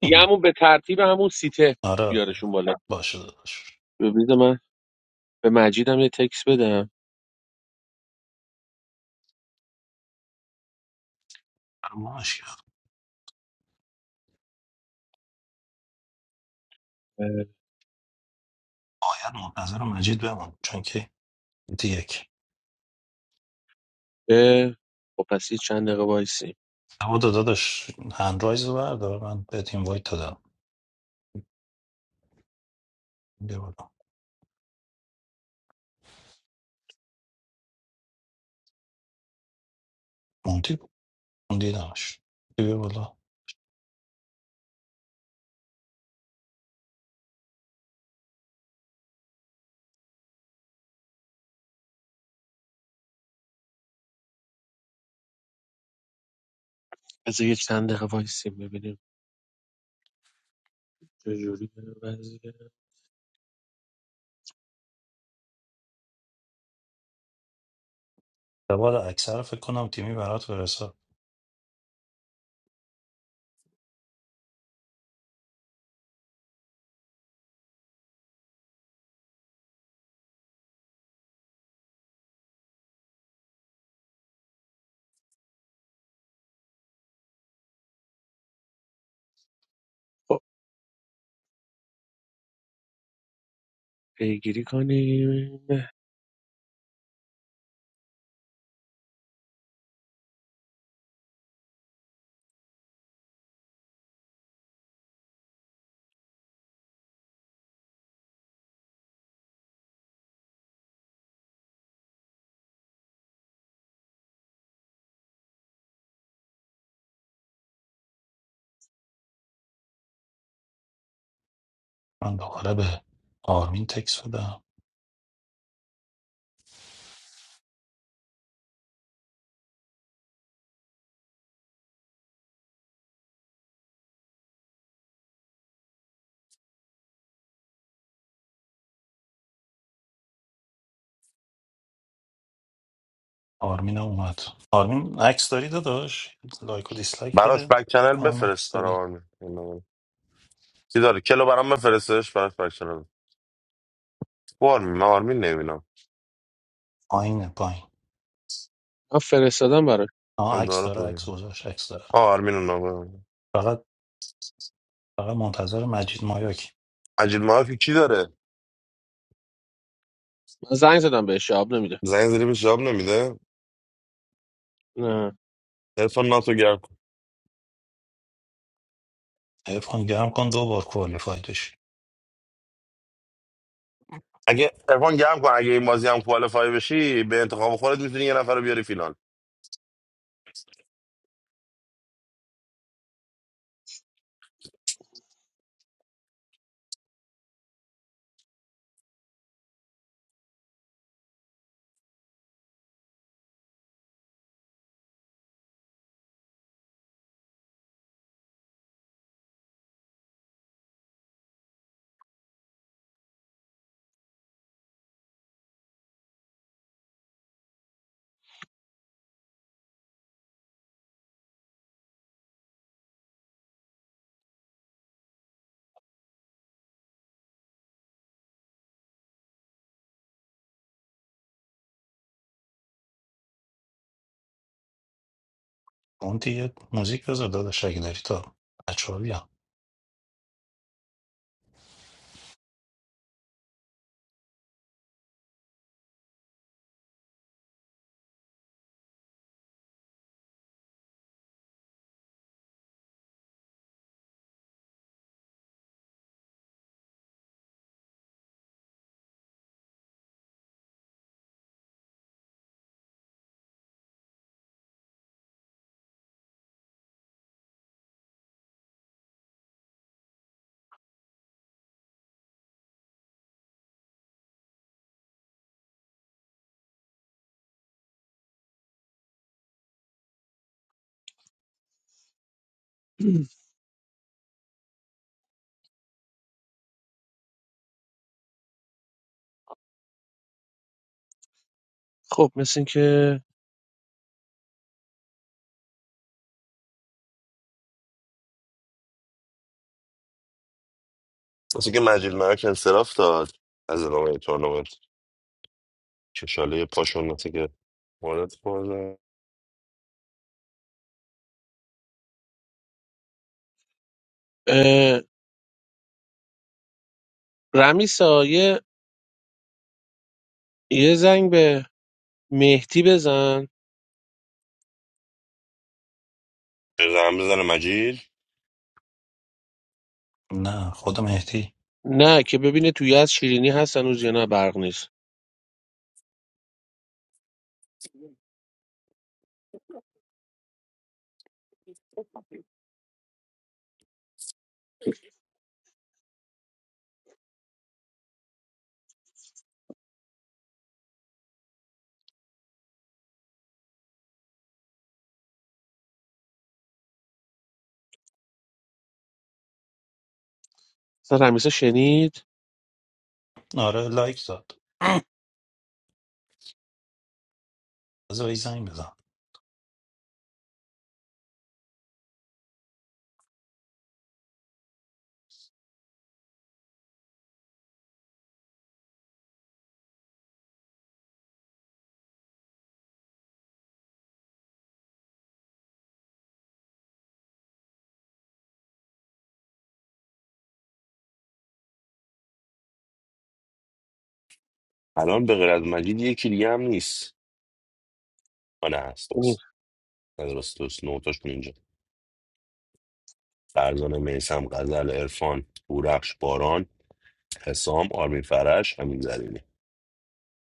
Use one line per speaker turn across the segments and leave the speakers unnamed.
دیگه همون به ترتیب همون سیته
آره آره
بیارشون بالا
باشه داداش
ببینید من به مجیدم یه تکس بدم
اما اشکال
اه،
باید منتظر مجید بمون چون که دیگه یک
به خب پس یه چند دقیقه وایسیم
اما داداش هندرایز رو بردار من بهت اینوایت دادم بیا بالا موندی بود. موندی نمش بیا بالا
بذار یه چند دقیقه وایسیم ببینیم چجوری وضعیه.
دوباره اکثر فکر کنم تیمی برات برسه
خب پیگیری کنیم
من دوباره به آرمین تکس بدم آرمین هم اومد آرمین عکس داری داداش لایک و دیسلایک
براش
بده
بک
فکر
چنل
کنم
بفرست
عکس
برای
داری
آرمین اینو- چی داره کلو برام بفرستش براش بک چنل او آرمین من آرمین نمیبینم
پایینه پایین
من فرستادم براش
آه
اون
عکس
داره
داره
خوبه
عکس گذاشت عکس داره
آه آرمین اون
فقط فقط منتظر مجید مایاکی
عجیل معافی کی داره
من زنگ زدم بهش جواب نمیده
زنگ زیری به جواب نمیده
نه
ارفان ناتو گرم کن
حیف کن گرم کن دو بار کوالیفای داشت
اگه ارفان گرم کن اگه این بازی هم کوالیفای بشی به انتخاب خودت میتونی یه نفر رو بیاری فینال
اون دیگه موزیک بذار داداش اگه داری تا بچه ها بیان
خب مثل این که
واسه که مجید مرک انصراف داد از ادامه تورنمنت چشاله پاشون نتی که وارد خورده
اه، رمیسا یه یه زنگ به مهدی بزن
به زن بزنه مجید
نه خود مهدی
نه که ببینه توی از شیرینی هست هنوز یا نه برق نیست اصلا رمیسا شنید
آره لایک داد بذار بهش زنگ بزن
الان به غیر از مجید یکی دیگه هم نیست آه، نه هست از راست درست نوتاشون اینجا فرزانه میسم غزل عرفان بورخش باران حسام آرمین فرش همین زرینی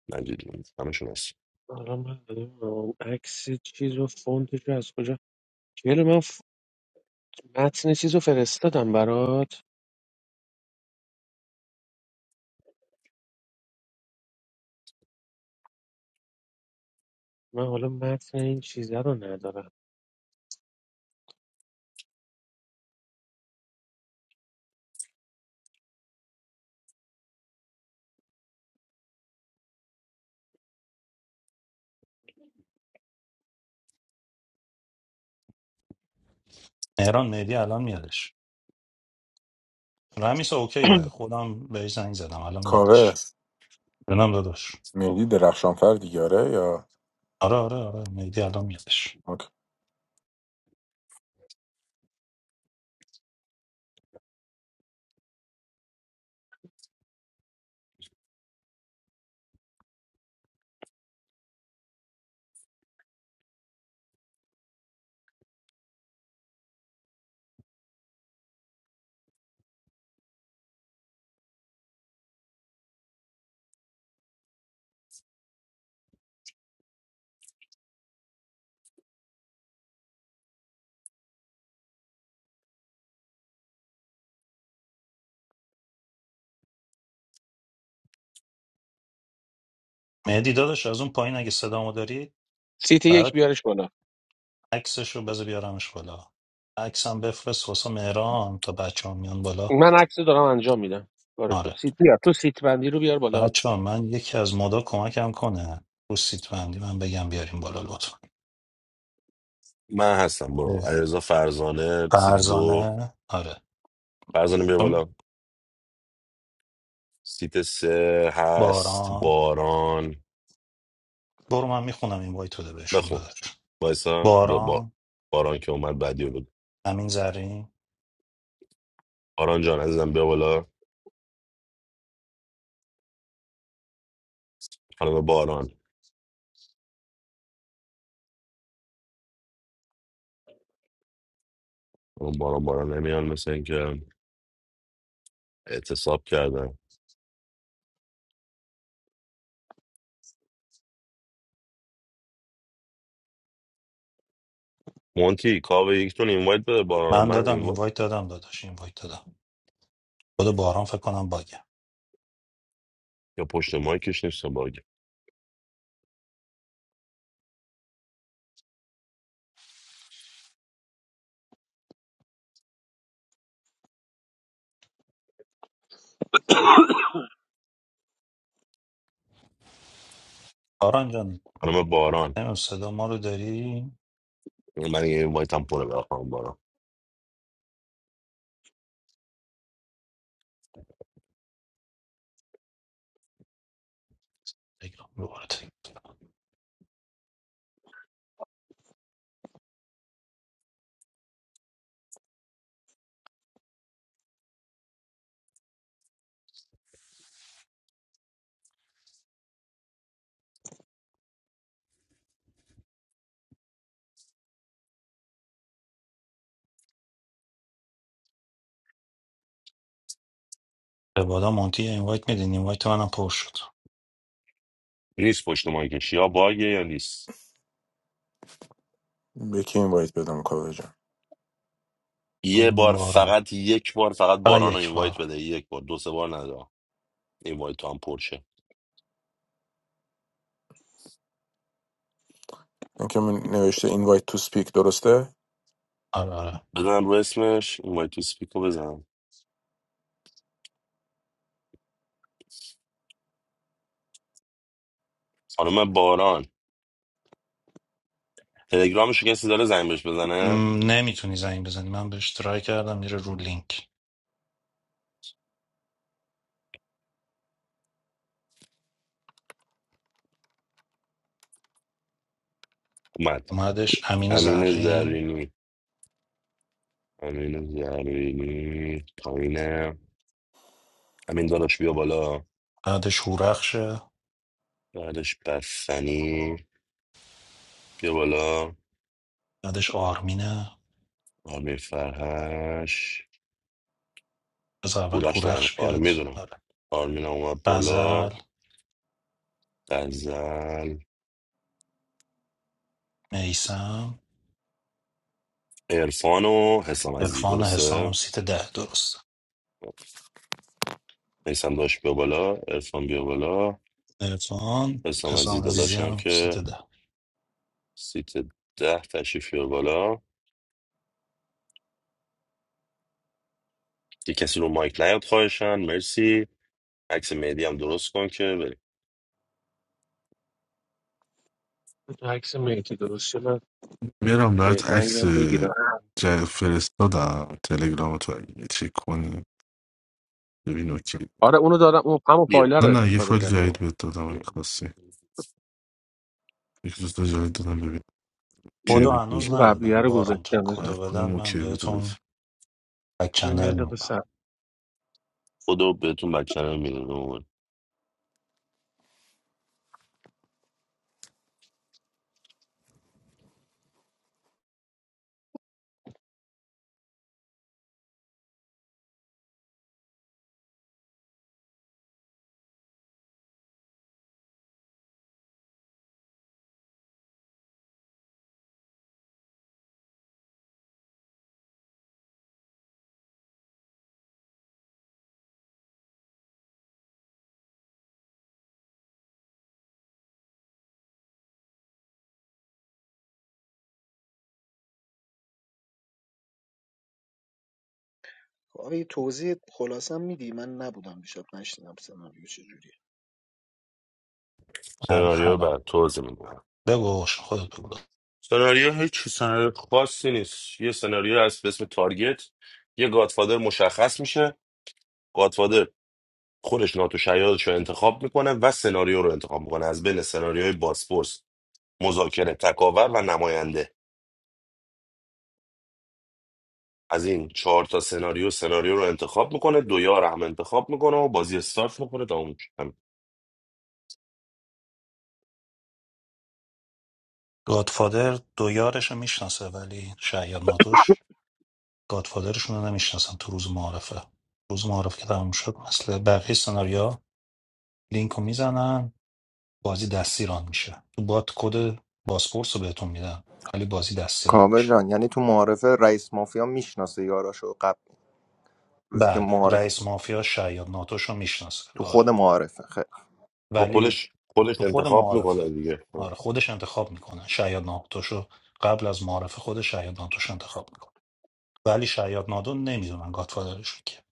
مجید جون همشون هست
الان من نمی‌دونم عکس چیز و فونتش رو از کجا کیلو من ف... متن چیز رو فرستادم برات من حالا متن این چیزه رو ندارم
مهران مهدی الان میادش رمیسا اوکیه خودم بهش زنگ زدم الان
کاوه
میادش جونم داداش
ملی درخشانفر دیگه آره؟ یا
آره آره آره مهدی الان میادش
اوکی.
مهدی داداش از اون پایین اگه صدامو داری
سیت یک
برات
بیارش بالا
عکسش رو بذار بیارمش بالا عکسم بفرست واسه مهران تا بچه ها میان بالا
من عکس رو دارم انجام میدم بارش تو
آره
سیت بیار تو سیت بندی رو بیار بالا
بچه ها من یکی از مدا کمکم کنه رو سیت بندی من بگم بیاریم بالا لطفا
من هستم برو
اه.
علیرضا فرزانه سیت دو
فرزانه آره
فرزانه بیا
چون
بالا سیت سه هست
باران
باران
برو من میخونم این وایت بده بهشون
بخون
داداش
وایسا با با-
باران
باران که اومد بعدی رو بگو
امین زرین
باران جان عزیزم بیا بالا خانم باران اون باران باران نمیان مثل اینکه اعتصاب کردن مونتی کاوه یکتون اینوایت بده باران
من
من
دادم
اینوایت
این وایت دادم داداش این وایت دادم خود باران فکر کنم باگه
یا پشت مایکش نیست باگ
باران جان
خانم باران
نمیم صدا ما رو داری
من یه وایت هم پره برای خانم باران
بگم دوباره تکرار. کنم. به بادا مونتی این وایت میدین این وایت منم پر شد
نیست پشت مایکش یا باگه یا نیست
به کی اینوایت بدم کاوه جان
یه
این
بار
باران
فقط یک بار فقط
فقط
باران رو
یک
اینوایت
بار
بده یک بار دو سه بار ندا اینوایت تو هم پرشه
اینکه من نوشته اینوایت تو سپیک درسته
آره آره
بزن رو اسمش اینوایت تو سپیکو بزن خانم باران تلگرامش رو کسی داره زنگ بهش بزنه
نمیتونی زنگ بزنی من بهش ترای کردم میره رو لینک
اومد
اومدش امین
امین
زرین
زرینی امین زرینی پایینه امین داداش بیا بالا
بعدش هورخشه
بعدش بستنی بیا بالا
بعدش آرمینه
آمیر فرهش
از اول
بورش نیم
هورخش
آره
بیاد
میدونم
آره
آرمینا اومد بالا
غزل
غزل
میسم
عرفان و حسام عزیزی
عرفان حسام
درسته
سیت ده درست
میسم داشت بیا بالا عرفان بیا بالا
عرفان
حسام عزیزی
حسام عزیزی
داداشم
هم
که
سیت ده
سیت ده تشریف بیار بالا یه کسی رو مایک نیاد خواهشن مرسی عکس مهدی هم درست کن که بریم
تو عکس مهدی درست شه من
میرم برات عکس
بهرنگم بگیرم
جا- فرستادم تلگرام تو اگه چک کنی ببین اوکی
آره اونو دارم اون همون
بیا
فایل رو
نه نه یه
استفاده
فایل
کردم
جدید بهت دادم اگه خواستی یک دوست جدید دادم ببین اوکی
یه
کدو
بود بجا.
هنوز
اون قبلیه
ندادن
رو
باران جان
گذاشتم بذار.
هر
کدو بدن
کدوم
من
اوکی بود بهت
بهتون بک
یه
چنل
دقیقه
میدم
صبر.
خدا بهتون بچه رو میدونم
کاوه یه توضیح خلاصه میدی من نبودم دیشب نشنیدم سناریو چجوریه
حالا
سناریو
حالا
بر توضیح میدم
بگو خودت بگو
سناریو هیچ سناریو خاصی نیست یه سناریو هست به اسم تارگت یه گادفادر مشخص میشه گادفادر خودش ناتو شیادش رو انتخاب میکنه و سناریو رو انتخاب میکنه از بین سناریوهای باسپورس مذاکره تکاور و نماینده از این چهار تا سناریو سناریو رو انتخاب میکنه دو یار هم انتخاب میکنه و بازی استارت میکنه تا اون
گادفادر دو یارش رو میشناسه ولی شاید ناتوش گادفادرشونو نمیشناسن تو روز معارفه روز معارفه که تموم شد مثل بقیه سناریوها لینکو میزنن بازی دستی ران میشه تو بات کد باسپورس رو بهتون میدن ولی بازی دستی ران
کامل
میشه
جان یعنی تو معارفه رئیس مافیا میشناسه یاراشو قبل روزی که
بله
معارفه
رئیس مافیا شاید ناتوشو میشناسه
تو
آره
خود معارفه خیلی خوب.
ولی
خودش خودش
تو خود
انتخاب
معارفه
میکنه دیگه
آره خودش انتخاب میکنه شاید ناتوشو قبل از معارفه خودش شاید ناتوش انتخاب میکنه ولی شاید نادون نمیدونن گادفادرشون که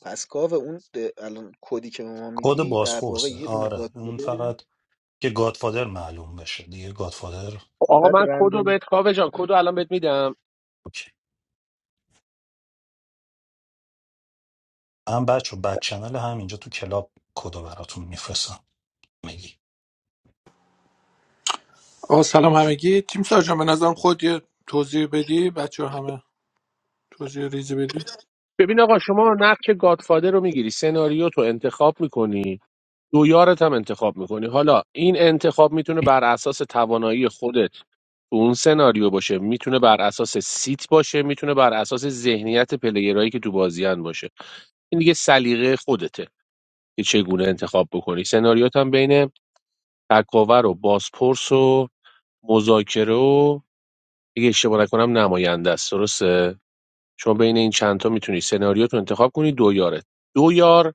پس کاوه اون اه، الان کدی که به ما
کد
میدی در واقع
بازپرسه
یه دونه
آره
گاد
اون
پدره
فقط که گادفادر معلوم بشه دیگه گادفادر
و
آقا
بعد
من کد رو
رندومش
بهت کاوه جان کد رو الان بهت میدم
اوکی من بچه بک چنل همینجا تو کلاب کدو براتون میفرستم میگی
آ سلام همه گی، چیم سر جامه نزدم خود یه توزیر بدهی، بچه هامه توزیر ریزی بدهی.
ببین آقا شما نقش گادفادر رو میگیری سناریو تو انتخاب میکنی دویارت هم انتخاب میکنی حالا این انتخاب میتونه بر اساس توانایی خودت تو اون سناریو باشه میتونه بر اساس سیت باشه میتونه بر اساس ذهنیت پلیرایی که تو بازیان باشه این دیگه سلیقه خودته که چگونه انتخاب بکنی سناریوت هم بین تکاور و بازپرس و مذاکره و اگه اشتباه نکنم نماینده است درسته شما بین این چندتا میتونی سناریو تو انتخاب کنی دویارت دو یار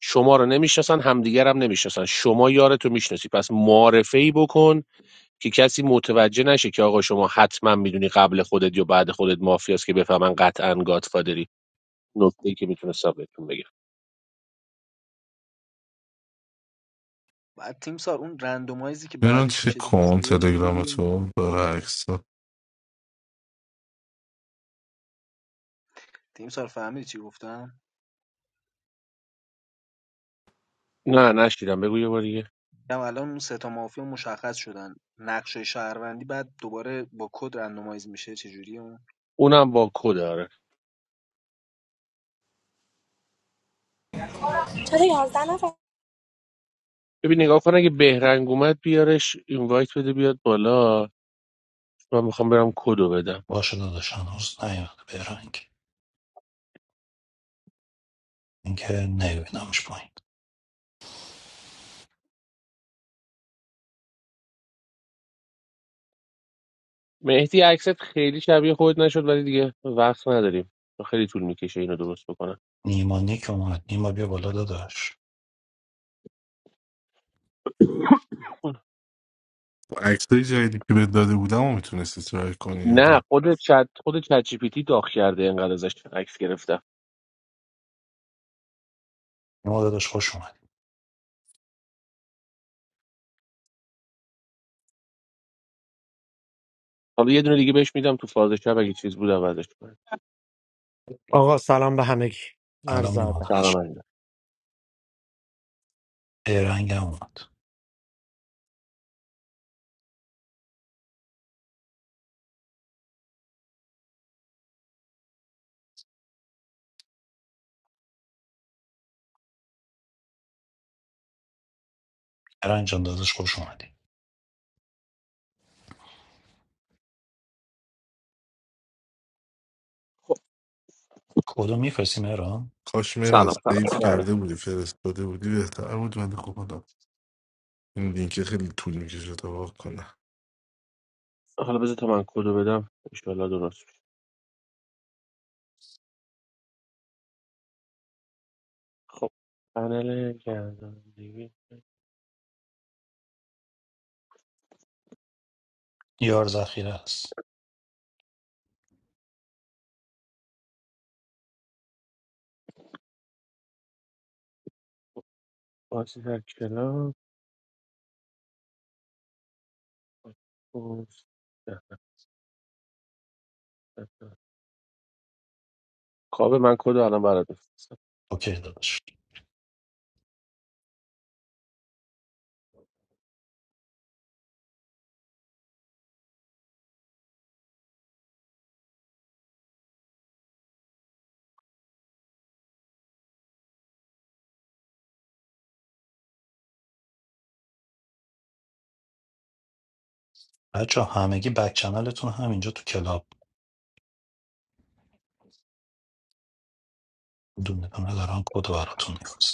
شما رو نمیشناسن همدیگر هم نمیشناسن شما یارتو میشناسی پس معارفه ای بکن که کسی متوجه نشه که آقا شما حتما میدونی قبل خودت یا بعد خودت مافیاست که بفهمن قطعا گادفادری نکته ای که میتونستم بهتون بگم
بعد تیم سار اون رندومایزی که
میرم
بعدش
چک
میشه
کن
دستیه
تلگرام
چجوریه
تو برای عکس
تیم سار فهمیدی چی گفتم
نه نشیدم بگو یه بار دیگه
گفتم الان اون سه تا مافیا مشخص شدن نقشه شهروندی بعد دوباره با کد رندومایز میشه چجوریه اون
اونم با کد آره
چرا یازده نفر
ببین نگاه کن اگه بهرنگ اومد بیارش اینوایت بده بیاد بالا من میخوام برم کدو بدم
باشه داداش هنوز نیومده به رنگ اینکه نبینمش پایین
مهدی عکست خیلی شبیه خود نشد ولی دیگه وقت نداریم خیلی طول میکشه اینو درست بکنم
نیما نیک اومد نیما بیا بالا داداش
عکس های جدیدی که بهت داده بودم و میتونستی ترای کنی یا
نه خود چت خود چت جی پی تی داغ کرده اینقدر ازش عکس گرفتم
نیما داداش خوش اومد
حالا یه دونه دیگه بهش میدم تو فاز شب اگه چیز بود عوضش کنه
آقا سلام به همگی
الان
عرض
نیما
ادب
داداش
سلام علیکم.
بیرنگ هم اومد بیرنگ جان داداش خوش اومدی کدو میفرستیم ایران
کاش میران
سلام
سیف
سلام آره.
کرده بودی فرستاده بودی بهتر بود ولی خب حالا این لینک خیلی طول میکشه تا واقع کنه
حالا بذار تا من کدو بدم انشالله درست میشه خب پنل گردانندگی
یار ذخیره است
بازی در کلاب پست. ده، ده، ده. کاوه من کدو الان برات میفرستم
اوکی داداش بچه همگی بک چنلتون همینجا تو کلاب دونه دونه دارن کدو براتون میفرستم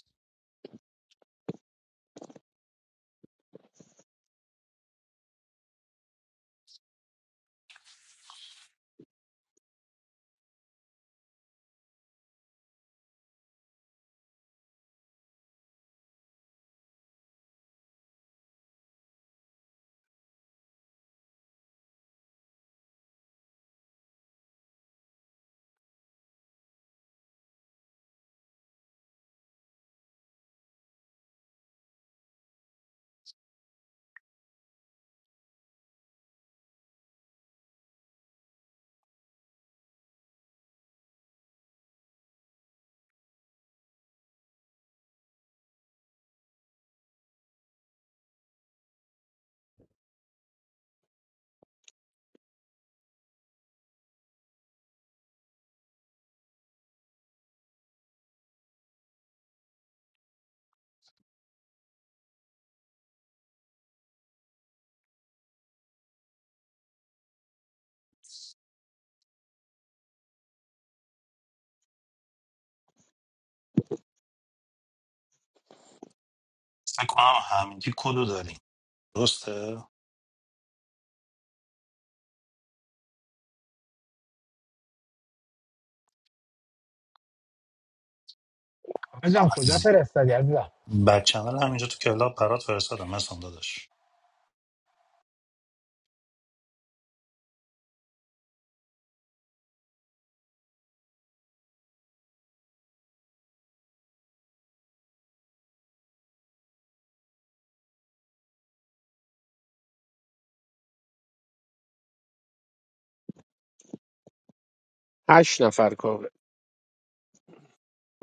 فکر کنم همینجی کدو داریم درسته
عزیزم کجا
عزیزی
فرستادی عزیزم
بچه اول همینجا تو کلاب برات فرستادم مثلا داداش
هشت نفر کاوه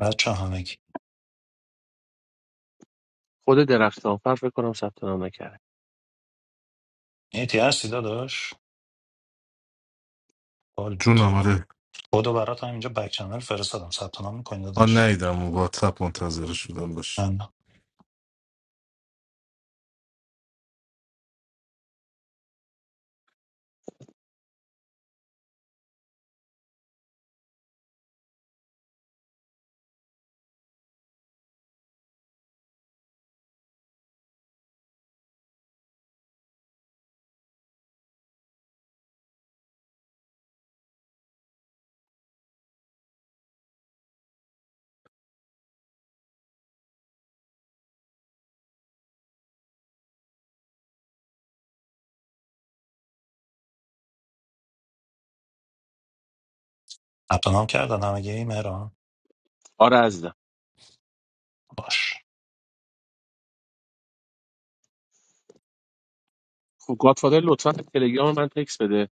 بچه همگی
خود درختانفر فکر کنم ثبت نام نکرد
نیتی هستی داداش حال بود
جونم آره
کدو برات همینجا بک چنل فرستادم ثبت نام میکنی
آن
داداش
نیدم واتساپ منتظر شدم باش
من ثبت نام کردن همگی این مهران
آره عزیزم
باش
خب گادفادر لطفا تلگرام من تکس بده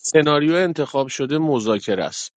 سناریو انتخاب شده مذاکره است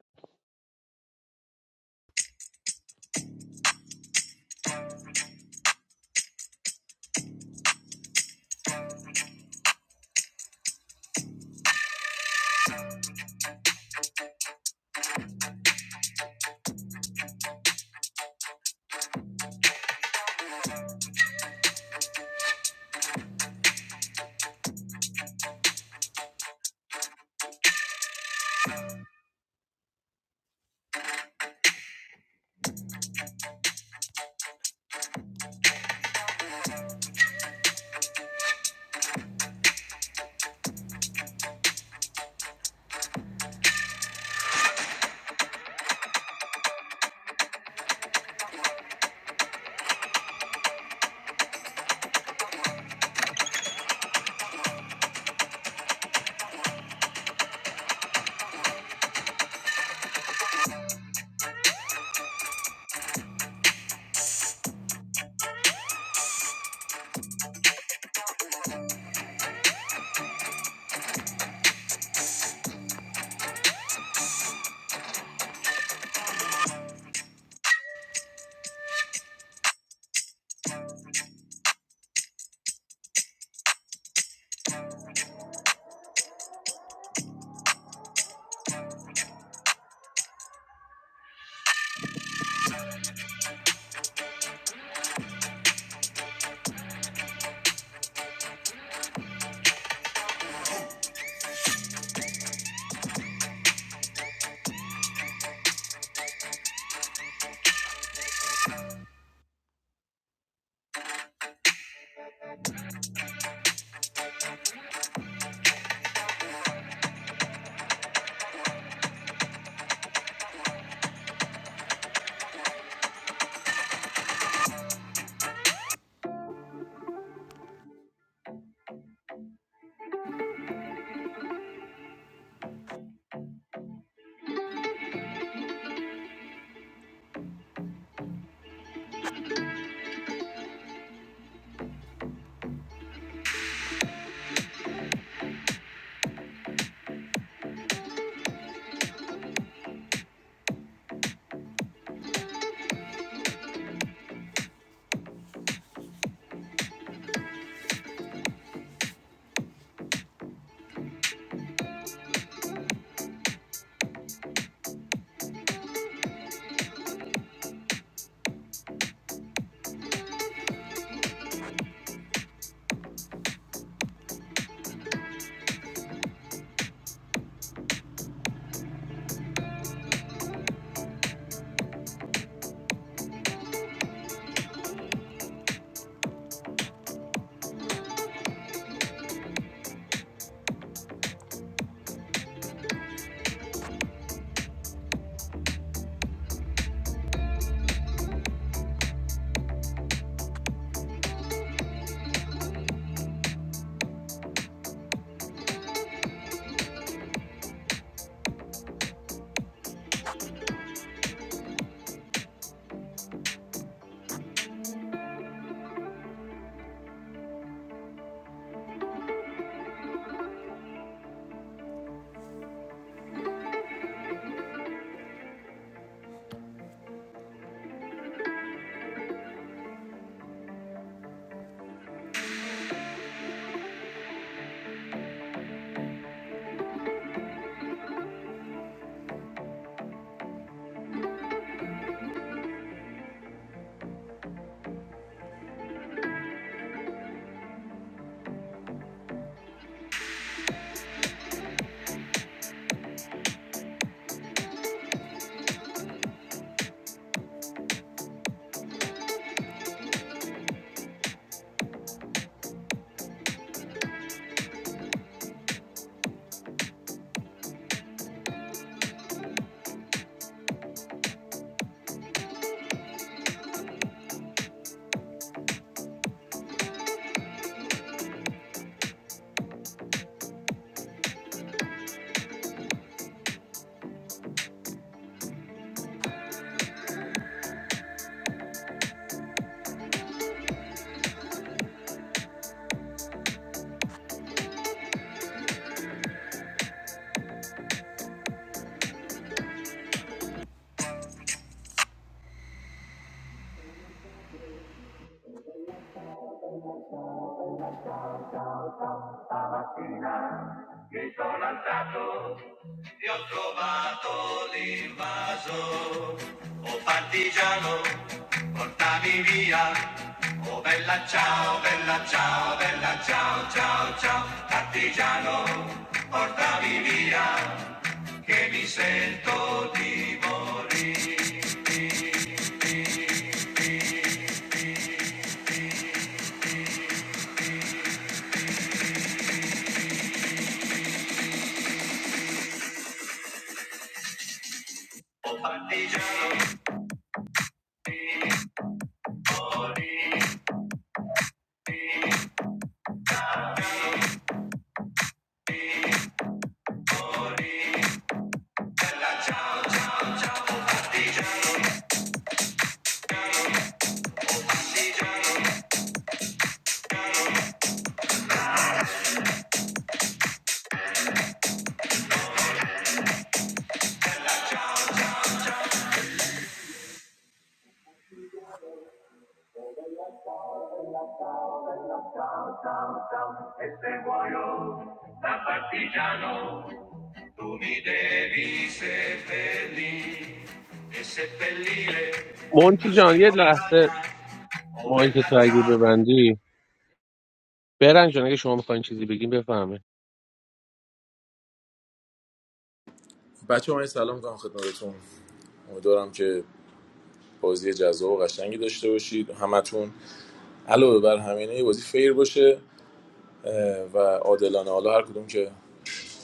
e se muoio da partigiano tu mi devi seppellire e seppellire la
مونتی
sua
جان یه لحظه
montagna o
مایی که
bella
تو اگه
ciao
ببندی برنج جان اگه شما میخواین چیزی بگین بفهمه
بچه های سلام میکنم خدمتتون امیدوارم که بازی جذاب و قشنگی داشته باشید همتون علاوه بر همینه یه بازی فیر باشه اه، و عادلانه حالا هر کدوم که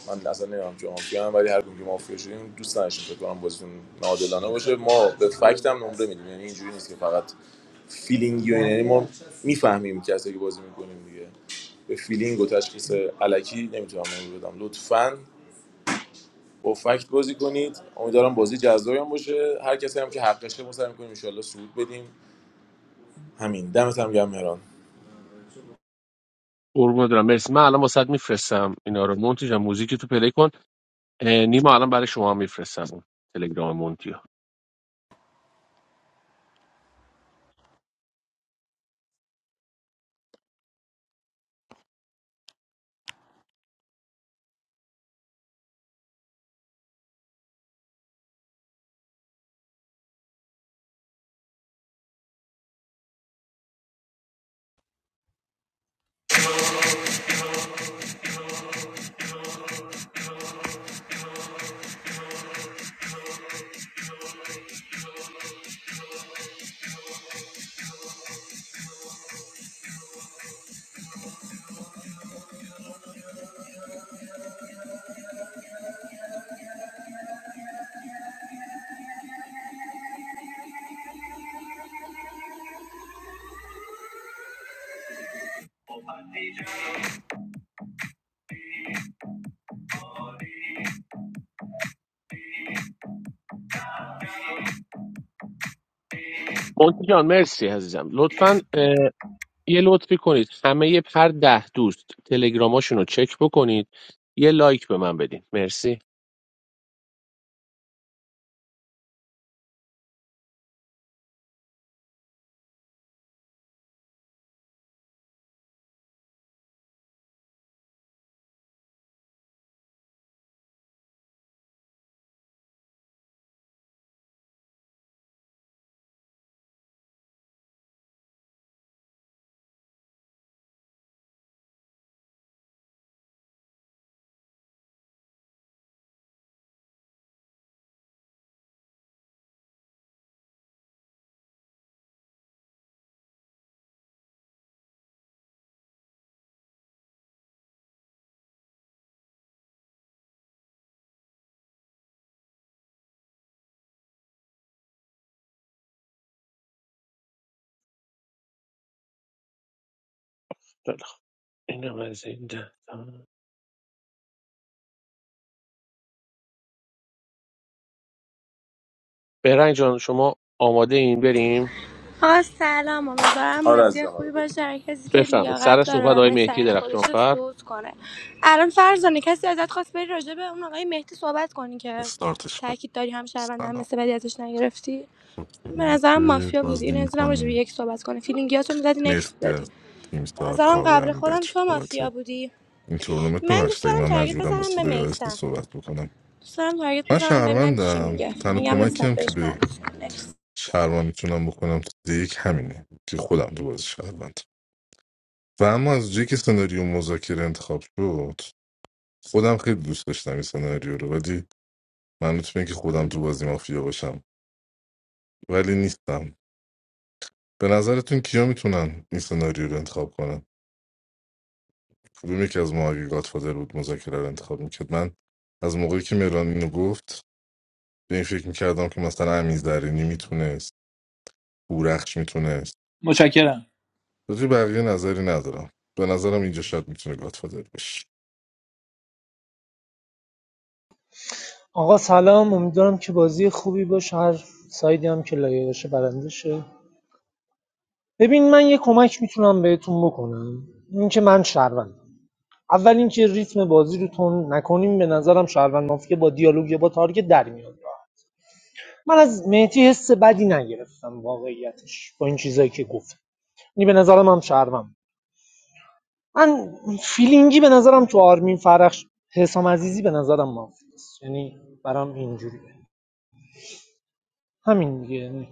من اصلا نمیدونم که مافیا هم ولی هر کدوم که مافیا شدیم دوست نداشتیم فکر کنم بازیتون ناعادلانه باشه ما به فکت هم نمره میدیم یعنی اینجوری نیست که فقط فیلینگی و اینا. یعنی ما میفهمیم کسی که بازی میکنیم دیگه به فیلینگ و تشخیص علکی نمیتونم نمره بدم لطفاً با فکت بازی کنید امیدوارم بازی جذابی هم باشه هر کسی هم که حقشه ما سعی می‌کنیم ان شاءالله صعود بدیم همین دمت هم گرم مهران
قربون دارم مرسی من الان واسط میفرستم اینا رو مونتی جان موزیک تو پلی کن اه، نیما الان برای شما میفرستم تلگرام مونتی ها مونتی جان مرسی عزیزم لطفا اه، یه لطفی کنید همه هر ده دوست تلگراماشون رو چک بکنید یه لایک به من بدین مرسی خیلی خوب. اینم از این ده تا. برنج جان شما آماده این بریم
آ سلام امیدوارم
آره از
بازی
آره
خوبی
بگو.
باشه هر کسی که
بفهمید سر
لیاقت داره
صحبت
و
آقای مهدی
بهترین خودش رو
درخشانفر
سود کنه الان فرزانه کسی ازت خواست بری راجع به اون آقای مهدی صحبت کنی که
استارتش کنیم
تاکید داری هم شهروند هم
سلام
مثل بدی ازش نگرفتی به
خوشحالم
نظرم
که
مافیا بودی
بازی
این نظرم راجع به
میکنیم
یک صحبت کنه فیلینگیاتو میزدی نکس
مرسی
میدادی
از تیم
به
سار
نظرم
کاوه
قبل خودم
بچه
تو
بابت
مافیا بودی
این تورنمنت
من دوست
ببخشید اگه
دارم
من
تارگت
مجبورم با
بزنم به
صدای آهسته
میسم
صحبت بکنم
دوست دارم تارگت
من
بزنم ببینم چی
شهروندم
میگه
تنها
فیلینگم
کمکی
نسبت
هم که
بهش
به
منفی نکس
شهروند میتونم بکنم تو دیگه یک همینه که خودم تو بازی شهروند و اما از جایی که سناریو مذاکره انتخاب شد خودم خیلی دوست داشتم این سناریو رو ولی من میتونم که خودم تو بازی مافیا باشم ولی نیستم به نظرتون کیا میتونن این سناریو رو انتخاب کنن کدوم یکی از ما اگه گادفادر بود مذاکره رو انتخاب میکرد من از موقعی که مهران اینو گفت به این فکر میکردم که مثلا امیز درینی میتونست هورخش میتونست
متشکرم
راجع به بقیه نظری ندارم به نظرم اینجا شاید میتونه گادفادر بشه
آقا سلام امیدوارم که بازی خوبی باشه هر سایدی هم که لایق باشه برنده شه ببین من یه کمک میتونم بهتون بکنم اینکه من شهروندم اول اینکه ریتم بازی رو تون نکنیم به نظرم شهروند مافیا با دیالوگ یا با تارگت در میاد من از مهدی حس بدی نگرفتم واقعیتش با این چیزایی که گفت یعنی به نظرم هم شهروند من فیلینگی به نظرم تو آرمین فرخ حسام عزیزی به نظرم مافیاست یعنی برام اینجوریه همین دیگه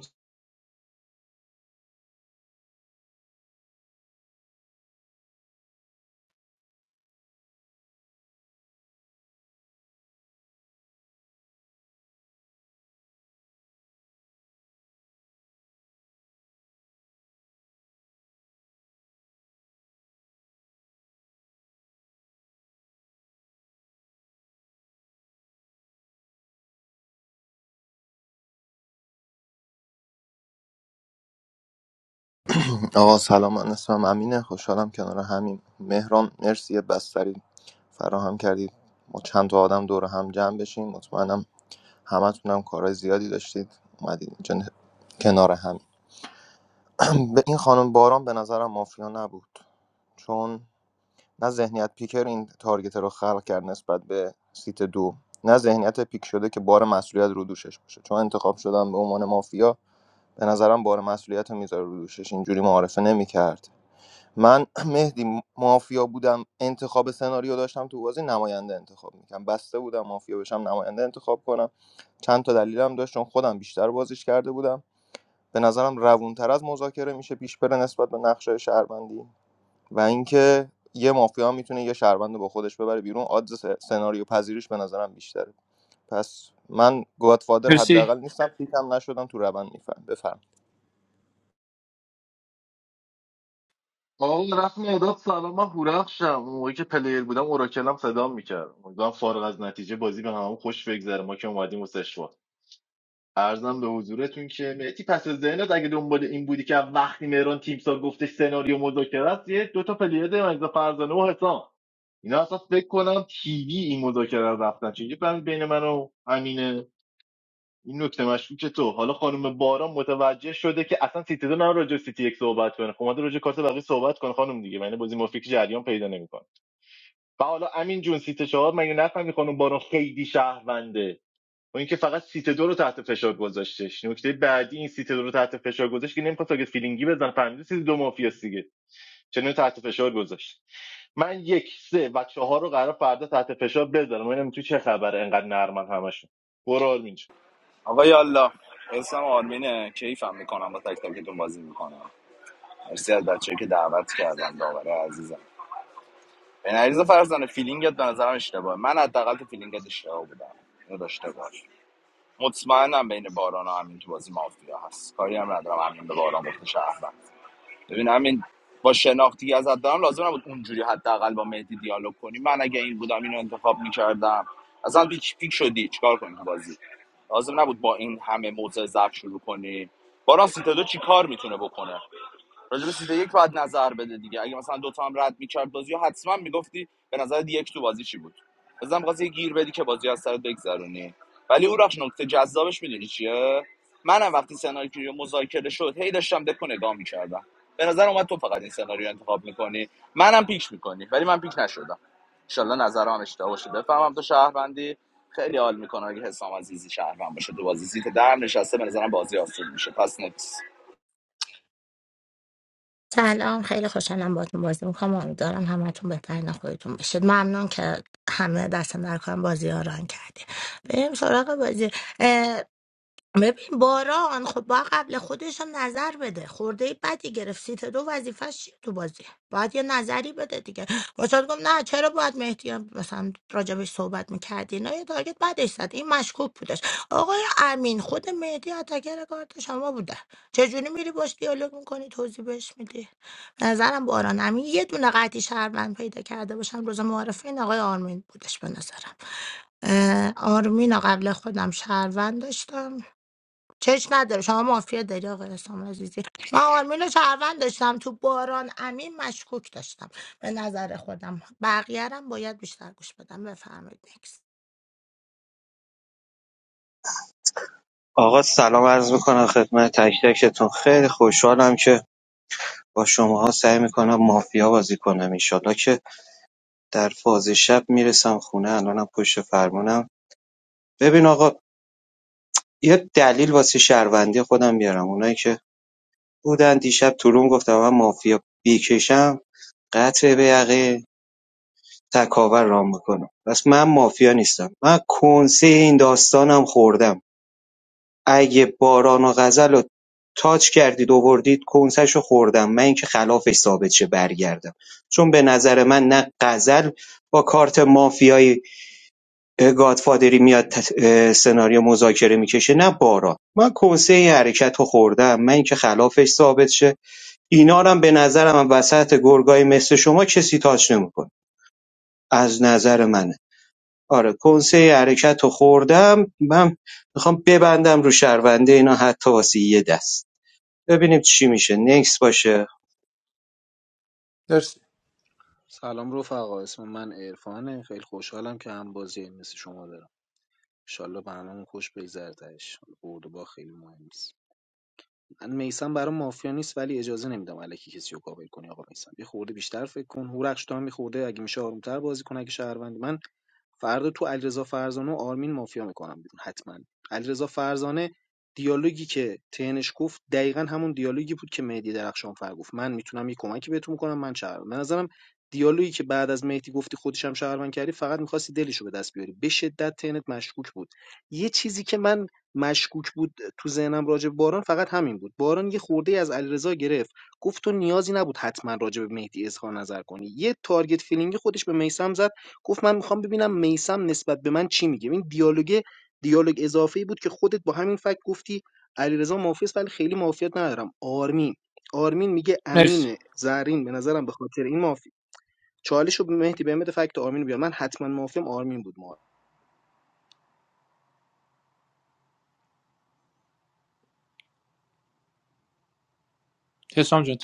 آقا سلام من اسمم امینه خوشحالم کنار همین مهران مرسی یه بستری فراهم کردید ما چند تا آدم دور هم جمع بشیم مطمئنم همتونم کارهای زیادی داشتید اومدید اینجا نه- کنار هم به این خانم باران به نظرم مافیا نبود چون نه ذهنیت پیکر این تارگت رو خلق کرد نسبت به سیت دو نه ذهنیت پیک شده که بار مسئولیت رو دوشش باشه چون انتخاب شدن به عنوان مافیا به نظرم بار مسئولیت رو میذاره رو دوشش اینجوری معارفه نمیکرد من مهدی مافیا بودم انتخاب سناریو داشتم تو بازی نماینده انتخاب میکنم بسته بودم مافیا بشم نماینده انتخاب کنم چند تا دلیلم داشت چون خودم بیشتر بازیش کرده بودم به نظرم روونتر از مذاکره میشه پیش بره نسبت به نقشه شهروندی و اینکه یه مافیا هم میتونه یه شهروند رو با خودش ببره بیرون آدز س- سناریو پذیریش به نظرم بیشتره پس من گادفادر
مرسی
حداقل نیستم فیکم نشدم تو روند میفهم بفهم
آقا رفت مداد سلام من هورخشم اون موقعی که پلیر بودم اوراکلم صدام میکرد امیدوارم فارغ از نتیجه بازی به همون خوش بگذره ما که اومدیم و سشوار ارزم به حضورتون که مهدی پس از ذهنت اگه دنبال این بودی که وقتی مهران تیمسا گفتش سناریو مذاکره است یه دو تا پلیر داریم علیرضا فرزانه و حسام اینا اصلا فکر کنم تیوی این مذاکره رو رفتن چون یه بین من و امین این نکته مشکوک تو حالا خانم باران متوجه شده که اصلا سیتی دو نه راجع سیتی یک صحبت کنه خب اومده راجع به کارت بقیه صحبت کنه خانم دیگه یعنی بازی مافیا جریان پیدا نمیکنه و حالا امین جون سیت چهار مگه نفهمی خانم باران خیلی شهرونده و اینکه فقط سیت دو رو تحت فشار گذاشتش نکته بعدی این سیت دو رو تحت فشار گذاشت که نمیخواست تاگت فیلینگی بزن فهمیده سیت دو مافیا دیگه چنین تحت فشار گذاشت من یک سه و چهار رو قرار فردا تحت فشار بذارم ببینم تو چه خبره انقدر نرمن همشون برو آرمین
آقا یالا اسم آرمینه کیفم میکنم با تک تکتون بازی میکنم مرسی از بچه که دعوت کردن داوره عزیزم به نریز فرزانه فیلینگت به نظرم اشتباه من حداقل تو فیلینگت اشتباه بودم اینو داشته باش مطمئنم بین باران و همین تو بازی مافیا هست کاری هم ندارم همین به باران گفته شهروند ببین همین با شناختی که ازت دارم لازم نبود اونجوری حداقل با مهدی دیالوگ کنی من اگه این بودم اینو انتخاب میکردم اصلا پیک پیک شدی چیکار کنی تو بازی لازم نبود با این همه موضع ضعف شروع کنی با راست دو چی کار میتونه بکنه راجع سیت یک باید نظر بده دیگه اگه مثلا دوتا هم رد میکرد بازی رو حتما میگفتی به نظر یک تو بازی چی بود بزن می‌خواستی یه گیر بدی که بازی از سرت بگذرونی ولی او رفت نکته جذابش میدونی چیه منم وقتی سناریو مذاکره شد هی داشتم دکو نگاه میکردم به نظر اومد تو فقط این سناریو رو انتخاب میکنی منم پیک میکنی ولی من پیک نشدم انشالله نظرم اشتباه باشه بفهمم تو شهروندی خیلی حال میکنه اگه حسام عزیزی شهروند باشه تو بازی سیت درم نشسته به نظرم بازی آسون میشه پس نکس
سلام خیلی خوشحالم باهاتون بازی میکنم امیدوارم همتون بهترین خودتون باشید ممنون که همه دست در کارم بازی ها ران کردی بریم سراغ بازی ببین باران خب با قبل خودش هم نظر بده خورده بدی گرفت سیت دو وظیفش چیه تو بازی باید یه نظری بده دیگه واسه گفت نه چرا باید مهدی هم مثلا راجبش صحبت میکردی نه یه تارگت بعدش زد این مشکوک بودش آقای امین خود مهدی اتکر کارت شما بوده چجوری میری باش دیالوگ میکنی توضیح بهش میدی به نظرم باران امین یه دونه قطعی شهروند پیدا کرده باشم روز معارفه این آقای آرمین بودش به نظرم اه، آرمین رو قبل خودم شهروند داشتم چش نداره شما مافیا داری آقای حسام عزیزی من آرمین رو شهروند داشتم تو باران امین مشکوک داشتم به نظر خودم بقیه رو هم باید بیشتر گوش بدم بفرمایید نکس
آقا سلام عرض میکنم خدمت تک تکتون خیلی خوشحالم که با شماها سعی میکنم مافیا بازی کنم انشالله که در فاز شب میرسم خونه الانم پشت فرمونم ببین آقا یه دلیل واسه شهروندی خودم بیارم اونایی که بودن دیشب تو روم گفتم من مافیا بیکشم قطع به یقه تکاور رام میکنم پس من مافیا نیستم من کنسه این داستانم خوردم اگه باران و غزل رو تاچ کردید آوردید کنسش رو خوردم من اینکه خلافش ثابت شه برگردم چون به نظر من نه غزل با کارت مافیایی گادفادری میاد ت- اه، سناریو مذاکره میکشه نه باران من کنسه این حرکت رو خوردم من اینکه خلافش ثابت شه اینا رو هم به نظرم وسط گرگای مثل شما کسی تاچ نمیکنه از نظر منه آره کنسه این حرکت رو خوردم من میخوام ببندم رو شهرونده اینا حتی واسه یه دست ببینیم چی میشه نکس باشه
مرسی
سلام رفقا اسم من عرفانه خیلی خوشحالم که هم بازی مثل شما دارم ایشالا به هممون خوش بگذره تهش، حالا برد و باخت خیلی مهم نیست. من میسم برام مافیا نیست ولی اجازه نمیدم الکی کسی رو کاور کنی آقا میسم یه خورده بیشتر فکر کن هورخش تو هم یه خورده اگه میشه آرومتر بازی کن اگه شهروندی من فردا تو علیرضا فرزانه و آرمین مافیا میکنم بیرون حتما علیرضا فرزانه دیالوگی که تنش گفت دقیقا همون دیالوگی بود که مهدی درخشان فر گفت من میتونم یه کمکی بهتون کنم من شهروند به نظرم دیالوگی که بعد از مهدی گفتی خودشم شهروند کردی فقط میخواستی دلش رو به دست بیاری به شدت تنت مشکوک بود یه چیزی که من مشکوک بود تو ذهنم راجع به باران فقط همین بود. باران یه خورده‌ای از علیرضا گرفت. گفت تو نیازی نبود حتما راجع به مهدی اظهار نظر کنی. یه تارگت فیلینگی خودش به میسم زد. گفت من میخوام ببینم میسم نسبت به من چی میگه. این دیالوگ دیالوگ اضافه‌ای بود که خودت با همین فکت گفتی علیرضا مافیا است، ولی خیلی مافیات ندارم. آرمین آرمین میگه
مرسی
امین زرین به نظرم به خاطر این مافی چالش رو به مهدی بهم بده فکت آرمین رو بیار من حتما مافیم آرمین بود ما
حسام جان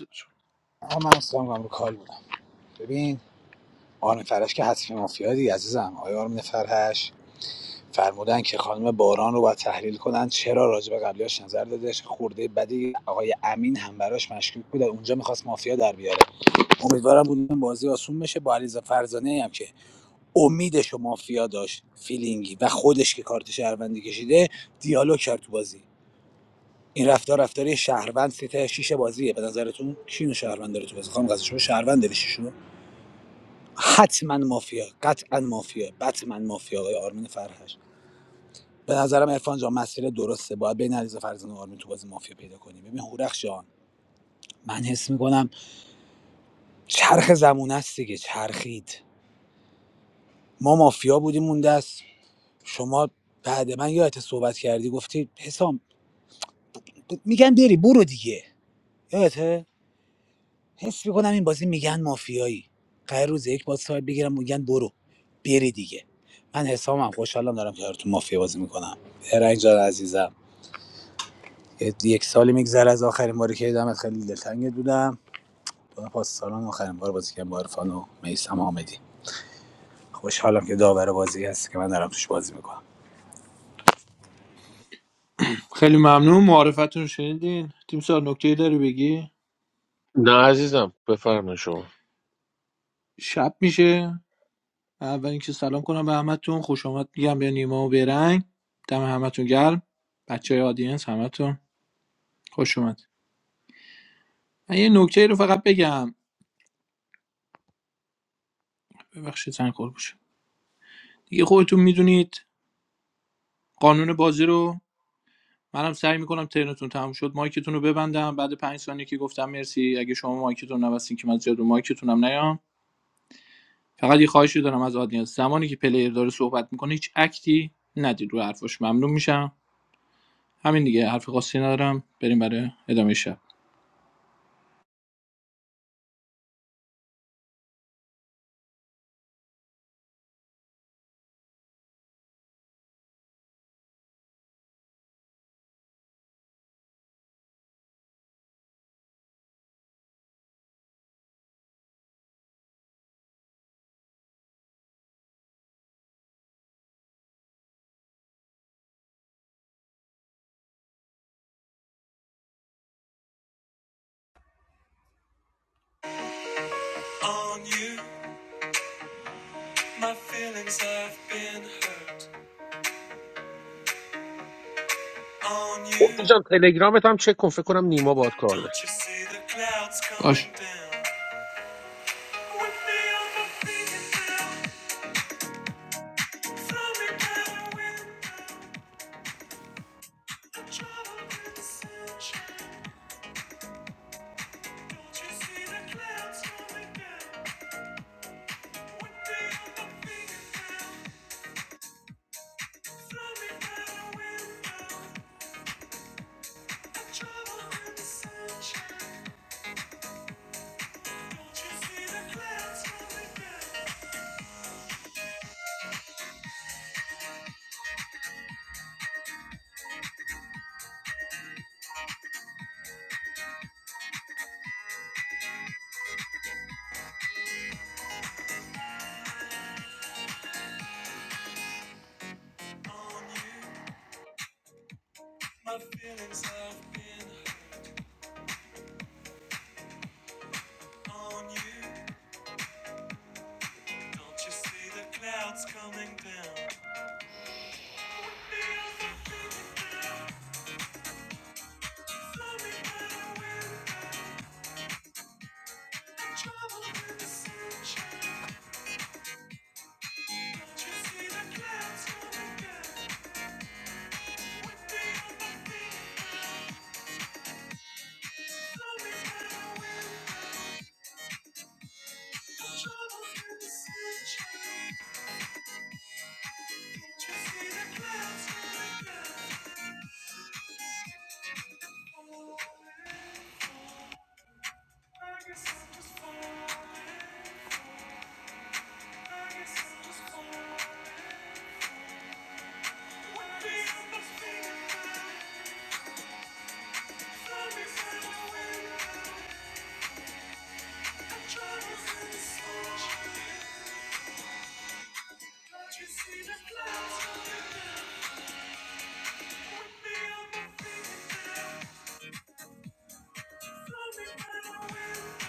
آقا من اصلا هم رو کال بودم ببین آرمین فرش که حتمی مافیا دی عزیزم آیا آرمین فرهش فرمودن که خانم باران رو باید تحلیل کنن چرا راجع به قبلیاش نظر دادش خورده بدی آقای امین هم براش مشکوک بود اونجا میخواست مافیا در بیاره امیدوارم بود بازی آسون بشه با علیزا فرزانه هم که امیدش و مافیا داشت فیلینگی و خودش که کارت شهروندی کشیده دیالوگ کرد تو بازی این رفتار رفتاری شهروند سیت شیش بازیه به نظرتون کینو شهروند داره تو بازی خانم غزل شما شهروند داری شیشو حتما مافیا قطعا مافیا بتمن مافیا آقای آرمین فرهش به نظرم عرفان جان مسیر درسته باید بین علیرضا فرزانه و آرمین تو بازی مافیا پیدا کنیم. ببین هورخ جان من حس میکنم چرخ زمونه است دیگه چرخید ما مافیا بودیم اون دست شما بعد من یادت صحبت کردی گفتی حسام میگم بری برو دیگه یادته حس میکنم این بازی میگن مافیایی قرار روز یک باز سایت بگیرم میگن برو بری دیگه من حسامم خوشحالم دارم که تو مافیا بازی میکنم هرنگ جان عزیزم یه- یک سالی میگذره از آخرین باری که دیدمت خیلی دلتنگت بودم دو پاس سالان آخرین بار بازی کردم با عرفان و میسم آمدی خوشحالم که داور بازی هستی که من دارم توش بازی میکنم
خیلی ممنون معرفتون رو شنیدین تیم سال نکته داری بگی
نه عزیزم بفرمایید شما
شب میشه اول اینکه سلام کنم به همتون خوش آمد میگم به نیما و برنگ دم همتون گرم بچه های آدینس همتون خوش اومد من یه نکته رو فقط بگم ببخشید زنگ خورد بشه دیگه خودتون میدونید قانون بازی رو منم سعی میکنم ترنتون تموم شد مایکتون رو ببندم بعد پنج ثانیه که گفتم مرسی اگه شما مایکتون نبستین که من زیاد رو مایکتونم نیام فقط یه خواهشی دارم از آدینس زمانی که پلیر داره صحبت میکنه هیچ اکتی ندید رو حرفش ممنون میشم همین دیگه حرف خاصی ندارم بریم برای ادامه شب On you, my feelings have been hurt.
مونتی جان تلگرامت هم چک کن فکر کنم نیما باد کار داشته.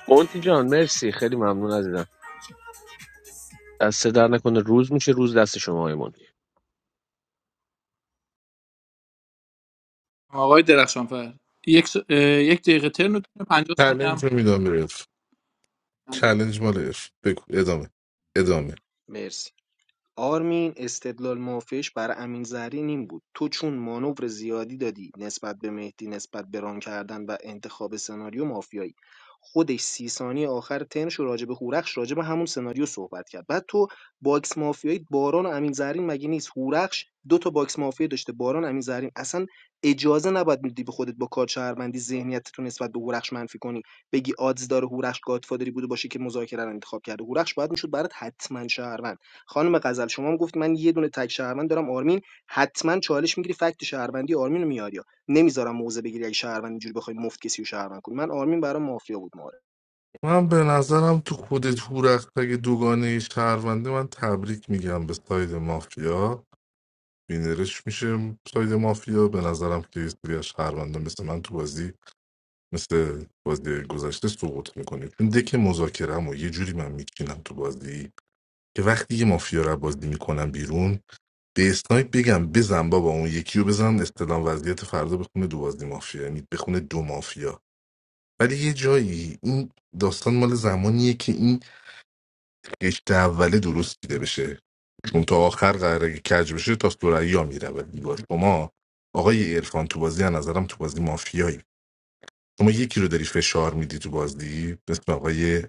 مونتی جان مرسی خیلی ممنون عزیزم دست در نکنه روز میشه روز دست شما های مونتی
آقای درخشانفر یک, س... اه، یک دقیقه ترم 50 ثانیه
چلنج
هم
رو میدم به عرف
بله.
چلنج مال عرف بگو ادامه ادامه
مرسی آرمین استدلال مافیاش بر امین زرین این بود تو چون مانور زیادی دادی نسبت به مهدی نسبت به ران کردن و انتخاب سناریو مافیایی خودش سی ثانیه آخر تنش و راجب هورخش راجب همون سناریو صحبت کرد بعد تو باکس مافیایی باران و امین زرین مگه نیست هورخش دو تا باکس مافیا داشته باران امین زرین اصلا اجازه نباید میدی به خودت با کار شهروندی ذهنیت تو نسبت به هورخش منفی کنی بگی آدز داره هورخش گادفادری بوده باشه که مذاکره رو انتخاب کرده هورخش باید میشد برات حتما شهروند خانم غزل شما هم گفت من یه دونه تک شهروند دارم آرمین حتما چالش میگیری فکت شهروندی آرمین رو میاری نمیذارم موزه بگیری اگه شهروند اینجوری بخوای مفت کسی رو شهروند کنی من آرمین برام مافیا بود معارفه.
من به نظرم تو خودت هورخش اگه دوگانه شهرونده من تبریک میگم به ساید مافیا بینرش میشه ساید مافیا به نظرم که یه سری از شهروندان مثل من تو بازی مثل بازی گذشته سقوط میکنید چون دک مذاکرم و یه جوری من میچینم تو بازی که وقتی یه مافیا رو بازی میکنم بیرون به اسنایپ بگم بزن بابا اون یکی رو بزن استلام وضعیت فردا بخونه دو بازی مافیا یعنی بخونه دو مافیا ولی یه جایی این داستان مال زمانیه که این قشت اوله درست دیده بشه اون تا آخر قراره که کج بشه تا ها میره و دیوار شما آقای عرفان تو بازی از نظرم تو بازی مافیایی شما یکی رو داری فشار میدی تو بازی مثل آقای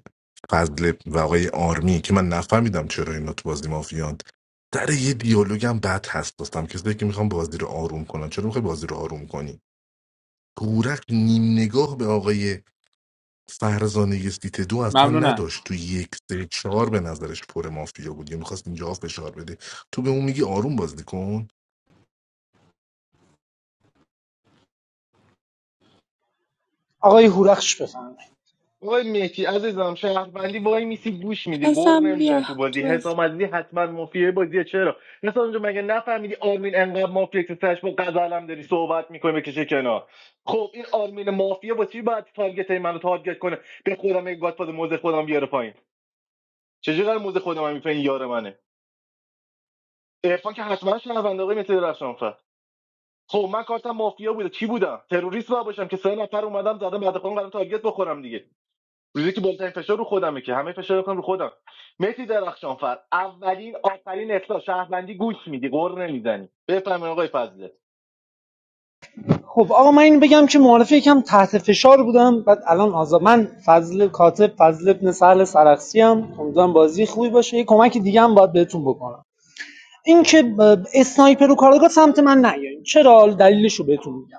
فضل و آقای آرمی که من نفهمیدم چرا اینا تو بازی مافیان در یه دیالوگم بد هست داشتم کسایی که میخوام بازی رو آروم کنن چرا میخوای بازی رو آروم کنی گورخ نیم نگاه به آقای فرزانه سیت دو اصلا
ممنونم
نداشت تو یک سه چهار به نظرش پر مافیا بود یه میخواست اینجا فشار بده تو به اون میگی آروم بازی کن
آقای هورخش بفهم
آقای مهدی عزیزم شهروندی وای میسی گوش میدی قور
حسام بیا
نمیزن تو بازی
تو بازی.
حسام عزیزی حتما مافیای بازیه چرا حسام جون مگه نفهمیدی آرمین انقدر مافیا که سرش با غزلم داری صحبت میکنه بکشه کنار خب این آرمین مافیا با چی باید تارگت منو تارگت کنه به خودم یک گاتپاد موزه خودم بیاره پایین چجوری قرار موزه خودم هم این یار منه عرفان که حتما شهروند آقای مهدی درخشانفر خب من کارتم مافیا بوده چی بودم تروریست باید باشم که سه نفر اومدم زدم بعد خودم قرار تارگت بخورم دیگه روزی که بهترین فشار رو خودمه که همه فشار رو کنم رو خودم مهدی درخشانفر اولین آخرین اصلاح شهروندی گوش میدی قر نمیزنی بفهمین آقای فضله
خب آقا من این بگم که معارفه یکم تحت فشار بودم بعد الان آزاد من فضل کاتب فضل ابن سهل سرخسی هم امیدوارم بازی خوبی باشه یه کمک دیگه هم باید بهتون بکنم این که ب- اسنایپر و کارگاه سمت من نیاین چرا دلیلش رو بهتون میگم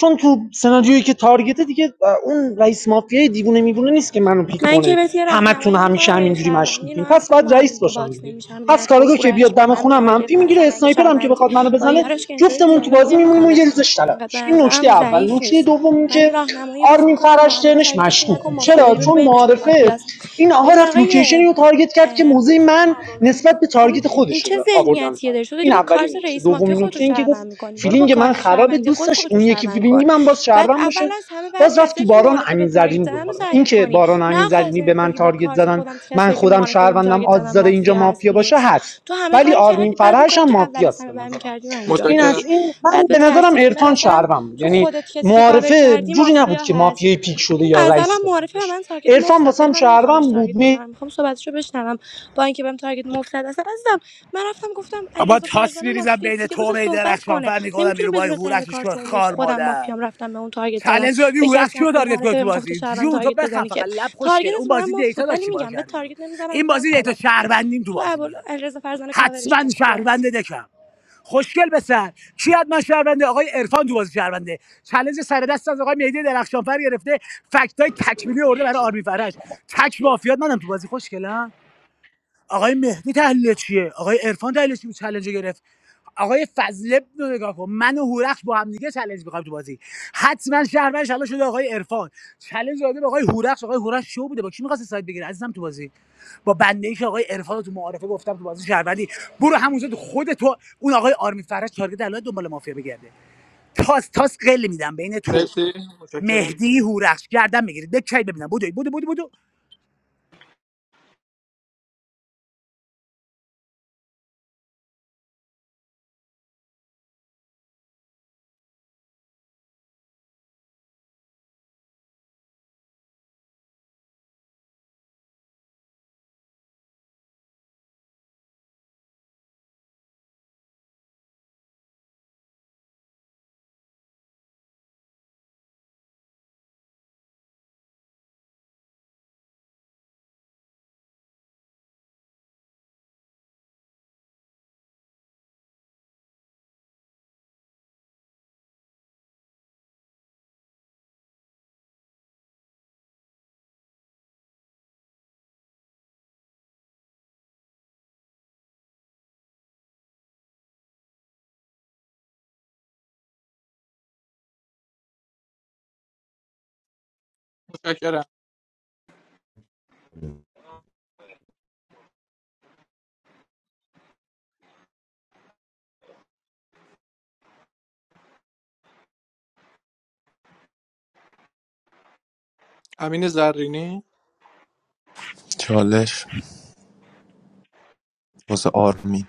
چون تو سناریویی که تارگته دیگه اون رئیس مافیای دیوونه میوونه نیست که منو پیک
من که
کنه
بهت یه
همتون
راهنمایی
همیشه
میکنم اگه
همینجوری
شهروندی
مشکوکین
اینا
پس
اصلا با
باید
هم
رئیس
دیگه
باشم
باکس
دیگه
نمیشن
پس
اومد گفت
کارگاه که
هورخش
بیاد
به
دم
من
خونم
تارگت
منفی میگیره
نزن اگه
اسنایپر هم که
شهروندی
بخواد منو
با
بزنه
یارش که اینطوری
جفتمون تو
دیالوگ
بازی میمونیم و
نمیکنه
یه ریزش طلب
اینقدر به
این نکته
نظرم
اول
ضعیف
نکته
نیست
دوم این
من
که
این راهنمایی بس
آرمین
میکنم با
فرش
هم دیگه
ترنش
تارگتشون
مشکوک
نکن
بود
مافیا
چرا
داری بگو
چون
بینشون
معارفه
مافیاست
این آقا
ببین
رفت
آقای
لوکیشنی رو تارگت کرد که موزه من
اه،
نسبت به
اصلا
تارگت خودش
این
رو
چه
آوردن پایین.
ذهنیتیه داری تو داری
این
با کارت
اولین نکته
رئیس مافیا
دومین
خودتو
نکته این که گفت
شهروند میکنی برو با
فیلینگ من
کارت
خرابه
شهروندی
دوست
خودت
داشت
خودتو
اون یکی
شهروند کن
فیلینگی من باز
بعد
شهروند
اول
باشه
از همه بعد
باز رفت تو
کسایی که
باران
معارفه به
امین
تارگت
زرینی
زدن رو
دنبال ما این
تحلیل
که
کنی
باران و امین
نه آخر
زرینی به
سنت
من
بگی با
تارگت
کارت
زدن
خودم تو
من
کسایی که
خودم
معارفه بهم
شهروندم
تارگت زدن
آدزار اینجا
مافیا هست
مافیا باشه
نیکست
هست
تو همه
ولی
کاری
آرمین
کردی بعد اون
فرهش
کاری
هم
که اول از
مافیاست به
همه برمی
نظرم
کردی و انجام
این
متشکرم
از
دادی
این من
بعد به
به نظرم
ترتیب به
عرفان
نظرم
شهروند بود
تو
یعنی
خودت کسی که کاور
معارفه
کردی
جوری نبود
مافیا
که
هست
مافیای پیک شده
این
یا
غزلم
رئیس بخواد
معرفی به
بشه
من تارگت مفت
عرفان
زد ولی
واسم
من نمیخوام
شهروند
بهش تارگت
بود
بزنم میخوام صحبتشو بشنوم با اینکه بهم تارگت مفت زد اصلا عزیزم من رفتم گفتم
اما
علیرضا
تاس
فرزانه
میریزم
مافیاست
بین
دیگه
تو و
بذار
می
صحبت
درخشان
کنه
فر میکنم
نمیتونیم
بیرو بای
بدون تحلیل
هورخش شوی
کارت اون بگی
خار
خودم
مادر
مافیام رفتم به اون تارگت زدم
چالش دادی
به
بود از
کسی هم
کیو
که
تارگت کنه
معرفه
تو
بهم گفته
بازی
شعبان
جون تو
تارگت
بخن
بزنی که
فقط لب خوشگل اون
تارگتت به من
بازی
مفت
دیتا
بود ولی
داشتی ما رو
میگم به
کردی بیرون
تارگت نمیزنم
این
میذارم
بازی دیتا
صحبت کنی
شهروندیم تو
تو
بازی
ابوال
میاد
علیرضا فرزانه کاورش
حتما
مافیاست
شهروند دکم خوشگل به سر کی حتما شهرونده آقای عرفان تو بازی شهرونده چالش سر دست از آقای مهدی درخشانفر گرفته ها؟ لب نگاه کن. من و هورخش با هم می‌خوایم تو بازی حتما شهروند شلا شده آقای عرفان چالش داده به آقای هورخش آقای هورخش شو بوده با کی می‌خواسته سایت بگیره عزیزم تو بازی با بنده ای که آقای عرفان رو تو معارفه گفتم تو بازی شهروندی برو همونجا تو خود تو اون آقای آ- باز قل میدم بین تو
مرسی متشکرم
مهدی هورخش گردن میگیرید بکی ببینم بودو بودو بودو بودو
متشکرم امین زرینی
چالش واسه آرمین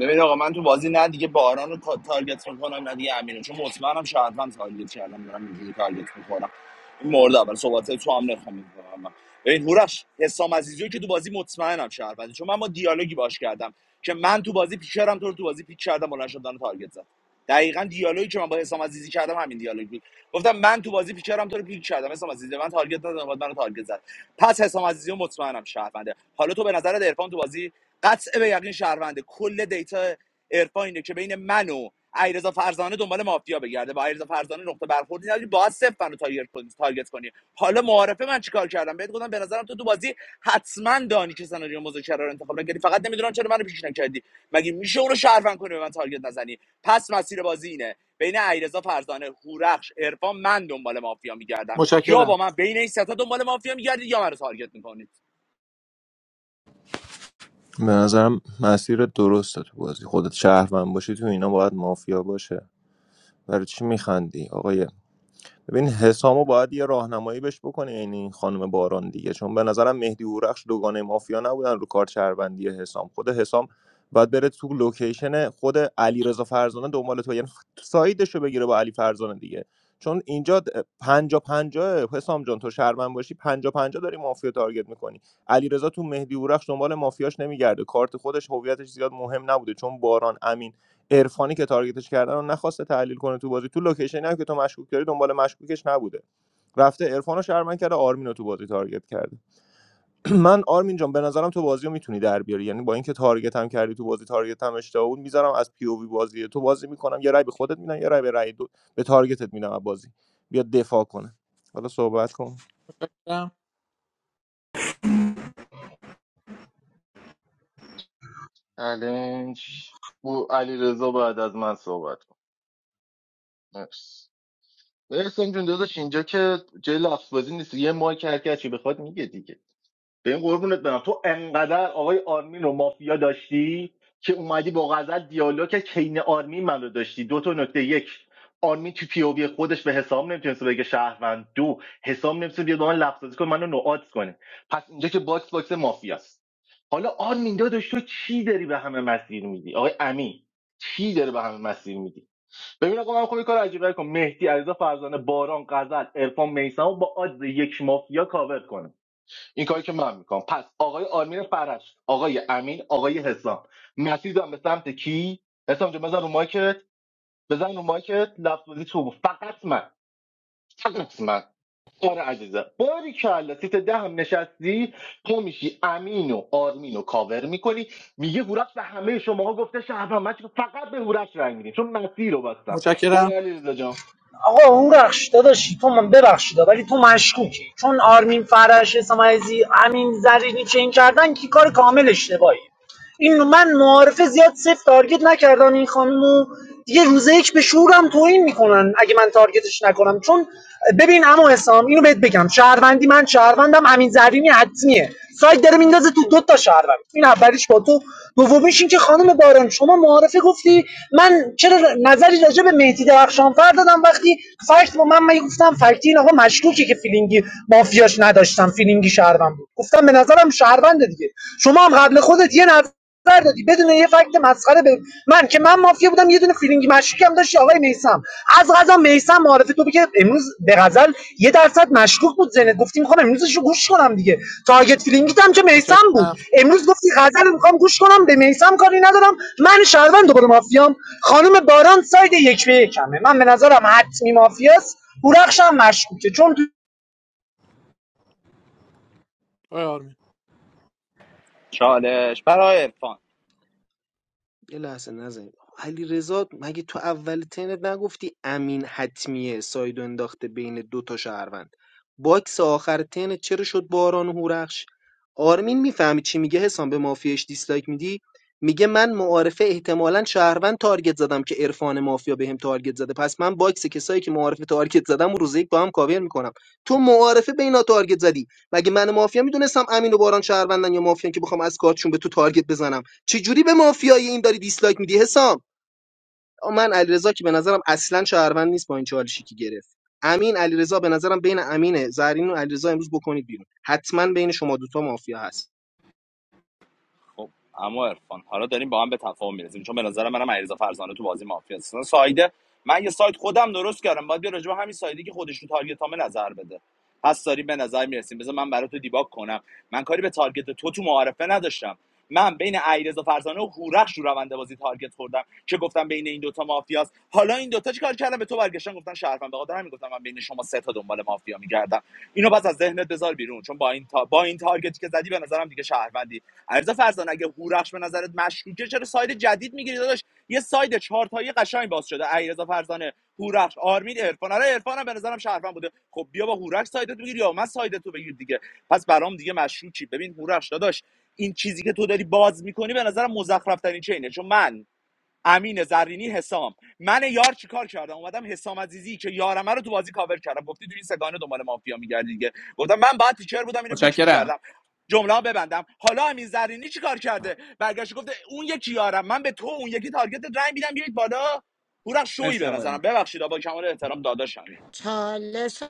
ببین آقا من تو بازی نه دیگه باران رو کا- تارگت میکنم نه دیگه امینو چون مطمئنم شهروند تارگت کردم دارم اینجوری تارگت میکنم این مورد اول صحبت تو هم نخوام میکنم من ببین هورش حسام عزیزی که تو بازی مطمئنم شهروند چون من با دیالوگی باش کردم که من تو بازی پیکرم تو رو تو بازی پیک کردم بلند شد منو تارگت زد دقیقا دیالوگی که من با حسام عزیزی کردم همین دیالوگ بود گفتم من تو بازی پیکرم تو رو پیک کردم حسام عزیزی من تارگت ندادم بعد منو تارگت زد پس حسام عزیزی رو مطمئنم شهرونده حالا تو به نظر عرفان تو بازی قطع به یقین شهرونده کل دیتا ارفا اینه که بین من و علیرضا فرزانه دنبال مافیا بگرده با علیرضا فرزانه نقطه برخوردی نداری باید صفر منو تارگت کنی تارگت کنی حالا معارفه من چیکار کردم بهت گفتم به نظرم تو تو بازی حتما دانی که سناریو مذاکره رو انتخاب نکردی فقط نمیدونم چرا منو پیش نکردی مگه میشه اون رو شهروند کنی به من تارگت نزنی پس مسیر بازی اینه بین علیرضا فرزانه هورخش عرفان من دنبال مافیا میگردم یا با
متشکرم
من بین این سه تا دنبال مافیا میگردی یا منو تارگت میکنی
به نظرم مسیر درسته تو بازی خودت شهروند باشی تو اینا باید مافیا باشه برای چی میخندی آقای ببین حسامو باید یه راهنمایی بهش بکنه یعنی این خانم باران دیگه چون به نظرم مهدی اورخش دوگانه مافیا نبودن رو کار چربندی حسام خود حسام باید بره تو لوکیشن خود علیرضا فرزانه دنبال تو یعنی سایدش رو بگیره با علی فرزانه دیگه چون اینجا د- پنجا پنجا حسام جان تو شرمن باشی پنجا پنجا داری مافیا تارگت میکنی علیرضا تو مهدی اورخش دنبال مافیاش نمیگرده کارت خودش هویتش زیاد مهم نبوده چون باران عرفانی که تارگتش کردن رو نخواسته تحلیل کنه تو بازی تو لوکیشنی هم که تو مشکوک داری دنبال مشکوکش نبوده رفته عرفان رو شرمن کرده آرمین رو تو بازی تارگت کرده من آرمین جان به نظرم تو بازی رو میتونی در بیاری یعنی با اینکه تارگت هم کردی تو بازی تارگت هم اشتباه بود میذارم از پی او وی بازی تو بازی میکنم یه رای به خودت میدم یه رای به رای دو... به تارگتت میدم از بازی بیا دفاع کنه حالا صحبت کن
متشکرم
چالش بو علیرضا رضا بعد از من صحبت کن مرسی برسم جون داداش اینجا که جای لفظ بازی نیست یه مایک هر کی بخواد میگه دیگه به این قربونت برم تو انقدر آقای آرمین رو مافیا داشتی که اومدی با غزل دیالوگ که کین آرمین من داشتی دو تا نکته یک آرمین تو پیووی خودش به حسام نمیتونست بگه شهروند دو حسام نمیتونست بیاد با من لفظازی کنه منو نوعات کنه پس اینجا که باکس باکس مافیاست حالا آرمین داداش تو چی داری به همه مسیر میدی آقای امین چی داره به همه مسیر میدی ببین آقا من خب یه کار عجیبه کنم مهدی علیرضا فرزانه باران غزل عرفان میثم با آدز یک مافیا کاور کنم این کاری که من میکنم پس آقای آرمین فرش آقای امین آقای حسام مسیر دارم به سمت کی حسام جان بزن رو مایکت بزن رو مایکت لفظ بازی تو بود. فقط من فقط من آره عزیزم باری کلا سیت ده هم نشستی تو میشی امین و آرمین رو کاور میکنی میگه هورش به همه شماها گفته شهروند من چی- فقط به هورش رنگ میدیم چون مسیر رو بستم برو
متشکرم
علیرضا جان
آقا اون رخش داداشی تو من ببخشید ولی تو مشکوکی چون آرمین فرش اسماعیلی امین زرینی چین کردن که کار کامل اشتباهی این من معارفه زیاد صفر تارگت نکردن این خانومو دیگه روزه یک به شورم توهین میکنن اگه من تارگتش نکنم چون ببین اما حسام اینو بهت بگم شهروندی من شهروندم امین زرینی حتمیه سایت داره میندازه تو دو تا شهروند این اولیش با تو دومیش این که خانم باران شما معارفه گفتی من چرا نظری راجع به مهدی درخشانفر دادم وقتی فکت با من من گفتم فکتی این آقا مشکوکه که فیلینگی مافیاش نداشتم فیلینگی شهروند بود گفتم به نظرم شهرونده دیگه شما هم قبل خودت یه نظر دادی بدون یه فکت مسخره به من که من مافیا بودم یه دونه فیلینگ مشکوکی هم داشتی آقای میسم از غذا میسم معرفه تو که امروز به غزل یه درصد مشکوک بود ذهنت گفتی میخوام امروزش گوش کنم دیگه تارگت فیلینگیت هم که میسم بود
متشکرم
امروز گفتی غزل رو میخوام گوش کنم به میسم کاری ندارم من شهروند دوباره مافیام خانم باران ساید یک به یکمه من به نظرم حتمی مافیاست هورخش هم مشکوکه چون تو
آقای آرمین
چالش برای عرفان
یه لحظه نزنید علیرضا مگه تو اول ترنت نگفتی امین حتمیه سایدو انداخته بین دو تا شهروند باکس آخر ترنت چرا شد باران و هورخش آرمین میفهمی چی میگه حسام به مافیاش دیسلایک میدی میگه من معارفه احتمالا شهروند تارگت زدم که عرفان مافیا بهم تارگت زده پس من باکس کسایی که معارفه تارگت زدم و روز یک با هم کاور میکنم تو معارفه به اینا تارگت زدی مگه من مافیا میدونستم امین و باران شهروندن یا مافیان که بخوام از کارتشون به تو تارگت بزنم چجوری به مافیای این داری دیسلایک میدی حسام آ، من علیرضا که به نظرم اصلا شهروند نیست با این چالشی که گرفت امین علیرضا به نظرم بین امین زرین و علیرضا امروز بکنید بیرون حتما بین شما دوتا مافیا هست
خب اما عرفان حالا داریم با هم به تفاهم میرسیم چون به نظر منم علیرضا فرزانه تو بازی مافیا است سایده من یه سایت خودم درست کردم باید بیا راجع به همین سایدی که خودش رو تارگت هامه نظر بده پس داریم به نظر میرسیم بذار من برات تو دیباک کنم من کاری به تارگت تو تو معارفه نداشتم من بین علیرضا فرزانه و هورخش رو روند بازی تارگت خوردم که گفتم بین این دوتا مافیاست حالا این دوتا چیکار کردن به تو برگشتن گفتن شرفم به خاطر همین گفتم من بین شما سه تا دنبال مافیا میگردم اینو پس از ذهنت بذار بیرون چون با این تا... با این تارگتی که زدی به نظرم دیگه شهروندی عرض فرزان اگه هورخش به نظرت مشکوکه چرا ساید جدید میگیری داداش یه ساید چهار تایی قشنگ باز شده علیرضا فرزانه هورخش آرمین عرفان آره عرفانم به نظرم شهروند بوده خب بیا با هورخش سایدت بگیر یا من سایدتو بگیر دیگه پس برام دیگه مشکوکی ببین هورخش داداش این چیزی که تو داری باز میکنی به نظرم مزخرف ترین چینه چون من امین زرینی حسام من یار چیکار کردم اومدم حسام عزیزی که یارمه رو تو بازی کاور کردم گفتی تو این سگانه دنبال مافیا میگردی دیگه گفتم من بعد تیچر بودم اینو پیچ
متشکرم
میکردم جمله ها ببندم حالا امین زرینی چیکار کرده برگشت گفته اون یکی یارم من به تو اون یکی تارگت رنگ میدم بیایید بالا هورخ شوی
مرسی
به
آقای
نظرم
آرمین.
ببخشید با کمال احترام داداشم
چالش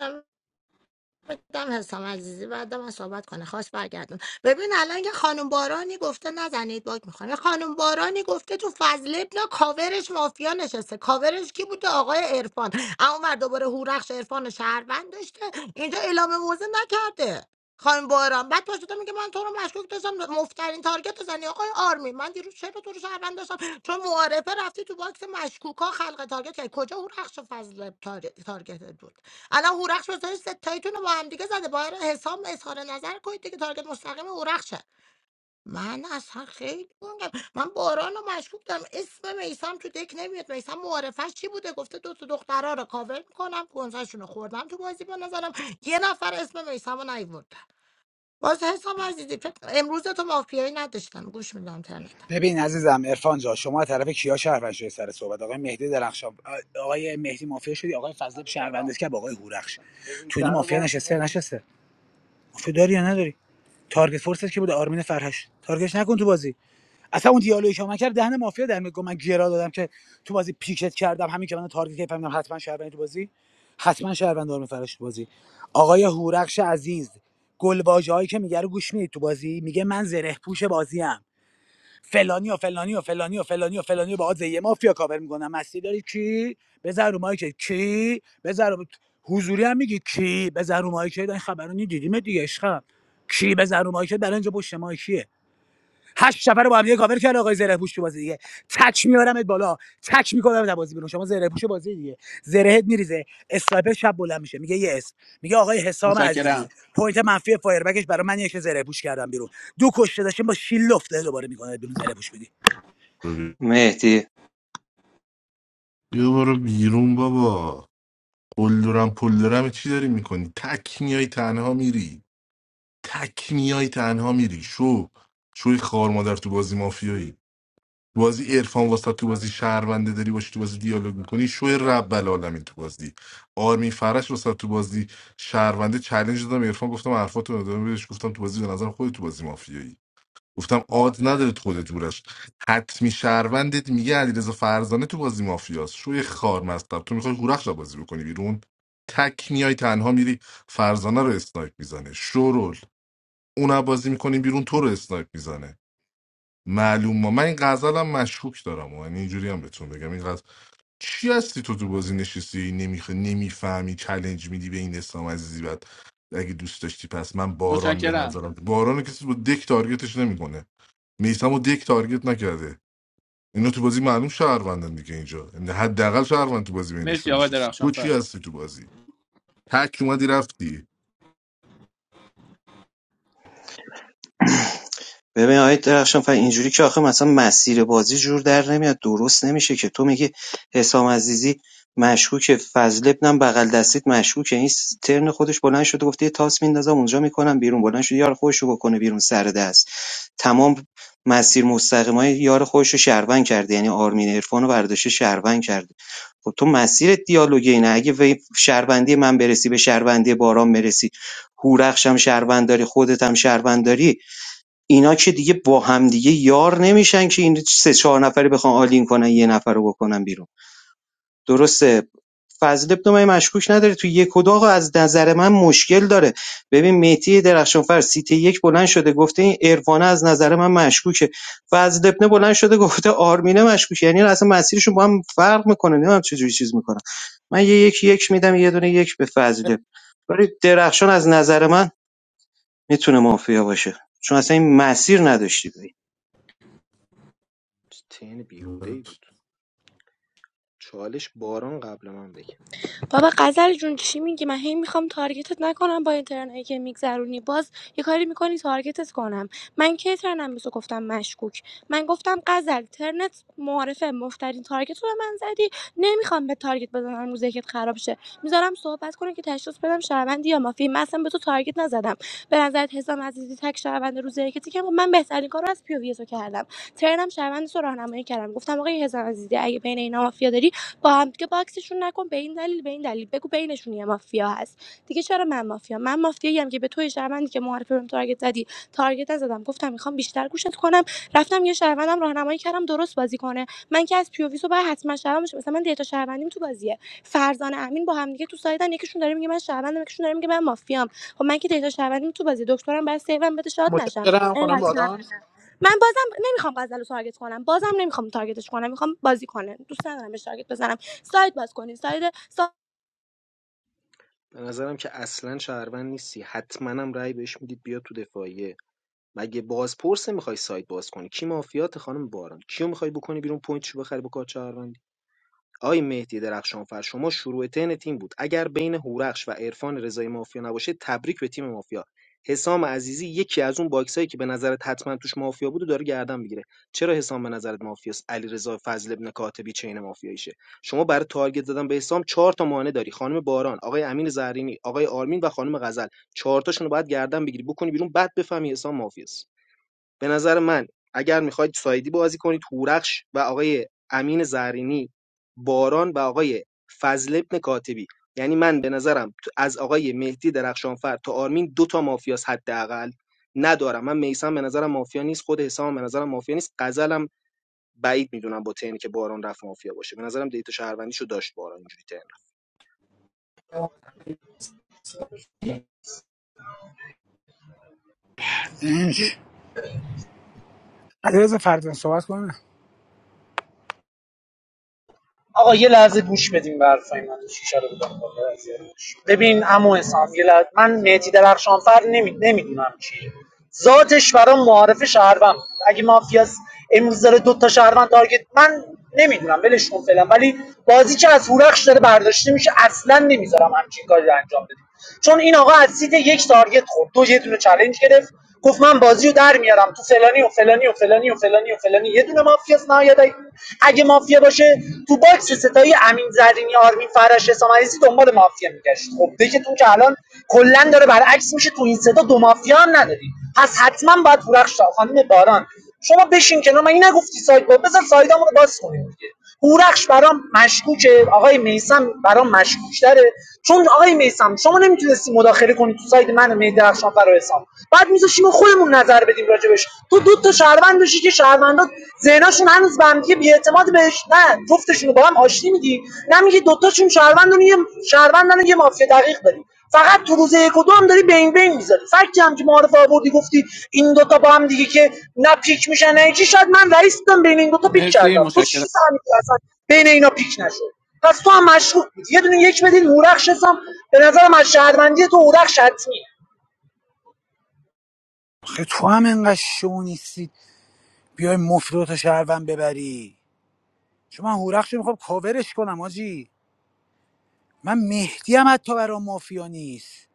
بدم حسام عزیزی بعد من صحبت کنه خواست برگردون ببین الان یه خانم بارانی گفته نزنید باک میخوام خانم بارانی گفته تو فضل ابن کاورش مافیا نشسته کاورش کی بوده آقای عرفان اما اونور دوباره هورخش عرفان و شهروند داشته اینجا اعلام موضع نکرده خانم باران بعد پاشو میگه من تو رو مشکوک داشتم مفترین تارگت زنی آقای آرمی من دیروز چرا تو رو شهروند داشتم چون معارفه رفتی تو باکس مشکوکا خلق تارگت کردی کجا هورخش و فضل تار- تارگتت بود الان هورخش گزارش ستاییتون رو با هم دیگه زده باید حساب اظهار نظر کنید دیگه تارگت مستقیم هورخشه من اصلا خیلی گنگم من باران رو مشکوک دارم اسم میسم تو دک نمیاد میسم معارفش چی بوده گفته دو تا دخترها رو کاور میکنم گنزشون رو خوردم تو بازی به نظرم یه نفر اسم میسم رو نیورد باز حساب عزیزی فکر- امروز تو مافیایی نداشتم گوش میدم ترنت
ببین عزیزم عرفان جان شما از طرف کیا شهروند شدی سر صحبت آقای مهدی درخشان آقای مهدی مافیا شدی آقای فضل شهروند که با آقای هورخش تو اینا مافیا نشسته نشسته مافیا داری یا نداری تارگت فورسش که بوده آرمین فرهش تارگتش نکن تو بازی اصلا اون دیالوگی که من کرد دهن مافیا در میگم من گرا دادم که تو بازی پیکت کردم همین که من تارگت کردم فهمیدم حتما شهروندی تو بازی حتما شهروند دارم فرش تو بازی آقای هورخش عزیز گلواژه هایی که میگه رو گوش میدید تو بازی میگه من زره پوش بازی ام فلانی و فلانی و فلانی و فلانی و فلانی با یه مافیا کاور میکنم مستی داری کی بزن رو مایک کی بزن رو... حضوری هم میگی کی بزن رو مایک این خبرو دیدیم دیگه عشقم کی بزن رو مایک برای اینجا پشت مایکیه هشت نفر رو با هم دیگه کاور کرد آقای زره پوش تو بازی دیگه تک میارمت بالا تک میکنم در بازی بیرون شما زره پوش بازی دیگه زرهت میریزه اسنایپر شب بلند میشه میگه یس میگه آقای حسام عزیزی
متشکرم
پوینت منفی فایربکش برای من یک زره پوش کردم بیرون دو کشته داشتیم با شیل لفته دوباره میکنه بیرون زره پوش بدی
مهدی
بیا برو بیرون بابا قلدرم پلدرم چی داری میکنی تک میای تنها میری تک میای تنها میری شو شوی خوار مادر تو بازی مافیایی تو بازی عرفان واسه تو بازی شهرونده داری باشی تو بازی دیالوگ میکنی شوی رب العالمین تو بازی آرمین فرش واسه تو بازی شهرونده چالش دادم عرفان گفتم حرفاتو ندارم بهش گفتم تو بازی به نظرم خودت تو بازی مافیایی گفتم آد نداره تو خودت دورش حتمی شهروندت میگه علیرضا فرزانه تو بازی مافیاست شوی خار مستم تو میخوای هورخش رو بازی بکنی بیرون تک میای تنها میری فرزانه رو اسنایپ میزنه شورول اون بازی میکنیم بیرون تو رو اسنایپ میزنه معلوم ما من این غزل هم مشکوک دارم و یعنی اینجوری هم بهتون بگم این غزل چی هستی تو تو بازی نشستی نمیخوای نمیفهمی چلنج میدی به این اسلام عزیزی بعد اگه دوست داشتی پس من باران به
متشکرم
نظرم باران رو کسی با دک تارگتش نمیکنه میسم و دک تارگت نکرده اینا تو بازی معلوم شهروندن دیگه اینجا یعنی حداقل شهروند تو بازی
مرسی
بینشون
آقای
نشسته تو چی
درخشانفر
هستی تو بازی تک اومدی رفتی
ببین آقای درخشان فر اینجوری که آخه مثلا مسیر بازی جور در نمیاد درست نمیشه که تو میگی حسام عزیزی مشکوکه فضل ابنم بغل دستید مشکوکه این ترن خودش بلند شده گفته یه تاس میندازم اونجا میکنم بیرون بلند شده یار خودش رو بکنه بیرون سر دست تمام مسیر مستقیما یار خودشو شهروند کرده یعنی آرمین عرفانو برداشته شهروند کرده خب تو مسیر دیالوگی اینه اگه به شهروندی من برسی به شهروندی باران برسی هورخش هم شهروند داری خودت هم شهروند داری اینا که دیگه با هم دیگه یار نمیشن که این سه چهار نفری بخوان آلین کنن یه نفر رو بکنن بیرون درسته فضل ابن مهدی مشکوک نداره تو یک و دو از نظر من مشکل داره ببین مهدی درخشانفر سیت یک بلند شده گفته این عرفانه از نظر من مشکوکه فضل ابن بلند شده گفته آرمینه مشکوکه یعنی اصلا مسیرشون با هم فرق میکنه نمیدونم چجوری چیز میکنه من یه یک یک میدم یه دونه یک به فضل ولی درخشان از نظر من میتونه مافیا باشه چون اصلا این مسیر نداشتی ببین
تین بیهوده ای بود چالش باران قبل من بگم
بابا غزل جون چی میگی من هی میخوام تارگتت نکنم با این ترنایی که میگذرونی باز یه کاری میکنی تارگتت کنم من کی ترنم بسو گفتم مشکوک من گفتم غزل ترنت معارفه مفترین تارگت رو به من زدی نمیخوام به تارگت بزنم روزی که خراب شه میذارم صحبت کنه که تشخیص بدم شهروندی یا مافی من اصلا به تو تارگت نزدم به نظرت حسام عزیزی تک شهروند روز یکتی که من بهترین کار از پیووی تو کردم ترنم شهروند تو راهنمایی کردم گفتم آقای حسام عزیزی اگه بین اینا مافیا داری با هم دیگه باکسشون نکن به این دلیل به این دلیل بگو بینشون یه مافیا هست دیگه چرا من مافیا من مافیایی هم که به توی شهروندی که معرفی بهم تارگت زدی تارگت نزدم گفتم میخوام بیشتر گوشت کنم رفتم یه شهروندم راهنمایی کردم درست بازی کنه من که از پیووی رو باید حتما شهروند بشه مثلا من دیتا شهروندیم تو بازیه فرزانه امین با هم دیگه تو سایدن یکیشون داره میگه من شهروندم یکیشون داره میگه من مافیام خب من که دیتا شهروندیم تو بازی دکترم بعد سیوم بده شاد نشم
متشکرم خانم
اینقدر
باران
من بازم نمیخوام غزل رو تارگت کنم بازم نمیخوام تارگتش کنم میخوام بازی کنه دوست ندارم بهش تارگت بزنم سایت باز کنین سایت
به نظرم که اصلا شهروند نیستی حتما هم رأی بهش میدید بیا تو دفاعیه مگه بازپرس میخوای سایت باز کنی کی مافیات خانم باران کیو میخوای بکنی بیرون پوینتشو بخری با کارت شهروندی؟ آقای مهدی درخشانفر شما شروع ترن تیم بود اگر بین هورخش و عرفان رضایی مافیا نباشه تبریک به تیم مافیا حسام عزیزی یکی از اون باکسایی که به نظرت حتما توش مافیا بود و داره گردن میگیره چرا حسام به نظرت مافیاست علیرضا فضل ابن کاتبی چین مافیاییشه شما برای تارگت زدن به حسام چهار تا مانع داری خانم باران آقای امین زرینی آقای آرمین و خانم غزل چهار تاشون رو باید گردن بگیری بکنی بیرون بعد بفهمی حسام مافیاست به نظر من اگر میخواید سایدی بازی کنید هورخش و آقای امین زهرینی باران و آقای فضل ابن کاتبی یعنی من به نظرم تو- از آقای مهدی درخشانفر تا آرمین دو تا مافیاس حداقل ندارم من میسم به نظرم مافیا نیست خود حسام به نظرم مافیا نیست غزلم بعید میدونم با تنی که باران رفت مافیا باشه به نظرم دیتا شهروندیشو داشت باران اینجوری تن
علیرضا فردن صحبت کنه
آقا یه لحظه گوش بدیم به حرفای من شیشه رو بودم بالا از ببین عمو حسام یه لحظه من مهدی درخشانفر نمی... نمیدونم چیه ذاتش برام معارف شهروند بود. اگه مافیاس امروز داره دو تا شهروند تارگت من نمیدونم ولش کن فعلا ولی بازی که از هورخش داره برداشته میشه اصلا نمیذارم همچین کاری رو انجام بدیم چون این آقا از سیت یک تارگت خورد دو یه دونه چالش گرفت گفت من بازی رو در میارم تو فلانی و فلانی و فلانی و فلانی و فلانی یه دونه مافیاس نهایت اگه مافیا باشه تو باکس ستایی امین زرینی آرمین فرش حسام عزیزی دنبال مافیا میگشت خب دکتون که الان کلا داره برعکس میشه تو این ستا دو مافیا هم نداری پس حتما باید هورخش خانم باران شما بشین کنار من این نگفتی سایت با بذار سایدامون رو باز کنیم دیگه هورخش برام مشکوکه آقای میسم برام مشکوکتره چون آقای میسم شما نمیتونستی مداخله کنی تو ساید من و مهدی درخشان فر بعد میذاشیم ما خودمون نظر بدیم راجبش تو دو تا شهروند داشتی که شهروندا ذهناشون هنوز به هم دیگه بی‌اعتماد بهش نه جفتشون رو با هم آشتی میدی نه میگی دوتاشون شهروندن و یه شهروندن یه مافیا دقیق داری فقط تو روز یک و دو هم داری بین بین میذاری فکتی هم که معارف آوردی گفتی این دوتا با هم دیگه که نه پیک میشن نه چی شاید من رئیس بودم بین این دوتا پیک
مرسی
کردم تو
متشکرم
چی فهمیدی اصلا بین اینا پیک نشد پس تو هم مشکوک بودی یه دونه یک بدید هورخش حسام به نظرم از شهروندی تو هورخش حتمی
آخه تو هم انقدر شو نیستی بیای مفروت و شهروند ببری شما من میخوام کاورش کنم آجی من مهدی هم حتی برا مافیا نیست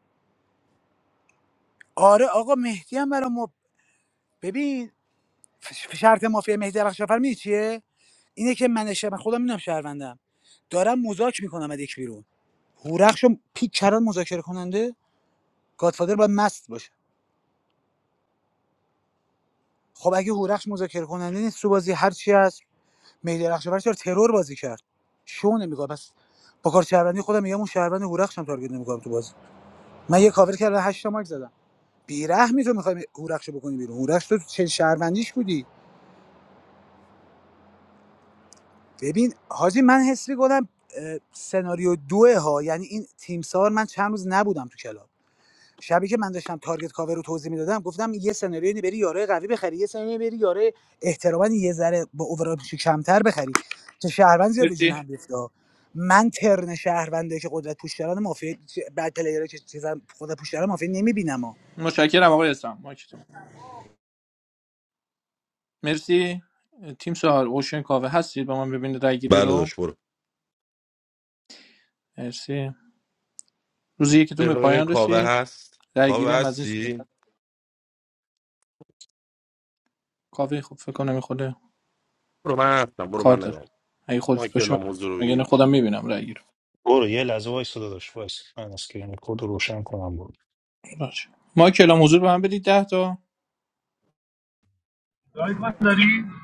آره آقا مهدی هم برا ببین ف- شرط مافیا مهدی درخشان می‌دونی چیه اینه که من شب خودم میدونم شهروندم دارم مذاکره میکنم از یک بیرون هورخشو پیک کردن مذاکره کننده گادفادر باید مست باشه خب اگه هورخش مذاکره کننده نیست تو بازی هر چی هست مهدی درخشان چرا ترور بازی کرد شو نمیگه پس با کار شهروندی خودم میگم اون شهروند هورخشم تارگت نمیکنم تو بازی من یه کاور کردم 8 تا مارک زدم بیرحمی تو میخوای هورخشو بکنی بیرون هورخش تو چه شهروندیش بودی ببین حاجی من حس میکنم اه، سناریو دوه ها یعنی این تیمسار من چند روز نبودم تو کلاب شبی که من داشتم تارگت کاور رو توضیح میدادم گفتم یه سناریو اینه بری یاره قوی بخری یه سناریو اینه بری یاره احتمالاً یه ذره با اوورالش کمتر بخری که شهروند زیاد به جون
مرسی
هم بیفته من ترن شهرونده که قدرت پوشداران مافیا بعد پلیرها که چیزا قدرت پوشداران مافیا نمیبینم
متشکرم آقای اسلام مایکتون مرسی تیم سهار اوشن کاوه هستید با من ببینید رای گیری
بله
رو
داشت برو
مرسی روزی که تو
یه
به
دقیقه ببین
پایان
کاوه
رسید
هست کاوه
درگیری هم از این صورت
هستی
کافی خب فکر کنم این خود
برو من هستم برو
کار
من
داره
نگاه
اگه
ما
خودت باشه من مگه
که
نه خودم میبینم درگیر
برو یه لحظه وایس داداش وایس من اسکرین کد رو روشن کنم بود
ما کلام حضور به من بدید ده تا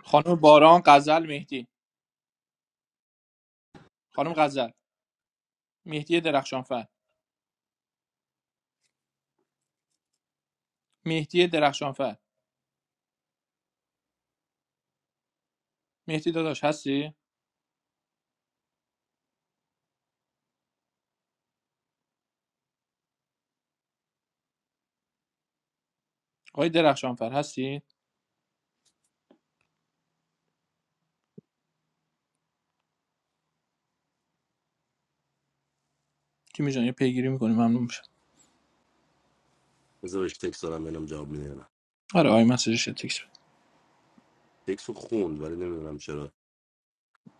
خانم باران غزل مهدی خانم غزل مهدی درخشانفر مهدی درخشانفر مهدی داداش هستی آقای درخشانفر هستی تیمی جان یه پیگیری میکنی ممنون میشم
بذار بهش تکس دارم ببینم جواب میده یا نه
آره آی مسیجش یه تکس بده
تکس رو خوند ولی نمیدونم چرا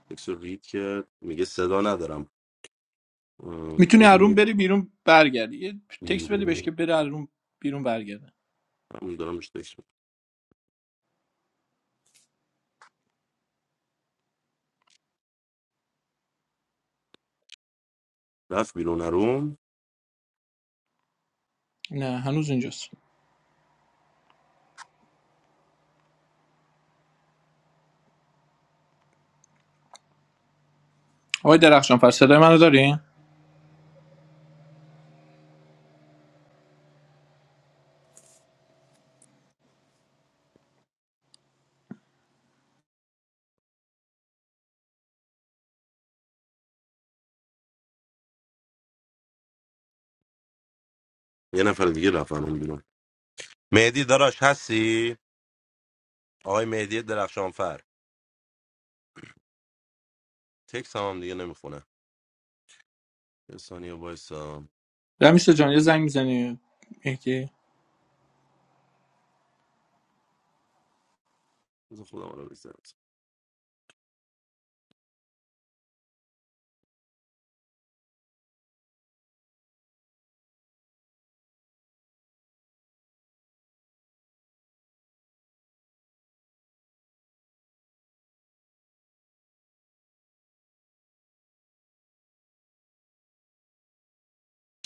تکس رو رید کرد میگه صدا ندارم اه،
میتونی هرون
برو
بری بیرون برگردی یه تکس بده بهش
بیرون.
که بره هرون بیرون برگرده
هم دارم بهش تکس می‌دم. رفت بیرون روم
نه هنوز اینجاست آقای درخشانفر صدای منو داری
یه نفر دیگه رفت روم بیرون مهدی داراش هستی آقای مهدی درخشانفر تکس هم, هم دیگه نمیخونه یه ثانیه وایسا
رمیسا جان یه زنگ میزنی مهدی
بذار خودم رو بزنم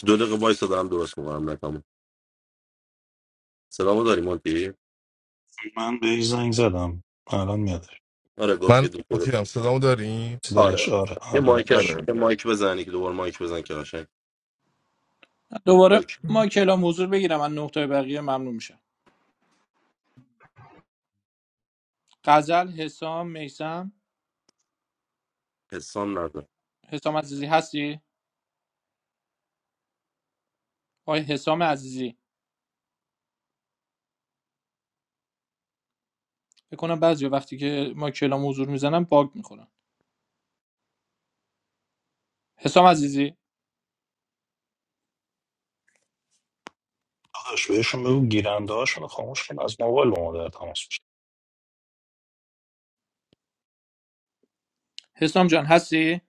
دو دقیقه وایسا دارم درست میکنم نکامو سلامو داری مونتی
من به یه زنگ زدم الان میادش
آره گفت
من
یه دو دقیقه.
اوکی هم صدامو داریم
داداش
آره
آره
یه
آره
مایک
داداش
آره
یه مایک بزنی که دوباره مایک بزن که قشنگ
دوباره
اوکی.
ما کلام حضور بگیرم من نقطه بقیه ممنون میشم غزل حسام میسم
حسام
حسام عزیزی هستی آقای حسام عزیزی بکنم بعضی وقتی که ما کلام حضور میزنم باگ میخورم حسام عزیزی
داداش بهشون بگو گیرنده هاشون خاموش کن از موبایل با ما در تماس باشن.
حسام جان هستی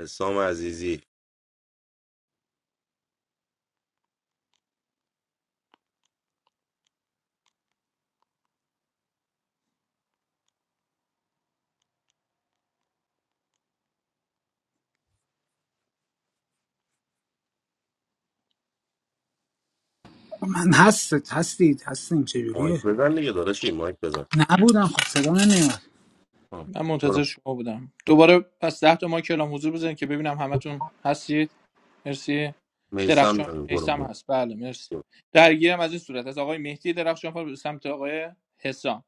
حسام عزیزی
من هست هستید هستیم
مایک
چجوریه
بزن دیگه داداشی مایک بزن
نبودم خب صدا نمیاد
آه.
من
برو
منتظر شما بودم دوباره پس ده تا ما کلام حضور بزنید که ببینم همتون هستید مرسی
میسم
درخشان
برو برو
ایسم هست بله مرسی
برو
درگیرم از این صورت از آقای مهدی درخشان فر به سمت آقای حسام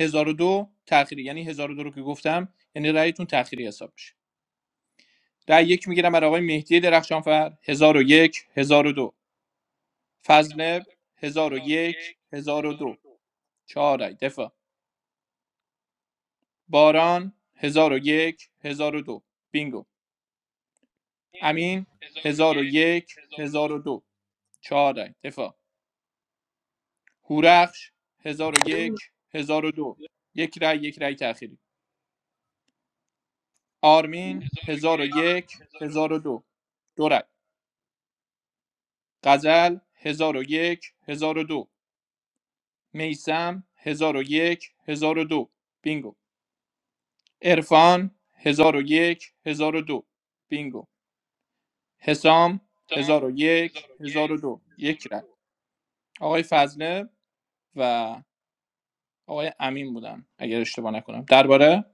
1002 تأخیری یعنی 1002 رو که گفتم یعنی رأیتون تأخیری حساب میشه رأی یک میگیرم برای آقای مهدی درخشانفر 1001 1002 فضل 1001 1002 چهار رأی دفاع باران 1001 1002 بینگو امین 1001 1002 4 رای دفاع هورخش 1001 1002 یک هزار و دو یک رای یک رای تأخیری آرمین 1001 1002 دو دو رای غزل 1001 1002 میسم 1001 1002 بینگو عرفان 1001 دو بینگو حسام 1001 1002 یک هزار و دو. یک رای آقای فضله و آقای امین بودن اگر اشتباه نکنم درباره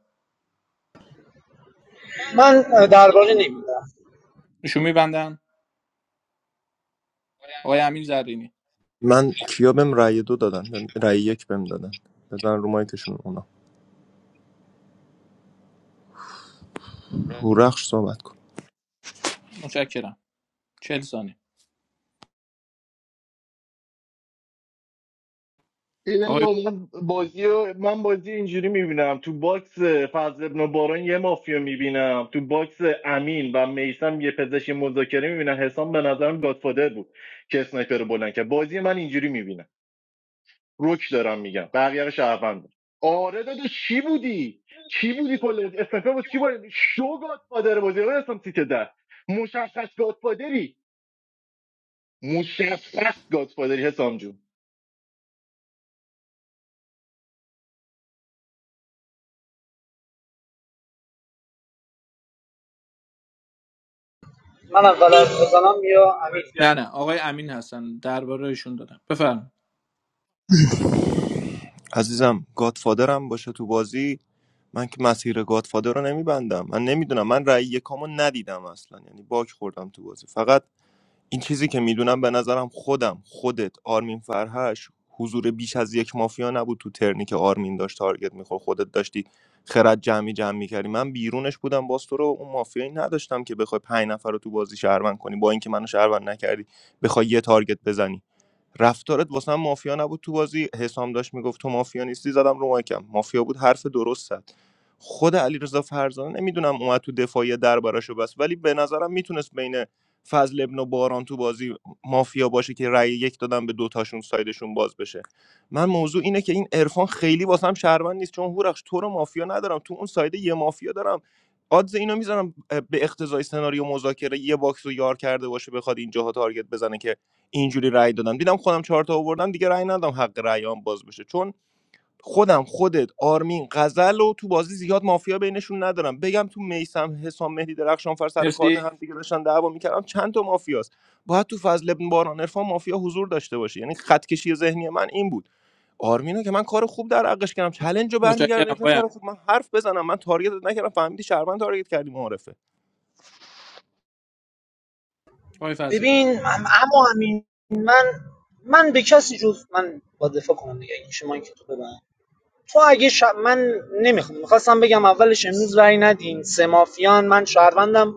من درباره نمیدم
ایشون میبندن آقای امین زرینی
من کیا بهم رای دو دادن رای یک بهم دادن بزن رو مایکشون اونا هورخش صحبت کن
متشکرم چهل ثانیه
ببین،
آقای
من بازی رو- من بازی اینجوری میبینم تو باکس فضل ابن باران یه مافیا میبینم تو باکس امین و میسم یه پزشک مذاکره میبینم حسام به نظرم گادفادر بود که اسنایپر رو بلند کرد بازی من اینجوری میبینم روک دارم میگم بقیه رو شهروند آره داده چی بودی چی بودی کل بازی اسنایپر بود چی بودی شو گادفادر بازی آره حسام سیت ده مشخص گادفادری مشخص گادفادری حسام جون
نه نه آقای امین هستن درباره ایشون دادم بفرمایید
عزیزم گادفادرم باشه تو بازی من که مسیر گادفادر رو نمیبندم من نمیدونم من رأی یکامو ندیدم اصلا یعنی باک خوردم تو بازی فقط این چیزی که میدونم به نظرم خودم خودت آرمین فرهش حضور بیش از یک مافیا نبود تو ترنی که آرمین داشت تارگت میخورد خودت داشتی خرد جمعی جمع میکردی من بیرونش بودم باز تو رو اون مافیایی نداشتم که بخوای پنج نفر رو تو بازی شهروند کنی با اینکه منو شهروند نکردی بخوای یه تارگت بزنی رفتارت واسه هم مافیا نبود تو بازی حسام داشت میگفت تو مافیا نیستی زدم رو مایکم مافیا بود حرف درست زد خود علیرضا فرزانه نمیدونم اومد تو دفاعی دربارشو بس ولی به نظرم میتونست بین فضل ابن و باران تو بازی مافیا باشه که رأی یک دادن به دوتاشون سایدشون باز بشه من موضوع اینه که این عرفان خیلی واسم شهروند نیست چون هورخش تو رو مافیا ندارم تو اون سایده یه مافیا دارم آدز اینو میذارم به اقتضای سناریو مذاکره یه باکس رو یار کرده باشه بخواد اینجاها تارگت بزنه که اینجوری رأی دادم دیدم خودم چهار تا آوردم دیگه رأی ندادم حق رأیام باز بشه چون خودم خودت آرمین غزل و تو بازی زیاد مافیا بینشون ندارم بگم تو میسم حسام مهدی درخشان فر سر کارت
مرسی
هم دیگه داشتن دعوا میکردم چند تا مافیاست باید تو فضل ابن باران عرفان مافیا حضور داشته باشه یعنی خط کشی ذهنی من این بود آرمینو که من کار خوب در حقش کردم چلنج رو
متشکرم
برمیگردونی
آقای امین
پسر خوب من حرف بزنم من تارگتت نکردم فهمیدی شهروند تارگت کردی معارفه
آقای فضل
ببین اما همین من من به کسی جز من با دفاع کنم دیگه این شما این که تو ببند. تو اگه ش... من نمیخوام میخواستم بگم اولش امروز رأی ندین سه مافیان من شهروندم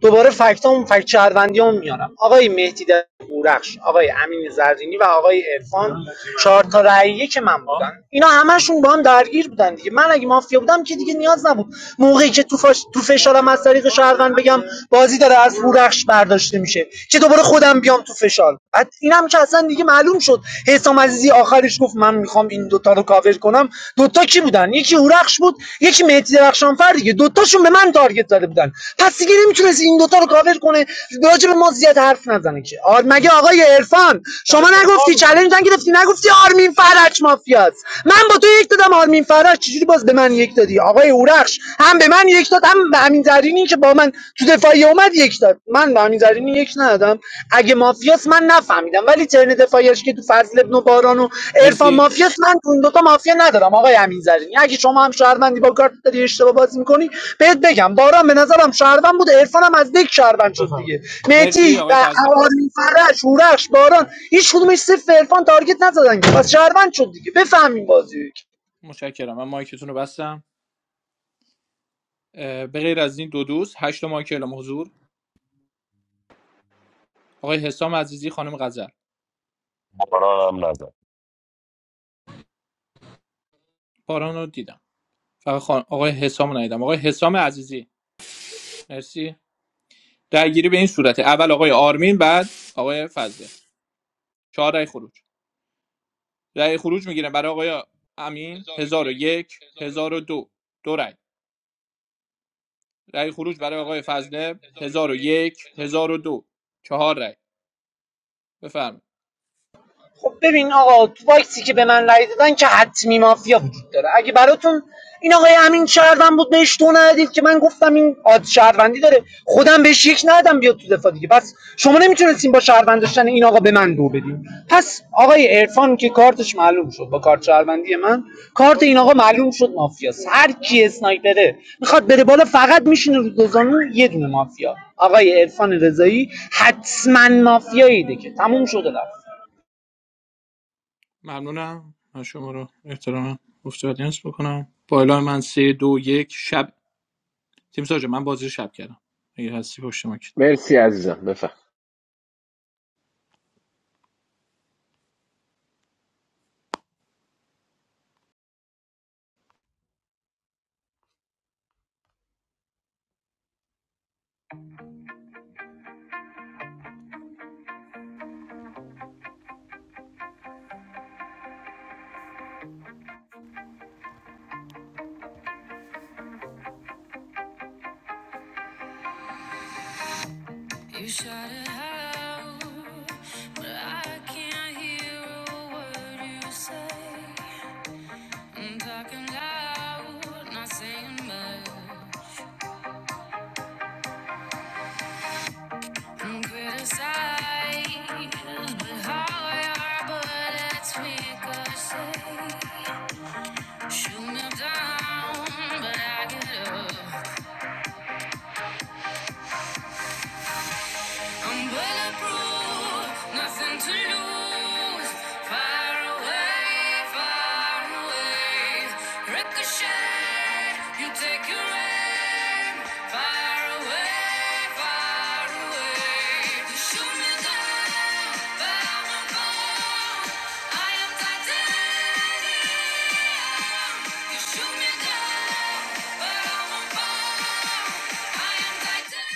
دوباره فکتام فکت شهروندی میارم آقای مهدی در بورخش آقای امین زرینی و آقای عرفان چهار تا رأیه که من بودن اینا همشون با هم درگیر بودن دیگه من اگه مافیا بودم که دیگه نیاز نبود موقعی که تو, فاش... تو فشارم از طریق شهروند بگم بازی داره از بورخش برداشته میشه که دوباره خودم بیام تو فشار بعد اینم که اصلا دیگه معلوم شد حسام عزیزی آخرش گفت من میخوام این دوتا رو کاور کنم دوتا کی بودن یکی هورخش بود یکی مهدی درخشانفر دیگه دوتاشون به من تارگت زده بودن پس دیگه نمیتونست این دوتا رو کاور کنه راجع به ما زیاد حرف نزنه که آر مگه آقای عرفان شما نگفتی چالش نگرفتی نگفتی آرمین فرج مافیاست من با تو یک دادم آرمین فرج چجوری باز به من یک دادی آقای هورخش هم به من یک داد هم به همین زرینی که با من تو دفاعی اومد یک داد من به امین زرینی یک ندادم اگه مافیاس من نفهمیدم ولی ترن دفاعیش که تو فضل ابن و باران و عرفان
مرسی
مافیاس من تو این دوتا مافیا ندارم آقای امین زرینی اگه شما هم شهروندی با کارت داری اشتباه بازی میکنی بهت بگم باران به نظرم شهروند بود عرفان هم از دک شهروند شد دیگه
مرسی
مهدی
آقای
و
فضل
آرین فرش هورخش باران هیچ کدومش صفر به عرفان تارگت نزدن که. پس شهروند شد دیگه بفهمین بازی
متشکرم من مایکتون رو بستم اه، به غیر از این دو دوست هشت مایک اعلام حضور آقای حسام عزیزی خانم غزل
برا هم نزن
باران رو دیدم فقط خان... آقای حسام رو ندیدم آقای حسام عزیزی مرسی درگیری به این صورته اول آقای آرمین بعد آقای فضل چهار رای خروج رای خروج میگیرم برای آقای امین هزار و یک، هزار و دو دو رای رای خروج برای آقای فضله هزار و یک، هزار و دو، چهار رای بفرمایید
خب ببین آقا تو باکسی که به من رای دادن که حتمی مافیا وجود داره اگه براتون این آقای امین شهروند بود بهش تو ندید که من گفتم این آد شهروندی داره خودم بهش یک ندادم بیاد تو دفاع دیگه پس شما نمیتونستین با شهروند داشتن این آقا به من دو بدین پس آقای عرفان که کارتش معلوم شد با کارت شهروندی من کارت این آقا معلوم شد مافیاست هر کی اسنایپره میخواد بره بالا فقط میشینه رو دوزانو یه دونه مافیا آقای عرفان رضایی حتما مافیاییده که تموم شده رفت
ممنونم من شما رو احترام افتادینس بکنم با اعلام من سه دو یک شب تیم ساجا من بازی شب کردم اگه هستی پشت ما
مرسی عزیزم بفهم
You I'm talking loud, not saying much. I'm criticized, but how I are, but it's ricochet. Shoot me down, but I get up. I'm bulletproof, nothing to lose. Far away, far away. Ricochet, you take your aim. Far away, far away. You shoot me down, but I won't fall. I am titanium. You shoot me down, but I won't fall. I am titanium.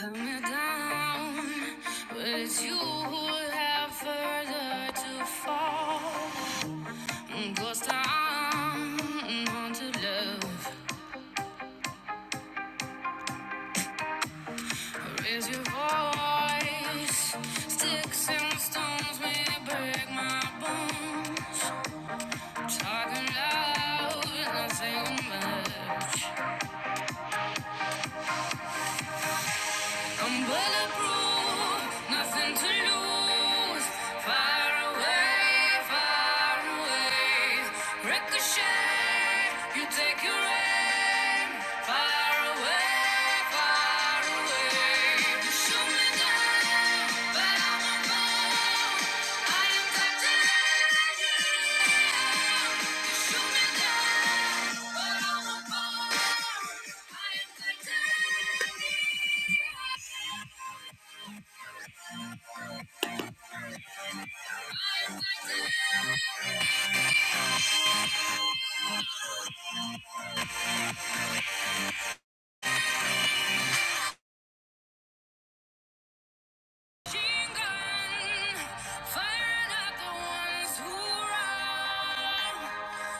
Come down, but it's you who have further to fall. Ghost town, haunted love. Raise your voice. Sticks and stones may break my bones. Talking loud, nothing much. I'm bulletproof, nothing to lose. Far away, far away. Ricochet, you take your aim. Far away, far away. You shoot me down, but I won't fall. I am captain. You shoot me down, but I won't fall. I am captain. Machine gun, firing at the ones who run.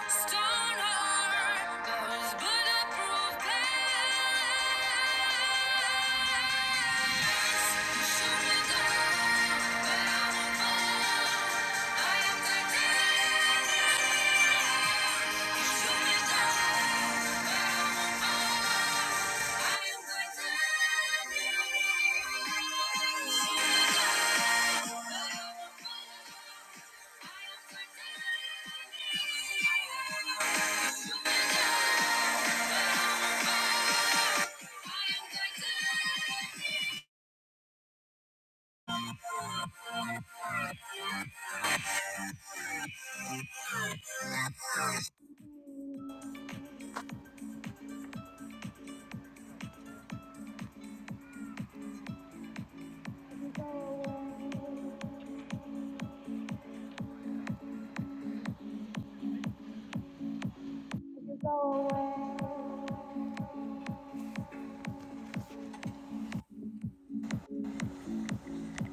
Stone heart, those bulletproof glass. Shoot me down, but I won't fall. I am Titanic. Shoot me down, but I won't fall. I am Titanic.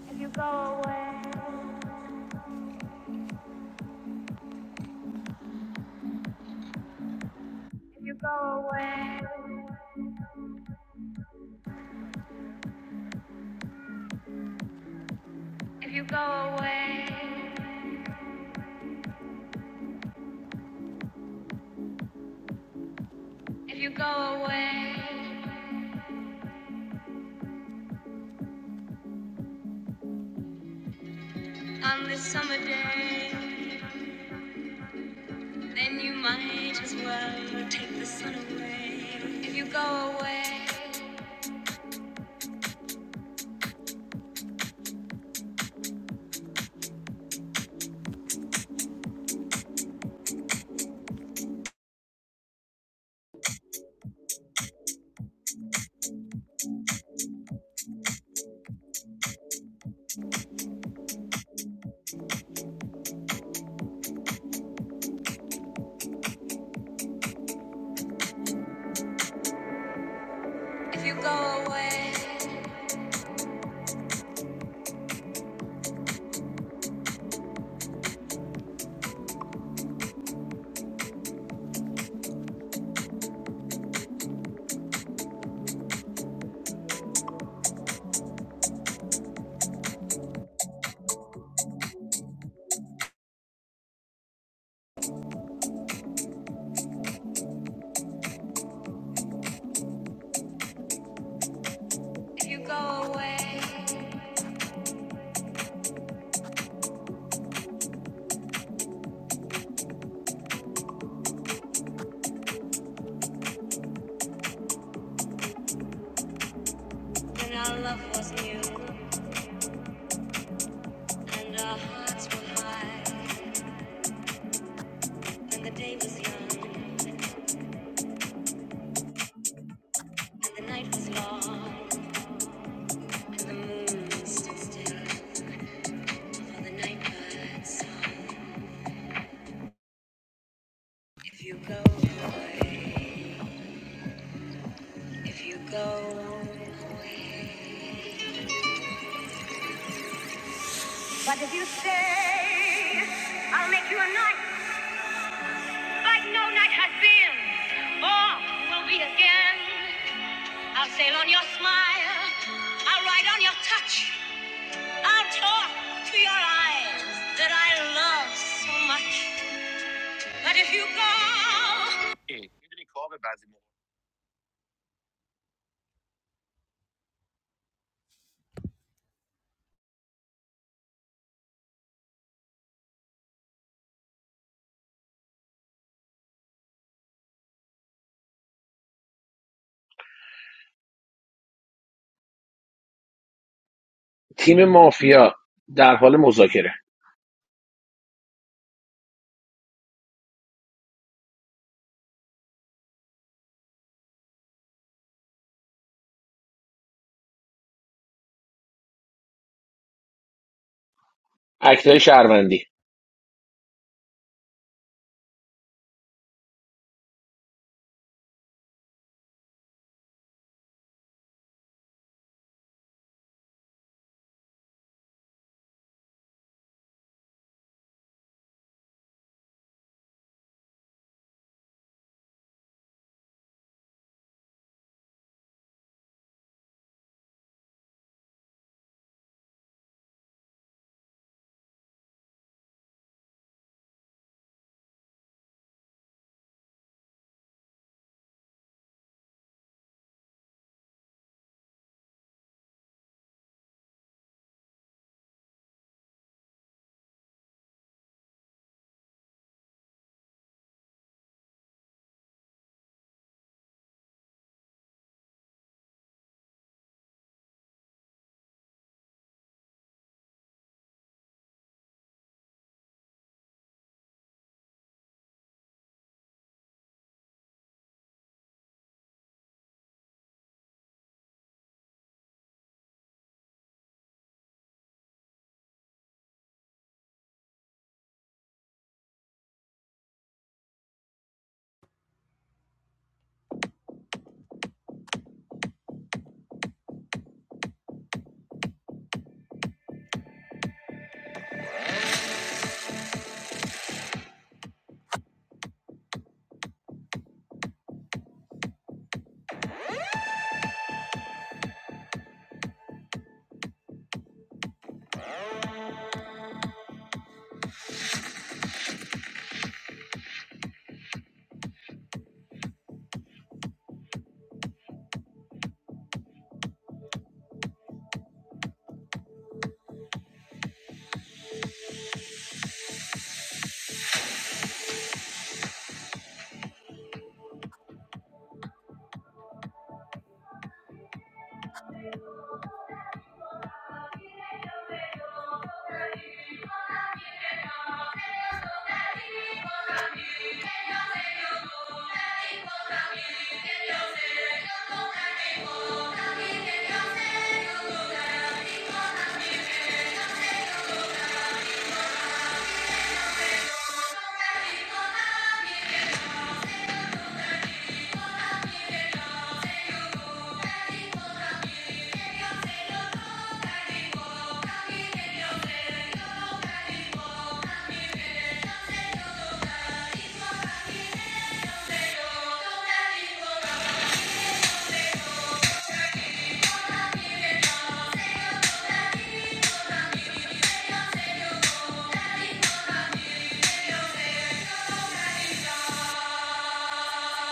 If you go away, if you go away. If you go away, if you go away on this summer day, then you might as well take the sun away. If you go away, if you go away, the day was young, and the night was long, and the moon stood still for the night birds. I sail on your smile, I will ride on your hour to your eyes that I love so much. But if you
تیم مافیا در حال مذاکره اکتای شهروندی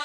go,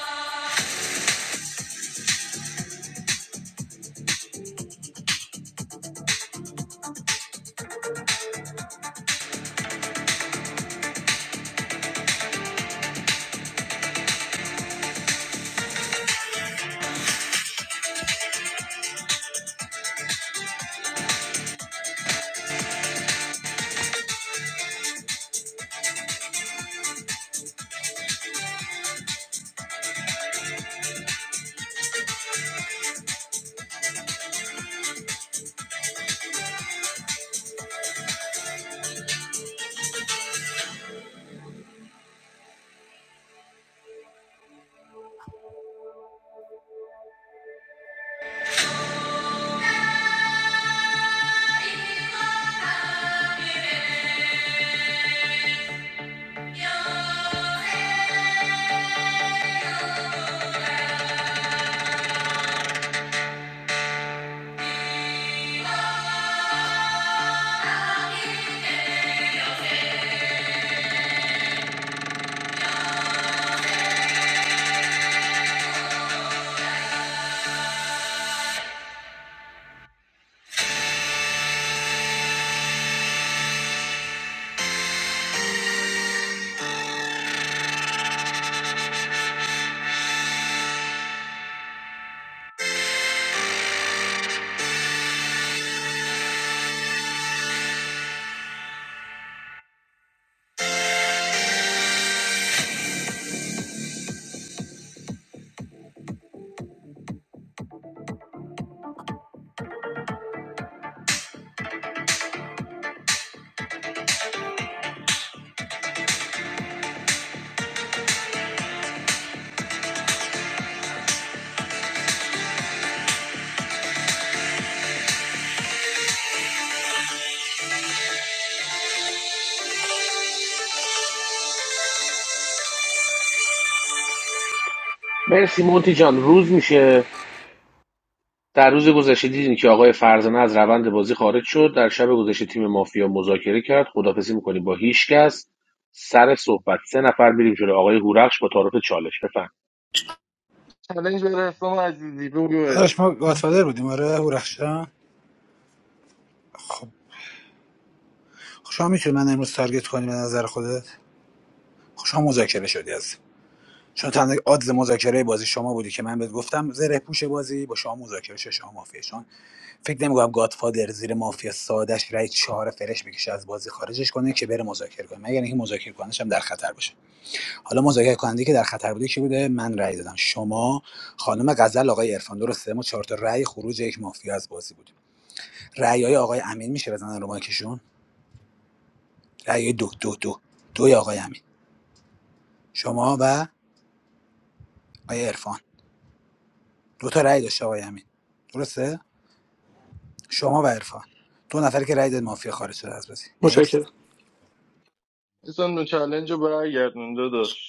مرسی مونتی جان روز میشه در روز گذشته دیدیم که آقای فرزانه از روند بازی خارج شد در شب گذشته تیم مافیا مذاکره کرد خدافزی میکنیم با هیچ کس سر صحبت سه نفر میریم جلو آقای هورخش با تعارف چالش بفهم
چالش برای حسام عزیزی بگو
داداش ما گادفادر بودیم آره هورخشان خوشحال میتونی من امروز تارگت کنی به نظر خودت خوشحال مذاکره شدی از چون تنها آدز مذاکره بازی شما بودی که من بهت گفتم زره پوش بازی با شما مذاکره شه شما مافیا چون فکر نمیکنم گادفادر زیر مافیا سادش رای چهار فرش بکشه از بازی خارجش کنه که بره مذاکره کنه مگر اینکه مذاکره کننش هم در خطر باشه حالا مذاکره کننده که در خطر بوده کی بوده من رای دادم شما خانم غزل آقای عرفان درسته ما چهار تا رای خروج یک مافیا از بازی بودیم رای آقای امین میشه بزنن رو مایکشون رای دو دو دو دوی آقای امین شما و آقای عرفان دو تا رأی داشته آقای امین درسته شما و عرفان دو نفر که رأی داد مافیا خارج شده از بازی نکست
متشکرم
اصلا نو چلنج رو برگردون داداش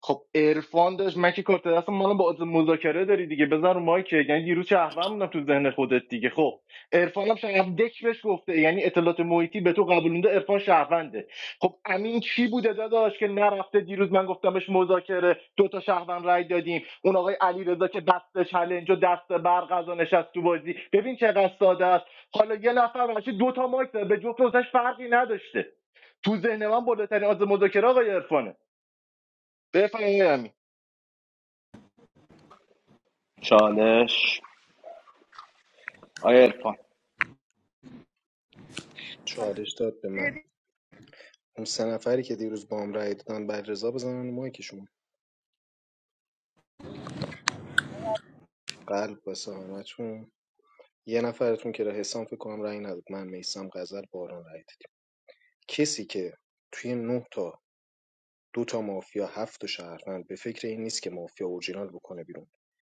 خب عرفان داشت من که کارت دست مال با عادت مذاکره داری دیگه بزن رو مایک یعنی دیروز شهروند بودم تو ذهن خودت دیگه خب عرفان هم شهروند دک بهش گفته یعنی اطلاعات محیطی به تو قبولونده عرفان شهرونده خب امین چی بوده داداش که نرفته دیروز من گفتم بهش مذاکره دو تا شهروند رای دادیم اون آقای علیرضا که دست چلنج و دست برق از آن نشست تو بازی ببین چقدر ساده است حالا یه نفر بچه دو تا مایک زد. به جفت واسش فرقی نداشته تو ذهن من بالاترین از مذاکره آقای عرفانه بفرمایید
چالش آیا عرفان
چالش داد به من اون سه نفری که دیروز با هم رای دادن بر رضا بزنن مایکشون قلب واسه همتون یه نفرتون که را حسام فکر کنم رأی نداد من میسم غزل باران رأی دادیم کسی که توی نه تا دو تا مافیا هفت تا شهروند به فکر این نیست که مافیا اورجینال بکنه بیرون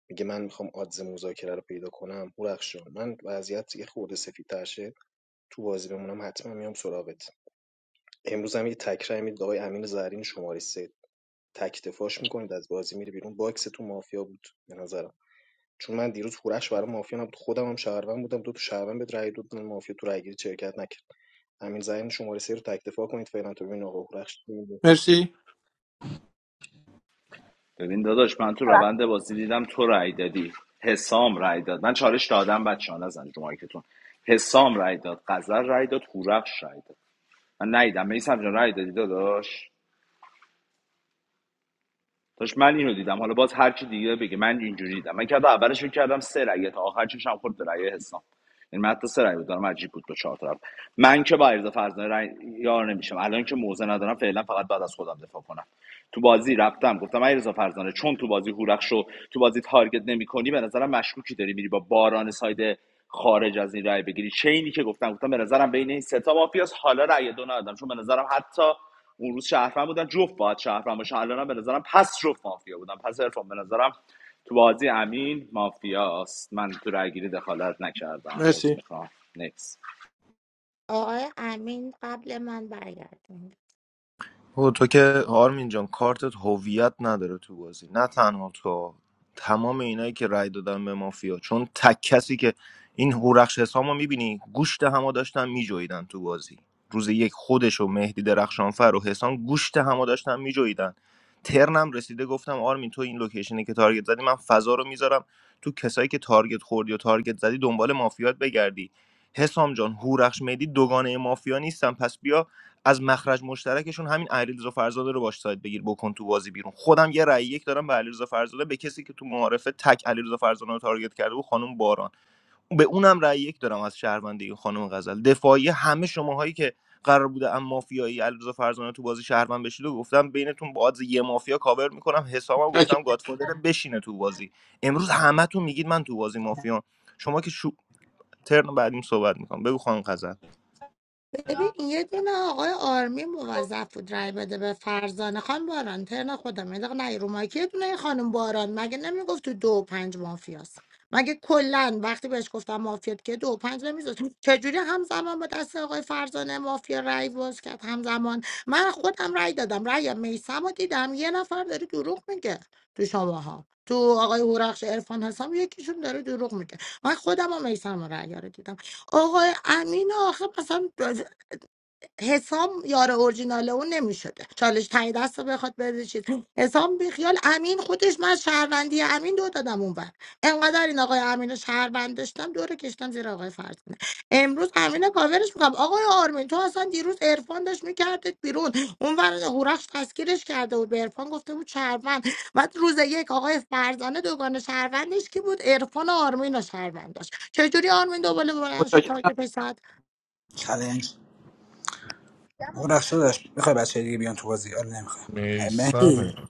میگه من میخوام آدز مذاکره رو پیدا کنم هورخش جان من وضعیت یه خورده سفیدتر شه تو بازی بمونم حتما میام سراغت امروز هم یه تکرای میدید آقای امین زرین شماره سه تک دفاعش میکنید از بازی میره بیرون باکس تو مافیا بود به نظرم چون من دیروز هورش برای مافیا نبود خودم هم شهروند بودم دو تا شهروند به رأی دادن مافیا تو رأیگیری شرکت نکرد همین زرین شماره سه رو تک دفاع کنید فعلا تو ببین آقا هورش چی میگه.
مرسی
ببین داداش من تو روند بازی دیدم تو رای دادی حسام رای داد من چالش دادم بچه‌ها ها نزنید رو مایکتون حسام رأی داد قذر رای داد هورخش رای داد من ندیدم میسم جان رای دادی داداش داش من اینو دیدم حالا باز هر کی دیگه بگه من اینجوری دیدم من که اولش فکر کردم سه رأی تا آخر چشم خورد به رأی حسام این من حتی سه رأی بود دارم عجیب بود دو چهار طرف من که با عرض فرزانه رأی یار نمیشم الان که موزه ندارم فعلا فقط بعد از خودم دفاع کنم تو بازی رفتم گفتم علیرضا فرزانه چون تو بازی هورخش رو تو بازی تارگت نمیکنی به نظرم مشکوکی داری میری با باران ساید خارج از این رای بگیری چینی که گفتم گفتم به نظرم بین این سه تا مافیاس حالا رای دو ندادم چون به نظرم حتی اون روز شهرفن بودن جفت باید شهرفن باشن الانم به نظرم پس جفت مافیا بودن پس عرفان به نظرم تو بازی امین مافیاست من تو رای گیری دخالت نکردم عذر
مرسی
میخوام نکس
آقای امین قبل من برگردم
او تو که آرمین جان کارتت هویت نداره تو بازی نه تنها تو تمام اینایی که رای دادن به مافیا چون تک کسی که این هورخش حسامو میبینی گوشت همو داشتن میجویدن تو بازی روز یک خودش و مهدی درخشانفر و حسام گوشت همو داشتن میجویدن ترنم رسیده گفتم آرمین تو این لوکیشنی که تارگت زدی من فضا رو میذارم تو کسایی که تارگت خوردی و تارگت زدی دنبال مافیات بگردی حسام جان هورخش مهدی دوگانه مافیا نیستن پس بیا از مخرج مشترکشون همین علیرضا فرزاده رو باش ساید بگیر بکن تو بازی بیرون خودم یه رأی یک دارم به علیرضا فرزاده به کسی که تو معارفه تک علیرضا فرزاده رو تارگت کرده و خانم باران به اونم رأی یک دارم از شهروندی خانم غزل دفاعی همه شماهایی که قرار بوده اما مافیایی علیرضا فرزاده تو بازی شهروند بشید و گفتم بینتون با آدز یه مافیا کاور میکنم حسابم گفتم
متشکرم
گادفادر بشینه تو بازی امروز همتون میگید من تو بازی مافیام شما که شو... ترن بعدیم صحبت میکنم بگو خانم غزل
ببین یه دونه آقای آرمی موظف بود رای بده به فرزانه خان باران ترن خودم یه دقیقه نه رو مایک. یه دونه خانم باران مگه نمیگفت تو دو و پنج مافیاست مگه کلا وقتی بهش گفتم مافیات که دو و پنج نمیذاشت چجوری همزمان با دست آقای فرزانه مافیا رای باز کرد همزمان من خودم رای دادم رای میسم رو دیدم یه نفر داره دروغ میگه تو شماها تو آقای هورخش عرفان حسام یکیشون داره دروغ میگه من خودم و میسم رای رو دیدم آقای امین آخه مثلا حسام یار اورجینال اون نمیشده چالش تایی دست رو بخواد بده چیز حسام بیخیال امین خودش من از شهروندی امین دو دادم اون بر انقدر این آقای امین رو شهروند داشتم دور کشتم زیر آقای فرزانه امروز امین رو کاورش میکنم آقای آرمین تو اصلا دیروز عرفان داشت میکردت بیرون اون ور هورخش تسکیرش کرده بود به عرفان گفته بود شهروند بعد روز یک آقای فرزانه دوگان شهروندش کی بود عرفان و آرمین رو شهروند داشت چجوری آرمین دوباره بلند شد تاک
متشکرم
پسر؟
چالش اون رخ شدش میخوای بچه دیگه بیان تو بازی آره نمیخوای مهدی
میسمه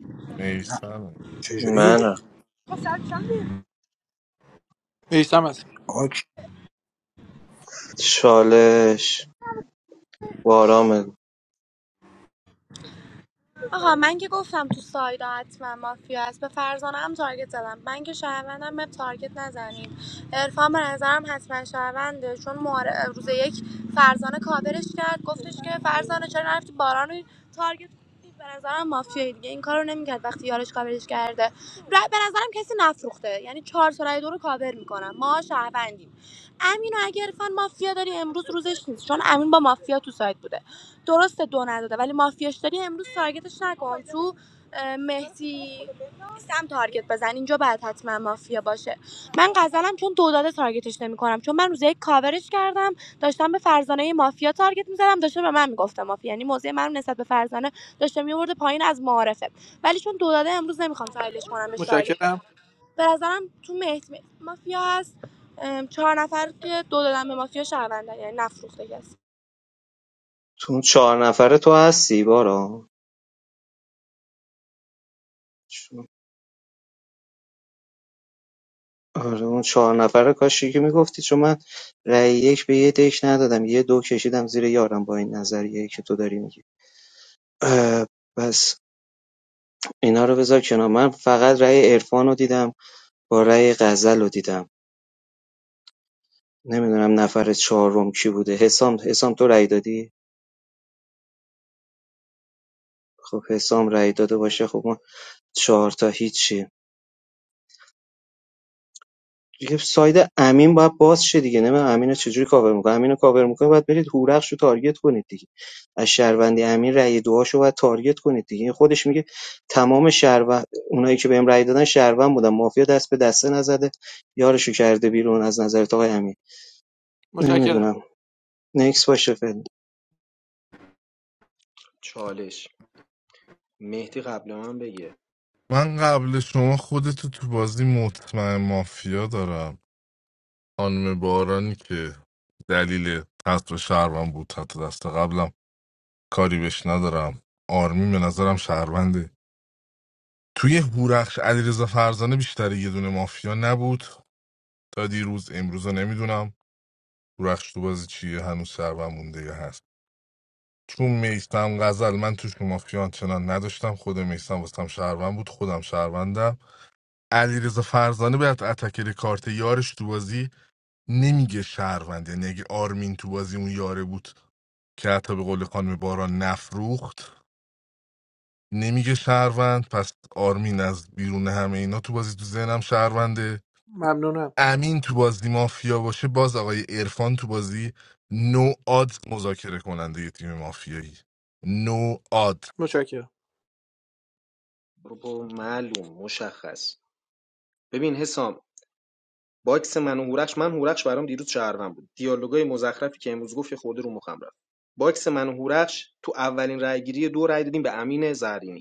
نه
میسمه
چجوری
منم
میسم هست
اوکی
چالش بارام
آقا من که گفتم تو سایدا حتما مافیا است به فرزانه هم تارگت زدم من که شهروندم به تارگت نزنیم عرفان به نظرم حتما شهرونده چون معار- روز یک فرزانه کاورش کرد گفتش که فرزانه چرا نرفتی باران رو تارگت کنی؟ به نظرم مافیایی دیگه این کارو نمیکرد وقتی یارش کاورش کرده ر- به نظرم کسی نفروخته یعنی چهار تا رای دو رو کاور میکنم ما شهروندیم امین و اگه عرفان مافیا داری امروز روزش نیست چون امین با مافیا تو سایت بوده درسته دو نداده ولی مافیاش داری امروز تارگتش نکن تو اه، مهدی نیستم تارگت بزن اینجا باید حتما مافیا باشه من غزلم چون دو داده تارگتش نمیکنم چون من روز یک کاورش کردم داشتم به فرزانه مافیا تارگت میزدم داشته به من میگفته مافیا یعنی موضع من نسبت به فرزانه داشته میورده پایین از معارفه ولی چون دو داده امروز نمیخوام تحلیلش کنم بهش تارگت
متشکرم
بزنم به نظرم تو مهدی مافیا هست چهار نفر که دو دادن به مافیا شهروندن یعنی نفروخته کسی
تو چهار نفره تو هستی بارام آره اون چهار نفره کاشی که میگفتی چون من رأی یک به یه دک ندادم یه دو کشیدم زیر یارم با این نظریه که تو داری میگی اه، پس اینا رو بذار کنار من فقط رأی عرفان رو دیدم با رأی غزل رو دیدم نمیدونم نفر چهارم کی بوده حسام حسام تو رأی دادی خب حسام رأی داده باشه خب ما چهار تا هیچی دیگه ساید امین باید باز شه دیگه نمیدونم امینو چجوری کاور میکنه امینو کاور میکنه باید برید هورخش رو تارگت کنید دیگه از شهروندی امین رأی دوهاشو باید تارگت کنید دیگه این خودش میگه تمام شهروند اونایی که بهم رأی دادن شهروند بودن مافیا دست به دسته نزده یارشو کرده بیرون از نظر آقای امین
متشکرم
نمیدونم نکس باشه فعلا
چالش مهدی قبل من بگه
من قبل شما خودتو تو بازی مطمئن مافیا دارم خانم بارانی که دلیل حذف شهروند بود حتی دست قبلم کاری بهش ندارم آرمین به نظرم شهرونده توی هورخش علیرضا فرزانه بیشتر یه دونه مافیا نبود تا دیروز امروزا نمیدونم هورخش تو بازی چیه هنوز شهروند مونده یا هست چون میستم غزل من توش مافیا چنان نداشتم خود میستم واسم شهروند بود خودم شهروندم علیرضا فرزانه باید اتکر کارت یارش تو بازی نمیگه شهروند یعنی اگه آرمین تو بازی اون یاره بود که حتی به قول خانم باران نفروخت نمیگه شهروند پس آرمین از بیرون همه اینا تو بازی تو ذهنم شهرونده
ممنونم
امین تو بازی مافیا باشه باز آقای عرفان تو بازی نو آد مذاکره کننده یه تیم مافیایی نو آد
متشکرم
برو برو معلوم مشخص ببین حسام باکس من و هورخش من هورخش برام دیروز شهروند بود دیالوگای مزخرفی که امروز گفت یه خورده رو مخم رفت باکس من و هورخش تو اولین رأیگیری دو رأی دادیم به امین زرینی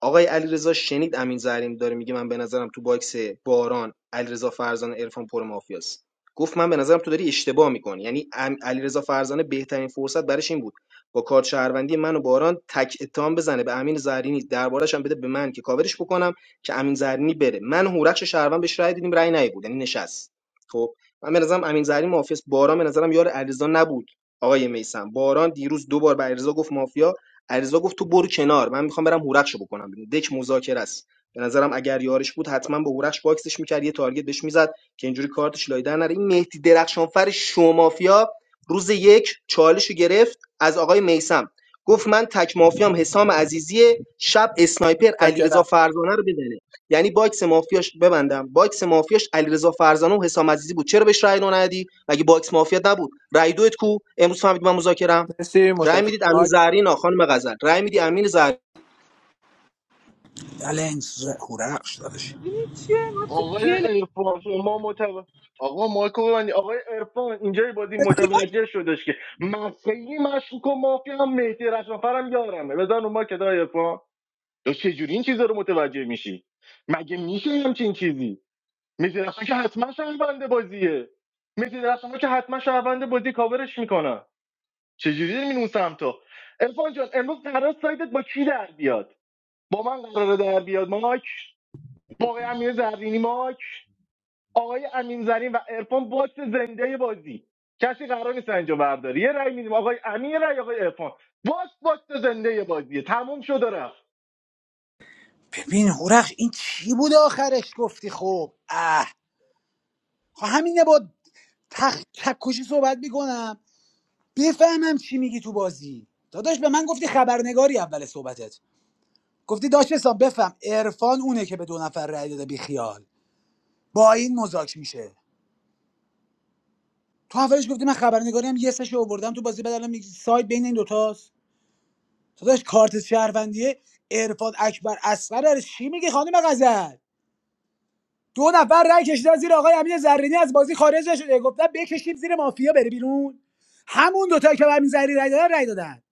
آقای علیرضا شنید امین زرینی داره میگه من به نظرم تو باکس باران علیرضا فرزانه عرفان پر مافیاست گفت من به نظرم تو داری اشتباه میکنی یعنی ام- علیرضا فرزانه بهترین فرصت برش این بود با کارت شهروندی من و باران تک اتهام بزنه به امین زرینی دربارش هم بده به من که کاورش بکنم که امین زرینی بره من و هورخش شهروند بهش رای دیدیم رای نیه یعنی نشست خب من به نظرم امین زرینی مافیاست باران به نظرم یار علیرضا نبود آقای میسم باران دیروز دو بار به علیرضا گفت مافیا علیرضا گفت تو برو کنار من میخوام برم هورخشو بکنم بیرون دک مذاکره است به نظرم اگر یارش بود حتما به هورخش باکسش میکرد یه تارگت بهش میزد که اینجوری کارتش لای در نره این مهدی درخشانفر شو مافیا روز یک چالشو گرفت از آقای میسم گفت من تک مافیام حسام عزیزی شب اسنایپر علیرضا
متشکرم
فرزانه رو بزنه یعنی باکس مافیاش ببندم باکس مافیاش علیرضا فرزانه و حسام عزیزی بود چرا بهش رأی دو ندی مگه باکس مافیا نبود رأی دوت کو امروز فهمید من مذاکرم
مرسی
رأی
متشکرم
میدید امین
مایک
زهرین آ خانم غزل رأی میدی امین زهرین
چالش هورخش دادش
ببین چیه ما
آقای
تو
ارفان شما متو... آقا مایکو ببندی آقای ارفان اینجای بازی متوجه شدش که مسیحی مشکوک و مافیا هم مهدی رشافرم یارمه بزن رو ما که دای ارفان تو چجوری این چیزا رو متوجه میشی مگه میشه همچین چیزی مهدی رشافر که حتما شهرونده بازیه مهدی رشافر که حتما شهرونده بازی کاورش میکنن چجوری داری میری اون سمتو ارفان جان امروز قرار سایدت با کی در بیاد با من قراره در بیاد ماک با آقای امیر زرینی ماک آقای امین زرین و عرفان باکس زنده بازی کسی قرار نیست اینجا برداری یه رأی میدیم آقای امین یه رأی آقای عرفان باکس باکس زنده بازیه تموم شد و رفت
ببین هورخش این چی بود آخرش گفتی خب اه خب همینه با تخ کشی صحبت میکنم بفهمم چی میگی تو بازی داداش به من گفتی خبرنگاری اول صحبتت گفتی داش حساب بفهم عرفان اونه که به دو نفر رأی داده بی خیال با این مذاکره میشه تو اولش گفتی من خبرنگاریم یه سشو آوردم تو بازی بدلم میگی سایت بین این دوتاست تو داش کارت شهروندیه عرفان اکبر اصغر از چی میگی خانم غزل دو نفر رای کشیدن زیر آقای امین زرینی از بازی خارج شده گفتن بکشید زیر مافیا بره بیرون همون دوتا که به امین زرینی رأی دادن رای دادن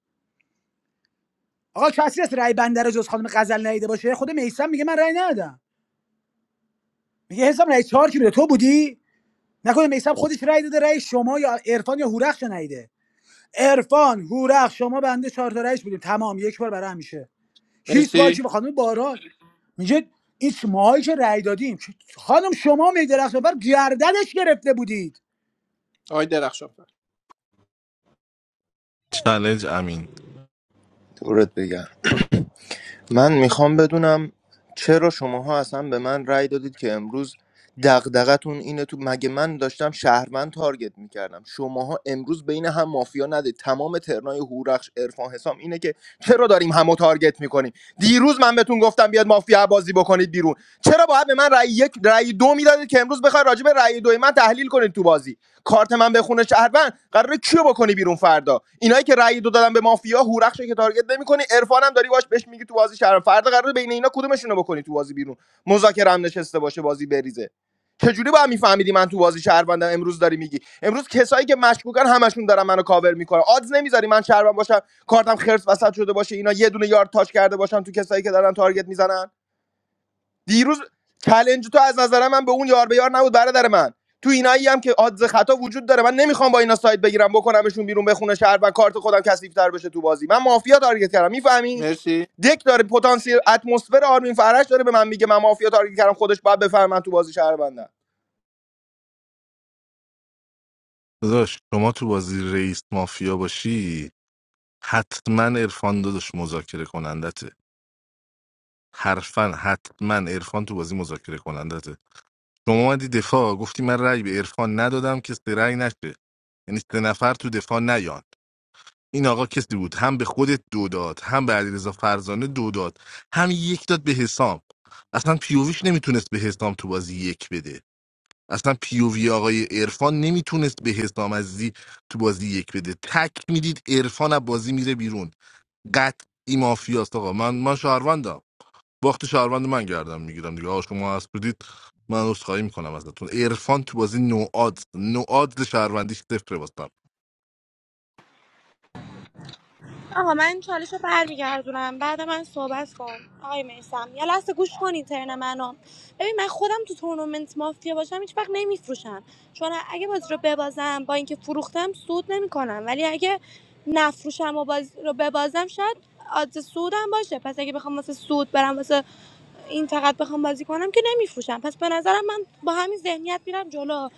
آقا کسی هست رأی بنده رو جز خانم غزل ندیده باشه خود میسم میگه من رای ندادم میگه حسام رای چهار کی بوده تو بودی نکنه میسم خودش رای داده رای شما یا عرفان یا هورخش نیده عرفان هورخش شما بنده چهار تا رأیش بودیم تمام یک بار برای همیشه هیچ باکی
مرسی
به خانم باران میگه این شماهایی که رأی دادیم خانم شما میدرخت بر گردنش گرفته بودید
آقای درخشان فر
چالش امین
دورت بگم من میخوام بدونم چرا شماها اصلا به من رأی دادید که امروز دغدغتون اینه تو مگه من داشتم شهروند تارگت میکردم شماها امروز بین هم مافیا ندید تمام ترنای هورخش عرفان حسام اینه که چرا داریم همو تارگت میکنیم دیروز من بهتون گفتم بیاد مافیا بازی بکنید بیرون چرا باید به من رأی یک رأی دو میدادید که امروز بخواید راجع به رأی دو من تحلیل کنید تو بازی کارت من بخونه شهروند قراره کیو بکنی بیرون فردا اینایی که رأی دو دادن به مافیا هورخشو که تارگت نمیکنی عرفان هم داری باش بهش میگی تو بازی شهروند فردا قراره بین اینا کدومشون رو بکنی تو بازی بیرون مذاکره هم نشسته باشه بازی بریزه چجوری با میفهمیدی من تو بازی شهروندم امروز داری میگی امروز کسایی که مشکوکن همشون دارن منو کاور میکنن آدز نمیذاری من شهروند باشم کارتم خرس وسط شده باشه اینا یه دونه یار تاچ کرده باشن تو کسایی که دارن تارگت میزنن دیروز چلنج تو از نظر من به اون یار به یار نبود برادر من تو اینایی هم که آدز خطا وجود داره من نمیخوام با اینا سایت بگیرم بکنمشون بیرون بخونه شهر و کارت خودم کثیف‌تر بشه تو بازی من مافیا تارگت کردم میفهمی
مرسی
دک داره پتانسیل اتمسفر آرمین فرش داره به من میگه من مافیا تارگت کردم خودش باید بفهمه من تو بازی شهر بنده.
داداش شما تو بازی رئیس مافیا باشی حتما عرفان داداش مذاکره کنندته حرفا حتما عرفان تو بازی مذاکره کنندته شما اومدی دفاع گفتی من رأی به عرفان ندادم که سه رأی نشه یعنی سه نفر تو دفاع نیان این آقا کسی بود هم به خودت دو داد هم به علیرضا فرزانه دو داد هم یک داد به حسام اصلا پیوویش نمیتونست به حسام تو بازی یک بده اصلا پیووی آقای عرفان نمیتونست به حسام عزیزی تو بازی یک بده تک میدید عرفان از بازی میره بیرون قطعی مافیاست آقا من من شهروندم باخت شهروند من گردم میگیرم دیگه آقا شما هست بودید من عذرخواهی میکنم ازتون عرفان تو بازی نوعاد نوعاد شهروندیش صفره باستم
آقا من چالش رو برمیگردونم بعد من صحبت کن آقای میسم یه لحظه گوش کن این منو ببین من خودم تو تورنمنت مافیا باشم هیچ وقت نمیفروشم چون اگه بازی رو ببازم با اینکه فروختم سود نمیکنم ولی اگه نفروشم و بازی رو ببازم شاید آدز سودم باشه پس اگه بخوام واسه سود برم واسه این فقط بخوام بازی کنم که نمیفروشم پس به نظرم من با همین ذهنیت میرم جلو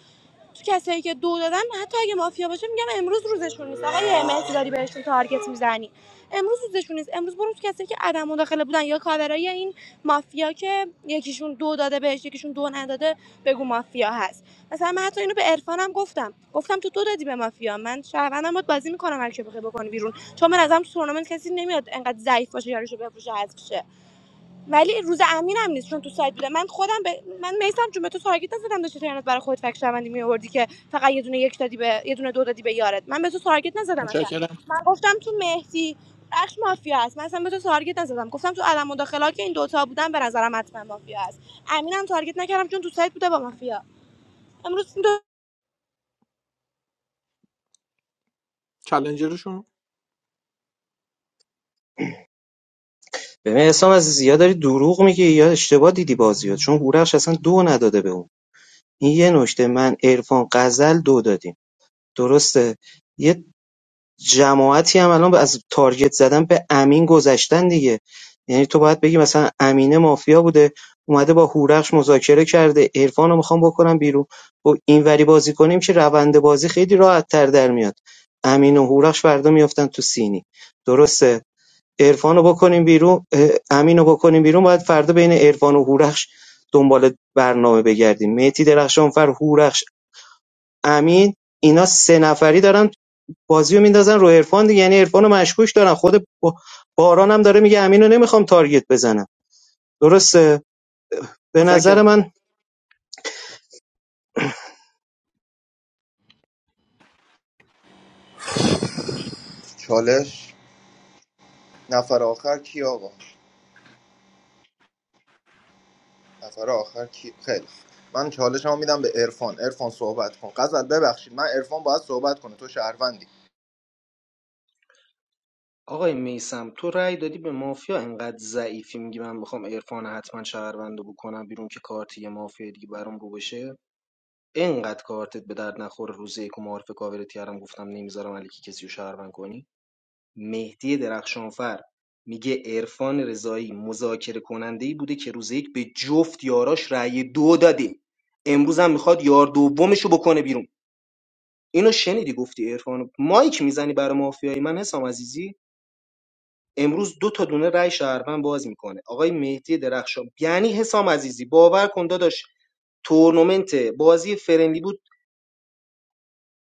تو کسایی که دو دادن حتی اگه مافیا باشه میگم امروز روزشون نیست آقای مهدی داری بهشون تارگت میزنی امروز روزشون نیست امروز برو تو کسایی که عدم مداخله بودن یا کاورای این مافیا که یکیشون دو داده بهش یکیشون دو نداده بگو مافیا هست مثلا من حتی اینو به عرفانم گفتم گفتم تو دو دادی به مافیا من شهروندم باید بازی میکنم هر کی بخوای بکنی بیرون چون من ازم تو تورنمنت کسی نمیاد انقدر ضعیف باشه یارشو بفروشه حذف شه. ولی روز امین هم نیست چون تو سایت بوده من خودم به من میسم چون به تو تارگت نزدم داشتی ترنت برای خودت فکر شوندی می آوردی که فقط یه دونه یک دادی به یه دونه دو دادی به یارت من به تو تارگت نزدم اصلا
متشکرم
من گفتم تو مهدی بخش مافیا هست من اصلا به تو تارگت نزدم گفتم تو علم مداخله که این دوتا بودن به نظرم حتما مافیا هست امینم تارگت نکردم چون تو سایت بوده با مافیا امروز دو...
چالنجرشون
ببین اسلام از زیاد داری دروغ میگی یا اشتباه دیدی بازیات چون هورخش اصلا دو نداده به اون این یه نکته من عرفان غزل دو دادیم درسته یه جماعتی هم الان از تارگت زدن به امین گذشتن دیگه یعنی تو باید بگی مثلا امینه مافیا بوده اومده با هورخش مذاکره کرده عرفان رو میخوام بکنم بیرون و اینوری بازی کنیم که روند بازی خیلی راحت تر در میاد امین و هورخش فردا میافتن تو سینی درسته عرفان رو بکنیم بیرون اه، امین رو بکنیم بیرون باید فردا بین عرفان و هورخش دنبال برنامه بگردیم مهدی درخشانفر هورخش امین اینا سه نفری دارن بازیو میندازن رو عرفان دیگه یعنی عرفانو مشکوک دارن خود باران هم داره میگه امینو نمیخوام تارگت بزنم درسته به نظر
متشکرم
من
چالش نفر آخر کی آقا نفر آخر کی خیلی خوب. من چالش میدم به عرفان عرفان صحبت کن غزل ببخشید من عرفان باید صحبت کنه تو شهروندی
آقای میسم تو رأی دادی به مافیا انقدر ضعیفی میگی من میخوام عرفان حتما شهروندو بکنم بیرون که کارت یه مافیا دیگه برام رو بشه انقدر کارتت به درد نخور روزه یک و معارف کاورت کردم گفتم نمیذارم علیکی کسی رو شهروند کنی مهدی درخشانفر میگه عرفان رضایی مذاکره کننده ای بوده که روز یک به جفت یاراش رأی دو داده امروز هم میخواد یار دومش رو بکنه بیرون اینو شنیدی گفتی عرفان مایک میزنی برای مافیای من حسام عزیزی امروز دو تا دونه رای شهروند باز میکنه آقای مهدی درخشان یعنی حسام عزیزی باور کن داداش تورنمنت بازی فرنلی بود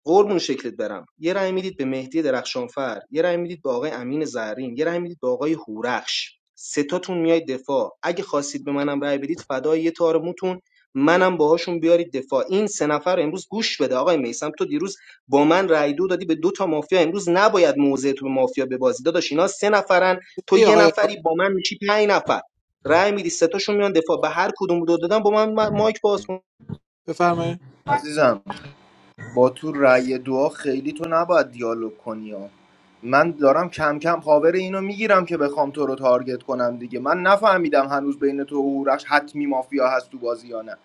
قربون شکلت برم یه رأی میدید به مهدی درخشانفر یه رأی میدید به آقای امین زهرین یه رأی میدید به آقای هورخش ستاتون میاید دفاع اگه خواستید به منم رأی بدید فدای یه تار موتون منم باهاشون بیارید دفاع این سه نفر رو امروز گوش بده آقای میسم تو دیروز با من رأی دو دادی به دو تا مافیا امروز نباید موضع تو به مافیا ببازی داداش اینا سه نفرن تو
مرسی
یه
آقای عرفان.
نفری با من میشی پنج نفر رأی میدی سه تاشون میان دفاع به هر کدوم دو دادن با من ما- مایک باز کن
بفرمایید
عزیزم با تو رأی دعا خیلی تو نباید دیالوگ کنی ها من دارم کم کم پاور اینو میگیرم که بخوام تو رو تارگت کنم دیگه من نفهمیدم هنوز بین تو و هورش حتمی مافیا هست تو بازی یا نه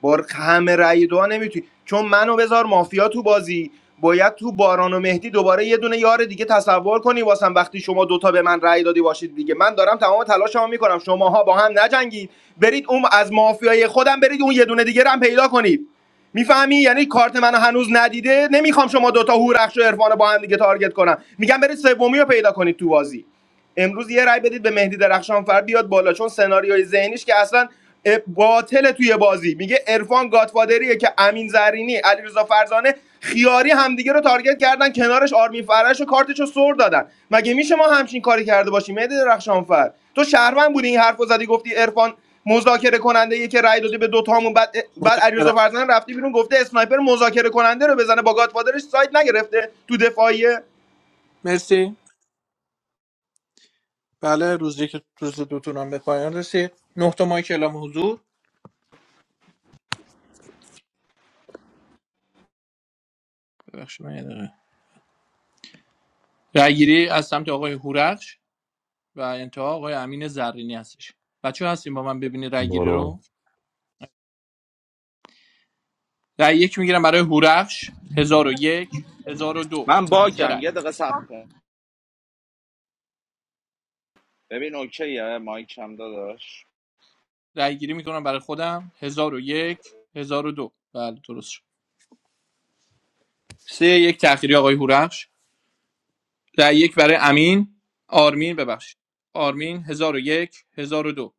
با همه رأی دو نمیتونی چون منو بذار مافیا تو بازی باید تو باران و مهدی دوباره یه دونه یار دیگه تصور کنی واسم وقتی شما دوتا به من رأی دادی باشید دیگه من دارم تمام تلاشمو میکنم شماها با هم نجنگید برید اون از مافیای خودم برید اون یه دونه دیگه رو هم پیدا کنید میفهمی یعنی کارت منو هنوز ندیده نمیخوام شما دوتا هورخش و عرفان با هم دیگه تارگت کنم میگم برید سومی رو پیدا کنید تو بازی امروز یه رای بدید به مهدی درخشانفر بیاد بالا چون سناریوی ذهنیش که اصلا اه، باطله توی بازی میگه عرفان گادفادریه که امین زرینی علیرضا فرزانه خیاری همدیگه رو تارگت کردن کنارش آرمین فرش و کارتش سر دادن مگه میشه ما همچین کاری کرده باشیم مهدی درخشانفر تو شهروند بودی این حرف رو زدی گفتی عرفان مذاکره کننده یه که رای داده به دوتامون بعد بعد علیرضا
متشکرم
فرزانه رفتی بیرون گفته اسنایپر مذاکره کننده رو بزنه با گادفادرش سایت نگرفته تو دفاعیه
مرسی بله روز یک روز دوتون هم به پایان رسید نه تا مایک اعلام حضور ببخشید من یه دقیقه رأیگیری از سمت آقای هورخش و انتها آقای امین زرینی هستش بچه هستیم با من ببینید رأیگیری
برو
رو رأی یک میگیرم برای هورخش هزار و یک هزار و دو
من
سه
باگم
رأی
یه دقیقه صبر کن ببین اوکیه مایک هم داداش
رأیگیری میکنم برای خودم هزار و یک هزار و دو بله درست شد سه یک تأخیری آقای هورخش رأی یک برای امین آرمین ببخشید آرمین هزار و یک هزار و دو.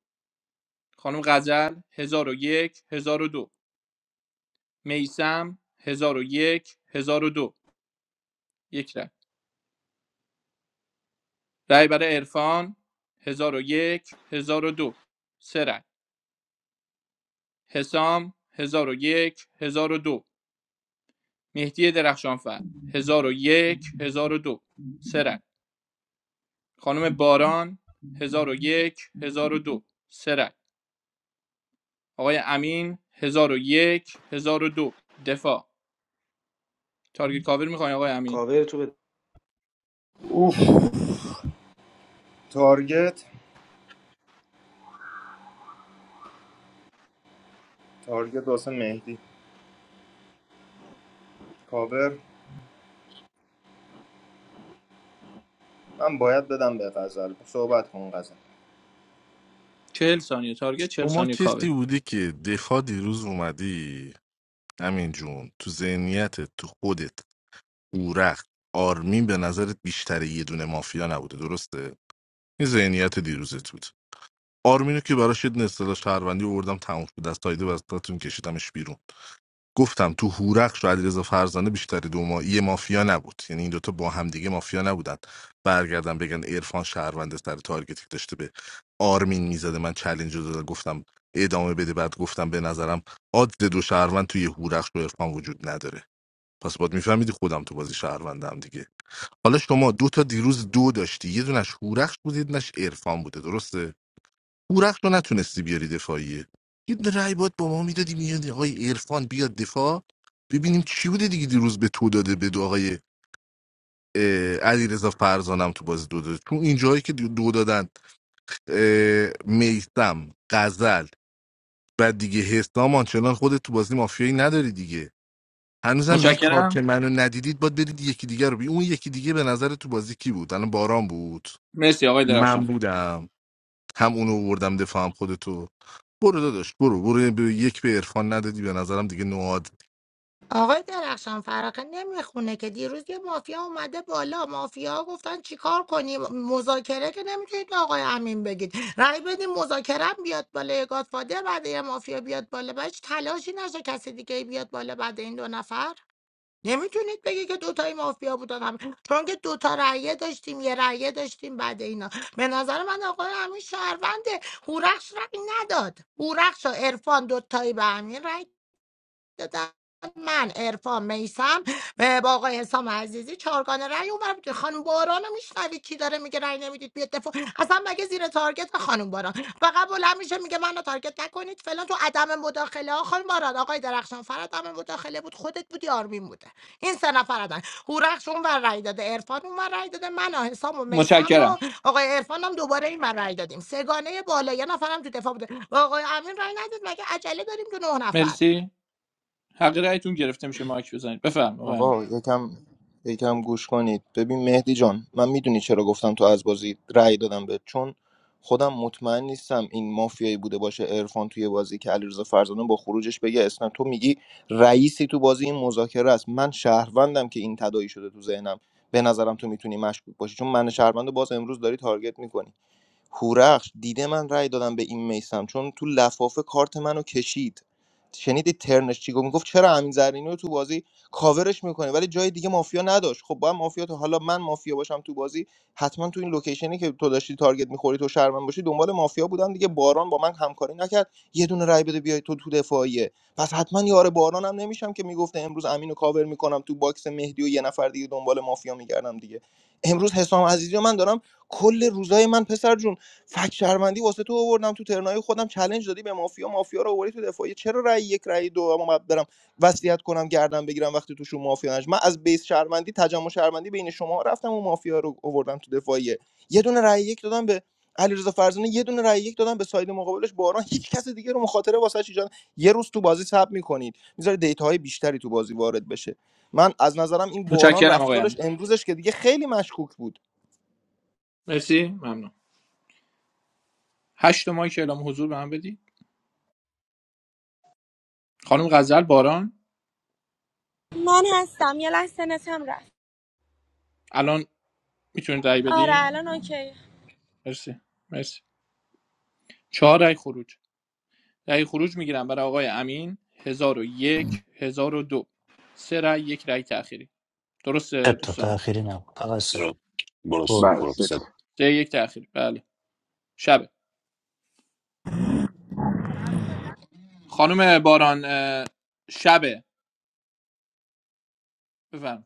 خانم غزل هزار و یک هزار و دو میسم هزار و یک هزار و دو یک رای رای برای عرفان 1001 1002 سه رای حسام 1001 1002 مهدی درخشانفر 1001 1002 سه رای خانم باران 1001 1002 سه رای آقای امین هزار و یک هزار و دو دفاع تارگت کاور میخواین آقای امین
کاور تو بده.
اوف تارگت تارگت واسه مهدی کاور من باید بدم به غزل صحبت کن غزل
چهل ثانیه تارگت چهل
شما
ثانیه کاور
کسی بودی که دفاع دیروز اومدی همین جون تو ذهنیتت تو خودت اورخ آرمین به نظرت بیشتر یه دونه مافیا نبوده درسته این ذهنیت دیروزت بود آرمینو که براش یه دونه اصطلاح شهروندی آوردم تموم شد از تایید و از کشیدمش بیرون گفتم تو هورخش و علیرضا فرزانه بیشتری دومایی مافیا نبود یعنی این دوتا با همدیگه مافیا نبودن برگردم بگن عرفان شهرونده سر تارگتی که داشته به آرمین میزده من چلنج رو دادم گفتم ادامه بده بعد گفتم به نظرم عادل دو شهروند توی هورخش و عرفان وجود نداره پس باید میفهمیدی خودم تو بازی شهروندم دیگه حالا شما دو تا دیروز دو داشتی یه دونش هورخش بود یه دونش عرفان بوده درسته پورخت رو نتونستی بیاری دفاعیه یه رأی باید با ما میدادی میاد آقای عرفان بیاد دفاع ببینیم چی بوده دیگه دیروز به تو داده به دو آقای علی رضا فرزانم تو بازی دو داده تو اینجاهایی که دو دادن میستم غزل و دیگه حسام آنچنان خودت تو بازی مافیایی نداری دیگه هنوزم میگی کار
متشکرم
که منو ندیدید باید برید یکی دیگه رو بی اون یکی دیگه به نظر تو بازی کی بود الان باران بود
مرسی آقای
من
درخشان
بودم هم اونو آوردم دفاع هم خودتو برو داداش برو برو به یک به عرفان ندادی به نظرم دیگه نواد
آقای درخشان فرقه نمیخونه که دیروز یه مافیا اومده بالا مافیا گفتن چیکار کنیم مذاکره که نمیتونید به آقای امین بگید رأی بدیم مذاکره هم بیاد بالا یه گادفادر بعد یه مافیا بیاد بالا بعد هیچ تلاشی نشه کسی دیگه ای بیاد بالا بعد این دو نفر نمیتونید بگی که دوتای مافیا بودن هم چون که دوتا رأیه داشتیم یه رأیه داشتیم بعد اینا به نظر من آقای امین شهرونده هورخش رأی نداد هورخش و عرفان دوتایی به امین رأی دادن من ارفان میسم با آقای حسام عزیزی چهارگانه رأی اومد خانم باران رو میشنوید کی داره میگه رأی نمیدید بیاد دفاع اصلا مگه زیر تارگت خانم باران فقط بلند میشه میگه منو تارگت نکنید فلان تو عدم مداخله ها خانم باران آقای درخشان فر عدم مداخله بود خودت بودی آرمین بوده این سه نفر عدم هورخش اون رأی داده عرفان اون رأی داده من و حسام و میسم
متشکرم
و آقای عرفان هم دوباره این ور رأی دادیم سگانه بالا یه نفرم تو دفاع بوده با آقای امین رأی ندید مگه عجله داریم تو نه نفر
مرسی حق رأیتون گرفته میشه مایک بزنید بفرمایید آقای امین.
آقا یکم یکم گوش کنید ببین مهدی جان من میدونی چرا گفتم تو از بازی رأی دادم به چون خودم مطمئن نیستم این مافیایی بوده باشه عرفان توی بازی که علیرضا فرزانه با خروجش بگه اسم تو میگی رئیسی تو بازی این مذاکره است من شهروندم که این تداعی شده تو ذهنم به نظرم تو میتونی مشکوک باشی چون من شهروند رو باز امروز داری تارگت میکنی هورخش دیده من رأی دادم به این میسم چون تو لفافه کارت منو کشید شنیدی ترنش چی گفت میگفت چرا امین زرینی رو تو بازی کاورش میکنه ولی جای دیگه مافیا نداشت خب با هم مافیا تو حالا من مافیا باشم تو بازی حتما تو این لوکیشنی که تو داشتی تارگت میخوری تو شرمن باشی دنبال مافیا بودم دیگه باران با من همکاری نکرد یه دونه رای بده بیای تو تو دفاعیه پس حتما یار بارانم نمیشم که میگفته امروز امینو کاور میکنم تو باکس مهدی و یه نفر دیگه دنبال مافیا میگردم دیگه امروز حسام عزیزی و من دارم کل روزای من پسر جون فک شهروندی واسه تو آوردم تو ترنای خودم چالش دادی به مافیا مافیا رو آوردی تو دفاعی چرا رأی یک رأی دو اما من برم وصیت کنم گردن بگیرم وقتی توشون مافیا نش من از بیس شهروندی تجمع شهروندی بین شما رفتم و مافیا رو آوردم تو دفاعیه یه دونه رأی یک دادم به علیرضا فرزانه یه دونه رأی یک دادم به ساید مقابلش باران هیچ کس دیگه رو مخاطره واسه ایجاد یه روز تو بازی صبر میکنید میذاره دیتاهای بیشتری تو بازی وارد بشه من از نظرم این باران
متشکرم آقای
رفتارش
امین
امروزش که دیگه خیلی مشکوک بود
مرسی ممنون هشت تا مایک اعلام حضور به من بدید خانم غزل باران
من هستم یه لحظه نتم رفت
الان میتونید رأی
آره
بدین
الان اوکی
مرسی مرسی چهار رأی خروج رأی خروج میگیرم برای آقای امین هزار و یک هزار و دو سه رأی یک رأی تأخیری درسته
حتی
دوستان
تاخیری نبود فقط سه
برو برو
برو
برو
بله،
ست
سه یک تأخیری بله شب خانم باران شب شبه بفرمایید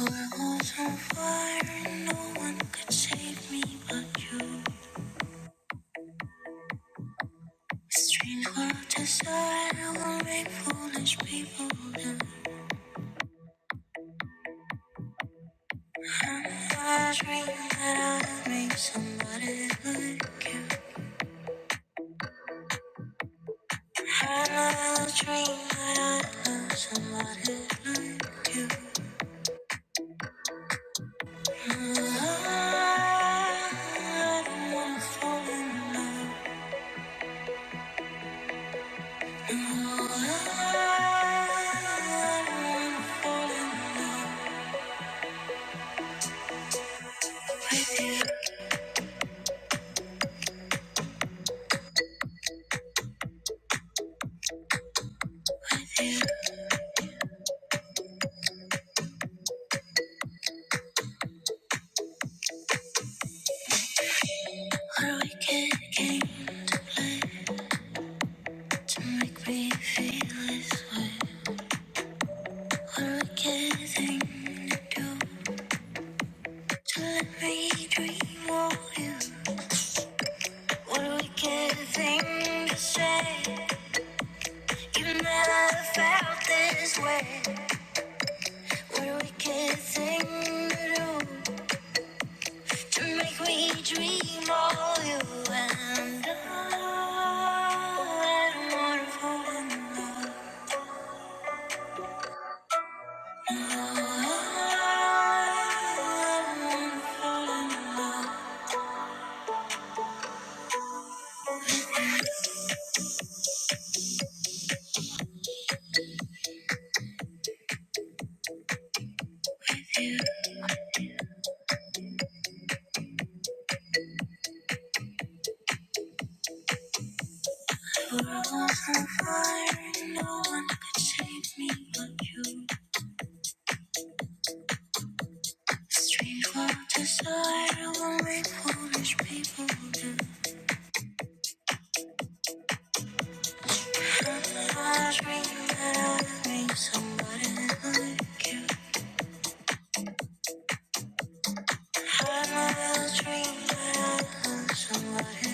All I was on fire, no one could save me but you. A strange world desire will make foolish people do. I'm a dream that I'll make somebody like you. I'm a dream that I'll love somebody like you. I don't wanna fall in love. I don't wanna fall in love. We're getting make me feel this way. What are we getting to do to let me dream of you? What are we getting to say? You never felt this way. What are we getting to do to make me dream of you? And I, don't wanna fall. in love. I in Somebody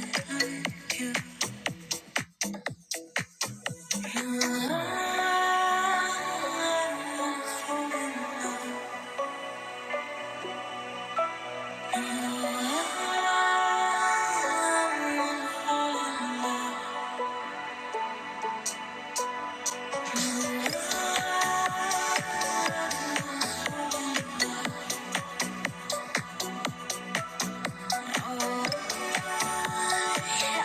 He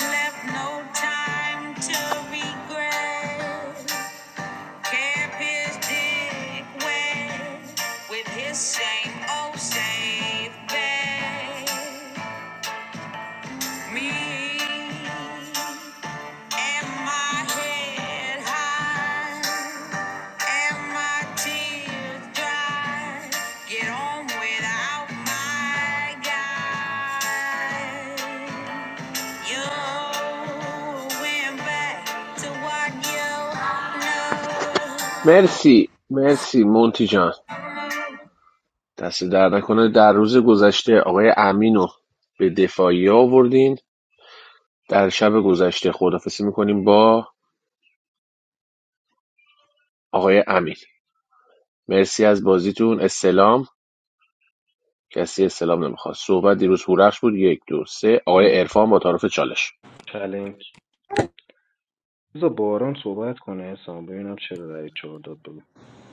left no time to regret. Kept dick wet with his same old same bet. Me.
مرسی مرسی مونتی جان دست در نکنه در روز گذشته آقای امین به دفاعی آوردین در شب گذشته خدافسی میکنیم با آقای امین مرسی از بازیتون استلام کسی استلام نمیخواد صحبت دیروز هورخش بود یک دو سه آقای عرفان با طرف چالش
چالش بذار باران صحبت کنه حسام ببینم چرا رای چهار داد بگم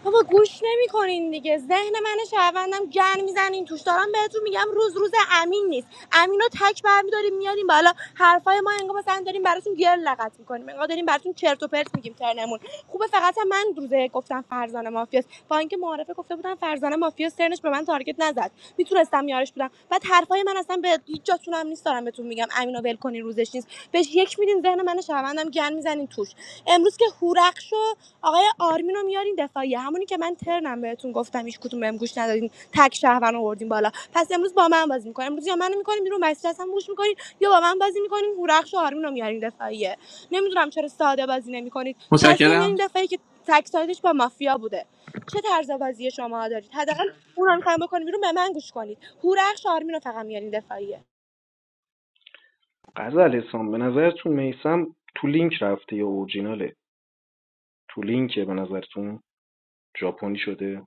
بابا گوش نمیکنین دیگه ذهن من شهروندم گن میزنین توش دارم بهتون میگم روز روز امین نیست امین رو تک برمیداریم میاریم بالا حرفای ما انگار مثلا داریم براتون گیر لغت میکنیم انگار داریم براتون چرت و پرت میگیم ترنمون خوبه فقط هم من روزه گفتم فرزانه مافیاست با اینکه معارفه گفته بودم فرزانه مافیاست ترنش به من تارگت نزد میتونستم یارش بودم بعد حرفای من اصلا به هیچ جاتون هم نیست دارم بهتون میگم امینو ول کنین روزش نیست بهش یک میدین ذهن من شهروندم گن میزنین توش امروز که هورخش آقای آرمین رو میارین دفاعیه همونی که من ترنم بهتون گفتم هیچ کدوم بهم گوش ندادین تک شهروند آوردین بالا پس امروز با من بازی میکنین امروز یا منو میکنین بیرون مسیر اصلا گوش میکنین یا با من بازی میکنین هورخش و آرمین رو میارین دفاعیه نمیدونم چرا ساده بازی نمیکنید کسی رو
متشکرم
میارین دفاعیه که تک سایدش با مافیا بوده چه طرز بازی شما دارید حداقل اون رو میخوایم بکنین بیرون به من گوش کنید هورخش آرمین رو فقط میارین دفاعیه
غزل حسام به نظرتون میسم تو لینک رفته یا اورجیناله تو لینکه به نظرتون ژاپنی شده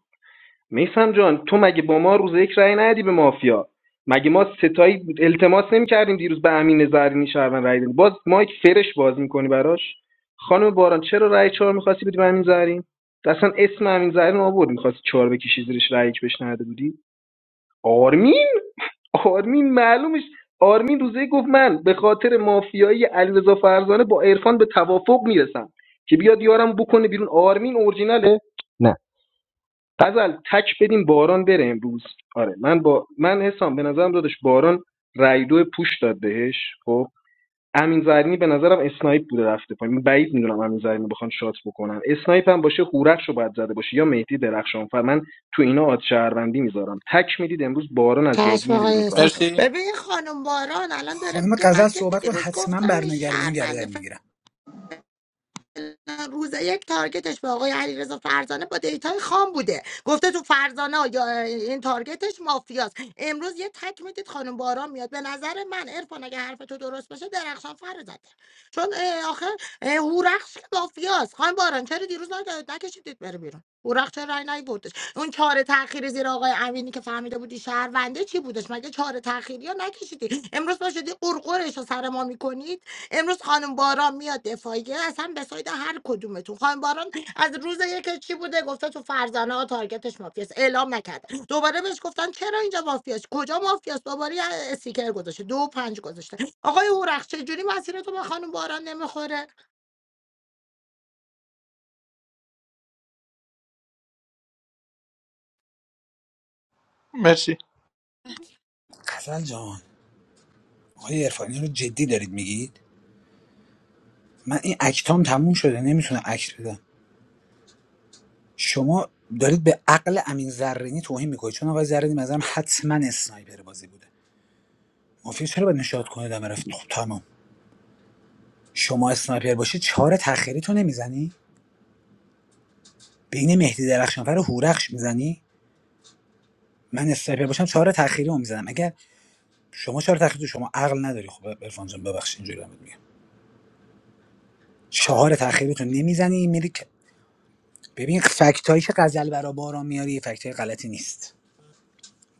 میسم جان تو مگه با ما روز یک رای ندی به مافیا مگه ما ستایی التماس نمیکردیم دیروز به امین زرینی شهروند رای بدیم باز مایک فرش باز میکنی براش خانم باران چرا رای چهار میخواستی بدی به امین زرین اصلا اسم امین زرین آورد میخواستی چهار بکشی زیرش رای یک بهش نداده بودی آرمین آرمین معلومش آرمین روزه گفت من به خاطر مافیایی علیرضا فرزانه با عرفان به توافق میرسم که بیاد یارم بکنه بیرون آرمین اورجیناله نه غزل تک بدیم باران بره امروز آره من با من حسام به نظرم دادش باران رایدو پوش داد بهش خب امین زرینی به نظرم اسنایپ بوده رفته پایین من بعید میدونم امین زرینی بخوان شات بکنن اسنایپ هم باشه هورخشو باید زده باشه یا مهدی درخشان فر من تو اینا آد شهروندی میذارم تک میدید امروز باران از بازی
چشم
میره بیرون
آقای
تو
حسام
هشت نفر.
مرسی
ببین خانم باران الان داره
خانم
که من
غزل
که
صحبت کن
دیروز
حتما
گفتم این
برنگردونی گردن
شهربنده
میگیرم
روز یک تارگتش به آقای علیرضا فرزانه با دیتای خام بوده گفته تو فرزانه یا این تارگتش مافیاست امروز یه تک میدید خانم باران میاد به نظر من عرفان اگه حرف تو درست باشه درخشان فر رو زده چون اه، آخه اه، هورخش که مافیاست خانم باران چرا دیروز نگ- نکشیدید بره بیرون هورخش چرا رای نیوردش اون چهار تاخیر زیر آقای امینی که فهمیده بودی شهرونده چی بودش مگه چهار تاخیری ها نکشیدی امروز پا شدی قرقرش رو سر ما میکنی امروز خانم باران میاد دفاعیه اصلا به ساید هر کدومتون خانم باران از روز یک چی بوده گفته تو فرزانه ها تارگتش مافیاست اعلام نکرده دوباره بهش گفتن چرا اینجا مافیاست کجا مافیاست دوباره یه استیکر گذاشته دو و پنج گذاشته آقای هورخ چجوری مسیرتون به خانم باران نمیخوره
مرسی
غزل جان آقای عرفانی رو جدی دارید میگید من این اکتام تموم شده نمیتونم اکت بدم شما دارید به عقل امین زرینی توهین میکنید چون آقای زرینی مثلا حتما اسنایپر بازی بوده مافیا چرا باید نشاط کنه دم رفت خب تمام شما اسنایپر باشی چهار تخیری تو نمیزنی بین مهدی درخشانفر و هورخش میزنی من اسنایپر باشم چهار تخیری رو میزنم اگر شما چهار تخیری تو شما عقل نداری خب عرفان جان ببخشید اینجوری دارم میگم چهار تخیری تو نمیزنی میری که- ببین فکتایی که غزل برا باران میاری فکتای غلطی نیست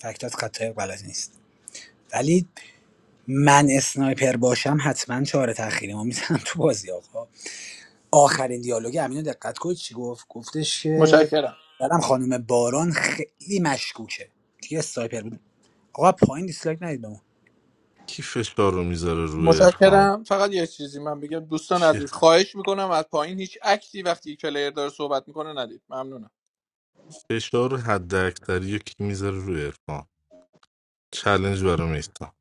فکتات خطای غلطی نیست ولی من اسنایپر باشم حتما چهار تخیری ما میزنم تو بازی آقا آخرین دیالوگ امینو دقت کنید چی گفت گفتش که
متشکرم
برم خانم باران خیلی مشکوکه دیگه سایپر بود آقا پایین دیسلایک ندید بمون
کی فشار رو میذاره روی عرفان
متشکرم فقط یه چیزی من بگم دوستان
کی
عزیز خواهش میکنم از پایین هیچ اکتی وقتی پلیر داره صحبت میکنه ندید ممنونم
فشار حد اکثری رو کی میذاره روی عرفان چلنج برام نیستا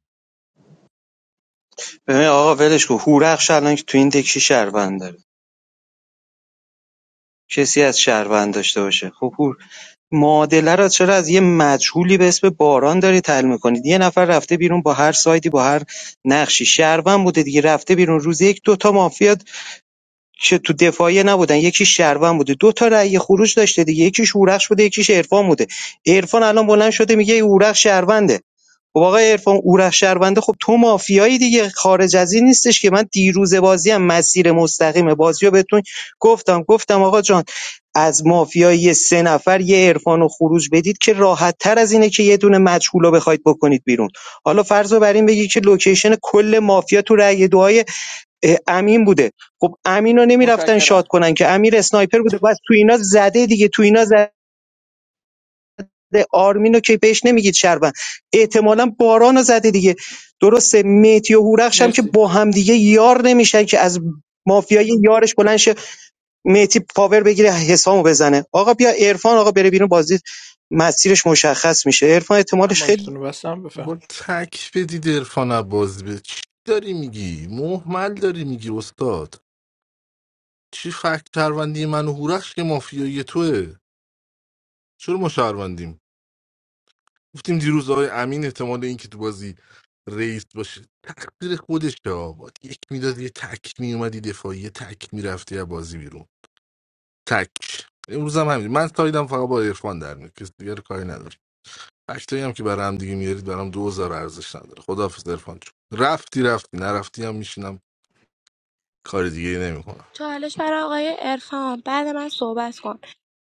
ببین آقا ولش کو هورخش الان که تو این دکشی شهروند داره کسی از شهروند داشته باشه خب هور معادله را چرا از یه مجهولی به اسم باران دارید حل میکنید یه نفر رفته بیرون با هر سایدی با هر نقشی شهروند بوده دیگه رفته بیرون روز یک دو تا مافیا که تو دفاعیه نبودن یکی شهروند بوده دو تا رأی خروج داشته دیگه یکیش هورخش بوده یکیش عرفان بوده عرفان الان بلند شده میگه هورخش شهرونده خب آقا عرفان هورخش شهرونده خب تو مافیایی دیگه خارج از این نیستش که من دیروز بازی هم مسیر مستقیم بازی بهتون گفتم گفتم آقا جان از مافیایی سه نفر یه عرفان خروج بدید که راحت تر از اینه که یه دونه مجهول رو بخواید بکنید بیرون حالا فرض رو بر این بگی که لوکیشن کل مافیا تو رأی دعای اه، امین بوده خب امینو نمیرفتن
متشکرم
شاد کنن که امیر اسنایپر بوده بس تو اینا زده دیگه تو اینا زده آرمینو که بهش نمیگید شربن احتمالا بارانو زده دیگه درسته میتی و هورخش هم که
مرسی
با هم دیگه یار نمیشن که از مافیای یارش بلند شه میتی پاور بگیره حسامو بزنه آقا بیا عرفان آقا بره بیرون بازی مسیرش مشخص میشه عرفان
من
احتمالش خیلی
مایکتون رو بستم
با
بفرم
تک بدید عرفان عباس به چی داری میگی محمل داری میگی استاد چی فکت شهروندی من و هورخش که مافیایی توه چرا ما شهروندیم گفتیم دیروز آقای امین احتمال اینکه تو بازی رئیس باشه تقدیر خودش که آقا یک میداد یه تک میومدی دفاعی یه تک میرفتی از بازی بیرون تک امروز هم همین من سایدم فقط با عرفان در میاد کسی دیگر کاری نداره فکتایی هم که برای هم دیگه میارید برام دوزار ارزش نداره خداحافظ عرفان جون رفتی رفتی نرفتی هم میشینم کار دیگه ای نمیکنم
چالش برای آقای عرفان بعد من صحبت کن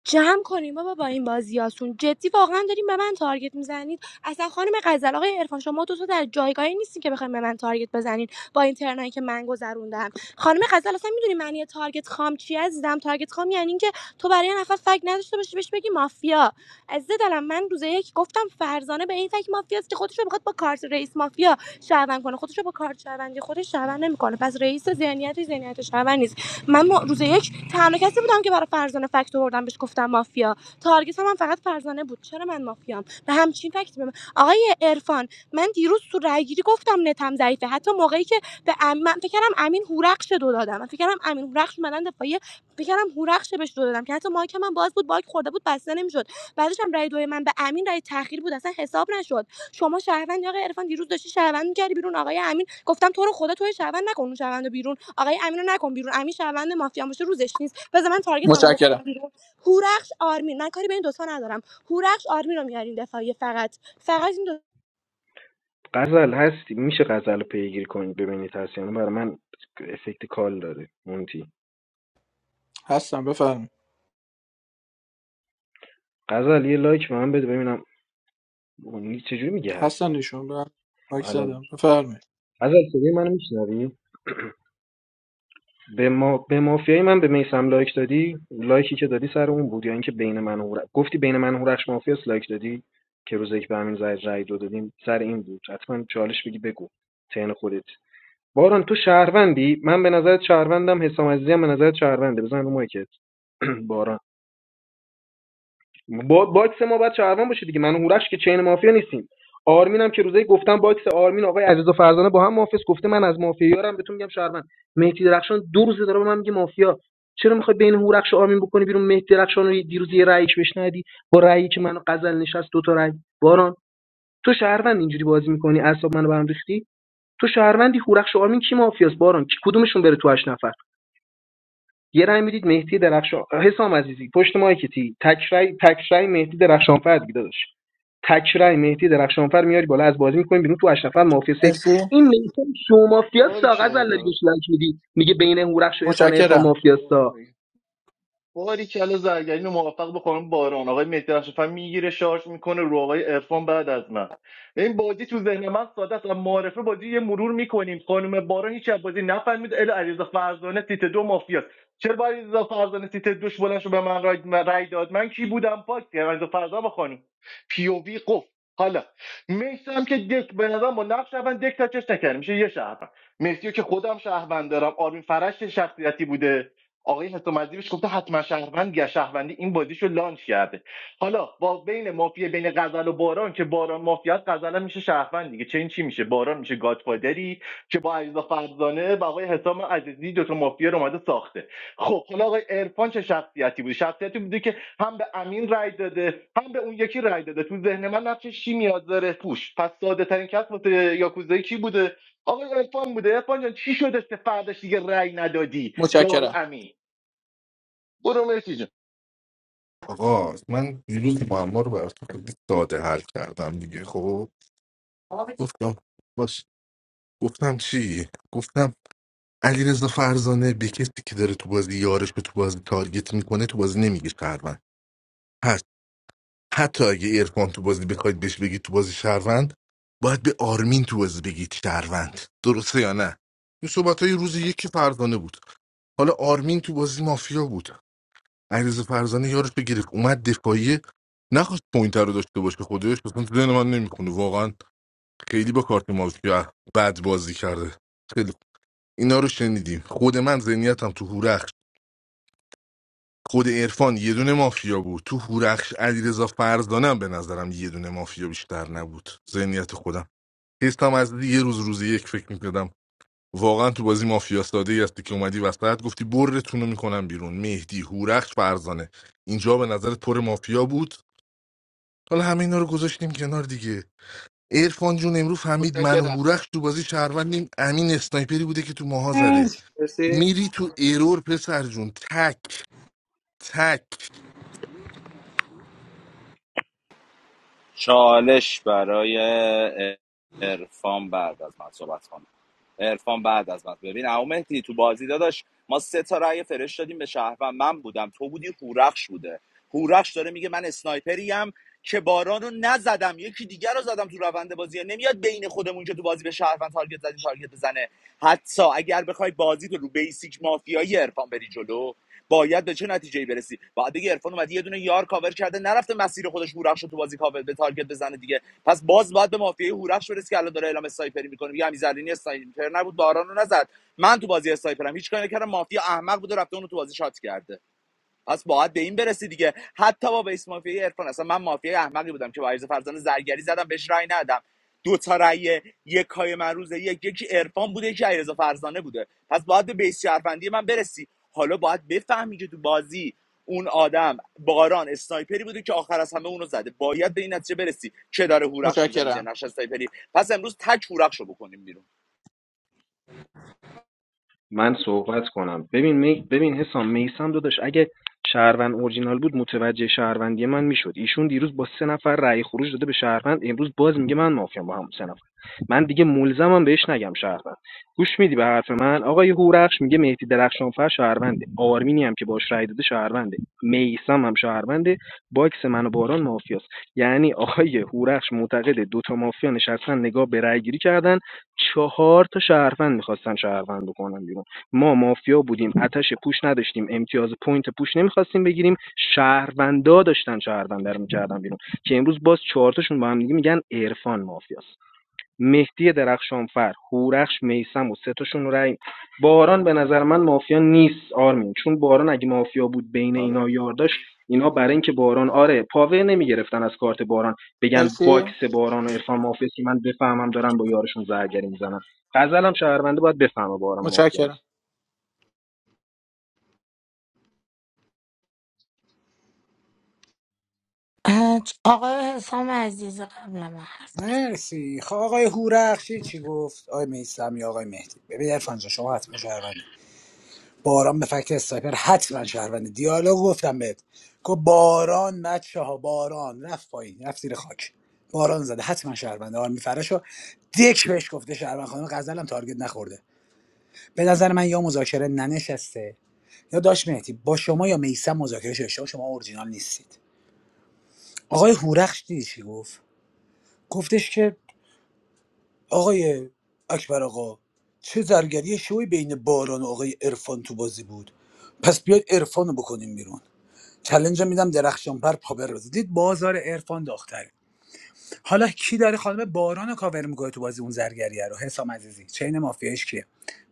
جمع کنیم بابا با این بازیاتون جدی واقعا داریم. به من تارگت میزنید اصلا خانم غزل آقای عرفان شما دو تا در جایگاهی نیستین که بخواید به من تارگت بزنین با این ترنایی که من گذروندم خانم غزل اصلا میدونی معنی تارگت خام چی عزیزم تارگت خام یعنی اینکه تو برای یه نفر فک نداشته باشی بهش بگی مافیا از دلم من روز یک گفتم فرزانه به این فک مافیاست که خودش رو میخواد با کارت رئیس مافیا شعبن کنه خودش رو با کارت شعبندی خودش شعبن نمیکنه پس رئیس ذهنیتش ذهنیت شعبن نیست من ما- روز یک تنها کسی بودم که برای فرزانه فکت آوردم بهش گفتم مافیا تارگت هم, من فقط فرزانه بود چرا من مافیام به همچین فکت به من آقای عرفان من دیروز تو رایگیری گفتم نتم ضعیفه حتی موقعی که به ام... من فکر کردم امین هورخش دو دادم من فکر کردم امین هورخش اومدن دفاعیه فکر کردم هورخش بهش دو دادم که حتی مایک من باز بود باک خورده بود بسته نمیشد بعدش هم رای دوی من به امین رای تاخیر بود اصلا حساب نشد شما شهروند آقای عرفان دیروز داشتی شهروند میکردی بیرون آقای امین گفتم تو رو خدا تو شهروند نکن اون شهروند بیرون آقای امین رو نکن بیرون امین شهروند مافیا باشه روزش نیست بذار من تارگتمو
متشکرم
بکنم بیرون هورخش آرمین من کاری به این دوتا ندارم هورخش آرمین رو میارین دفاعی فقط فقط این دو
غزل هستی میشه غزل رو پیگیری کنید ببینید هست یعنی برای من افکت کال داره مونتی
هستم بفرم
غزل یه لایک به من بده ببینم مونتی چجوری میگه هست
هستن نشون بر مایک
الان
زدم بفرمایید
غزل صدای منو میشنوی به ما به مافیای من به میسم لایک دادی لایکی که دادی سر اون بود یا اینکه بین من و هورخ گفتی بین من و هورخش مافیاس لایک دادی که روزی که به همین زید رای دو دادیم سر این بود حتما چالش بگی بگو تن خودت باران تو شهروندی من به نظرت شهروندم حسام عزیزی هم به نظرت شهرونده بزن رو مایکت باران با باکس ما باید شهروان باشه دیگه من و هورش که چین مافیا نیستیم آرمین هم که روزی گفتم باکس آرمین آقای عزیز و فرزانه با هم محافظ گفته من از مافیا یارم بهتون میگم شهروند مهدی درخشان دو روزه داره به من میگه مافیا چرا میخوای بین هورخش و آرمین بکنی بیرون مهدی درخشان رو یه- دیروز یه رأیش بشنیدی با رأیی که منو غزل نشست دو تا رأی باران تو شهروند اینجوری بازی میکنی اعصاب منو برام ریختی تو شهروندی هورخش و آرمین کی مافیاست باران کی کدومشون بره تو هشت نفر یه رأی میدید مهدی درخشان حسام عزیزی پشت مایکتی تک رأی تک رأی مهدی درخشانفر دیگه داداش تک رأی مهدی درخشانفر میاری بالا از بازی میکنیم بیرون تو هشت نفر مافیا سیف
مرسی
این میتون شو مافیا
باری
ساغز
کرده
الگوش لنگ میدی میگه بین هورخش و عرفان عرفان
متشکرم
مافیا
باریکلا زرگرین و موافق به قانون باران آقای مهدی رشفن میگیره شارژ میکنه رو آقای عرفان بعد از من این بازی تو ذهن من ساده است معرفه بازی یه مرور میکنیم خانم باران هیچ از بازی نفهمید ال علیرضا فرزانه سیت دو مافیاست چرا با علیرضا فرزانه سیت دوش بلند شو به من رای, داد من کی بودم پاک علیرضا فرزانه با خانم پی او وی قف حالا میسم که دک به نظرم با نقش اول دک تا چش نکرد میشه یه شهر مهدیو که خودم شهروند دارم آرمین فرش چه شخصیتی بوده آقای حسامزی بهش گفته حتما شهروند یا شهروندی این بازیشو لانچ کرده حالا با بین مافیا بین غزل و باران که باران مافیاست غزل میشه شهروند دیگه چه این چی میشه باران میشه گادفادری که با علیرضا فرزانه و آقای حسام عزیزی دوتا مافیا رو اومده ساخته خب حالا آقای عرفان چه شخصیتی بوده شخصیتی بوده که هم به امین رای داده هم به اون یکی رای داده تو ذهن من نقشش چی میاد داره پوش پس ساده ترین کس واسه یاکوزایی کی بوده آقای عرفان بوده عرفان جان چی شدش که فرداش دیگه رای ندادی به آقای
متشکرم
امین برو مهدی جان
آقا من دیروز معما رو براتون خیلی ساده حل کردم دیگه خب گفتم باش گفتم چی گفتم علیرضا فرزانه به کسی که داره تو بازی یارش رو تو بازی تارگت میکنه تو بازی نمیگه شهروند پس حتی اگه ارفان تو بازی بخواید بهش بگید تو بازی شهروند باید به آرمین تو بازی بگید شهروند درسته یا نه این صحبت های روز یکی فرزانه بود حالا آرمین تو بازی مافیا بود علیرضا فرزانه یارش بگیره اومد دفاعیه نخواست پوینتر رو داشته باشه خودش اصلا تو ذهن من نمیکنه واقعا خیلی با کارت مافیا بد بازی کرده خیلی خوب. اینا رو شنیدیم خود من ذهنیتم تو هوره خود عرفان یه دونه مافیا بود تو هورخش علیرضا فرزانم به نظرم یه دونه مافیا بیشتر نبود ذهنیت خودم حسم از یه روز روز یک فکر میکردم واقعا تو بازی مافیا ساده ای هستی که اومدی وسط گفتی برتون رو میکنم بیرون مهدی هورخش فرزانه اینجا به نظر پر مافیا بود حالا همه اینا رو گذاشتیم کنار دیگه عرفان جون امروز فهمید من و
متشکرم
هورخش تو بازی شهروندیم امین اسنایپری بوده که تو ماها زده
مرسی
میری تو ایرور پسر جون تک تک
چالش برای عرفان بعد از من صحبت کن عرفان بعد از من ببین عمو مهدی تو بازی داداش ما سه تا رأی فرش دادیم به شهروند من بودم تو بودی هورخش بوده هورخش داره میگه من اسنایپریم که باران رو نزدم یکی دیگر رو زدم تو روند بازی نمیاد بین خودمون که تو بازی به شهروند تارگت زدیم تارگت بزنه حتی اگر بخوای بازی تو رو بیسیک مافیایی عرفان بری جلو باید به چه نتیجه برسی بعد دیگه عرفان اومد یه دونه یار کاور کرده نرفته مسیر خودش هورخش رو تو بازی کاور به تارگت بزنه دیگه پس باز باید به مافیای هورخش برسی که الان داره اعلام اسنایپری میکنه میگه امیرزرینی اسنایپر نبود باران رو نزد من تو بازی اسنایپرم هیچ کاری نکردم مافیا احمق بوده رفته اونو تو بازی شات کرده پس باید به این برسی دیگه حتی با بیس مافیای عرفان اصلا من مافیای احمقی بودم که با عریض فرزانه زرگری زدم بهش رأی ندادم دو تا رأی یک های من روزه یک یکی عرفان بوده یکی علیرضا فرزانه بوده پس باید به بیس شهروندی من برسی حالا باید بفهمی که تو بازی اون آدم باران اسنایپری بوده که آخر از همه اونو زده باید به این نتیجه برسی که داره هورخش میزن زیر
متشکرم
نقش اسنایپری پس امروز تک هورخش بکنیم بیرون
من صحبت کنم ببین می... ببین حسام میسم داداش اگه شهروند اورجینال بود متوجه شهروندی من میشد ایشون دیروز با سه نفر رأی خروج داده به شهروند امروز باز میگه من مافیام با هم سه نفر من دیگه ملزمم بهش نگم شهروند گوش میدی به حرف من آقای هورخش میگه مهدی درخشانفر شهرونده آرمینی هم که باش رأی داده شهرونده میسم هم شهرونده باکس من و باران مافیاست یعنی آقای هورخش معتقد دوتا مافیا نشستن نگاه به رأی گیری کردن چهار تا شهروند میخواستن شهروند بکنن بیرون ما مافیا بودیم اتش پوش نداشتیم امتیاز پوینت پوش نمیخواستیم بگیریم شهروندا داشتن شهروند رو میکردن بیرون که امروز باز چهار تاشون با هم دیگه میگن عرفان مافیاست مهدی درخشانفر، هورخش میثم و سه تاشون رأی باران به نظر من مافیا نیست آرمین چون باران اگه مافیا بود بین اینا یار داشت اینا برای اینکه باران آره پاور نمیگرفتن از کارت باران بگن
مرسی
باکس باران و عرفان مافیا که من بفهمم دارن با یارشون زرگری میزنن غزلم شهرونده باید بفهمه باران مافیا
متشکرم
نیست
اه، آقای حسام عزیز قبل من
مرسی خب آقای هورخشی چی گفت آقای میسمی آقای مهدی ببین عرفان جان، شما حتما شهروندی باران به فکت استایپر حتما شهروندی دیالوگ گفتم بهت گفت باران بچه ها باران رفت پایین رفت زیر خاک باران زده حتما شهرونده آرمی فرشو دک بهش گفته شهروند خانم غزلم تارگت نخورده به نظر من یا مذاکره ننشسته یا داش مهدی با شما یا میسم مذاکره شده شما شما اورجینال نیستید آقای هورخش دیدی چی گفت گفتش که آقای اکبر آقا چه زرگری شوی بین باران و آقای عرفان تو بازی بود پس بیاید عرفان رو بکنیم بیرون چلنج میدم درخشانبر پاور رو دید بازار عرفان داغ‌تر حالا کی داره خانم باران رو کاور میکنه تو بازی اون زرگریه رو حسام عزیزی چین مافیایش کیه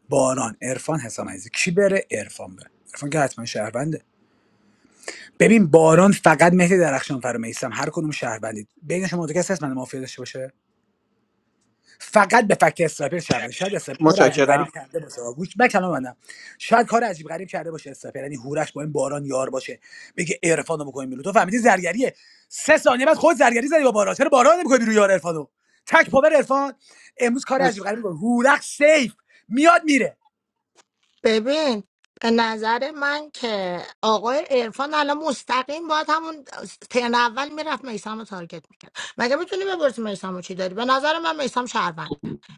باران عرفان حسام عزیزی کی بره عرفان بره عرفان که حتما شهرونده ببین باران فقط مهدی درخشان فر و میثم. هر کدوم شهروندید بین شما دو کسی هست من مافیا داشته باشه فقط به فکت استراپر شود شاید استراپر کار عجیب غریب
متشکرم
کرده باشه گوش بکنم منم شاید کار عجیب غریب کرده باشه استراپر یعنی هورش با این باران یار باشه بگه عرفانو بکنیم بیرون تو فهمیدی زرگریه سه ثانیه بعد خود زرگری زدی با باران چرا باران نمیکنی بیرون یار عرفانو تک پاور عرفان امروز کار عجیب
مرسی
غریب میکنه هورخ سیف میاد میره
ببین به نظر من که آقای عرفان الان مستقیم باید همون ترن اول میرفت میسم رو تارگت میکرد مگه میتونی بپرسی میسم رو چی داری به نظر من میسم شهروند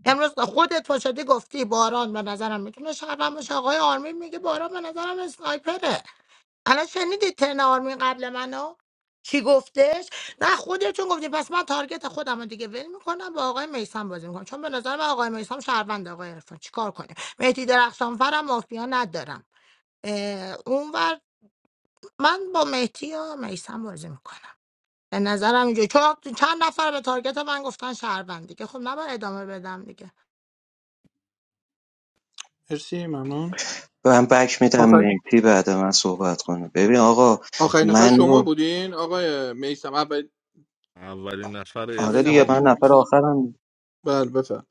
امروز خودت پاشدی گفتی باران به نظرم میتونه شهروند باشه آقای آرمین میگه باران به نظرم اسنایپره الان شنیدی ترن آرمین قبل منو چی گفتش نه خودتون گفتین پس من تارگت خودم رو دیگه ول میکنم با آقای میسم بازی میکنم چون به نظر من آقای میسم شهروند آقای عرفان چیکار کنیم مهدی درخشانفرم مافیا ندارم اه، اونور من با مهدی یا میسم بازی میکنم به نظرم اینجا چون چند نفر به تارگت من گفتن شهروند دیگه خب نباید ادامه بدم دیگه
مرسی ممنون
من بک میدم
آخر
مهدی بعد من صحبت کنه ببین آقا
آخرین نفر
من
شما
رو-
بودین آقای میسم اول
اولین نفر
اول
آره دیگه
نفر
اسفان
من
کی
بود
بود
نفر آخرم
بله بفرم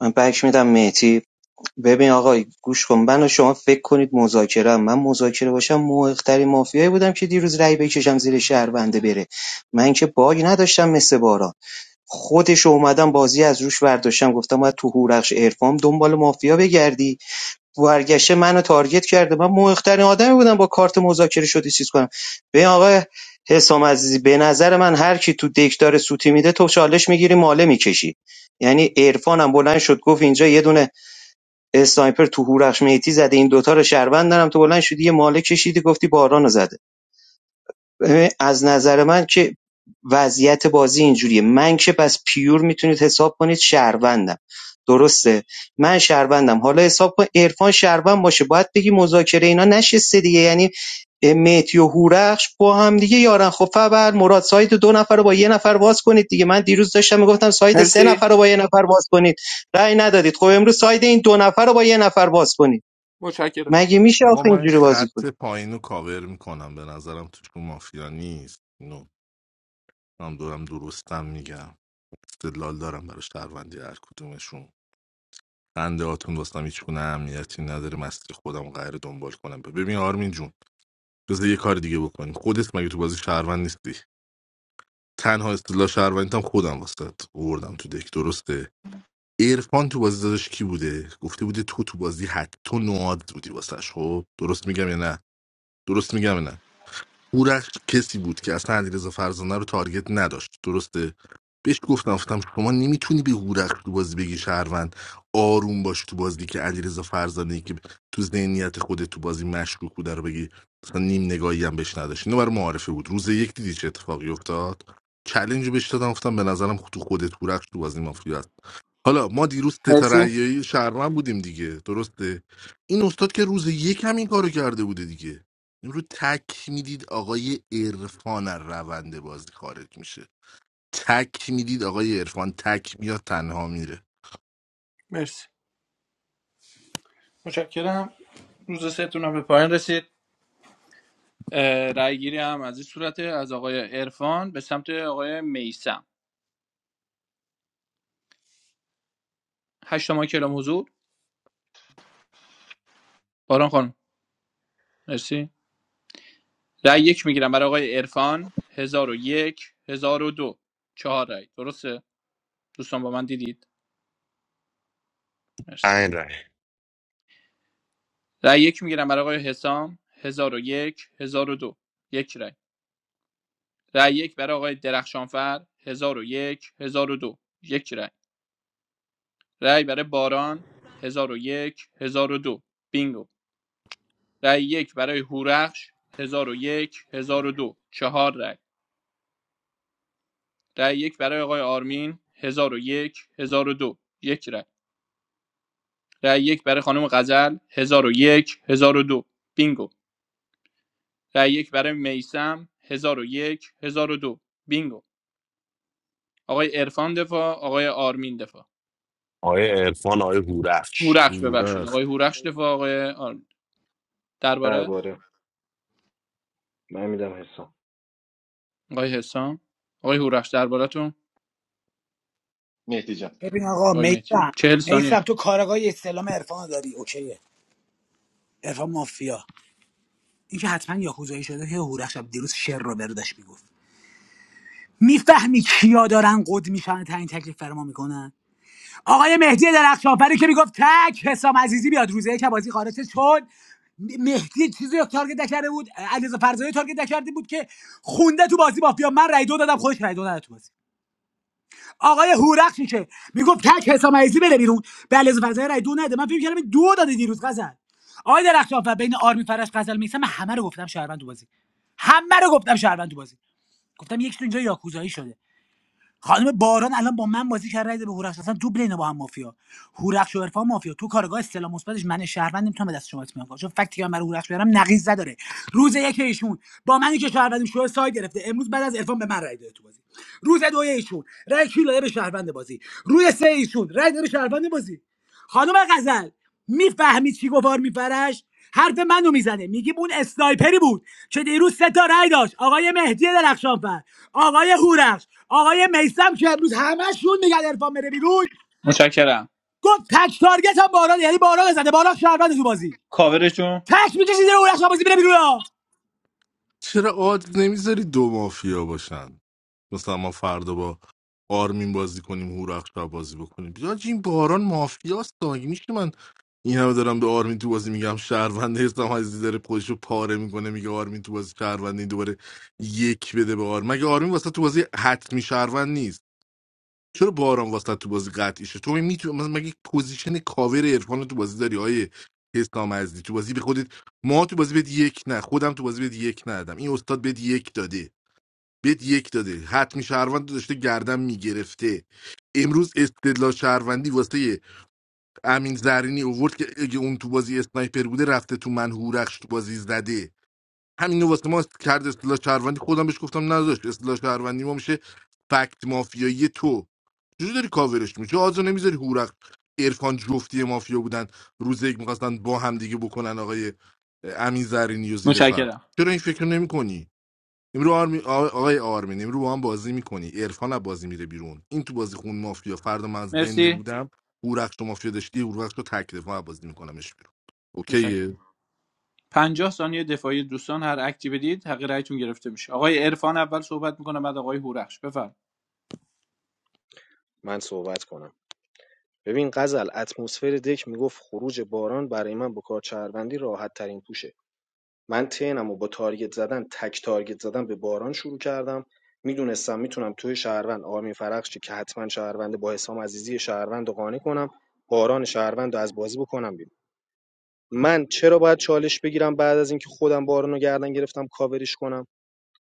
من بک میدم مهدی ببین آقا گوش کن من و شما فکر کنید مذاکره ام. من مذاکره باشم موقعترین مافیایی بودم که دیروز رأی بکشم زیر شهرونده بره من که باگ نداشتم مثل باران خودش اومدم بازی از روش برداشتم گفتم باید تو هورخش عرفام دنبال مافیا بگردی برگشته منو تارگت کرده من مهمترین آدمی بودم با کارت مذاکره شدی چیز کنم ببین آقا حسام عزیزی به نظر من هر کی تو دک داره سوتی میده تو چالش میگیری ماله میکشی یعنی عرفانم بلند شد گفت اینجا یه دونه اسنایپر تو هورخش میتی زده این دوتا رو شهروند دارم تو بلند شدی یه ماله کشیدی گفتی بارانو زده ببین، از نظر من که وضعیت بازی اینجوریه من که پس پیور میتونید حساب کنید شهروندم درسته من شهروندم حالا حساب کن عرفان شهروند باشه باید بگی مذاکره اینا نشسته دیگه یعنی مهدی و هورخش با هم دیگه یارن خب فبر مراد ساید دو نفر رو با یه نفر باز کنید دیگه من دیروز داشتم میگفتم ساید سه
مرسی
نفر رو با یه نفر باز کنید رأی ندادید خب امروز ساید این دو نفر رو با یه نفر باز کنید
متشکرم
مگه میشه
آقا
آخه
من
اینجوری بازی
خط
کنید
پایین رو کاور میکنم به نظرم توشون مافیا نیست نو هم دورم درستم میگم استدلال دارم برای شهروندی هر کدومشون خنده هاتون داستم هیچ گونه اهمیتی نداره مستی خودم قراره دنبال کنم ببین آرمین جون جز یه کار دیگه بکنیم خودت مگه تو بازی شهروند نیستی تنها اصطلاح شهروندیتم خودم واسه اوردم تو دک درسته ارفان تو بازی داداش کی بوده گفته بوده تو تو بازی حتی نواد بودی واسش خب درست میگم یا نه درست میگم نه هورخش کسی بود که اصلا علیرضا فرزانه رو تارگت نداشت درسته بهش گفتم گفتم شما نمیتونی به هورخش تو بازی بگی شهروند آروم باش تو بازی که علیرضا فرزانه ای که تو ذهنیت خودت تو بازی مشکوک بوده رو بگی مثلا نیم نگاهی هم بهش نداشت اینو برای معارفه بود روز یک دیدی چه اتفاقی افتاد چلنج رو بهش دادم گفتم به نظرم تو خودت هورخش تو بازی مافیا حالا ما دیروز
مرسی
تترعیه شهروند بودیم دیگه درسته این استاد که روز یک هم این کارو کرده بوده دیگه امروز تک میدید آقای عرفان از روند بازی خارج میشه تک میدید آقای عرفان تک میاد تنها میره
مرسی متشکرم روز سهتون هم به پایان رسید رأی گیری هم از این صورت از آقای عرفان به سمت آقای میسم هشت ما کلام حضور باران خانم مرسی رأی یک میگیرم برای آقای عرفان هزار و یک هزار و دو چهار رأی درسته دوستان با من دیدید مرسی
این رای
رأی یک میگیرم برای آقای حسام هزار و یک هزار و دو یک رأی رأی یک برای آقای درخشانفر هزار و یک هزار و دو یک رأی رأی برای باران هزار و یک هزار و دو بینگو رای یک برای هورخش هزار و یک هزار و دو چهار رای رای یک برای آقای آرمین هزار و یک هزار و دو یک رای رای یک برای خانم غزل هزار و یک هزار و دو بینگو رای یک برای میسم و یک هزار و دو بینگو آقای عرفان دفاع آقای آرمین دفاع
آقای عرفان آقای هورفش
هورخش ببخشید آقای هورخش دفاع آقای آرمین درباره
درباره من میدم حسام
آقای حسام آقای هورخش دربارتون
مهدی جان
ببین آقا
آقای میتی
میسم
چهل ثانیه
میسم تو کارگاهی استلام عرفانو داری اوکیه عرفان مافیا اینکه حتما یاکوزایی شده که هورخ شب دیروز شر رو برداشت میگفت میفهمی کیا دارن قد میشن و تعیین تکلیف فرما میکنن آقای مهدی درخشانفری که میگفت تک حسام عزیزی بیاد روزه یک بازی خارج شد. چون مهدی چیزی رو تارگت نکرده بود علیرضا فرزانه تارگت نکرده بود که خونده تو بازی مافیا من رای دو دادم خودش رای دو نداد تو بازی آقای هورخشی که میگفت تک حسام عزیزی بره بیرون به علیرضا فرزانه رای دو نده من فکر کردم دو داده دیروز غزل آقای درخشانفر بین آرمی فرش غزل میسم من همه رو گفتم شهروند تو بازی همه رو گفتم شهروند تو بازی گفتم یک تو اینجا یاکوزایی شده خانم باران الان با من بازی کرد رای به هورخش اصلا دوبل اینا با هم مافیا هورخش و عرفان مافیا تو کارگاه استلام مثبتش من شهروند نمیتونم به دست شما اطمینان کنم چون فکتی که من برای هورخش بیارم نقیض داره روز یک ایشون با منی که شهروندیم شو ساید گرفته امروز بعد از عرفان به من رای داده تو بازی روز دو ایشون رای کی داده به شهروند بازی روز سه ایشون رای داده به شهروند بازی خانم غزل میفهمی چی گوار میپرش حرف منو میزنه میگیم اون اسنایپری بود که دیروز سه تا رأی داشت آقای مهدی درخشانفر آقای هورخش آقای میسم که امروز همشون میگن عرفان بره بیرون
متشکرم
گفت تک تارگت هم باران یعنی باران زده باران شهروند تو بازی
کاورشون
تک میکشی زیر هورخش بازی بره بیرون ها.
چرا آد نمیذاری دو مافیا باشن مثلا ما فردا با آرمین بازی کنیم هورخش رو بازی بکنیم بیا این باران مافیاست دا. مگه میشه من این همه دارم به آرمین تو بازی میگم شهرونده هستم عزیزی داره خودش رو پاره میکنه میگه آرمین تو بازی شهرونده این دوباره یک بده به آرمین مگه آرمین واسه تو بازی حتمی شهروند نیست چرا باران واسه تو بازی قطعی شد تو میتونی مثلا مگه پوزیشن کاور عرفان تو بازی داری آیه حسام عزیزی تو بازی به خودت ما تو بازی بهت یک نه خودم تو بازی بهت یک ندادم این استاد بهت یک داده بهت یک داده حتمی شهروند داشته گردن میگرفته امروز استدلال شهروندی واسه امین زرینی اوورد که اگه اون تو بازی اسنایپر بوده رفته تو من هورخش تو بازی زده همینو واسه ما کرد اصطلاح شهروندی خودم بهش گفتم نداشت اصطلاح شهروندی ما میشه فکت مافیایی تو چجوری داری کاورش میشه آزو نمیذاری هورق عرفان جفتی مافیا بودن روز یک میخواستن با هم دیگه بکنن آقای امین زرینی و زیر فرق
متشکرم
چرا این فکر نمی کنی امرو آرمی... آ- آقای آرمین امرو با هم بازی میکنی عرفان از بازی میره بیرون این تو بازی خون مافیا فردا من از دنده
مرسی
بودم هورخش تو مافیا داشتی هورخش رو تک دفاع بازی میکنمش بیرون اوکیه
متشکرم پنجاه ثانیه دفاعی دوستان هر اکتی بدید حق رأیتون گرفته میشه آقای عرفان اول صحبت میکنه بعد آقای هورخش بفرم
من صحبت کنم ببین غزل اتمسفر دک میگفت خروج باران برای من با کار شهروندی راحت ترین پوشه من ترنمو با تارگت زدن تک تارگت زدن به باران شروع کردم میدونستم میتونم توی شهروند آرمین فرخشی که حتما شهروند با حسام عزیزی شهروند رو قانع کنم باران شهروند رو از بازی بکنم بیرون من چرا باید چالش بگیرم بعد از اینکه خودم باران رو گردن گرفتم کاورش کنم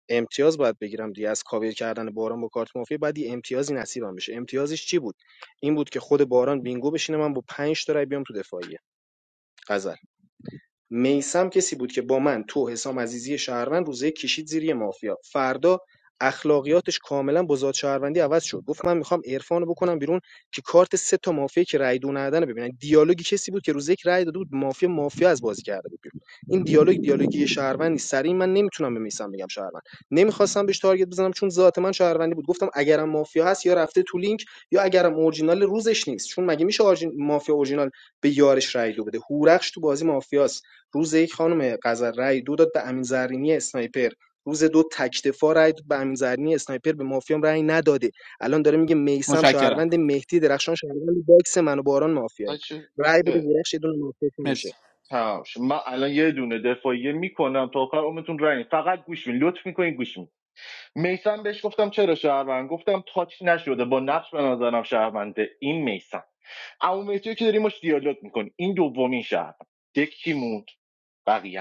امتیاز باید بگیرم دیگه از کاور کردن باران با کارت مافیا بعد یه امتیازی نصیبم بشه امتیازش چی بود این بود که خود باران بینگو بشینه من با 5 تا رای بیام تو دفاعیه میثم کسی بود که با من، تو، حسام عزیزی شهروند روز یک کشید زیر یه مافیا فردا اخلاقیاتش کاملا با ذات شهروندی عوض شد گفت من میخوام عرفانو بکنم بیرون که کارت سه تا مافیا که رای دو ندن ببینن دیالوگی کسی بود که روز یک رای داده بود مافیا مافیا از بازی کرده بود بیرون این دیالوگ دیالوگی شهروند نیست سری من نمیتونم به میثم بگم شهروند نمیخواستم بهش تارگت بزنم چون ذات من شهروندی بود گفتم اگرم مافیا هست یا رفته تو لینک یا اگرم اورجینال روزش نیست چون مگه میشه مافیا اورجینال به یارش رای دو بده هورخش تو بازی مافیاست روز یک خانم غزل رای دو داد به امین زرینی اسنایپر روز دو تکتفا رای داد به امین زرینی اسنایپر به مافیام رای نداده الان داره میگه میسم
متشکرم
شهروند مهدی درخشان شهروند باکس من و باران مافیایی
بچه،
رای بده
اه،
درخش یه دونه مافیا که میشه
مرسی
تمام شد. من الان یه دونه دفاعیه میکنم تا آخر عمرتون رنگ فقط گوش می‌دین. لطف میکنین گوش می‌دین. میسم بهش گفتم چرا شهروند گفتم تاچ نشده با نقش به نظرم شهرونده این میسم اما مهدی که داریم باش دیالوگ میکنی این دومین شهروند دکی موند بقیه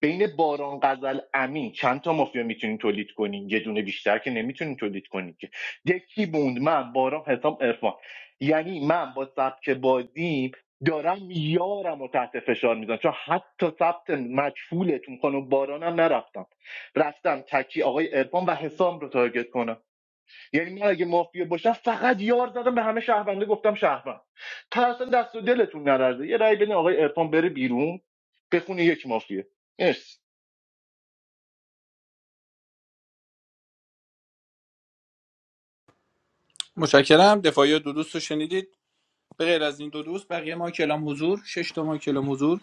بین باران غزل امین چند تا مافیا میتونین تولید کنین یه دونه بیشتر که نمیتونین تولید کنین که دکی بوند من باران حسام ارفان یعنی من با سبک بازیم دارم یارم رو تحت فشار میذارم چون حتی ثبت مجهولتون خانم بارانم نرفتم رفتم تکی آقای ارفان و حسام رو تارگت کنم یعنی من اگه مافیا باشم فقط یار زدم به همه شهرونده گفتم شهروند تا اصلا دست و دلتون نلرزه یه رأی بدین آقای ارفان بره بیرون بخونه یک مافیا مرسی
متشکرم دفاعی دو دوست رو شنیدید به غیر از این دو دوست بقیه ما کلام حضور شش تا ما کلام حضور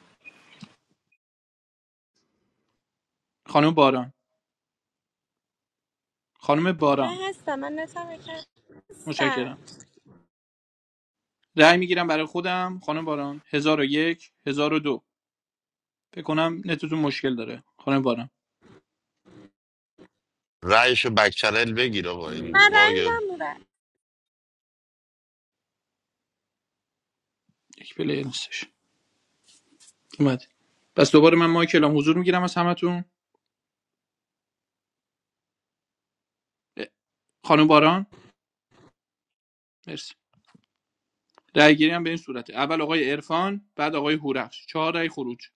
خانم باران خانم باران
من هستم من نتم هستم
متشکرم رأی میگیرم برای خودم خانم باران 1001 1002 فکر کنم نتتون مشکل داره خانم باران
رایشو بک چنل بگیر آقا این
من رای
باگ
میدم
یک پلی نیستش اومد پس دوباره من ما کلام حضور میگیرم از همتون خانم باران مرسی رأیگیری هم به این صورته اول آقای عرفان بعد آقای هورخش چهار رأی خروج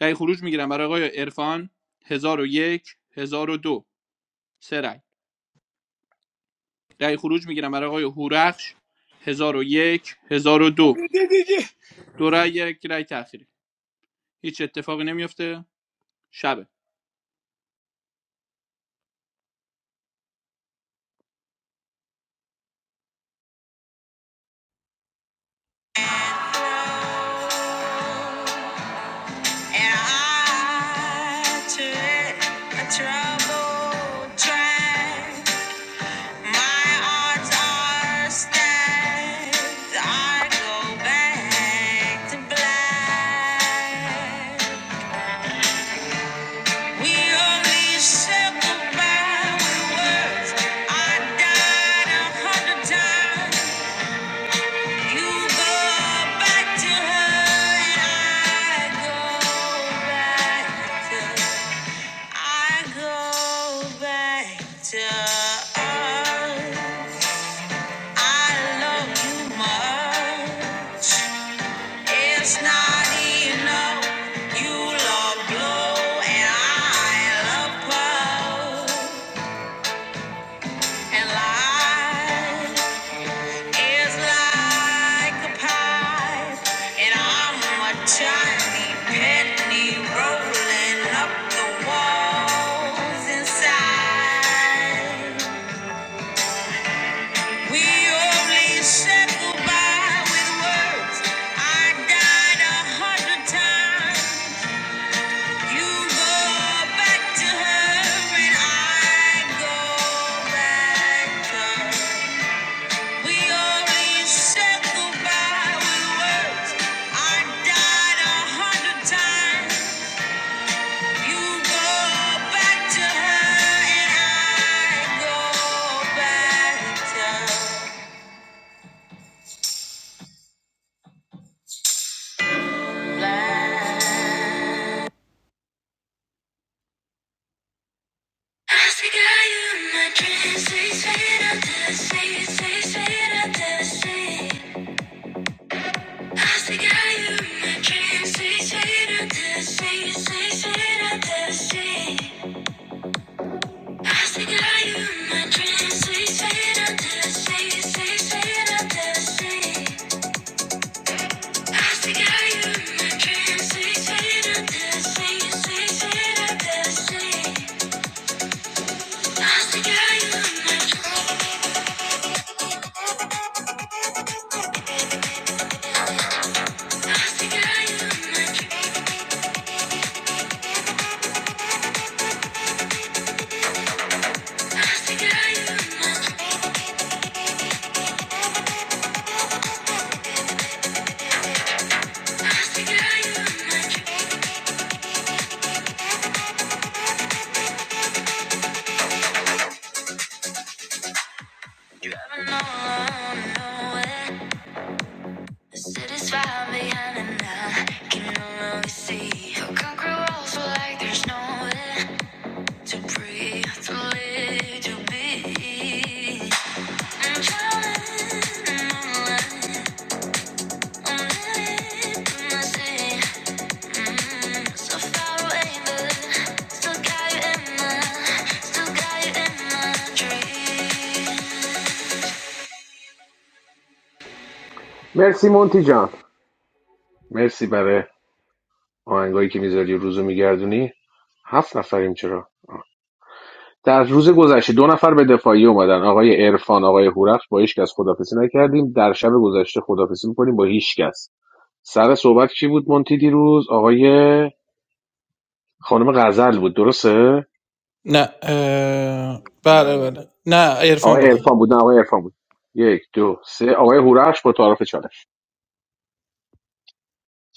رأی خروج میگیرم برای آقای عرفان 1001 1002 سه رأی رأی خروج میگیرم برای آقای هورخش هزار و یک، هزار و دو دو رأی یک رای تأخیری هیچ اتفاقی نمیفته شبه And I took a troubled track. My odds are stacked. I go back to black. We only circle back with words. I died a hundred times. You go back to her, and I go back to. I go back to us. I love you more. It's not enough. You love blue and I love purple. And life is like a pie. And I'm a tiny penny rolling up the walls inside. We only said goodbye with words. I died a hundred times. You go back to her and I go back to her. We only said goodbye with words. I died a hundred times. You go back to I see you in my dreams, sweet, sweet, I see, sweet, sweet, sweet, I see. I To breathe, to live, to be. I'm drowning in the light.
مرسی مونتی جان مرسی برای آهنگایی که میذاری روزو میگردونی هفت نفریم چرا در روز گذشته دو نفر به دفاعیه اومدن آقای عرفان آقای هورخش با هیچ کس خدافظی نکردیم در شب گذشته خدافظی میکنیم با هیچ کس سر صحبت کی بود مونتی دیروز آقای خانم غزل بود درسته
نه اه، بله
من
بله نه عرفان
آقای
بودم
عرفان
من
بود نه آقای عرفان بود یک دو سه آقای هورخش با تعارف چالش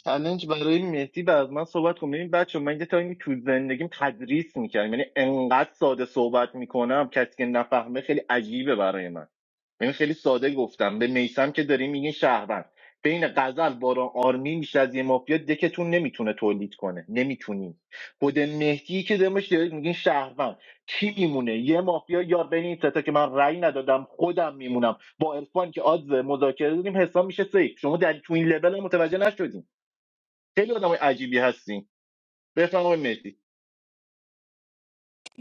چلنج برای مهدی بعد از من صحبت کنم ببین بچه من یه تایمی تو زندگیم تدریس میکردم یعنی انقدر ساده صحبت میکنم کسی که نفهمه خیلی عجیبه برای من یعنی خیلی ساده گفتم به میسم که داریم میگه شهروند بین غزل باران آرمی میشه از یه مافیا دکتون نمیتونه تولید کنه نمیتونین خود مهدی که دمش دارید میگین شهروند کی میمونه یه مافیا یار بین این ستا که من رأی ندادم خودم میمونم با عرفان که آدز مذاکره داریم حساب میشه سیف شما در تو این لول هم متوجه نشدین خیلی آدمای عجیبی هستیم بفهم آقای مهدی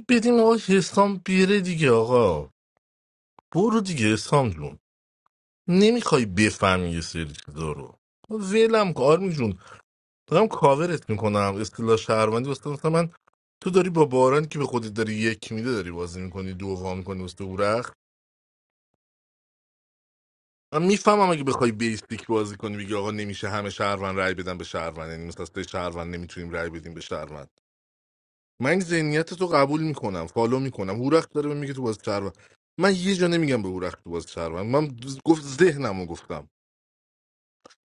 بدیم آقا حسام بیره دیگه آقا برو دیگه سام جون نمیخوای بفهمی یه سری چیزا رو ولم کن آرمی جون دارم کاورت میکنم اصطلاح شهروندی واسه مثلا من تو داری با باران که به خودت داری یک میده داری بازی میکنی دو وا میکنی واسه اورخ من میفهمم اگه بخوای بیستیک بازی کنی بگی آقا نمیشه همه شهروند رای بدن به شهروند یعنی مثلا سه شهروند نمیتونیم رای بدیم به شهروند من این ذهنیت تو قبول میکنم فالو میکنم هورخ داره به میگه تو بازی شهروند من یه جا نمیگم به هورخ تو بازی شهروند من گفت ذهنمو گفتم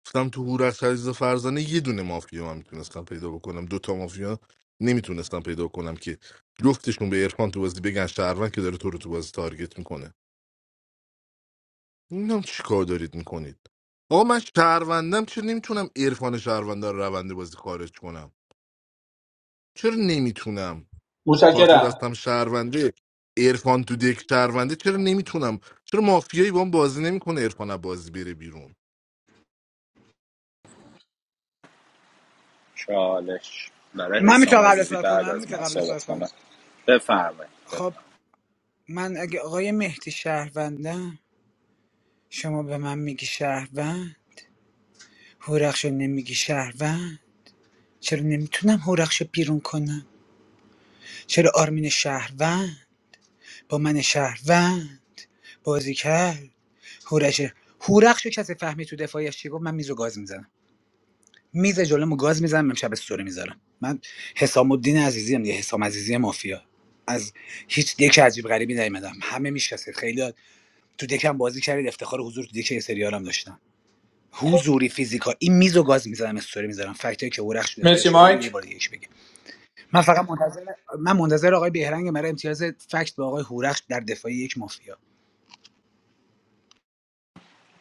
گفتم تو هورخش عزیز فرزانه یه دونه مافیا من میتونستم پیدا بکنم دوتا مافیا نمیتونستم پیدا کنم که جفتشون به عرفان تو بازی بگن شهروند که داره تو رو تو بازی تارگت میکنه نمیدونم چی کار دارید میکنید آقا من شهروندم چرا نمیتونم عرفان شهرونده رو رونده بازی خارج کنم چرا نمیتونم
متشکرم
کارت دستم شهرونده عرفان تو دک شهرونده چرا نمیتونم چرا مافیایی با هم بازی نمیکنه عرفان از بازی بره بیرون
چالش برای
من
حسام
میتونم قبل از
عزیزی
صحبت کنم
بعد از
میتونم
من
قبل از صحبت
صحبت
کنم
کنم بفرمایید
خب من اگه آقای مهدی شهروندم شما به من میگی شهروند هورخشو نمیگی شهروند چرا نمیتونم هورخشو بیرون کنم چرا آرمین شهروند با من شهروند بازی کرد هورش هورخشو کسی فهمی تو دفاعیش چی گفت من میز رو گاز میزنم میز جلومو گاز میزنم امشب استوری میذارم من حسام الدین عزیزی هم یه حسام عزیزی مافیا از هیچ دک عجیب غریبی نیومدم همه میشناسید خیلی تو دکم بازی کردید افتخار حضور تو دک یه سریالم داشتم حضوری فیزیکا این میز گاز میزنم استوری میذارم فکتایی که اورخش دفاعیش
مرسی
دفاعش و یه
مایک
بار دیگه من فقط منتظر من منتظر آقای بهرنگ برای امتیاز فکت با آقای هورخش در دفاعی یک مافیا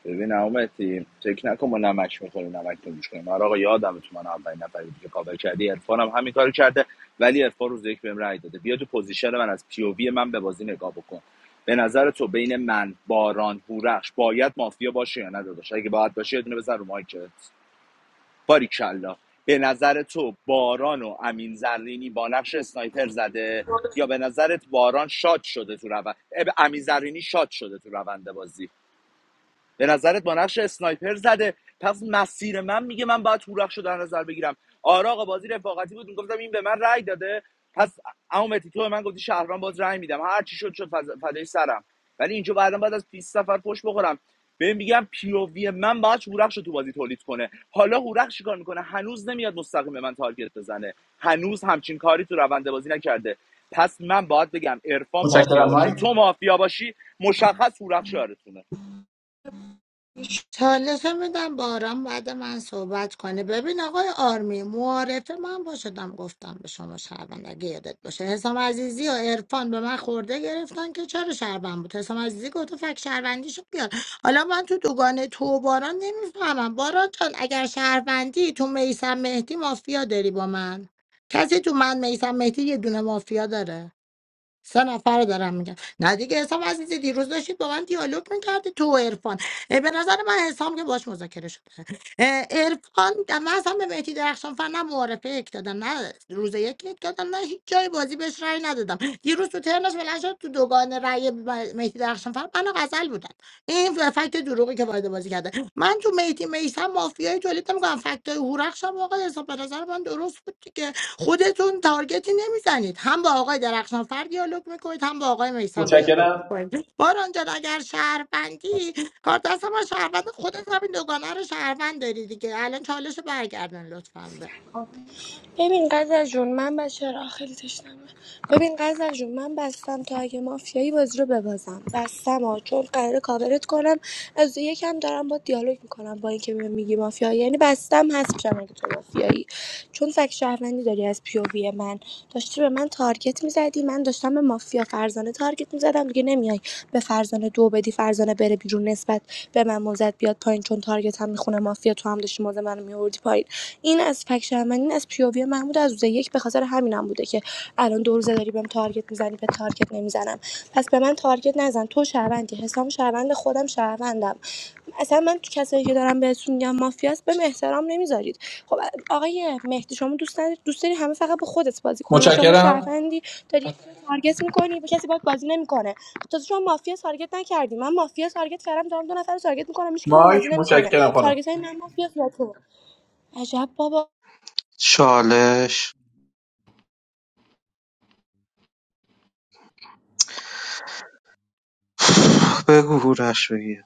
ببین اومتی فکر نکن ما نمک میخوریم نمک تو گوش کنیم آره آقا یادم تو من اولین نفری بودی که کاور کردی عرفان هم همین کارو کرده ولی عرفان روز یک بهم رای داده بیا تو پوزیشن من از پی او وی من به بازی نگاه بکن به نظر تو بین من باران هورخش باید مافیا باشه یا نه داداش اگه باید باشه یه دونه بزن رو مایکت باریکلا به نظر تو باران و امین زرینی با نقش اسنایپر زده یا به نظرت باران شات شده تو روند امین زرینی شات شده تو روند بازی به نظرت با نقش اسنایپر زده پس مسیر من میگه من باید هورخش رو در نظر بگیرم آره آقا بازی رفاقتی بود میگفتم این به من رأی داده پس اما مهدی تو من گفتی شهروند باز رأی میدم هر چی شد شد فض- فدای سرم ولی اینجا بعدا بعد از 20 سفر پشت بخورم بهم میگم پیووی من باید هورخش رو تو بازی تولید کنه حالا هورخش چیکار میکنه هنوز نمیاد مستقیم به من تارگت بزنه هنوز همچین کاری تو روند بازی نکرده پس من باید بگم عرفان مافیا باشه تو مافیا باشی مشخص هورخش یارتونه
چالش میدم باران بعد من صحبت کنه ببین آقای آرمی معارفه من با شدم گفتم به شما شهروند اگه یادت باشه حسام عزیزی و عرفان به من خورده گرفتن که چرا شهروند بود حسام عزیزی گفت فک شهروندیشو بیار حالا من تو دوگانه تو و باران نمیفهمم باران جان اگر شهروندی تو میسم مهدی مافیا داری با من کسی تو من میسم مهدی یه دونه مافیا داره سه نفر رو دارم میگم نه دیگه حسام عزیزی دیروز داشتید با من دیالوگ میکردی تو و عرفان اه، به نظر من حسام که باش مذاکره شده اه، عرفان من اصلا به مهدی درخشان فر نه معارفه یک دادم نه روز یک یک دادم نه هیچ جای بازی بهش رأی ندادم دیروز تو ترنش بلند شد تو دوگان رأی م- مهدی درخشان فر من و غزل بودن این فکت دروغی که وارد بازی کرده من تو مهدی میسم مافیای تولید نمیکنم فکتای هورخشم آقا حساب به نظر من درست بود دیگه خودتون تارگتی نمیزنید هم با آقای درخشانفر دیالوگ میکنید هم با آقای میسم دیالوگ
متشکرم
میکنید باران جان اگر شهروندی کار دست ما شهروند خودت همین دوگانه رو شهروند داری دیگه الان چالش رو برگردن لطفا
ببین غزل جون من بچه را خیلی تشنمه ببین غزل جون من بستم تا اگه مافیایی بازی رو ببازم بستم ها چون قراره کاورت کنم از یکم دارم با دیالوگ میکنم با اینکه به من میگی مافیایی یعنی بستم هست میشم اگه تو مافیایی چون فک شهروندی داری از پیووی من داشتی به من تارگت میزدی من داشتم به مافیا فرزانه تارگت میزدم دیگه نمیای به فرزانه دو بدی فرزانه بره بیرون نسبت به من موزت بیاد پایین چون تارگتم میخونه مافیا تو هم داشتی موزه منو میوردی پایین این از فک شهروندی این از پیووی محمود از روز یک به خاطر همینم بوده که الان دو روزه داری بهم تارگت میزنی به تارگت نمیزنم پس به من تارگت نزن تو شهروندی حسام شهروند خودم شهروندم اصلا من تو کسایی که دارم بهتون میگم مافیاست بهم احترام نمیذارید خب آقای مهدی شما دوست نداری دوست داری همه فقط به خودت بازی کنن شما
متشکرم
شهروندی داری یکی تارگت میکنی به کسی باید بازی نمیکنه تازه شما مافیا تارگت نکردی من مافیا تارگت کردم دارم دو نفر رو تارگت میکنم هیچ کی با هم
مایک
بازی نمیکنه
متشکرم خانم
تارگت های من مافیا یا تو عجب بابا
چالش بگو هورش بگیر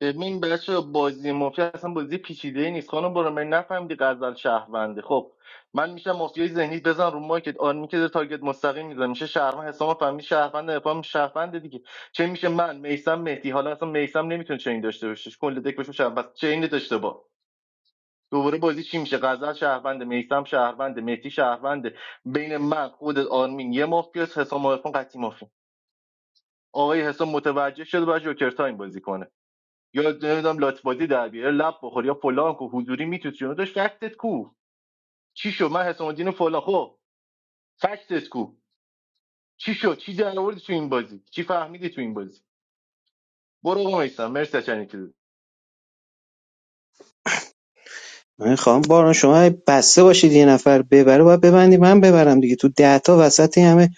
ببین بچه بازی مافیا اصلا بازی پیچیده ای نیست خانم برو من نفهمیدی غزل شهرونده خب من میشم مافیای ذهنی بزن رو مارکت آرمی که داره تارگت مستقیم میزنه میشه شهروند حسام فهمی شهروند افام شهروند دیگه چه میشه من میسم مهدی حالا اصلا میسم نمیتونه چین داشته باشه کل دک بشه شهروند پس چین داشته با دوباره بازی چی میشه غزل شهروند میسم شهروند مهدی شهروند بین من خودت آرمین یه مافیاس حسام عرفان قطعی مافیاست. آقای حسام متوجه شد باید جوکر تایم بازی کنه یا نمیدونم لات بازی در بیاره لب بخور یا فلان کو حضوری میتوت چون داشت فکتت کو چی شو من حسام الدین فلان خب فکتت کو چی شو چی در آوردی تو این بازی چی فهمیدی تو این بازی برو آقا میسم مرسی از چنین
من خواهم باران شما بسته باشید یه نفر ببره باید ببندی من ببرم دیگه تو ده تا وسط همه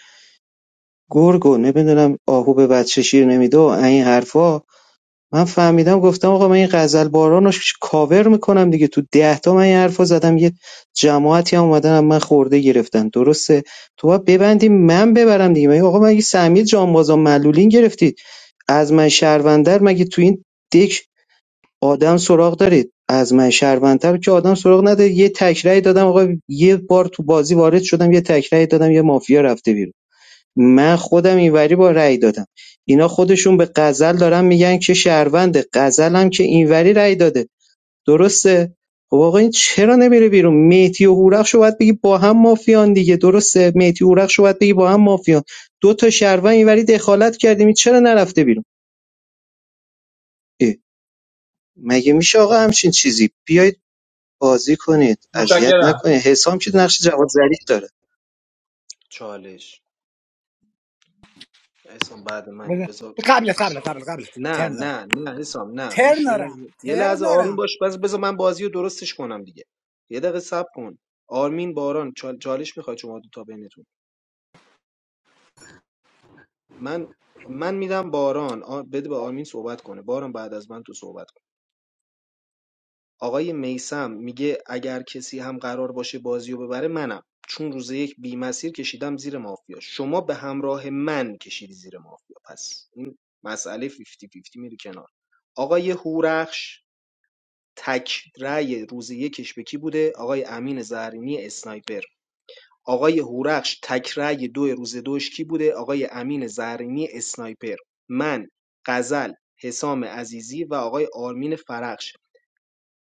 گرگ و نمیدونم آهو به بچه شیر نمیده و این حرفا من فهمیدم گفتم آقا من این غزل باران رو ش- کاور میکنم دیگه تو ده تا من این حرفا زدم یه جماعتی هم اومدن من خورده گرفتن درسته تو باید ببندی من ببرم دیگه مگه آقا مگه سهمیه جانبازا معلولین گرفتید از من شهروندر مگه تو این دک آدم سراغ دارید از من شهروندتر که آدم سراغ ندارید یه تکرای دادم آقا یه بار تو بازی وارد شدم یه تکرای دادم یه مافیا رفته بیرون من خودم اینوری با رأی دادم اینا خودشون به غزل دارن میگن که شهروند غزل هم که اینوری رأی داده درسته خب آقا این چرا نمیره بیرون میتی و هورخش رو باید بگی با هم مافیان دیگه درسته میتی و هورخش رو باید بگی با هم مافیان دو تا شهروند اینوری دخالت کردیم چرا نرفته بیرون مگه میشه آقا همچین چیزی بیاید بازی کنید اذیت نکنید حسام که نقش جواد ظریف داره
چالش اسم بعد منی
بده.
بذار
قبل قبل قبل قبل
نه
ترن دارم
نه نه حسام نه
ترن
گوش یه
دارم
لحظه یه
ترن
لحظه آروم
دارم
باش بس بذار من بازی رو درستش کنم دیگه یه دقیقه صبر کن آرمین باران چال- چالش میخواد شما دو تا بینتون من من میدم باران آ- بده به آرمین صحبت کنه باران بعد از من تو صحبت کن آقای میسم میگه اگر کسی هم قرار باشه بازی رو ببره منم چون روز یک بی مسیر کشیدم زیر مافیا شما به همراه من کشیدی زیر مافیا پس این مسئله 50 50 میره کنار آقای هورخش تک رأی روز یکش به کی بوده آقای امین زهرینی اسنایپر آقای هورخش تک رأی دو روز دوش کی بوده آقای امین زرینی اسنایپر من غزل حسام عزیزی و آقای آرمین فرخش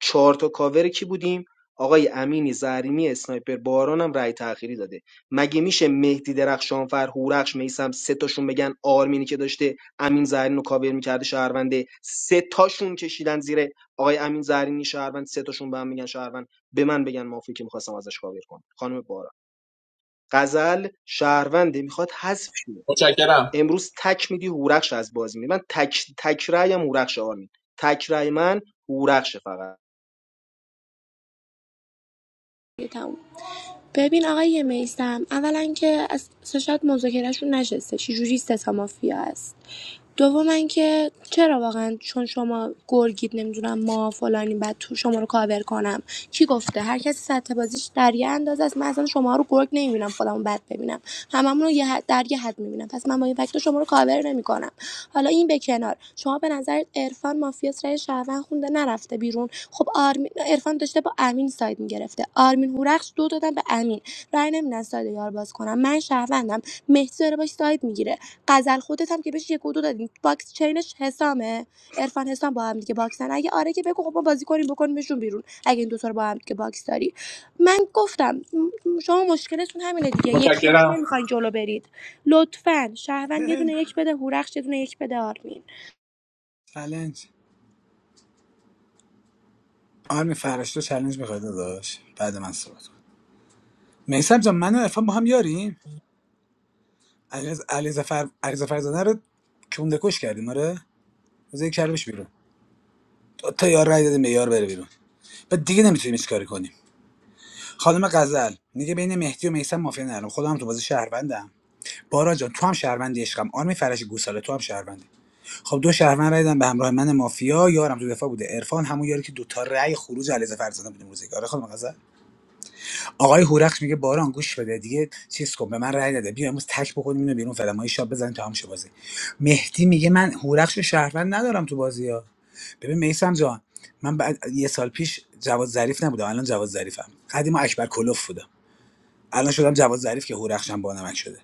چهار تا کاور کی بودیم آقای امینی زرینی اسنایپر بارانم رأی تأخیری داده مگه میشه مهدی درخشانفر هورخش میسم سه تاشون بگن آرمینی که داشته امین زرین رو کاور میکرده شهرونده سه تاشون کشیدن زیر آقای امین زرینی شهروند سه تاشون به هم میگن شهروند به من بگن مافی که میخواستم ازش کاور کنم خانم باران غزل شهرونده میخواد حذف شه
متشکرم
امروز تک میدی هورخش از بازی میره من تک تک رأیم هورخش آرمین تک رأی من هورخش فقط
تموم. ببین آقای میستم اولا که از سه شاید مذاکرهشون نشسته چجوری سه تا مافیا هست دوم اینکه چرا واقعا چون شما گرگید نمیدونم ما فلانیم بعد تو شما رو کاور کنم کی گفته هر کسی سطح بازیش در یه اندازه است من اصلا شما رو گرگ نمیبینم خودمو بد ببینم هممون رو یه حد- در یه حد میبینم پس من با این فکت شما رو کاور نمیکنم حالا این به کنار شما به نظر عرفان مافیاس رای شهروند خونده مونده نرفته بیرون خب آرمین عرفان داشته با امین ساید میگرفته آرمین هورخش دو دادن به امین رأی نمیدن ساید یار باز کنم من شهروندم مهدی داره باش ساید میگیره غزل خودت هم که بهش یک و دو دادیم باکس چینش حسامه عرفان حسام با هم دیگه باکسن اگه آره که بگو خب ما بازی کنیم بکنیمشون بیرون اگه این دوتا رو با هم دیگه باکس داری من گفتم م- شما مشکلتون همینه دیگه یکی یکی
متشکرم
نمیخواین جلو برید لطفا شهروند یه دونه یک بده هورخش یه دونه یک بده آرمین
چالش آرمی فرش تو چالش میخواد داداش بعد من صحبت کنم. میسم جان من و عرفان با هم یاریم علیز- علیزفر علیزفر زاده رو کونده کش کردیم آره از یک کلمش بیرون تا تا یار رای دادیم به یار بره بیرون و دیگه نمیتونیم هیچ کاری کنیم خانم غزل میگه بین مهدی و میسم مافیا نرم خودم تو بازی شهروندم بارا جان تو هم شهروندی عشقم آرمی فرش گوساله تو هم شهروندی خب دو شهروند رای دادن به همراه من مافیا یارم تو دفاع بوده عرفان همون یاری که دو دوتا رای خروج علیرضا فرزانه بوده موزیک آره خانم غزل آقای هورخش میگه باران گوش بده دیگه چیز کن به من رای نده بیا امروز تک بکنیم اینو بیرون فعلا ما یه شاب بزنیم تا هم شه بازی مهدی میگه من هورخش رو شهروند ندارم تو بازی ها ببین میسم جان من بعد یه سال پیش جواد ظریف نبودم الان جواد ظریفم قدیم اکبر کلوف بودم الان شدم جواد ظریف که هورخشم بانمک شده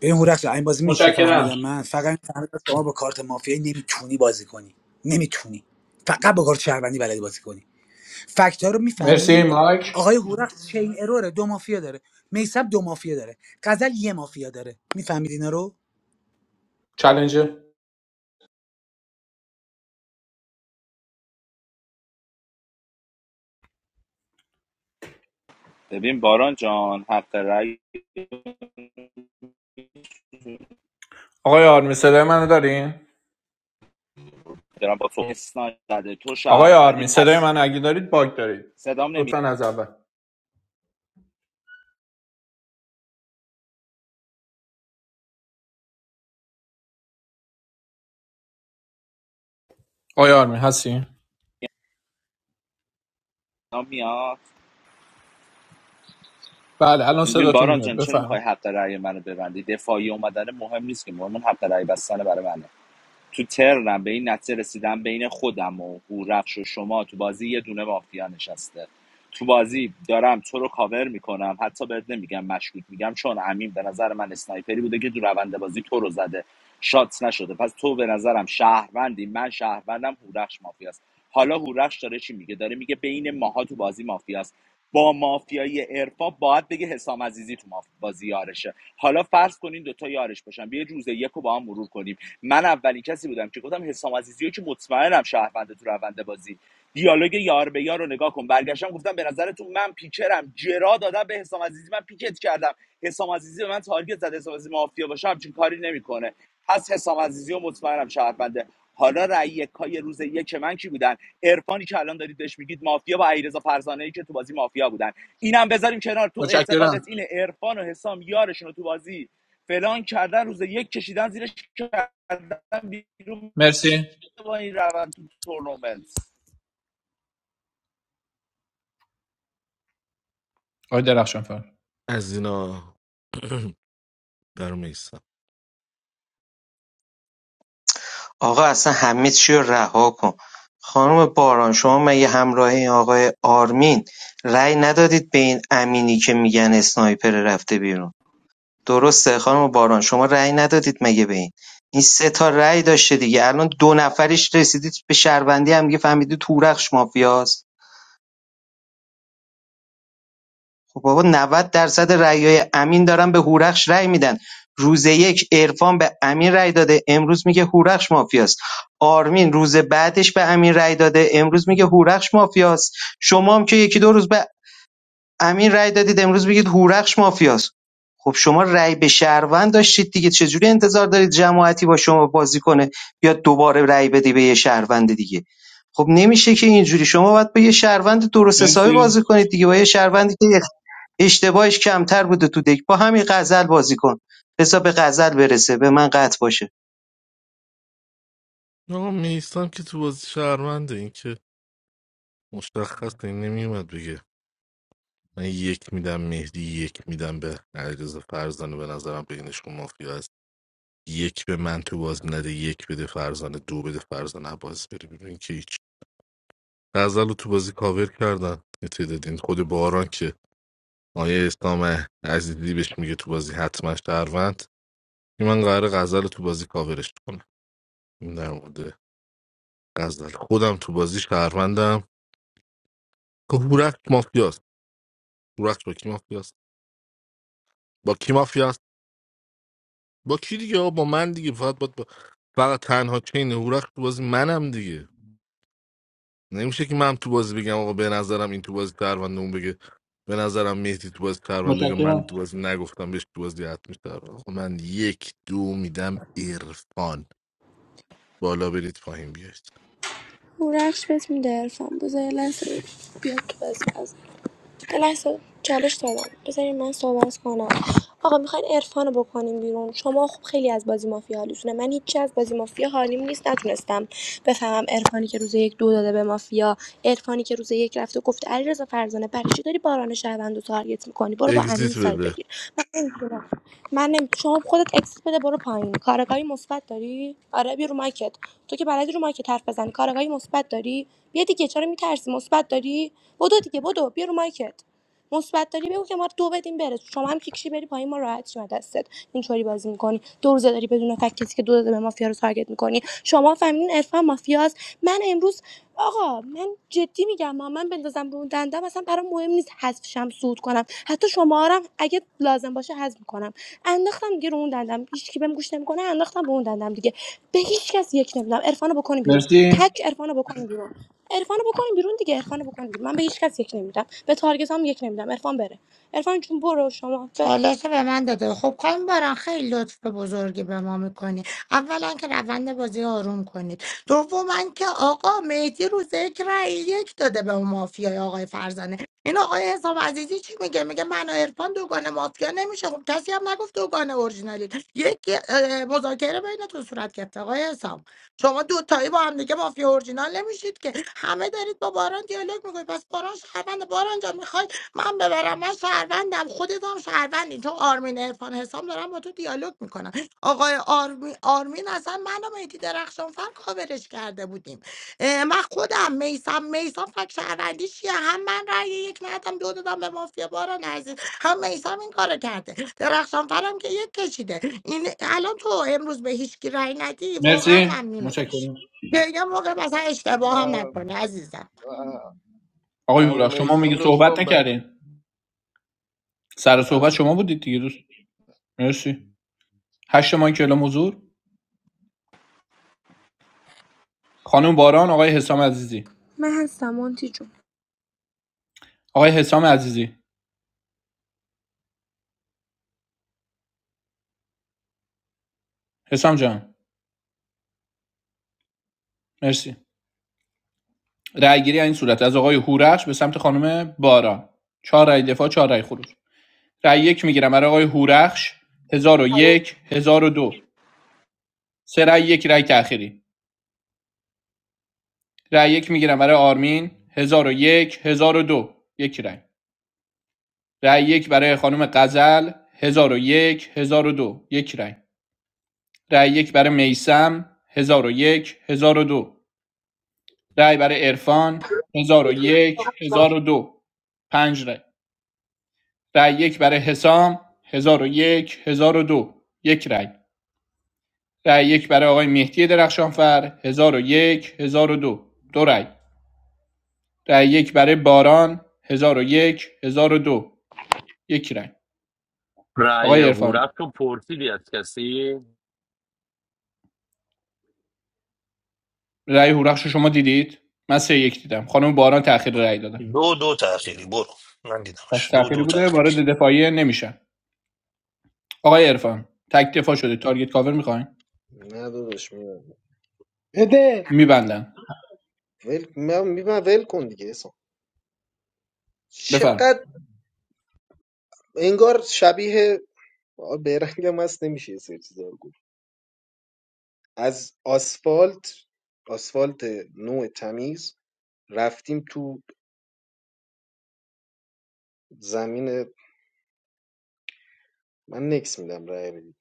ببین هورخش این بازی میشه چی
متشکرم
فهمیدم من فقط فهمیدم شما با کارت مافیایی نمیتونی بازی کنی نمیتونی فقط با کارت شهروندی بلدی بازی کنی فکت ها رو
مرسی
میفهمی
مایک
آقای هورخش چین اروره دو مافیا داره میسب دو مافیا داره غزل یه مافیا داره میفهمید اینا رو
چالنجر
ببین باران جان حق رأی
آقای آرمی صدای منو دارین
دارم با تو اسنای زده تو
آقای
شهروندی
آرمین صدای
پس
من اگه دارید باگ دارید
صدام نمی
لطفا از اول آقای آرمین هستی
صدام میاد
بله الان
ببین
صداتون
باران
میاد
جان چرا میخوای
بفرمایید
حق رأی منو ببندی دفاعی اومدن مهم نیست که مهم اون حق رأی بستن برای منه تو ترنم به این نتیجه رسیدم بین خودم و هورخش و شما تو بازی یه دونه مافیا نشسته تو بازی دارم تو رو کاور میکنم حتی بهت نمیگم مشکوک میگم چون امین به نظر من اسنایپری بوده که تو روند بازی تو رو زده شات نشده پس تو به نظرم شهروندی من شهروندم هورخش مافیاست حالا هورخش داره چی میگه داره میگه بین ماها تو بازی مافیاست با مافیای ارفا باید بگه حسام عزیزی تو ماف- بازی یارشه حالا فرض کنین دوتا یارش باشن بیا روز یک رو با هم مرور کنیم من اولین کسی بودم که گفتم حسام عزیزی رو که مطمئنم شهرونده تو روند بازی دیالوگ یار به یار رو نگاه کن برگشتم گفتم به نظرتون من پیکرم جرا دادم به حسام عزیزی من پیکت کردم حسام عزیزی به من تارگت زد حسام عزیزی مافیا باشه همچین کاری نمیکنه پس حسام عزیزی و مطمئنم شهرونده حالا رأی یکای روز یک من کی بودن عرفانی که الان دارید بهش میگید مافیا با علیرضا فرزانه که تو بازی مافیا بودن اینم بذاریم کنار تو اعتقادت
متشکرم
اینه عرفان و حسام یارشون رو تو بازی فلان کردن روز یک کشیدن زیرش کردن بیرون
مرسی
با این روند تو تورنمنت
آقای درخشان فر
از اینا برمیسم
آقا اصلا همه چی رو رها کن خانم باران شما مگه همراه این آقای آرمین رأی ندادید به این امینی که میگن اسنایپر رفته بیرون درسته خانم باران شما رأی ندادید مگه به این این سه تا رأی داشته دیگه الان دو نفریش رسیدید به شهروندی هم دیگه فهمیدید تورخش مافیاست خب بابا 90 درصد رأیای امین دارن به هورخش رأی میدن روز یک عرفان به امین رأی داده امروز میگه هورخش مافیاست آرمین روز بعدش به امین رأی داده امروز میگه هورخش مافیاست شما هم که یکی دو روز به امین رأی دادید امروز میگید هورخش مافیاست خب شما رأی به شهروند داشتید دیگه چجوری انتظار دارید جماعتی با شما بازی کنه یا دوباره رأی بدی به یه شهروند دیگه خب نمیشه که اینجوری شما باید با یه شهروند درست حسابی بازی کنید دیگه با یه شهروندی که اشتباهش کمتر بوده تو دک با همین غزل بازی کن بذار به غزل برسه به من قطع باشه
آقا میستم که تو بازی شهرونده این که مشخص این نمیومد بگه من یک میدم مهدی یک میدم به علیرضا فرزانه به نظرم بینشون مافیا هست یک به من تو بازی نده یک بده فرزانه دو بده فرزانه عباس بری ببین که هیچ غزل رو تو بازی کاور کردن یه تعداد این خود باران که آیه اسلام عزیزی بهش میگه تو بازی حتما شهروند این من قرار غزل رو تو بازی کاورش کنم این در مورد غزل خودم تو بازی شهروندم که هورخش مافیاست رقص با کی مافیاست با کی مافیاست با کی دیگه آقا با من دیگه فقط با, با... فقط تنها چین هورخ تو بازی منم دیگه نمیشه که من تو بازی بگم آقا به نظرم این تو بازی پرونده اون بگه به نظرم مهدی تو بازی پرونده بگه
متشکرم
من تو بازی نگفتم بهش تو بازی حتمی شهروند. آقا من یک دو میدم عرفان بالا برید پایین بیاید
رخش بهت میده ارفان بذار لحظه بیاد تو بازی از لحظه چالش دادم بذارین من صحبت کنم آقا میخواین عرفان رو بکنیم بیرون شما خب خیلی از بازی مافیا حالیتونه من هیچی از بازی مافیا حالیم نیست نتونستم بفهمم عرفانی که روز یک دو داده به مافیا عرفانی که روز یک رفته گفته علیرضا فرزانه برای چی داری باران شهروند رو تارگت میکنی برو با امین
اگزیت
سایت
بده
بگیر من نمی‌دونم. من نمی... شما خودت اکسیت بده برو پایین کارگاهی مثبت داری آره بیا رو مایکت تو که بلدی رو مایکت حرف بزنی کارگاهی مثبت داری بیا دیگه چرا میترسی مثبت داری بدو دیگه بدو بیا رو مایکت مثبت داری بگو که ما دو بدیم بره شما هم کیکشی بری پایین ما راحت شیم از دستت اینطوری بازی میکنی دو روزه داری بدون فکت کسی که دو داده به مافیا رو تارگت میکنی شما فهمیدین عرفان مافیاست من امروز آقا من جدی میگم ما من بندازم به اون دندم اصلا برام مهم نیست حذف شم صعود کنم حتی شما رو هم اگه لازم باشه حذف میکنم انداختم دیگه رو اون دندم هیچ کی بهم گوش نمیکنه انداختم به اون دندم دیگه به هیچ کس یک نمیدم عرفانو بکنی بیرون
مرسی
تک عرفانو بکنی بیرون عرفانو بکنیم بیرون دیگه عرفانو بکنیم بیرون من به هیچ کس یک نمیدم به تارگت هم یک نمیدم عرفان بره عرفان جون برو شما ب...
چالش رو به من داده خب خانم باران خیلی لطف بزرگی به ما میکنی اولا که روند بازی آروم کنید دوما که آقا مهدی روز یک رأی یک داده به اون مافیای آقای فرزانه این آقای حسام عزیزی چی میگه میگه من و عرفان دوگانه مافیا نمیشه خب کسی هم نگفت دوگانه اورجینالی یک اه، مذاکره بینتون صورت گرفته آقای حسام شما دوتایی با هم دیگه مافیا اورجینال نمیشید که همه دارید با باران دیالوگ میکنید پس باران شهروند باران جان من ببرم من شهروندم خودت هم شهروندی تو آرمین ارفان حسام دارم با تو دیالوگ میکنم آقای آرمین, آرمین اصلا من و مهدی درخشانفر کاورش کرده بودیم اه، من خودم میسم میسم فک شهروندی چیه هم من رأی یک ندادم دو دادم به مافیا باران عزیز هم میسم این کارو کرده درخشانفرم که یک کشیده این الان تو امروز به هیچ کی رأی ندی واقعا
مرسی
ممنونت میشه
متشکرم
دیگه موقع مثلا اشتباه هم
من
نکنه عزیزم
آقای هورا
عموم
شما میگه
ایسم لطف
صحبت
کن بعد
نکردین سر
من
صحبت
ترسو
شما بودید دیگه دوست مرسی هشت ماه کلا حضور خانم باران آقای حسام عزیزی
من هستم مونتی جون
آقای حسام عزیزی حسام جان مرسی رأیگیری این صورت از آقای هورش به سمت خانم باران چهار رأی دفاع چهار رأی خروج رای یک میگیرم برای آقای هورخش 1001 1002 سه رأی یک رای تأخیری رای یک میگیرم برای آرمین هزار و یک هزار و دو، یک رای. رای یک برای خانم غزل هزار و یک هزار و دو، یک رای. رای یک برای میسم و یک هزار و دو. رای برای عرفان هزار و یک هزار و دو، پنج رای. رای یک برای حسام هزار و یک هزار و دو، یک رای. رای یک برای آقای مهدی درخشانفر 1001 1002 دو دو رای رأی یک برای باران 1001 1002 یک هزار و دو یک رای
رأی
آقای عرفان
هورفش رو پرسیدی از کسی
رای هورخش شما دیدید من سه یک دیدم خانم باران تأخیر رای دادن
دو دو تاخیری برو من
پس
دیدمش دو
تأخیری
دو
بوده
تاخیری
وارد دفاعیه نمیشن آقای عرفان تک دفاع شده تارگت کاور میخواین
نه داداش میبرم
بده
میبندن
ول من میبرم ول کن دیگه اصلا
بفرم
چقدر انگار شبیه آ، بیرنگم هست نمیشه یه سری چیزا رو گفت از آسفالت آسفالت نوع تمیز رفتیم تو زمین من نکس میدم رای بدید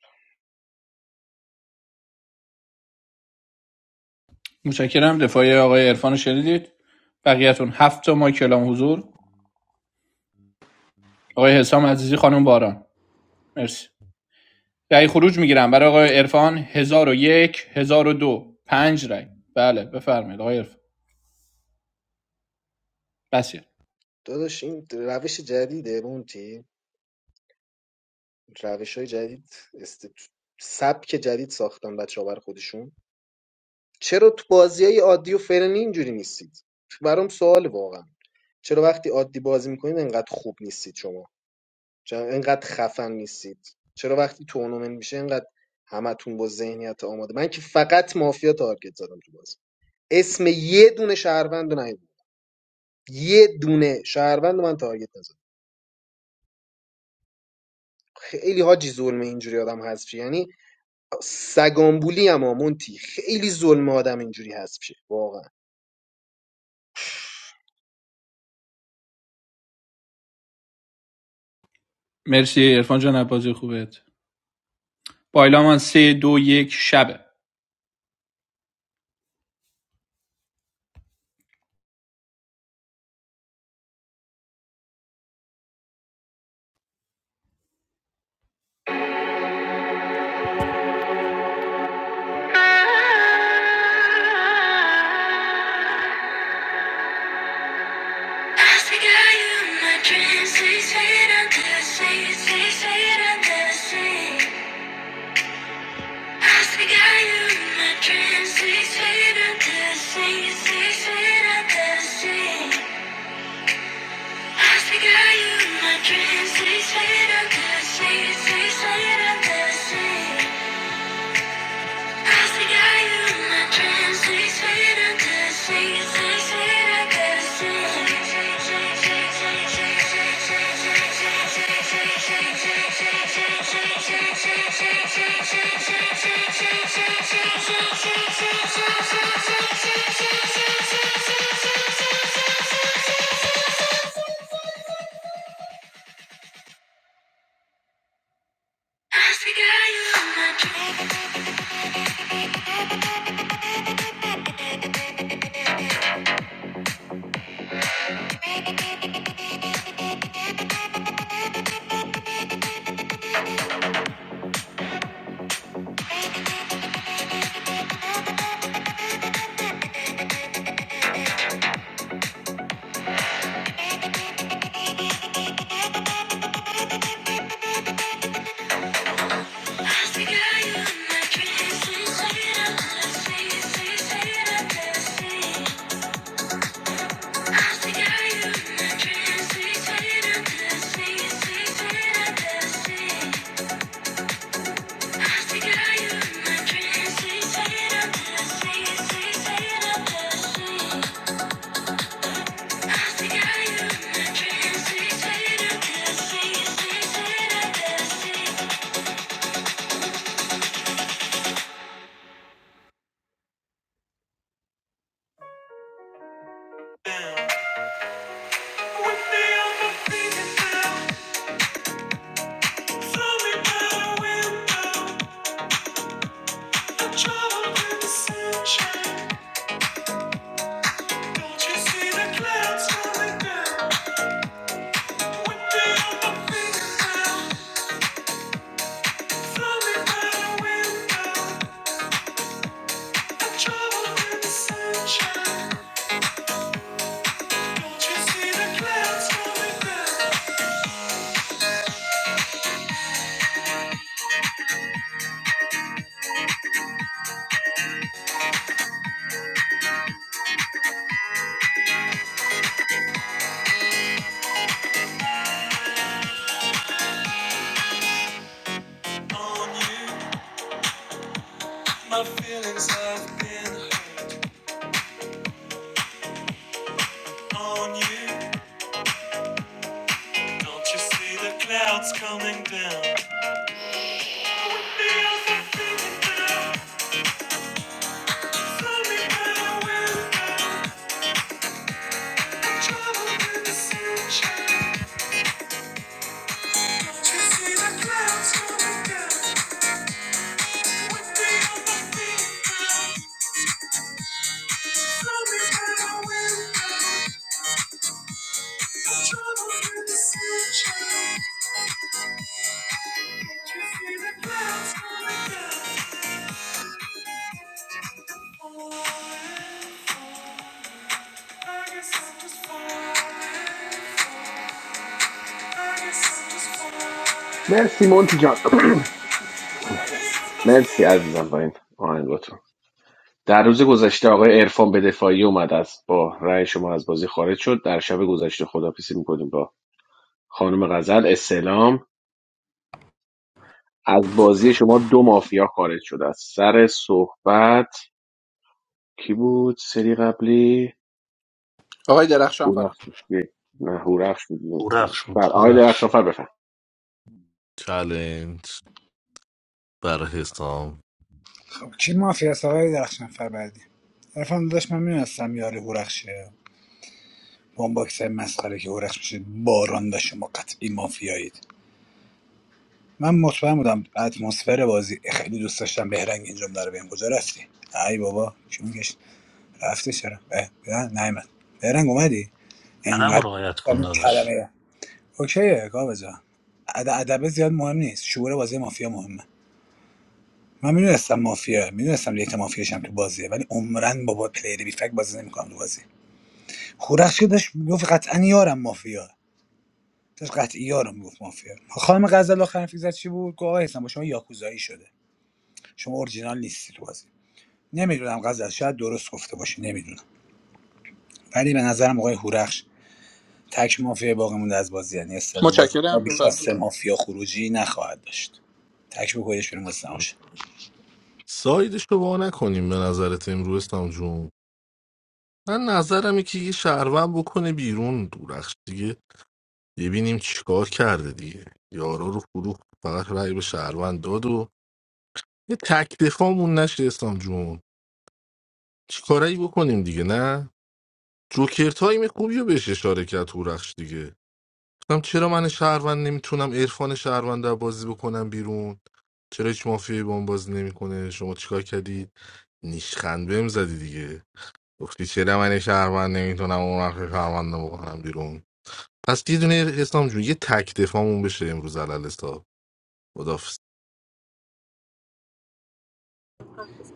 متشکرم دفاعی آقای عرفان رو شنیدید بقیهتون هفت تا مایک اعلام حضور آقای حسام عزیزی خانم باران مرسی رأی خروج میگیرم برای آقای عرفان 1001 1002 پنج رأی بله بفرمایید آقای عرفان بسیار
داداش این روش جدیده مونتی روش های جدید است... سبک جدید ساختن بچه ها برای خودشون چرا تو بازی های عادی و فرنی اینجوری نیستید برام سوال واقعا چرا وقتی عادی بازی میکنید انقدر خوب نیستید شما چرا انقدر خفن نیستید چرا وقتی تورنمنت میشه انقدر همتون با ذهنیت آماده من که فقط مافیا تارگت زدم تو بازی اسم یه دونه شهروند رو نیاوردم. یه دونه شهروند رو من تارگت نزدم خیلی حاجی ظلمه اینجوری آدم حذفی یعنی سگآنبولیم آ مونتی خیلی ظلمه آدم اینجوری هست شه واقعا
مرسی عرفان جان از بازی خوبت با اعلام من 3 2 1 شبه Thank you. آقای
مرسی مونتی جان مرسی عزیزم با این آهنگاتون در روز گذشته آقای عرفان به دفاعی اومد از با رأی شما از بازی خارج شد در شب گذشته خدافیسی میکنیم با خانم غزل اسلام از بازی شما دو مافیا خارج شده است سر صحبت کی بود سری قبلی
درخشان فرا
هورفش بود. نه هورفش بود
اورخش
بر
بود
آقای درخشان
اورخش
فر بفهم
چالنج برای حسام
خب کی مافیا است آقای درخشان فر بعدی عرفان داشت من میدونستم یاری هورخشه با اون باکس مسخره که هورخش میشه باران و شما قطعی مافیایید من مطمئن بودم اتمسفر بازی خیلی دوست داشتم بهرنگ این جمله رو بهم کجا رفتی ای بابا چی میگش رفته چرا اه، نه نیومد بهرنگ اومدی
ادب رو
انقدر
رعایت کن
این
داداش
کلمه اوکیه کاوه جان اد- ادبه زیاد مهم نیست شعور بازی مافیا مهمه من میدونستم مافیا میدونستم دیت مافیاش هم تو بازیه ولی عمرن با با پلیر بی فک بازی نمیکنم تو بازی خورخش که داشت میگفت قطعا یارم مافیا داشت قطعی یارم میگفت مافیا خانم غزل آخر حرفی زد چی بود گفت آقا حسن با شما یاکوزایی شده شما اورجینال نیستی تو بازی نمیدونم غزل شاید درست گفته باشه نمیدونم ولی به نظرم آقای هورخش تک مافیا باقی مونده از بازی یعنی استلام بازی ما
متشکرم
بیش از
بفرم
سه مافیا خروجی نخواهد داشت تک بکنیدش بیرون واسه تماشا.
ساید شما نکنیم به نظرت امروز حسام جون من نظرم اینه که یه شهروند بکنه بیرون دورخش دیگه ببینیم چیکار کرده دیگه یارا رو فروخت فقط رأی به شهروند داد و یه تک دفاعمون نشه اسلام جون چیکارایی بکنیم دیگه نه جوکر تایم خوبی رو بهش اشاره کرد هورخش دیگه گفتم چرا من شهروند نمیتونم عرفان شهروند رو بازی بکنم بیرون چرا هیچ مافیایی با اون بازی نمیکنه شما چیکار کردی نیشخند بهم زدی دیگه گفتی چرا من شهروند نمیتونم اون وقت شهروند رو بکنم بیرون پس یه دونه اسلام جون یه تک دفاعمون بشه امروز علل حساب خدافظ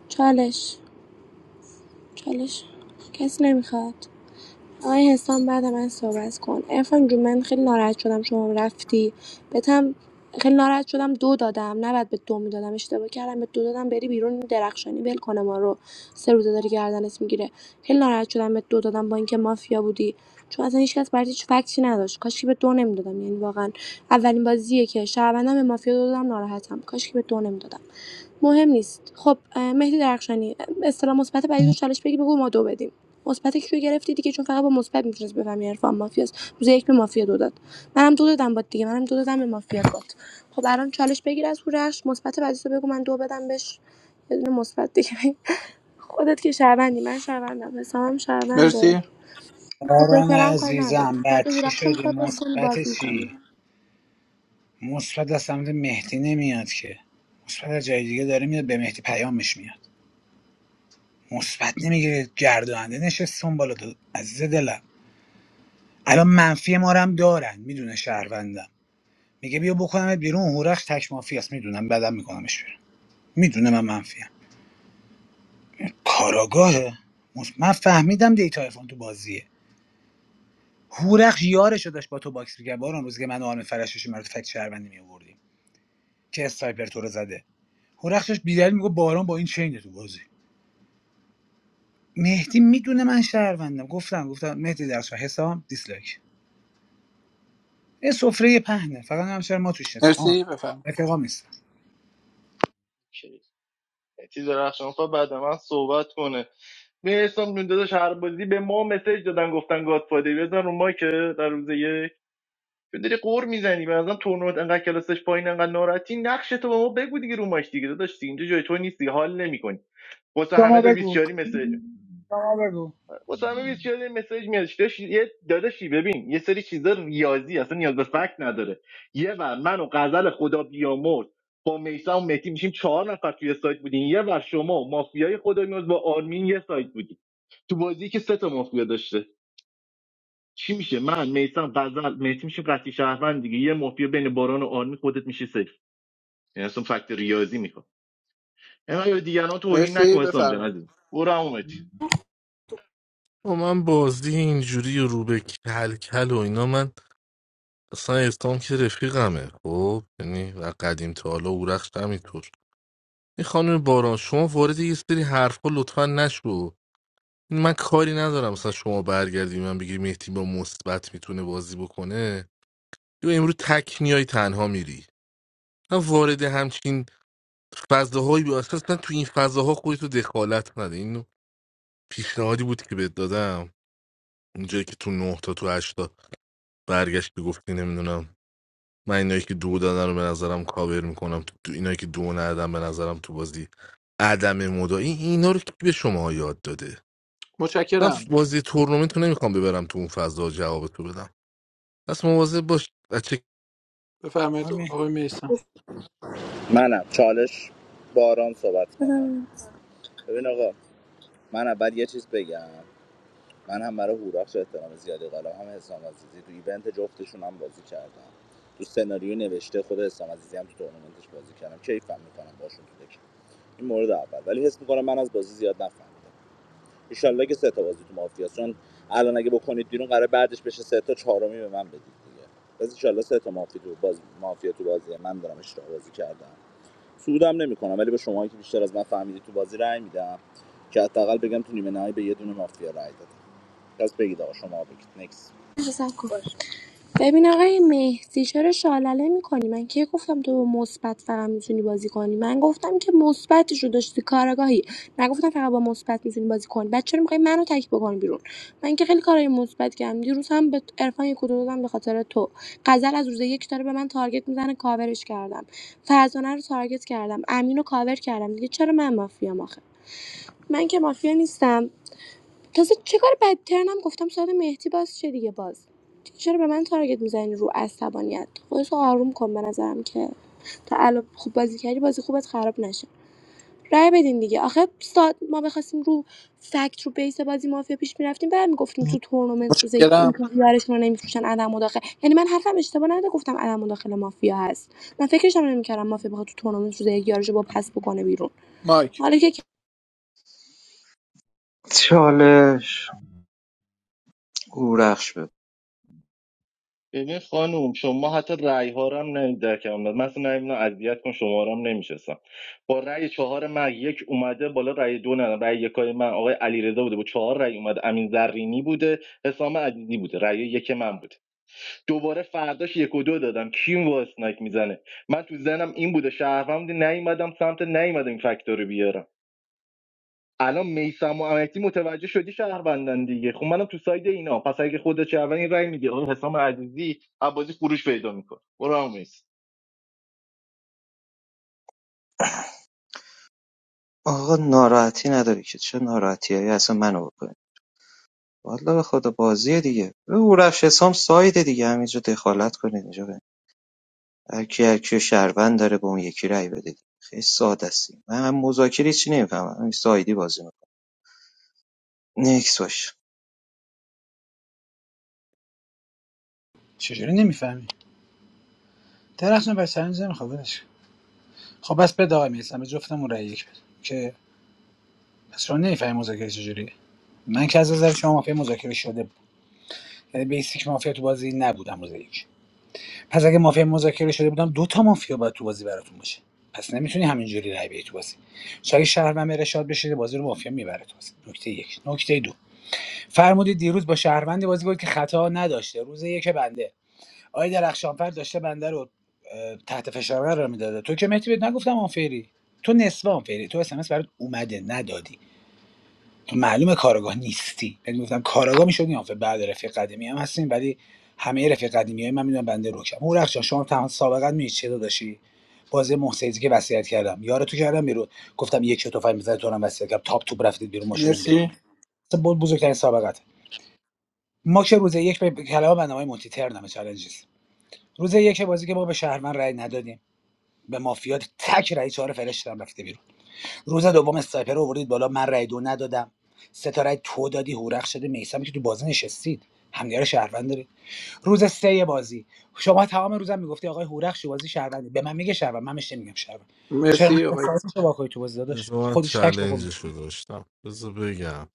چالش چالش کسی نمیخواد آقای حسام بعد من صحبت کن عرفان جون من خیلی ناراحت شدم شما رفتی بتم خیلی ناراحت شدم دو دادم نباید به دو میدادم اشتباه کردم به دو دادم بری بیرون درخشانی ول کنه ما رو سه روزه داره گردنت میگیره خیلی ناراحت شدم به دو دادم با اینکه مافیا بودی چون اصلا هیچکس برات هیچ فکتی نداشت کاش که به دو نمیدادم یعنی واقعا اولین بازیه که شهروندم به مافیا دو دادم ناراحتم کاش که به دو نمیدادم مهم نیست خب اه، مهدی درخشانی اصطلاح مثبت بعدی رو چالش بگی بگو ما دو بدیم مثبتش رو گرفتی دیگه چون فقط با مثبت میتونست بفهمی عرفان مافیاست روز یک به مافیا دو داد منم دو دادم بات دیگه منم دو دادم به مافیا بات خب الان چالش بگیر از هورش مثبت بعدی رو بگو من دو بدم بهش یه دونه مثبت دیگه بگیر. خودت که شهروندی من شهروندم حسامم شهرونده
مرسی
باران
مذاکره هم کاری نداریم
عزیزم
تاگه
بچه
هورش رو
شدی
میخواد باز کنی
مثبت
باز
چی مثبت از سمت مهدی نمیاد که مثبت از جای دیگه داره میاد به مهدی پیامش میاد مثبت نمیگیره گردانده نشست اون بالا دو عزیز دلم الان منفی ما رو هم دارن میدونه شهروندم میگه بیا بکنمت بیرون هورخش تک مافیاست میدونم بعدم میکنمش بیرون میدونه من منفیم کاراگاهه مس- من فهمیدم دیتا ارفان تو بازیه هورخش یارشو داشت با تو باکس میگه باران روزی که من و آرم فرشش مرد فکت شهروندی میآوردیم که استایپر تو رو زده هورخش داشت بیدل میگه باران با این چینه تو بازی مهدی میدونه من شهروندم گفتم گفتم مهدی درس حسام دیسلایک این سفره پهنه فقط هم چرا ما توش نیست آه
مرسی بفرم
اتفاق نیست
چیز درخشان فر بعد من صحبت کنه میرسم دون داداش هر بازی به ما مسیج دادن گفتن گادفادر بزن رو مایک در روز یک چه داری قور میزنی به نظرم تورنمنت انقدر کلاسش پایین انقدر ناراحتی نقش تو به ما بگو دیگه رو ماش دیگه داداش دیگه اینجا جای تو نیست حال نمیکنی واسه همه
شما
داره
بگو
24 مسیج
شما بگو
واسه همه 24 مسیج میاد داداش یه داداشی ببین یه سری چیزا ریاضی اصلا نیاز به فکت نداره یه ور من و غزل خدا بیامرز با میسا و مهدی میشیم چهار نفر توی سایت بودین یه ور شما مافیای خدا بیامرز با آرمین یه سایت بودین تو بازی که سه تا مافیا داشت. چی میشه من میسم غزل مهدی میشه قطعی شهروند دیگه یه مافیا بین باران و آرمی خودت میشه سیف یعنی اصلا فکت ریاضی میخوام اینا یا دیگران توهین نکن
مرسی
اسلام جان
بفرمایید
عزیزم برو هم اومد
و من بازی اینجوری و رو به کل کل و اینا من اصلا اسلام که رفیقمه خب یعنی و قدیم تا حالا اورخش همینطور این خانم باران شما وارد یه سری حرفا لطفا نشو من کاری ندارم مثلا شما برگردی من بگی مهدی با مثبت میتونه بازی بکنه یا امروز تک میای تنها میری من وارد همچین فضاهایی بیا اصلا تو این فضاها خودتو دخالت نده این پیشنهادی بود که بهت دادم اونجایی که تو نه تا تو هشتا برگشتی گفتی نمیدونم من اینایی که دو دادن رو به نظرم کاور میکنم تو تو اینایی که دو ندادن به نظرم تو بازی عدم مدا این اینا رو کی به شما یاد داده من
متشکرم
بازی تورنمنت رو نمیخوام ببرم تو اون فضا جواب تو بدم پس مواظب باش بچه
بفرمایید خ-
آمین
آقای میسم
منم چالش باران صحبت کنم
میکنی
ببین آقا من اول یه چیز بگم من هم برای هوراخش احترام زیادی قائلم هم حسام عزیزی تو ایونت جفتشون هم بازی کردم تو سناریو نوشته خود حسام عزیزی هم تو تورنمنتش بازی کردم کیفم میکنم باشون تو دکی این مورد اول ولی حس میکنم من از بازی زیاد نفهمیدم ایشالله که سه تا بازی تو مافیاست الان اگه بکنید بیرون قرار بعدش بشه سه تا چهارمی به من بدید دیگه پس ایشالله سه تا مافیا تو باز مافیا تو بازی من دارم اشتباه بازی کردم سودم نمیکنم ولی به شما که بیشتر از من فهمیدی تو بازی رأی میدم که حداقل بگم تو نیمه نهایی به یه دونه مافیا رأی دادم پس بگید آقا شما بگید نکس
ببین آقای مهدی چرا شالله میکنی من کی گفتم تو با مثبت فقط میتونی بازی کنی من گفتم که مثبتش رو داشتی کارگاهی نگفتم فقط با مثبت میتونی بازی کنی بعد چرا میخوای منو تک بکنی بیرون من که خیلی کارهای مثبت کردم دیروز هم به عرفان یک کدو دادم به خاطر تو غزل از روز یک داره به من تارگت میزنه کاورش کردم فرزانه رو تارگت کردم امین رو کاور کردم دیگه چرا من مافیام آخه من که مافیا نیستم تازه چه کار بدترنم گفتم ساعت مهدی باز چه دیگه باز چرا به من تارگت میزنی رو عصبانیت خودتو آروم کن به نظرم که تا الان خوب بازی کردی بازی خوبت خراب نشه رای بدین دیگه آخه ساعت ما بخواستیم رو فکت رو بیس بازی مافیا پیش میرفتیم بعد میگفتیم تو تورنمنت روزه یک این
متشکرم
یارشون رو نمیفروشن عدم مداخله یعنی من حرفم اشتباه نده گفتم عدم مداخله مافیا هست من فکرشم نمیکردم مافیا بخواد تو تورنمنت روزه یک یارشو با پس بکنه بیرون
مایک
حالا که
چالش گورخش بده
ببین خانم شما حتی رأی ها رو هم نمی‌دید در کلام داد من اصلا نمیدونم اذیت کن شما رو هم نمیشستم با رأی چهار من یک اومده بالا رأی دو نه رأی یکای من آقای علیرضا بوده با چهار رأی اومده امین زرینی بوده حسام عزیزی بوده رأی یک من بوده دوباره فرداش یک و دو دادن کیم با اسنایک میزنه من تو زنم این بوده شهروند بودی، نیومدم سمت نیومدم این فکتور رو بیارم الان میسم و امتی متوجه شدی شهروندن دیگه خب منم تو ساید اینا پس اگه خودت شهروند رای میگه آقا حسام عزیزی عبازی خروج پیدا میکنه برو هم
آقا ناراحتی نداری که چه ناراحتی هایی اصلا منو بکنی والا به خدا بازیه دیگه به گورخش حسام سایده دیگه همینجا دخالت کنید اینجا به هر کی هر شهروند داره به اون یکی رای بده دیگه. خیلی ساده است من هم مذاکره چی نمیفهمم همین سایدی بازی میکنم نکس باش
چجوری نمیفهمی درخشان و چالش نمیخواد ولش خب بس بده آقای میسم به جفتمون رای یک بده که پس شما نمیفهمی مذاکره چجوریه من که از نظر شما مافیا مذاکره شده بود یعنی بیسیک مافیا تو بازی نبودم روز یک پس اگه مافیا مذاکره شده بودم دو تا مافیا باید تو بازی براتون باشه پس نمیتونی همینجوری رای بدی تو بازی شاید شهروند بره بشه بازی رو مافیا میبره تو بازی نکته یک نکته دو فرمودید دیروز با شهروند بازی بود که خطا نداشته روز یک بنده آقای درخشانفر داشته بنده رو اه، تحت فشار قرار میداده تو که مهدی بهت نگفتم آنفری تو نصف آنفری تو اس ام اس برات اومده ندادی تو معلومه کارگاه نیستی یعنی گفتم کارگاه میشدی آنفر بعد رفیق قدیمی هم هستیم ولی همه رفیق قدیمی های من میدونم بنده روکم او رخشان شما تمام سابقا می چه داداشی بازی محسیزی که وصیت کردم یار تو کردم بیرون گفتم یک شو تفنگ میزنه تو رو هم وصیت کردم تاپ توپ رفتید بیرون ما شدیم بیرون
مرسی
اصلا بود بزرگترین سابقت ما که روز یک به کلام بنده مونتی ترنم چالنجز روز یک بازی که ما به شهروند رأی ندادیم به مافیا تک رأی چهار فرش دادم رفته بیرون روز دوم اسنایپر رو آوردید بالا من رأی دو ندادم سه تا رأی تو دادی هورخ شده میسم که تو بازی نشستید همدیگه رو شهروند دارید روز سه بازی شما تمام روزم میگفتی آقای هورخ شو بازی شهروند به من میگه شهروند من بهش نمیگم شهروند چرا من
مرسی آقای
سایتشو واکوی تو بازی داداش
بذار من
خودش تک بکن
چلنجش
بیرون.
رو داشتم بذار بگم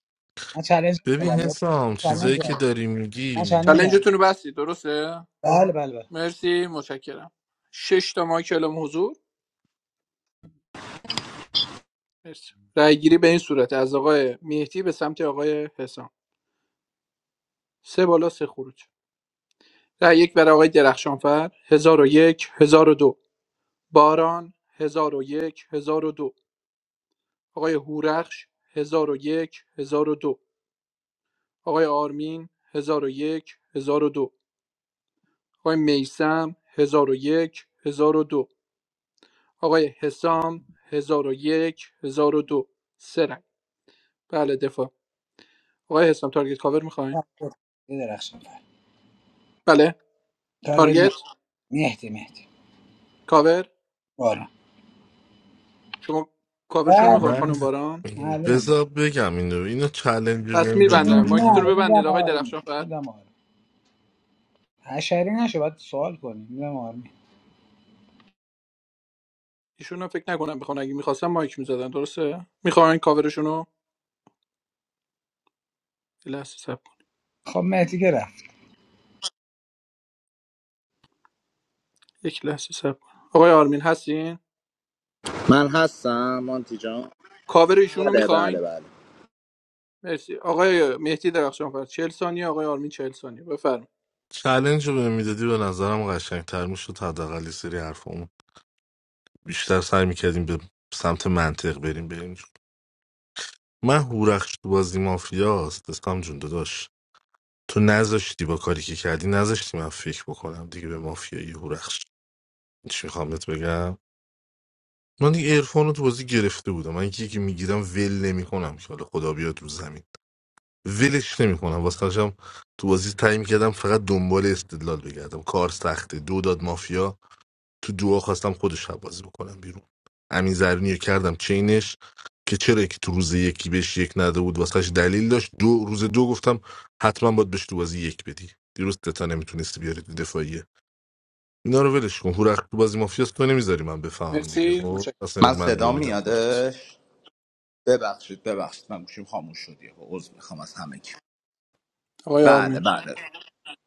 من چالش دادم
ببین
من
حسام
چالش
چیزایی که
دادم
داری
من
میگی
چالش دادم
چلنجتون رو بستید درسته
بله بله بله
مرسی متشکرم شش تا مایک اعلام حضور مرسی رأی گیری به این صورت از آقای مهدی به سمت آقای حسام سه بالا سه خروج رأی یک برای آقای درخشانفر 1001 دو باران 1001 دو آقای هورخش 1001 1002 آقای آرمین 1001 1002 آقای میسم 1001 1002 آقای حسام 1001 1002 سه رنگ بله دفاع آقای حسام تارگت کاور میخواین
یه درخشان بله
بله تارگت
تارگت مهدی مهدی
کاور
آره
شما کاورشون میخواین
بارم
من
خانم باران
معلومه
بذار بگم اینو اینو چلنج رو
پس
بهم داده
میبندم مایکتون
نه
بودیم
رو ببندید
میدم
آقای
آرمی
درخشان فر
میدم آرمی حشری نشه باید سوال کنیم میدم آرمی
ایشون هم فکر نکنم بخوان اگه میخواستم مایک میزدن درسته میخواین کاورشون رو یه لحظه صبر
خب مهدی که رفت
یک لحظه صبر کن آقای آرمین هستین
من هستم مانتی جان
کاور ایشون
بله بله
میخواین
بله
مرسی آقای مهدی درخشان فرد چهل ثانیه آقای آرمین 40 ثانیه بفرمایید
چلنج رو بهم میدادی به نظرم قشنگتر میشد حداقل یه سری حرفامون بیشتر سعی میکردیم به سمت منطق بریم بریم جلو. من هورخش تو بازی مافیاست اسلام جون داداش تو نذاشتی با کاری که کردی نذاشتی من فکر بکنم دیگه به مافیایی هورخش چی میخوام بهت بگم من دیگه عرفان رو تو بازی گرفته بودم من یکی که میگیرم ول نمیکنم که حالا خدا بیاد رو زمین ولش نمیکنم واسه هم تو بازی تعیین کردم فقط دنبال استدلال بگردم کار سخته دو داد مافیا تو دعا خواستم خودش رو بازی بکنم بیرون امین زرینی رو کردم چینش که چرا که تو روز یکی بهش یک نده بود واسهش دلیل داشت دو روز دو گفتم حتما باید بهش تو بازی یک بدی دیروز تتا نمیتونستی بیاری تو دفاعیه اینا رو ولش کن هورخ تو بازی مافیاست تو نمیذاری من بفهمم دیگه
مرسی
خب
متشکرم
پس
من
نمی‌دونم، من
صدا
دو میدم خودت
میادش ببخشید ببخشید من گوشیم خاموش شد یهو عذر میخوام از همه کی
آقای
بله
آرمین
بله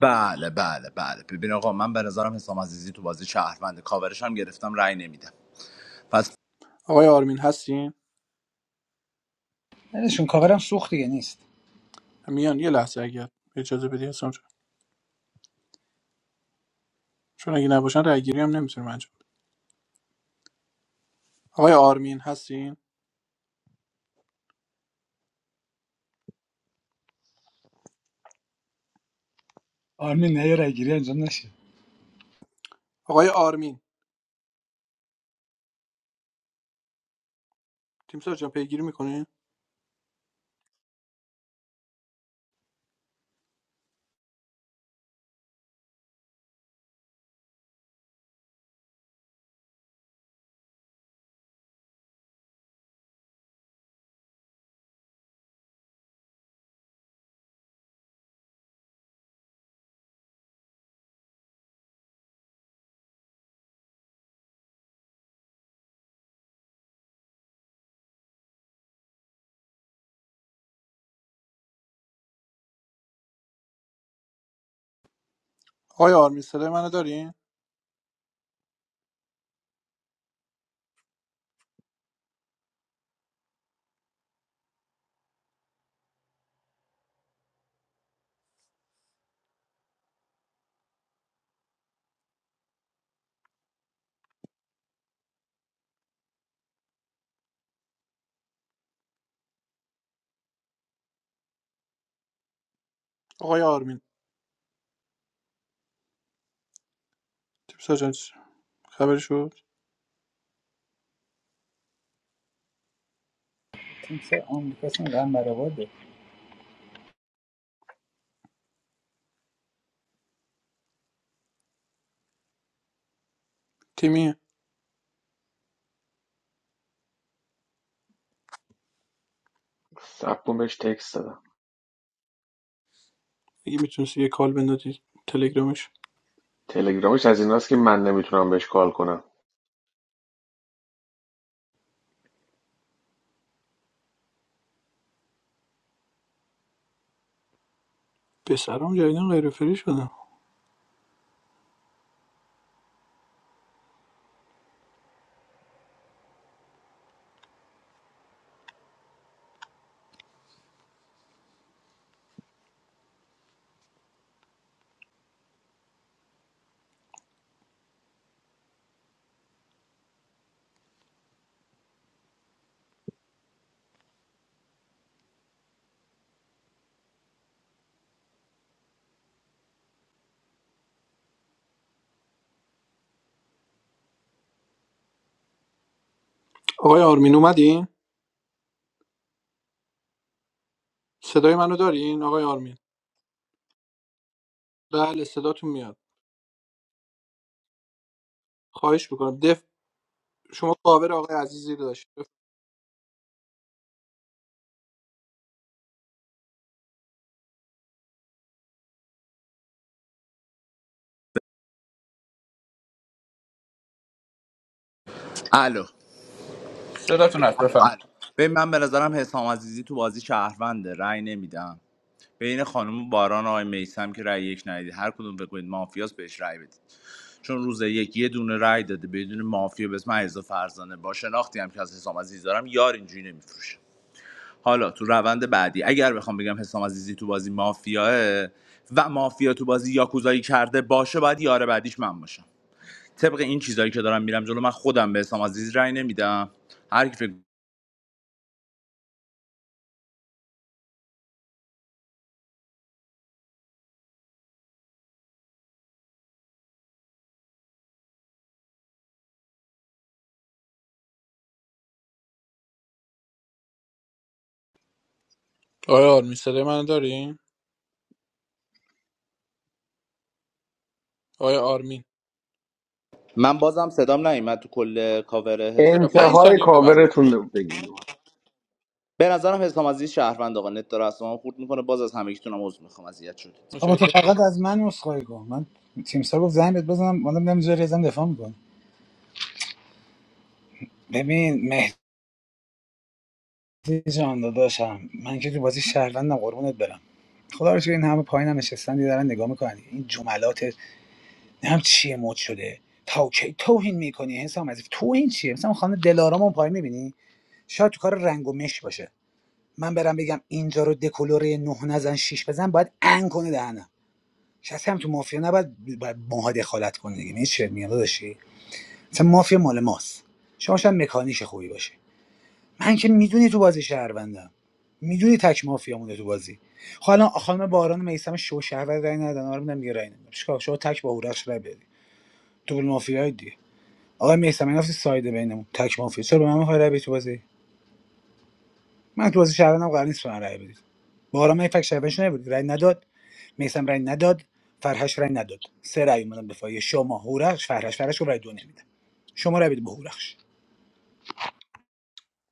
بله بله بله ببین آقا من به نظرم حسام عزیزی تو بازی شهروند کاورش هم گرفتم رأی نمیدم پس
آقای آرمین هستین
ولشون کاورم سوخت دیگه نیست
میان یه لحظه اگر اجازه بدی حسام جان چون اگه نباشن رای گیری هم نمیتونیم انجام بدیم. آقای آرمین هستین
آرمی نه یه رگیری انجام نشه
آقای آرمین تیم سر جان پیگیری میکنین آقای آرمین صدای منو دارین آقای آرمین تیم سر جان خبر شد
تیمسار آمریکاس هم رن برآورده
تیمی
سب کن بهش تکست دادم
اگه میتونستی یه کال بندازی تلگرامش
تلگرامش از این هست که من نمیتونم بهش کال کنم
به سرام جدیدن غیر فری شدن آقای آرمین اومدین؟ صدای منو دارین آقای آرمین؟ بله صداتون میاد. خواهش میکنم دف شما کاور آقای عزیزی رو داشت.
الو
صداتون هست بفهم
ببین من به نظرم حسام عزیزی تو بازی شهرونده رأی نمیدم بین خانم باران و آقای میسم که رأی یک ندید هر کدوم فکر کنید مافیاس بهش رأی بدید چون روز یک یه دونه رأی داده بدون مافیا به اسم علیرضا فرزانه با شناختی هم که از حسام عزیز دارم یار اینجوری نمیفروشه حالا تو روند بعدی اگر بخوام بگم حسام عزیزی تو بازی مافیاه و مافیا تو بازی یاکوزایی کرده باشه باید یار بعدیش من باشم طبق این چیزایی که دارم میرم جلو من خودم به حسام عزیزی رأی نمیدم هر کی فکر
آقای آرمین صدای منو دارین؟ آقای آرمین.
من بازم صدام نیومد تو کل کاور حس...
چرا پنج
حسام
انتهای
ثانیه ببندید.
کاورتون رو بگین
به نظرم حسام عزیز شهروند آقا نت داره از شما خورد میکنه باز از همگیتون هم عذر میخوام اذیت شدید
آقا تو
متشکرم.
فقط از من عذرخواهی کن من تیمسار گفت زنگ بهت بزنم مادم نمیذاری ازم دفاع میکنه ببین مهدی جان داداشم من که تو بازی شهروندم قربونت برم خدا رو شکر این همه پایینم هم نشستن دیگه دارن نگاه میکنن این جملات نم چیه مد شده تا کی توهین میکنی حسام عزیز توهین چیه مثلا خانم دلارام اون پای میبینی شاید تو کار رنگ و مش باشه من برم بگم اینجا رو دکلوره نه نزن شیش بزن باید ان کنه دهنم شاید هم تو مافیا نباید باید ماها دخالت کنه دیگه میشه چه میگم داداشی مثلا مافیا مال ماست شما شاید مکانیش خوبی باشه من که میدونی تو بازی شهروندم میدونی تک مافیا مونده تو بازی خب الان خانم باران میثم شو شهروند رای ندادن آرمیدم میگه رای ندادم چیکار؟ شما تک با هورخش رای بدی تو مافیای دیگه آقای میثم این گفتی ساید بینمون تک مافیا چرا به من میخوای رای بدی تو بازی من تو بازی شهروندم قرار نیست به من رای بدید بارا من فکر شهروندش نبود رای نداد میثم رای نداد فرهش رای نداد سه رای اومدن دفاعی شما هورخش فرهش فرهش رو رای دو نمیده شما رای بدید به هورخش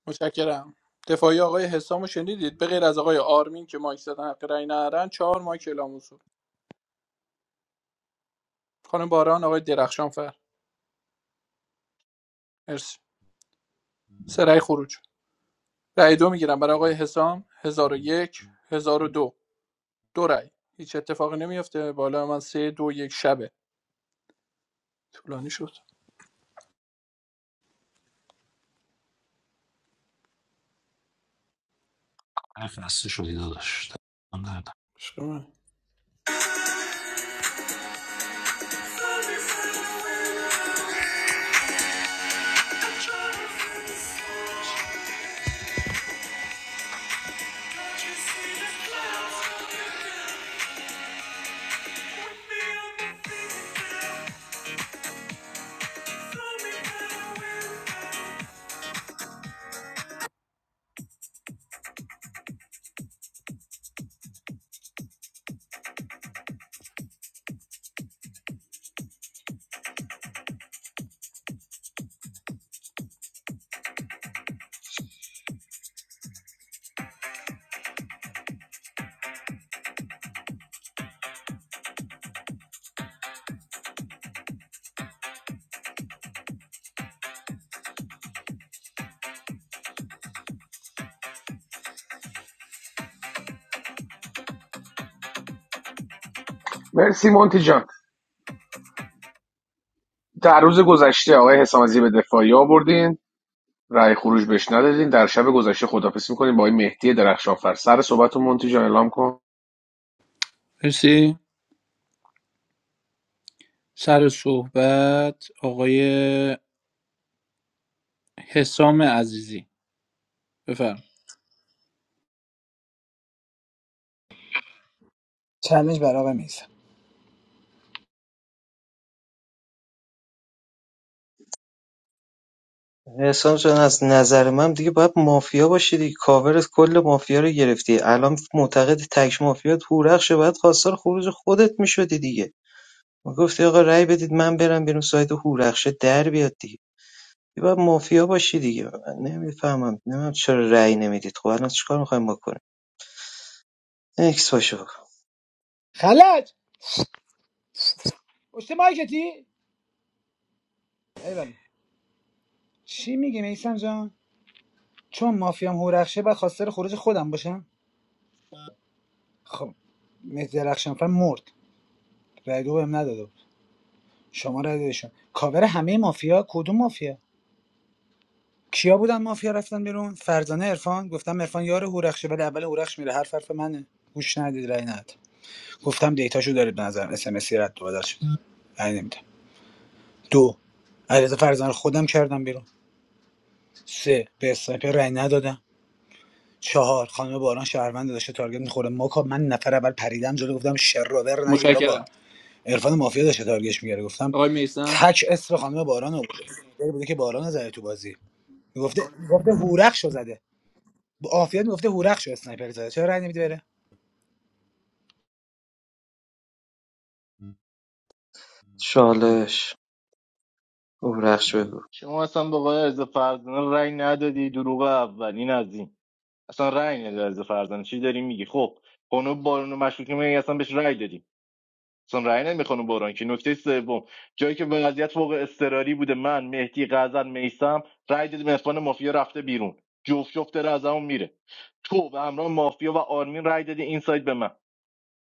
متشکرم. دفاعی آقای حسام رو شنیدید به غیر از آقای آرمین که مایک زدن حق رأی ندارن چهار مایک اعلام حضور. خانم باران آقای درخشان فر. مرسی. سرای خروج. رأی دو میگیرم برای آقای حسام 1001 دو. دو رای هیچ اتفاقی نمیافته بالا من سه دو یک شبه طولانی شد
من خسته شدی داداش دلم درد.
شما؟
مرسی مونتی جان در روز گذشته آقای حسام عزیزی به دفاعی آوردین رأی خروج بهش ندادین در شب گذشته خدافظی میکنیم با آقای مهدی درخشانفر سر صحبت مونتی جان اعلام کن
مرسی سر صحبت آقای حسام عزیزی بفرم
چالش برای آقای میثم
احسان جان از نظر من دیگه باید مافیا باشی دیگه کاورت کل مافیا رو گرفتی الان معتقد تک مافیات هورخشه باید خواستار خروج خودت میشدی دیگه ما گفتی آقا رأی بدید من برم بیرون سایت هورخشه در بیاد دیگه دیگه باید مافیا باشی دیگه من نمیفهمم نمیدونم چرا رأی نمیدید خب الان چیکار میخوایم بکنیم اکس باشه بکن
خلج پشت مایکتی ایول چی میگی میثم جان چون مافیام هورخشه بعد خواستار خروج خودم باشم خب مهدی درخشانفر مرد رای دو بهم نداده بود. شما رای دادشون کاور همه مافیا کدوم مافیا کیا بودن مافیا رفتن بیرون فرزانه عرفان گفتم عرفان یار هورخشه ولی اول هورخش میره حرف حرف منه گوش ندید رای ندید گفتم دیتاشو دارید به نظرم اس ام اس رد و بدل شد رای نمیدم دو علیرضا فرزانه رو خودم کردم بیرون سه به اسنایپر رای ندادم چهار خانم باران شهروند داشته تارگت میخوره ما کا- من نفر اول پریدم جلو گفتم شرور نگید بابا
متشکرم
عرفان مافیا داشته تارگتش میگیره گفتم
آقای میسم
تک اسم خانم باران رو بوده بوده که باران رو زده تو بازی گفته گفته هورخشو زده عافیت میگفته هورخش رو اسنایپر زده چرا رای نمیدی بره
چالش هورخش بگو
شما اصلا به آقای عز فرزانه رای ندادی دروغ اول این از این اصلا رای ندادی عز فرزانه چی داری میگی خب خانم بارون مشکوک من اصلا بهش رای دادی چون رأی نمیخونه باران که نکته سوم جایی که وضعیت فوق اضطراری بوده من مهدی غزل میسم رأی دادیم عرفان مافیا رفته بیرون جفت جفت داره از همون میره تو و همراه مافیا و آرمین رأی دادی این سایت به من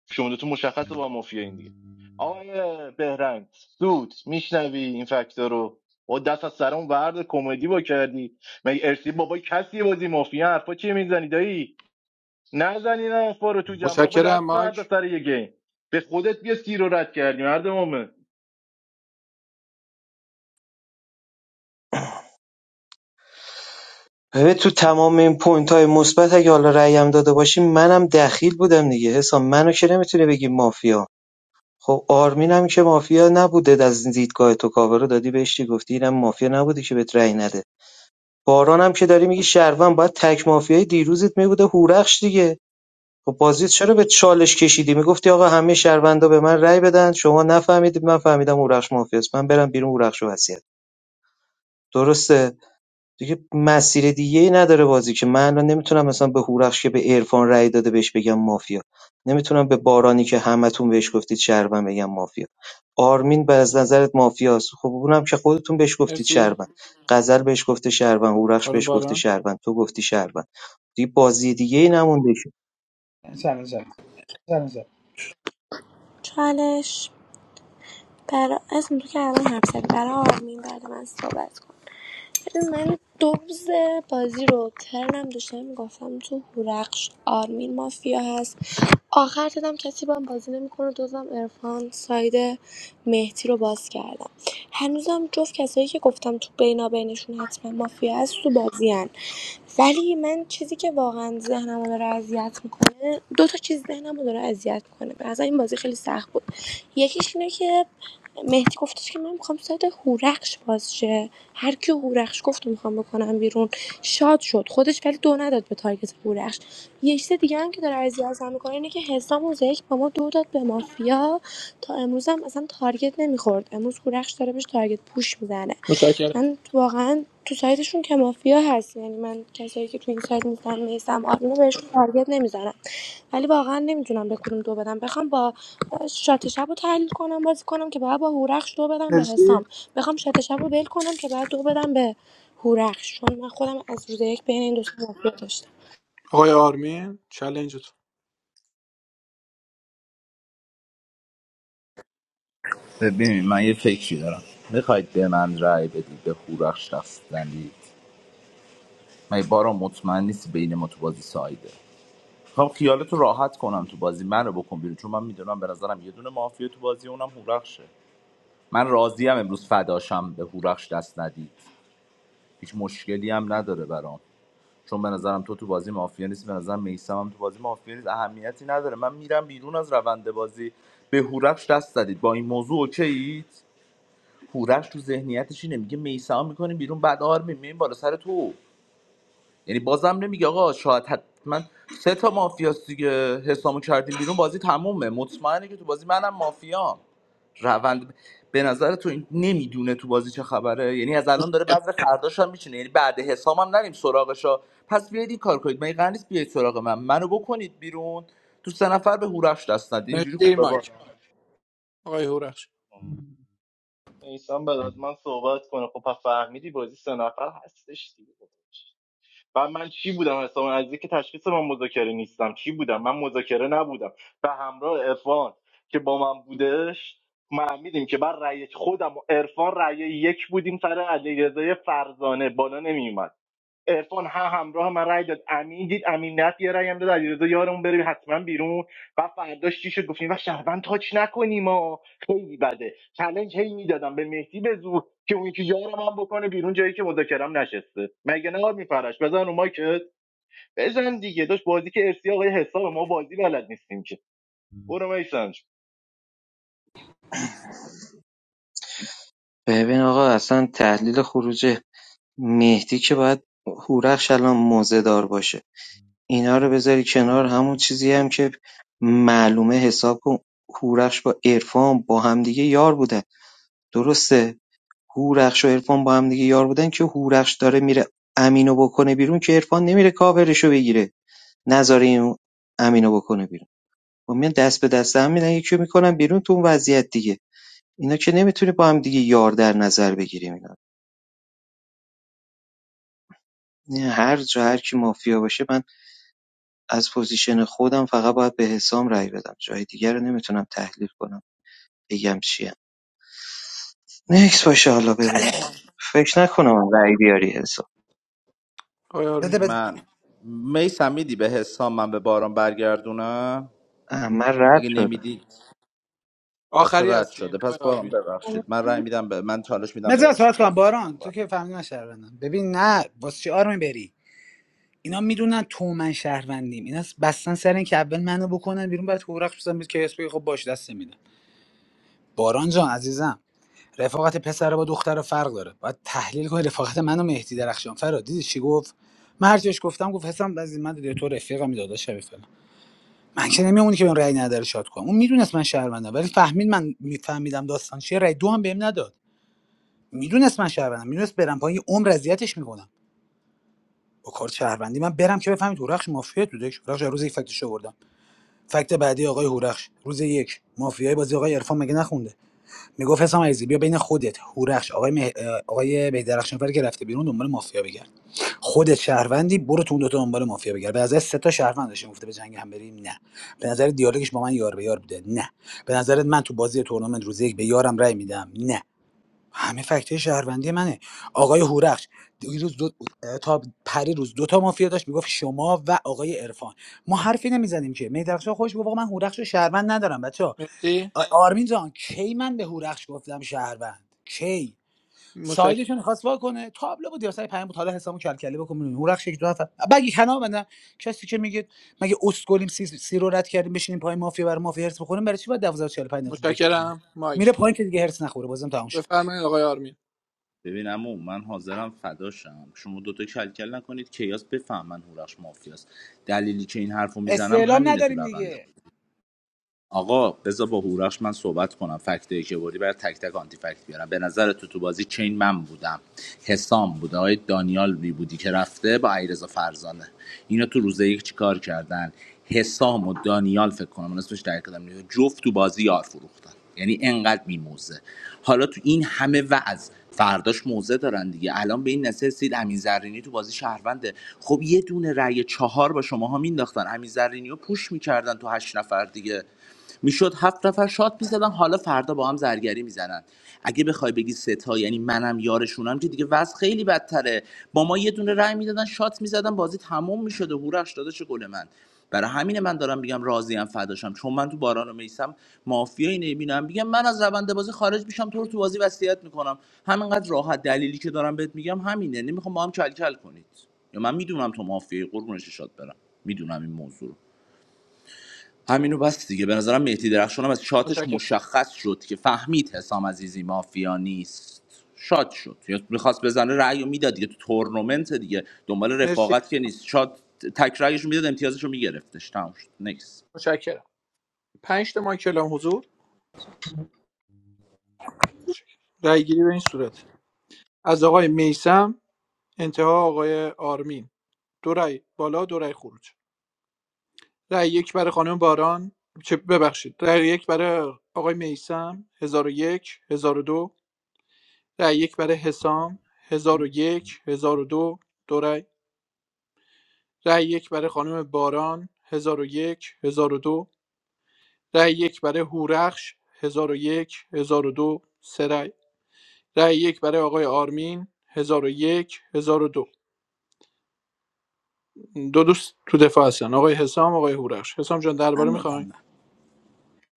شما دو تو مشخصه با مافیا این دیگه آقای بهرنگ سود میشنوی این فکت‌ها رو با دست از سرمون ورد کمدی با کردی مگه ارسی بابای کسی بازی مافیا حرفا چیه میزنی دایی نزنین آقا رو تو جنب بابا
متشکرم
دست فردا
مایک
سر یه گیم به خودت بیا سیر رو رد کردی مرد مومن
ببین تو تمام این پوینت های مثبت اگه حالا رأی هم داده باشی منم دخیل بودم دیگه حساب منو که نمیتونه بگی مافیا خب آرمینم که مافیا نبوده از دیدگاه تو کاورو دادی بهش چی گفتی اینم مافیا نبوده که بهت رأی نده باران هم که داری میگی شهروند باید تک مافیای دیروزت میبوده هورخش دیگه خب بازیت چرا به چالش کشیدی میگفتی آقا همه شهروندا به من رأی بدن شما نفهمیدید من فهمیدم هورخش مافیاست من برم بیرون هورخشو وصیت درسته دیگه مسیر دیگه ای نداره بازی که من الان نمیتونم مثلا به هورخش که به عرفان رأی داده بهش بگم مافیا نمیتونم به بارانی که همتون بهش گفتید شهروند بگم مافیا آرمین به از نظرت مافیاست خب اونم که خودتون بهش گفتید
مرسی
شهروند غزل بهش گفته شهروند هورخش
خانم
بهش گفته
باران
شهروند تو گفتی شهروند دیگه بازی دیگه ای نمونده که
چلنج زد چلنج زد
چالش برا اسم تو که الان حرف زدی برای آرمین بعد من صحبت کن ببین من دوز بازی رو ترنم داشتم میگفتم تو هورخش آرمین مافیا هست آخر دیدم کسی با هم بازی نمیکنه دوزم عرفان ساید مهدی رو باز کردم هنوزم جفت کسایی که گفتم تو بینابینشون حتما مافیا هست تو بازیان ولی من چیزی که واقعا ذهنمو داره اذیت میکنه دو تا چیز ذهنمو داره اذیت میکنه به نظر این بازی خیلی سخت بود یکیش اینه که مهدی گفتش که من میخوام سایت هورخش باز شه هر کی هورخش گفت میخوام بکنم بیرون شاد شد خودش ولی دو نداد به تارگت هورخش یه چیز دیگه هم که داره اذیتم میکنه اینه که حسام روز یک با ما دو داد به مافیا تا امروز هم اصلا تارگت نمیخورد امروز هورخش داره بهش تارگت پوش میزنه
متشکرم
من واقعا تو سایتشون که مافیا هست یعنی من کسایی که تو این سایت نیستم نیستم آرمینو بهشون تارگت نمیزنم ولی واقعا نمیدونم به کدوم دو بدم بخوام با شات شب رو تحلیل کنم بازی کنم که باید با هورخش دو بدم به
مرسی
حسام بخوام شات شب رو ول کنم که باید دو بدم به هورخش چون من خودم از روز یک بین این دو تا مافیا داشتم
آقای آرمین چلنجتون
ببین من یه فکری دارم میخواید به من رأی بدید به هورخش شخص من بارا مطمئن نیست بین ما تو بازی سایده خب خیالتو راحت کنم تو بازی منو بکن بیرون چون من میدونم به نظرم یه دونه مافیا تو بازی اونم هورخشه من راضیم امروز فداشم به هورخش دست ندید هیچ مشکلی هم نداره برام چون به نظرم تو تو بازی مافیا نیست به نظرم میسم هم تو بازی مافیا نیست اهمیتی نداره من میرم بیرون از روند بازی به هورخش دست زدید با این موضوع اوکیید هورخش تو ذهنیتش اینه میگه میسم میکنیم بیرون بعد آرمین میایم بالا سر تو یعنی بازم نمیگه آقا شاید حتما سه تا مافیاست دیگه حسامو کردیم بیرون بازی تمومه مطمئنه که تو بازی منم مافیام روند به نظر تو این نمیدونه تو بازی چه خبره یعنی از الان داره
متشکرم
بذر فرداش هم میچینه یعنی بعد حسام هم نریم سراغشا پس بیاید این کار کنید من قرار نیست بیاید سراغ من منو بکنید بیرون تو سه نفر به هورش دست ندید اینجوری
مرسی
خوبه با
مایک آقای هورخش
ایسان بعد از من صحبت کنه خب پس فهمیدی بازی سه نفر هستش دیگه و من چی بودم حسام عزیزی که تشخیص من مذاکره نیستم چی بودم من مذاکره نبودم و همراه عرفان که با من بودش فهمیدیم که بر رأی خودم و عرفان رأی یک بودیم سر علیرضا فرزانه بالا نمیومد عرفان هم همراه من رای داد امین دید امین نت یه رای هم داد علیرضا یارمون بره حتما بیرون و فرداش چی شد گفتیم و شهروند تاچ نکنیم ما خیلی بده چالش هی میدادم به مهدی به زور که اون یکی یارم هم بکنه بیرون جایی که مذاکرم نشسته مگه نه میفرش بزن رو مایکت بزن دیگه داشت بازی که ارسی آقای حساب ما بازی بلد نیستیم که برو میسم
ببین آقا اصلا تحلیل خروج مهدی که باید هورخش الان موزه دار باشه اینا رو بذاری کنار همون چیزی هم که معلومه حساب کن هورخش با عرفان با همدیگه یار بودن درسته هورخش و عرفان با همدیگه یار بودن که هورخش داره میره امینو بکنه بیرون که عرفان نمیره کاورشو بگیره نذاره این امینو بکنه بیرون و میان دست به دست هم میدن یکی رو میکنن بیرون تو اون وضعیت دیگه اینا که نمیتونه با هم دیگه یار در نظر بگیریم اینا نه، هر جا هر کی مافیا باشه من از پوزیشن خودم فقط باید به حسام رأی بدم جای دیگر رو نمیتونم تحلیل کنم بگم چیه نکس باشه حالا ببینیم
چالش
فکر نکنم هم رأی بیاری حساب
آقای آرمین
بده بده
من میسم میدی به حسام من به باران برگردونم
اه، من رد
اگه
شده
نمیدی از تو
آخری
رد
هستین
شده
آقای
پس باران
آرمین
ببخشید من رای میدم به من چالش میدم به
بذار
حسام
صحبت کنم
عذر
باران
میخوام باران.
تو که فهمیدی من شهروندم ببین نه واسه چی آرمی بری اینا میدونن تو من شهروندیم اینا بستن سر این که اول منو بکنن بیرون بعد هورخش بزنن که اسپی خب باش دست میدم باران جان عزیزم رفاقت پسر با دختر فرق داره باید تحلیل کنی رفاقت منو و مهدی درخشان فرا دیدی چی گفت من هر چیش گفتم گفت حسام از من دیده تو رفیقم داداش من که نمیمونی که بهم رأی نداره شاد کنم اون میدونست من شهروندم ولی فهمید من میفهمیدم داستان چیه رأی دو هم بهم نداد میدونست من شهروندم میدونست برم پایین یه عمر اذیتش میکنم با کارت شهروندی من برم که بفهمید هورخش مافیا تو دک هورخش روز یک فکتش آوردم فکت بعدی آقای هورخش روز یک مافیای بازی آقای عرفان مگه نخونده میگفت حسام عزیزی بیا بین خودت هورخش آقای مه... آقای بهدرخشانفر که رفته بیرون دنبال مافیا بگرد خودت شهروندی برو تو اون دوتا دنبال مافیا بگرد به نظر سه تا شهروند داشتیم گفته به جنگ هم بریم نه به نظر دیالوگش با من یار به یار بوده نه به نظرت من تو بازی تورنمنت روز یک به یارم رای میدم نه همه فکته شهروندی منه آقای هورخش دیروز دو... تا پری روز دو تا مافیا داشت میگفت شما و آقای عرفان ما حرفی نمیزنیم که می درخشان خوش بابا من هورخش رو شهروند ندارم بچه
مرسی
آرمین جان کی من به هورخش گفتم شهروند کی
متشکرم
سایدشون خواست وا کنه تابلو بود یا سایه پیام بود حالا حسابو کلکلی بکن هورخش یک دو نفر بگی کنار بندم کسی که میگه مگه اسکلیم سی, سی رو رد کردیم بشینیم پای مافیا برای مافیا هرس بخوریم برای چی باید 1245 دقیقه دیگه بشینیم
متشکرم
میره
مایک
پایین که دیگه هرس نخوره بازم تموم شد
بفرمایید آقای آرمین
ببین عمو من حاضرم فدا شم شما دوتا کلکل نکنید کیاس بفهمن هورخش مافیاست دلیلی که این حرفو میزنم
استعلام
همینه تو
نداریم
روند
دیگه
آقا بذار با هورخش من صحبت کنم فکت که بردی برای تک تک آنتی فکت بیارم به نظر تو تو بازی چین من بودم حسام بود آقای دانیال بی بودی که رفته با علیرضا فرزانه اینا تو روز یک چیکار کردن حسام و دانیال فکر کنم من اسمش در کدام نیست. جفت تو بازی یار فروختن یعنی انقدر میموزه حالا تو این همه وعظ فرداش موزه دارن دیگه الان به این نسل سید امین زرینی تو بازی شهرونده خب یه دونه رأی چهار با شماها مینداختن امین زرینی رو پوش میکردن تو هشت نفر دیگه میشد هفت نفر شات میزدن حالا فردا با هم زرگری میزنن اگه بخوای بگی سه تا یعنی منم یارشونم که دیگه وضع خیلی بدتره با ما یه دونه رای میدادن شات میزدن بازی تموم میشد و هورش داداش گل من برای همین من دارم میگم راضیم فداشم چون من تو باران و میسم مافیایی نمیبینم میگم من از روند بازی خارج میشم تو رو تو بازی وصیت میکنم همینقدر راحت دلیلی که دارم بهت میگم همینه نمیخوام با هم کلکل کنید یا من میدونم تو مافیایی قربونش شاد برم میدونم این موضوع رو. همینو بس دیگه به نظرم مهدی درخشان هم از شاتش
متشکرم
مشخص شد که فهمید حسام عزیزی مافیا نیست شات شد یا میخواست بزنه رأی و میداد دیگه تو تورنمنت دیگه دنبال
مرسی
رفاقت که نیست شات تک رأیش میداد امتیازش رو میگرفتش تمام شد نیکس
متشکرم پنج تا ماه کلام حضور متشکرم. رأی گیری به این صورت از آقای میسم انتها آقای آرمین دو رأی بالا دو رأی خروج رأی یک برای خانم باران چه ببخشید رأی یک برای آقای میسم هزار و یک هزار و دو رأی یک برای حسام هزار و یک هزار و دو دو رأی رأی یک برای خانم باران هزار و یک هزار و دو رأی یک برای هورخش هزار و یک هزار و دو سه رأی رای یک برای آقای آرمین 1001 1002 دو دو دوست تو دفاع هستن آقای حسام آقای هورخش حسام جان
من
درباره میخواین
میبندم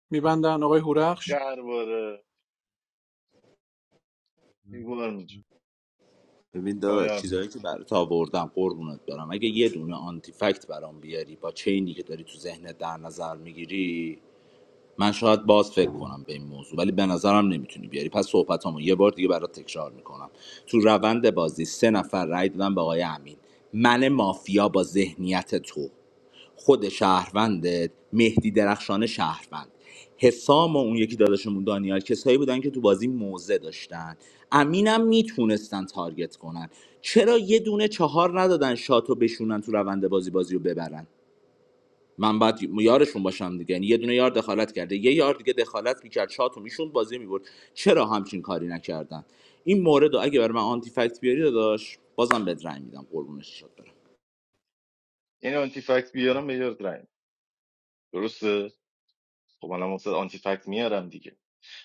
میبندن آقای هورخش
درباره بیگار میشه
ببین داداش
پایان
چیزایی که برات آوردم قربونت برم اگه یه دونه آنتی فکت برام بیاری با چینی که داری تو ذهنت در نظر میگیری من شاید باز فکر کنم به این موضوع ولی به نظرم نمیتونی بیاری پس صحبتامو یه بار دیگه برات تکرار میکنم تو روند بازی سه نفر رای دادن به آقای امین من مافیا با ذهنیت تو خود شهروندت مهدی درخشان شهروند حسام و اون یکی داداشمون دانیال کسایی بودن که تو بازی موزه داشتن امینم میتونستن تارگت کنن چرا یه دونه چهار ندادن شاتو بشونن تو روند بازی بازی رو ببرن من باید یارشون باشم دیگه یعنی یه دونه یار دخالت کرده یه یار دیگه دخالت میکرد شاتو میشوند بازی میبرد چرا همچین کاری نکردن این مورد رو اگه بر من آنتی فکت بیاری داداش بازم بد رنگ میدم قربونش شد برم
این آنتی فکت بیارم به یارت رای درسته خب الان واسه آنتی فکت میارم دیگه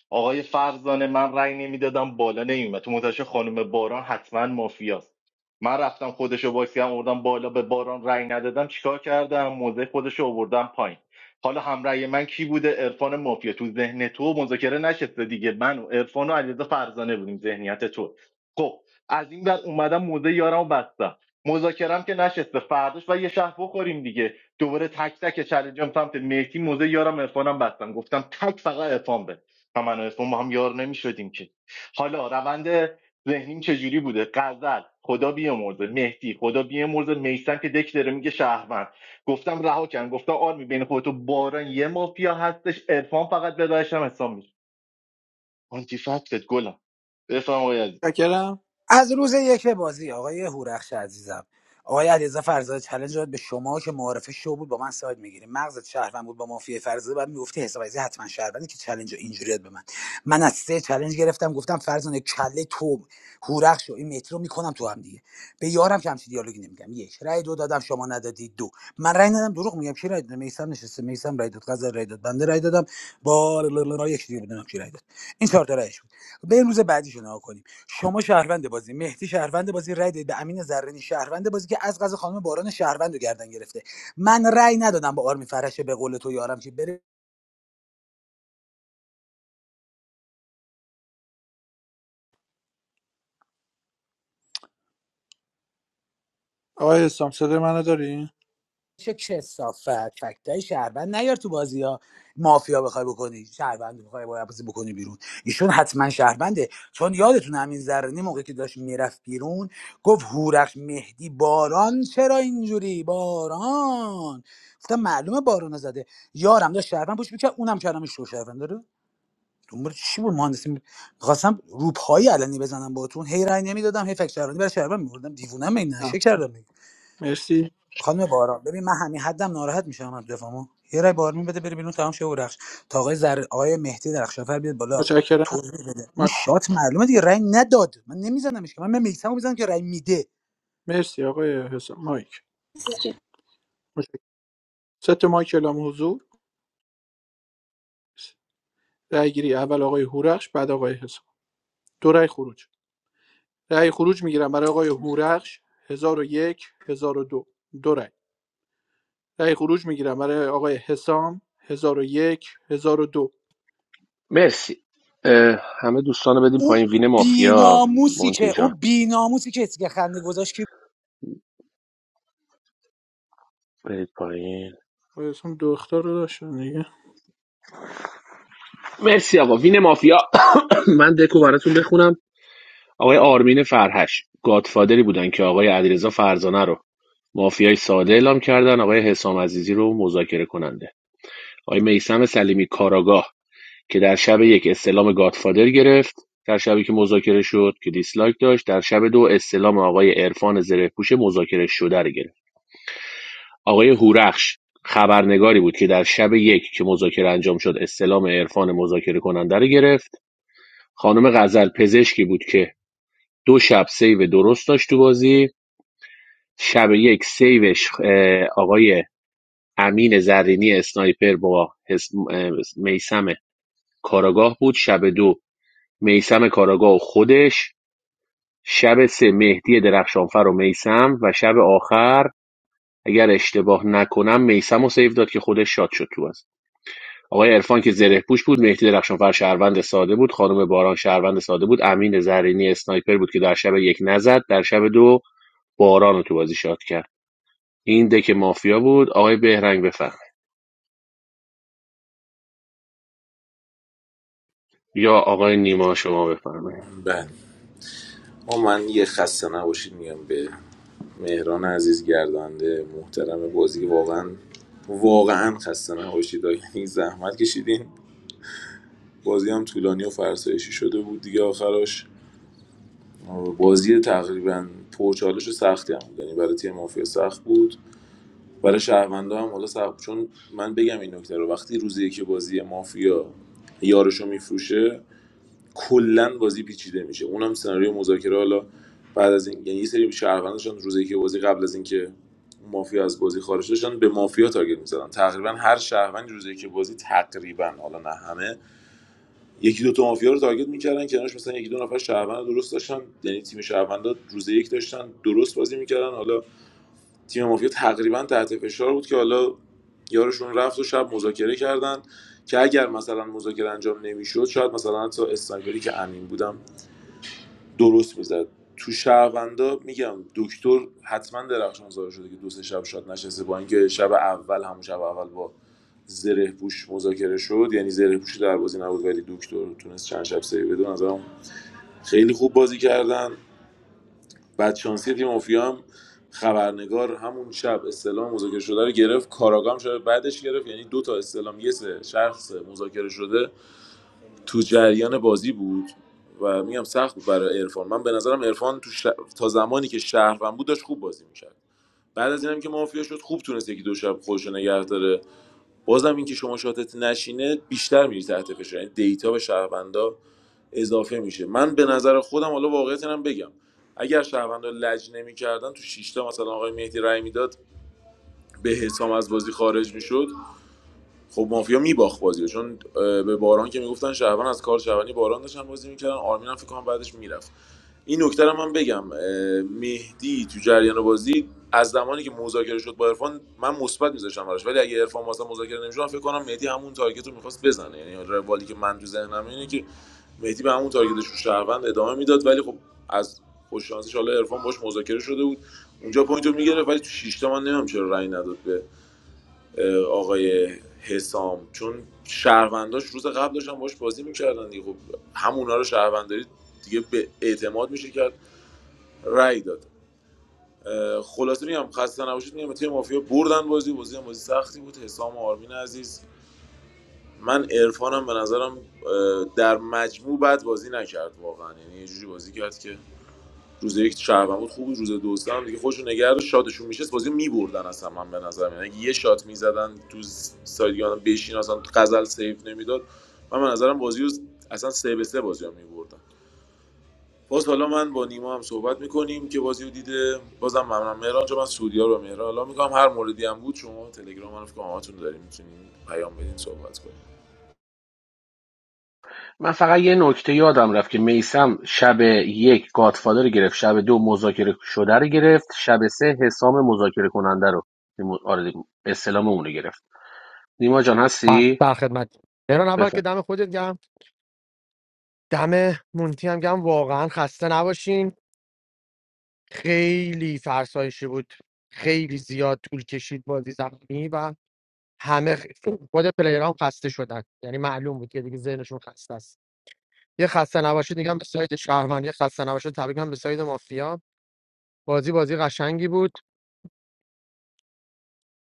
آقای فرزانه من رأی نمیدادم بالا نمیومد تو منتشه خانم باران حتما مافیاست من رفتم خودشو باکسی هم آوردم بالا به باران رأی ندادم چیکار کردم موضع خودشو آوردم پایین حالا همرأی من کی بوده عرفان مافیا تو ذهن تو مذاکره نشسته دیگه من و عرفان و علیرضا فرزانه بودیم ذهنیت تو خب از این بعد اومدم موضع یارم رو بستم مذاکرم که نشسته فرداش و یه شهر بخوریم دیگه دوباره تک تک چالنجام سمت مهدی موزه یارم عرفانم بستم گفتم تک فقط عرفان بره. و من و عرفان با هم یار نمیشدیم که حالا روند ذهنیم چجوری بوده غزل خدا بیامرزه مهدی خدا بیامرزه میسم که دک داره میگه شهروند گفتم رها کن گفتم آرمی بین خودت و باران یه مافیا هستش عرفان فقط به راهشم حساب میشه آنتی فکتت گلم بفهم آقای عزیز.
متشکرم
از روز یک بازی آقای هورخش عزیزم آقای علیرضا فرزاد چالش داد به شما که معارفه شو بود با من ساید میگیری مغزت شهروند بود با مافیای فرزاد بعد میگفتی حساب عزیزی حتما شهروندی که چالش رو اینجوری داد به من من از سه چالش گرفتم گفتم فرزانه کله تو هورخش و این مترو میکنم تو هم دیگه به یارم که همچین دیالوگی نمیگم یک رای دو دادم شما ندادی دو من رای ندادم دروغ میگم کی رای داد میسم نشسته میسم رای داد غزل رای داد بنده رای دادم با یک دیگه بودم کی رای داد این چهار تا رایش بود. بریم روز بعدیشو نگاه کنیم شما شهروند بازی مهدی شهروند بازی رای دادید به امین زرینی شهروند بازی که از قضا خانم باران شهروند رو گردن گرفته من رای ندادم به آرمی فرشه به قول تو یارم که بره
آقای حسام صدای منو داری
چه کسافت فکتای شهروند نیار تو بازی ها مافیا بخوای بکنی شهروند بخوای با بازی بکنی بیرون ایشون حتما شهرونده چون یادتون همین زرنی موقعی که داشت میرفت بیرون گفت هورخش مهدی باران چرا اینجوری باران گفتم معلومه باران زده یارم داشت شهروند پوش میکرد اونم کردم شو شهروند داره دنبال چی بود مهندسی میخواستم روپایی علنی بزنم باهاتون هی رای نمیدادم هی فکر شهروندی برای شهروند میوردم دیوونم این
نه.
نشه کردم
مرسی
خانم باران ببین من همین حدم ناراحت میشم از دفاعمو یه رای بارمی بده بره بیرون تمام شه و رخش تا آقای زر آقای مهدی درخشانفر بیاد بالا
متشکرم
توضیح بده اون
مایک.
شات معلومه دیگه رای نداد من نمیزنمش که من من میکسمو میزنم که رای میده
مرسی آقای حسام مایک متشکرم ست مایک اعلام حضور رأی گیری اول آقای هورخش بعد آقای حسام دو رأی خروج رای خروج میگیرم برای آقای هورخش 1001 1002 دو دو رأی رأی خروج میگیرم برای آقای حسام 1001 1002
مرسی اه، همه دوستان رو بدیم
اون
پایین وین مافیا
بیناموسی
مونتی
که
جان
اون بیناموسی که اسکه خنده گذاشت که
برید پایین
آقای حسام دو اسم دو اختار رو داشتن دیگه
مرسی آقا وین مافیا من دکو براتون بخونم آقای آرمین فرهش گادفادری بودن که آقای علیرضا فرزانه رو مافیای ساده اعلام کردن آقای حسام عزیزی رو مذاکره کننده آقای میسم سلیمی کاراگاه که در شب یک استلام گادفادر گرفت در شبی که مذاکره شد که دیسلایک داشت در شب دو استلام آقای عرفان زرهپوش مذاکره شده رو گرفت. آقای هورخش خبرنگاری بود که در شب یک که مذاکره انجام شد استلام عرفان مذاکره کننده رو گرفت خانم غزل پزشکی بود که دو شب سیو درست داشت تو بازی شب یک سیوش آقای امین زرینی اسنایپر با میسم کاراگاه بود شب دو میسم کاراگاه و خودش شب سه مهدی درخشانفر و میسم و شب آخر اگر اشتباه نکنم میسم و سیو داد که خودش شاد شد تو آقای عرفان که زره پوش بود مهدی درخشانفر شهروند ساده بود خانم باران شهروند ساده بود امین زرینی اسنایپر بود که در شب یک نزد در شب دو باران رو تو بازی شاد کرد این دک مافیا بود آقای بهرنگ بفهم یا آقای نیما شما بفرمایید
بله ما من یه خسته نباشید میگم به مهران عزیز گردنده محترم بازی واقعا واقعا خسته نباشید یعنی زحمت کشیدین بازی هم طولانی و فرسایشی شده بود دیگه آخرش بازی تقریبا پرچالش و سختی هم بود یعنی برای تیم مافیا سخت بود برای شهروندا هم حالا صعب چون من بگم این نکته رو وقتی روزی که بازی مافیا یارشو میفروشه کلا بازی پیچیده میشه اونم سناریو مذاکره حالا بعد از این یعنی یه سری شهروندشان روزی که بازی قبل از اینکه مافیا از بازی خارج داشتن به مافیا تارگت میزدن تقریبا هر شهروند روزی که بازی تقریبا حالا نه همه یکی دو تا مافیا رو تارگت میکردن کنارش مثلا یکی دو نفر شهروند درست داشتن یعنی تیم شهروندا روز یک داشتن درست بازی میکردن حالا تیم مافیا تقریبا تحت فشار بود که حالا یارشون رفت و شب مذاکره کردن که اگر مثلا مذاکره انجام نمیشد شاید مثلا حتی اسنایپری که امین بودم درست میزد تو شهروندا میگم دکتر حتما درخشان زاده شده که دو سه شب شاد نشسته با اینکه شب اول همون شب اول با زره پوش مذاکره شد یعنی زره پوش در بازی نبود ولی دکتر تونست چند شب سری بده نظرم خیلی خوب بازی کردن بدشانسی تیم مافیا هم خبرنگار همون شب استلام مذاکره شده رو گرفت کاراگام شده بعدش گرفت یعنی دو تا استلام یه سه شخص مذاکره شده تو جریان بازی بود و میگم سخت بود برای عرفان من به نظرم عرفان تو ش... تا زمانی که شهروند بود داشت خوب بازی میکرد بعد از اینم که مافیا شد خوب تونست یکی دو شب خودش رو نگه داره بازم اینکه شما شاتت نشینه بیشتر میری تحت فشار یعنی دیتا به شهروندا اضافه میشه من به نظر خودم حالا واقعیت اینم بگم اگر شهروندان لج نمیکردن تو شش تا مثلا آقای مهدی رای میداد به حسام از بازی خارج میشد خب مافیا میباخت بازیو چون به باران که میگفتن شهروند از کار شهروندی باران داشتن بازی میکردن آرمین هم فکر کنم بعدش میرفت این نکته رو من بگم مهدی تو جریان بازی از زمانی که مذاکره شد با عرفان من مثبت میذاشتم براش ولی اگه عرفان واسه مذاکره نمیشد فکر کنم مهدی همون تارگت رو میخواست بزنه یعنی روالی که من تو ذهنم اینه که مهدی به همون تارگتش رو شهروند ادامه میداد ولی خب از خوش شانسیش حالا عرفان باش مذاکره شده بود اونجا پوینت میگرفت ولی تو شیشتا من نمیدونم چرا رأی نداد به آقای حسام چون شهرونداش روز قبل داشتن باش بازی میکردن دیگه خب همونا رو شهرونداری دیگه به اعتماد میشه کرد رأی داد اه، خلاصه میگم خسته نباشید میگم تیم مافیا بردن بازی بازی هم بازی سختی بود حسام و آرمین عزیز من عرفانم به نظرم در مجموع بد بازی نکرد واقعا یعنی یه جوری بازی کرد که روز یک شهروند بود خوب روز دوستم هم دیگه خودشون نگه رو شاتشون میشه بازی میبردن اصلا من به نظر من اگه یه شات میزدن تو سایدیان بشین اصلا غزل سیف نمیداد من به نظرم بازی رو اصلا سه به سه بازی رو میبردن باز حالا من با نیما هم صحبت میکنیم که بازی رو دیده بازم ممنون مهران چون من سودیا رو مهران حالا میگم هر موردی هم بود شما تلگرام منو رو فکر کنم همتون داریم میتونیم پیام بدین صحبت کنیم
من فقط یه نکته یادم رفت که میسم شب یک گادفادر رو گرفت شب دو مذاکره شده رو گرفت شب سه حسام مذاکره کننده رو آره اصطلاح اون رو گرفت نیما جان
بله
هستی
در خدمت ایران اول
بفرمایید.
که دم خودت گم دم مونتی هم گم واقعا خسته نباشین خیلی فرسایشی بود خیلی زیاد طول کشید بازی زمینی و همه خ- خود پلیرام خسته شدن یعنی معلوم بود که دیگه ذهنشون خسته است یه خسته نباشید میگم به سایت شهروند یه خسته نباشید تبریک میگم به سایت مافیا بازی بازی قشنگی بود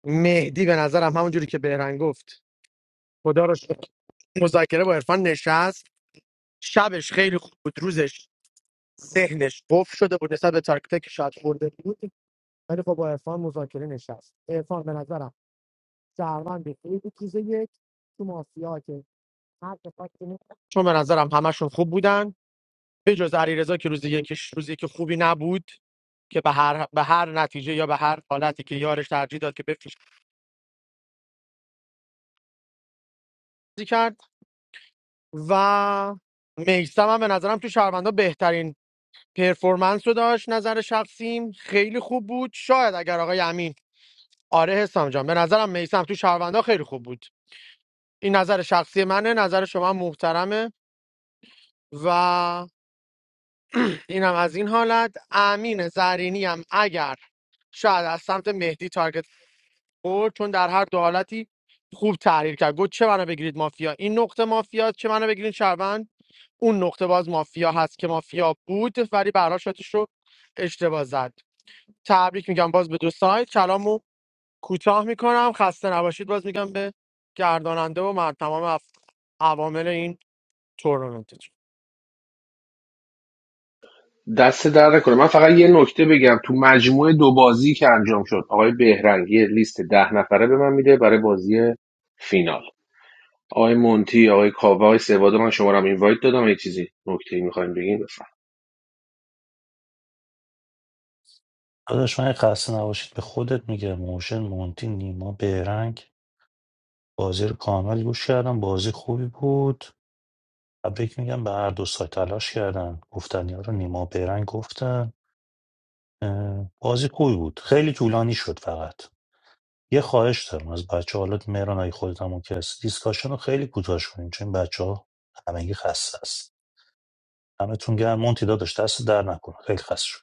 مهدی به نظرم همونجوری که بهرنگ گفت خدا رو شکر. مذاکره با عرفان نشست شبش خیلی خوب بود روزش ذهنش قفل شده بود نسبت به تاکتیک که شاید خورده بود ولی خب با عرفان مذاکره نشست عرفان به نظرم شهروند خیلی بود روز یک تو مافیا که هر دفعه که می- چون به نظرم همشون خوب بودن به جز علیرضا که روز یکش روزی که خوبی نبود که به هر به هر نتیجه یا به هر حالتی که یارش ترجیح داد که بفروش بازی کرد و میسم هم به نظرم تو شهروندا بهترین پرفورمنس رو داشت نظر شخصیم خیلی خوب بود شاید اگر آقای امین آره حسام جان به نظرم میسم تو شهروندا خیلی خوب بود این نظر شخصی منه نظر شما هم محترمه و اینم از این حالت امین زرینی هم اگر شاید از سمت مهدی تارگت خورد چون در هر دو حالتی خوب تحلیل کرد گفت چه منو بگیرید مافیا این نقطه مافیا چه منو بگیرید شهروند اون نقطه باز مافیا هست که مافیا بود ولی براشاتش رو اشتباه زد تبریک میگم باز به دو سایت کلامو کوتاه میکنم خسته نباشید باز میگم به گرداننده و من تمام اف- عوامل این تورنمنت
دست در نکنه من فقط یه نکته بگم تو مجموعه دو بازی که انجام شد آقای بهرنگ یه لیست ده نفره به من میده برای بازی فینال آقای مونتی آقای کاوه آقای سواد من شما رو هم اینوایت دادم یه چیزی نکته میخوایم بگین بفهم
داداش من خسته نباشید به خودت میگم موشن مونتی نیما بهرنگ بازی رو کامل گوش کردم بازی خوبی بود تبریک میگم به هر دو سایت تلاش کردن گفتن یارو نیما بهرنگ گفتن اه، بازی خوبی بود خیلی طولانی شد فقط یه خواهش دارم از بچه حالت مهران اگه خودت هم که هست دیسکاشن رو خیلی کوتاش کنیم چون بچه ها همگی خسته است همتون گرم مونتی داداش دست در نکنه خیلی خسته شد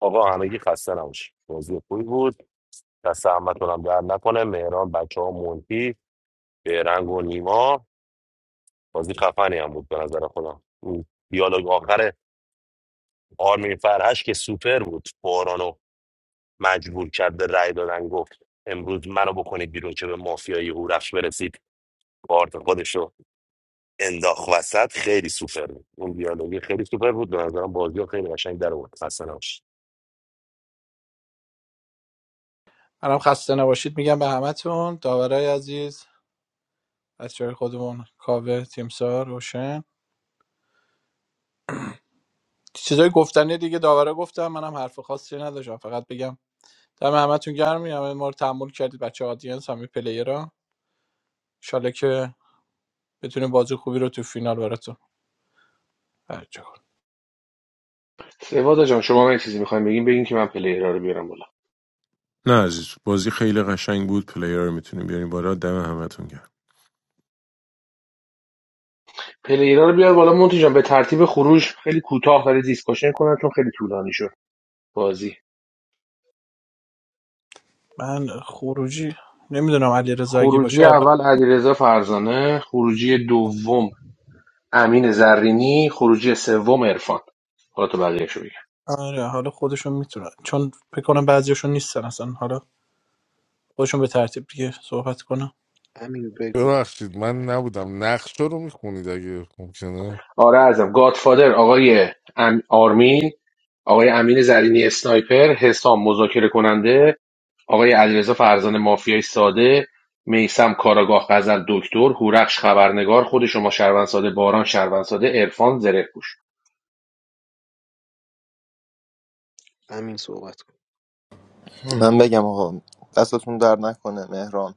آقا همگی خسته نباش بازی خوبی بود دست احمدتون هم در نکنه مهران بچه ها مونتی بهرنگ و نیما بازی خفنی هم بود به نظر خودم اون دیالوگ آخر آرمین فرهش که سوپر بود باران رو مجبور کرد به رأی دادن گفت امروز منو بکنید بیرون که به مافیای هورفش برسید کارت خودش رو انداخت وسط خیلی سوپر بود اون دیالوگی خیلی سوپر بود به نظرم بازی ها خیلی قشنگ در آورد خسته نباشید
منم خسته نباشید میگم به همتون داورای عزیز از جای خودمون کاوه تیمسار روشن چیزای گفتنی دیگه داورا گفتم منم حرف خاصی نداشتم فقط بگم دم همتون گرم همه ما رو تحمل کردید بچه آدینس همه پلیرا ان شاءالله که بتونیم بازی خوبی رو تو فینال براتون برگزار کنیم.
سواد جان شما هم یه چیزی میخوایم بگین بگین که من پلیرها رو بیارم بالا
نه عزیز بازی خیلی قشنگ بود پلیر رو میتونیم بیاریم بالا دم همتون گرم
پلیرها رو بیار بالا مونتی جان به ترتیب خروج خیلی کوتاه ولی دیسکشن کنم چون خیلی طولانی شد بازی
من خروجی نمیدونم علی رضا اگه
خروجی
باشه
اول علیرضا فرزانه خروجی دوم امین زرینی خروجی سوم عرفان حالا تو بقیه‌شو بگم
آره حالا خودشون میتونن چون فکر کنم بعضیاشون نیستن اصلا حالا خودشون به ترتیب دیگه صحبت کنن
امین بگو
ببخشید من نبودم نقش رو میخونید اگه ممکنه
آره ازم گادفادر آقای ام... آرمین آقای امین زرینی اسنایپر حسام مذاکره کننده آقای علیرضا فرزانه مافیای ساده میسم کاراگاه غزل دکتر هورخش خبرنگار خود شما شهروند ساده باران شهروند ساده عرفان زره پوش
امین صحبت کن
من بگم آقا دستتون در نکنه مهران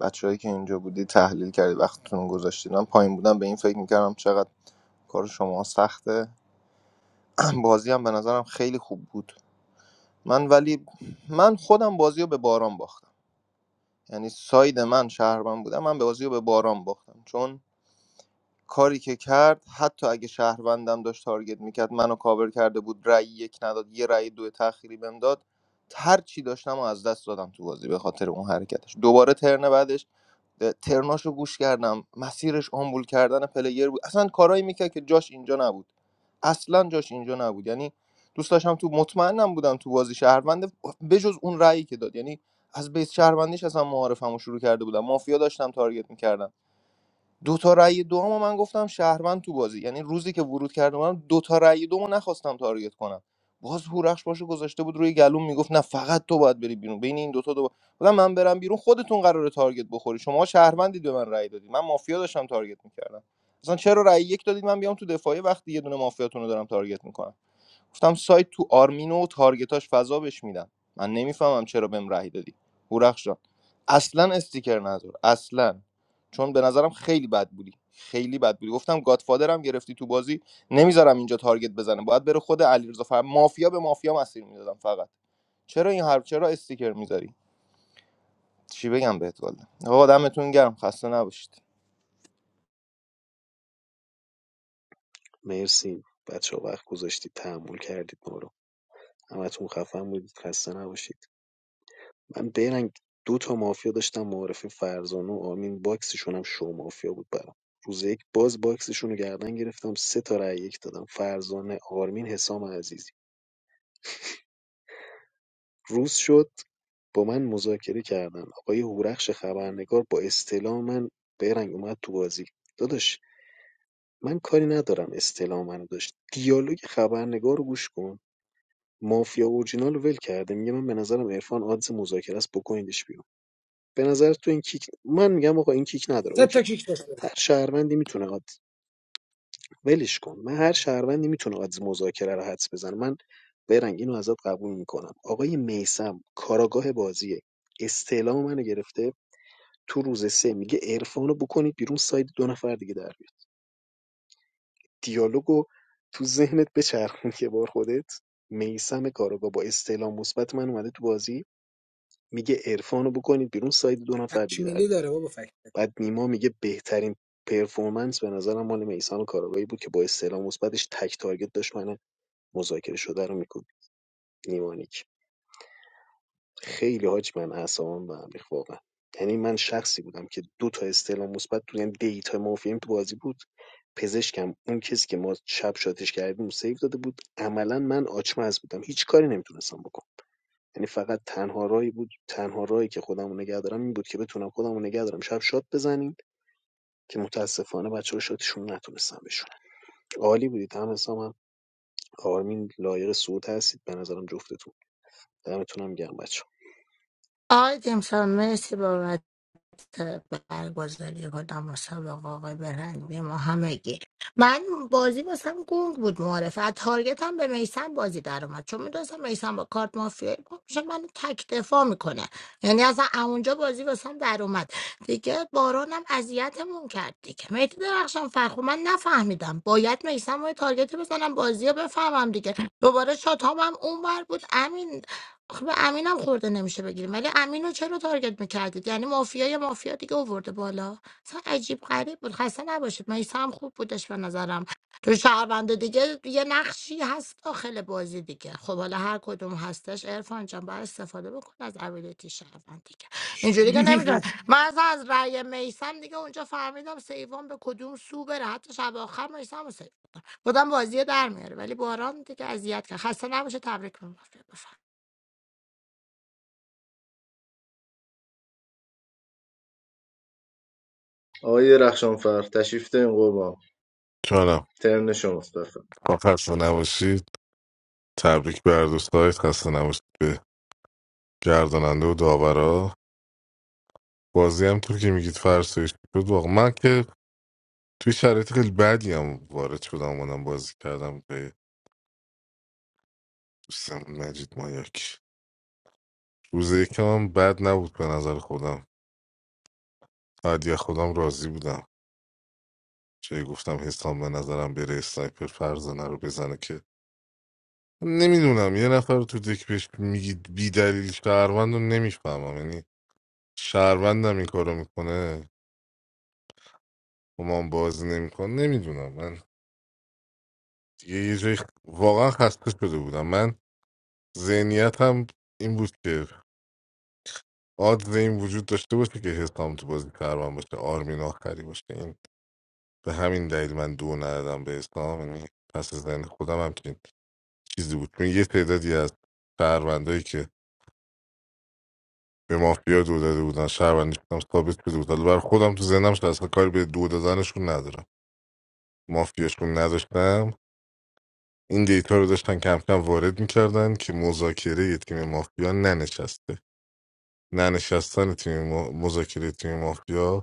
بچههایی که اینجا بودی تحلیل کردی وقتتون رو گذاشتید من پایین بودم به این فکر میکردم چقدر کار شما سخته بازی هم به نظرم خیلی خوب بود من ولی من خودم بازی رو به باران باختم یعنی ساید من شهرمن بودم من بازی رو به باران باختم چون کاری که کرد حتی اگه شهروندم داشت تارگت میکرد منو کاور کرده بود رأی یک نداد یه رأی دو تأخیری بهم داد هر چی داشتم و از دست دادم تو بازی به خاطر اون حرکتش دوباره ترن بعدش اه، ترناشو گوش کردم مسیرش آمبول کردن پلیر بود اصلا کارایی میکرد که جاش اینجا نبود اصلا جاش اینجا نبود یعنی دوست داشتم تو مطمئنم بودم تو بازی شهروند بجز اون رأیی که داد یعنی از بیس شهروندیش اصلا معارفمو شروع کرده بودم مافیا داشتم تارگت میکردم دو تا رأی دومو من گفتم شهروند تو بازی یعنی روزی که ورود کردم من دو تا رأی دومو نخواستم تارگت کنم باز هورخش باشه گذاشته بود روی گلوم میگفت نه فقط تو باید بری بیرون بین این دوتا دو بودم من برم بیرون خودتون قراره تارگت بخوری شما شهروندید به من رأی دادید من مافیا داشتم تارگت میکردم اصلا چرا رأی یک دادید من بیام تو دفاعی وقتی یه دونه مافیاتون رو دارم تارگت میکنم گفتم سایت تو آرمینو و تارگتاش فضا بهش میدم من نمیفهمم چرا بهم رأی دادی هورخش جان اصلا استیکر نذار اصلا چون به نظرم خیلی بد بودی خیلی بد بودی گفتم گادفادرم گرفتی تو بازی نمیذارم اینجا تارگت بزنه باید بره خود علیرضا فر مافیا به مافیا مسیر میدادم فقط چرا این حرف چرا استیکر میذاری چی بگم بهت والا آقا دمتون گرم خسته نباشید
مرسی بچه ها، وقت گذاشتید تحمل کردید ما رو همتون خفن بودید خسته نباشید من برنگ دو تا مافیا داشتم معارفه فرزانه و آمین باکسشون هم شو مافیا بود برام روز یک باز باکسشون رو گردن گرفتم سه تا رأی یک دادم فرزانه آرمین حسام عزیزی روز شد، با من مذاکره کردن آقای هورخش خبرنگار با استعلام من بیرنگ اومد تو بازی داداش من کاری ندارم استعلام منو داشت دیالوگ خبرنگار رو گوش کن مافیا اورجینال رو ول کرده میگه من به نظرم عرفان آدز مذاکره است بکنیدش بیرون به نظر تو این کیک من میگم آقا این کیک نداره
سه
اوکی
تا کیک داشت بازی.
هر شهروندی میتونه ولش کن من هر شهروندی میتونه از مذاکره رو حدس بزنه من برنگ اینو ازت قبول میکنم آقای میسم کاراگاه بازیه استعلام منو گرفته تو روز سه میگه عرفانو بکنید بیرون ساید دو نفر دیگه در بیاد دیالوگو تو ذهنت بچرخون که بار خودت میسم کاراگاه با استعلام مثبت من اومده تو بازی میگه عرفانو بکنید بیرون ساید دو نفر دیگه در
تکمیلی
بیاد
داره بابا فکر
بعد نیما میگه بهترین پرفورمنس به نظرم مال میسم کاراگاهی بود که با استعلام مثبتش تک تارگت داشت من مذاکره شده رو میکنیم نیمانیک خیلی حاج من اعصابم به هم ریخت واقعا یعنی من شخصی بودم که دو تا استعلام مثبت تو یعنی دیتا مافیم تو بازی بود پزشکم اون کسی که ما شب شاتش کردیم سیو داده بود عملا من آچمز بودم هیچ کاری نمیتونستم بکنم یعنی فقط تنها راهی بود تنها راهی که خودم رو نگه دارم این بود که بتونم خودم رو نگه دارم شب شات بزنیم که متاسفانه بچه ها شاتشون رو نتونستم بشونن عالی بودید هم حسام هم آرمین لایق صعود هستید به نظرم جفتتون دمتونم گرم بچه
آقای جیمسون مرسی بابت برگزاری کدام مسابقه آقای برهنگی ما همگی من بازی واسم گنگ بود معرفه از تارگت هم به میسم بازی در اومد چون میدونستم میسم با کارت مافیایی پا میشه منو تک دفاع میکنه یعنی اصلا اونجا بازی واسم در اومد دیگه بارانم اذیتمون کرد دیگه مهدی درخشان فرخو من نفهمیدم باید میسم و یه تارگتی بزنم بازی رو بفهمم دیگه دوباره شاتام هم اونور بود امین خب به امینم خورده نمیشه بگیریم ولی امینو چرا تارگت میکردید یعنی مافیای مافیا دیگه آورده بالا اصلا عجیب غریب بود خسته نباشید میسا هم خوب بودش به نظرم تو شهرونده دیگه یه نقشی هست داخل بازی دیگه خب حالا هر کدوم هستش عرفان جان باید استفاده بکن از ابیلیتی شهروند دیگه اینجوری
چی
که
میگی؟
نمیدونم من اصلا از رأی میسم دیگه اونجا فهمیدم سیوان به کدوم سو بره حتی شب آخر میسم رو سیو بودم بازی رو در میاره ولی باران دیگه اذیت کرد خسته نباشه تبریک میگم
آقای رخشانفر تشریف دارین قربان
جانم
ترن شماست بفرمایید.
خسته نباشید تبریک به هر دوستایت خسته نباشید به گرداننده و داورا بازی هم طور که میگید فرسایش شد واقعا من که توی شرایط خیلی بدی هم وارد شدم اومدم بازی کردم به دوستم مجید مایاک روز یکم هم بد نبود به نظر خودم بعد یه خودم راضی بودم چه گفتم حسام به نظرم بره اسنایپر فرزانه رو بزنه که نمیدونم یه نفر رو تو دک بهش میگید بی دلیل شهروند رو نمیفهمم یعنی شهروندم این کارو میکنه و من بازی نمیکنه نمیدونم من دیگه یه جای واقعا خسته شده بودم من ذهنیت هم این بود که آدز این وجود داشته باشه که حسام تو بازی کاروان باشه آرمین آخری باشه این به همین دلیل من دو ندادم به حسام یعنی پس از ذهن خودم همچین چیزی بود چون یه تعدادی از شهروندایی که به مافیا دو داده بودن شهروندیشون هم ثابت شده بود حالا بر خودم تو ذهنم شد اصلا کاری به دو دادنشون ندارم مافیاشون نداشتم این دیتا رو داشتن کم کم وارد میکردن که مذاکره یه تیم مافیا ننشسته ننشستن تیم ما- مذاکره تیم مافیا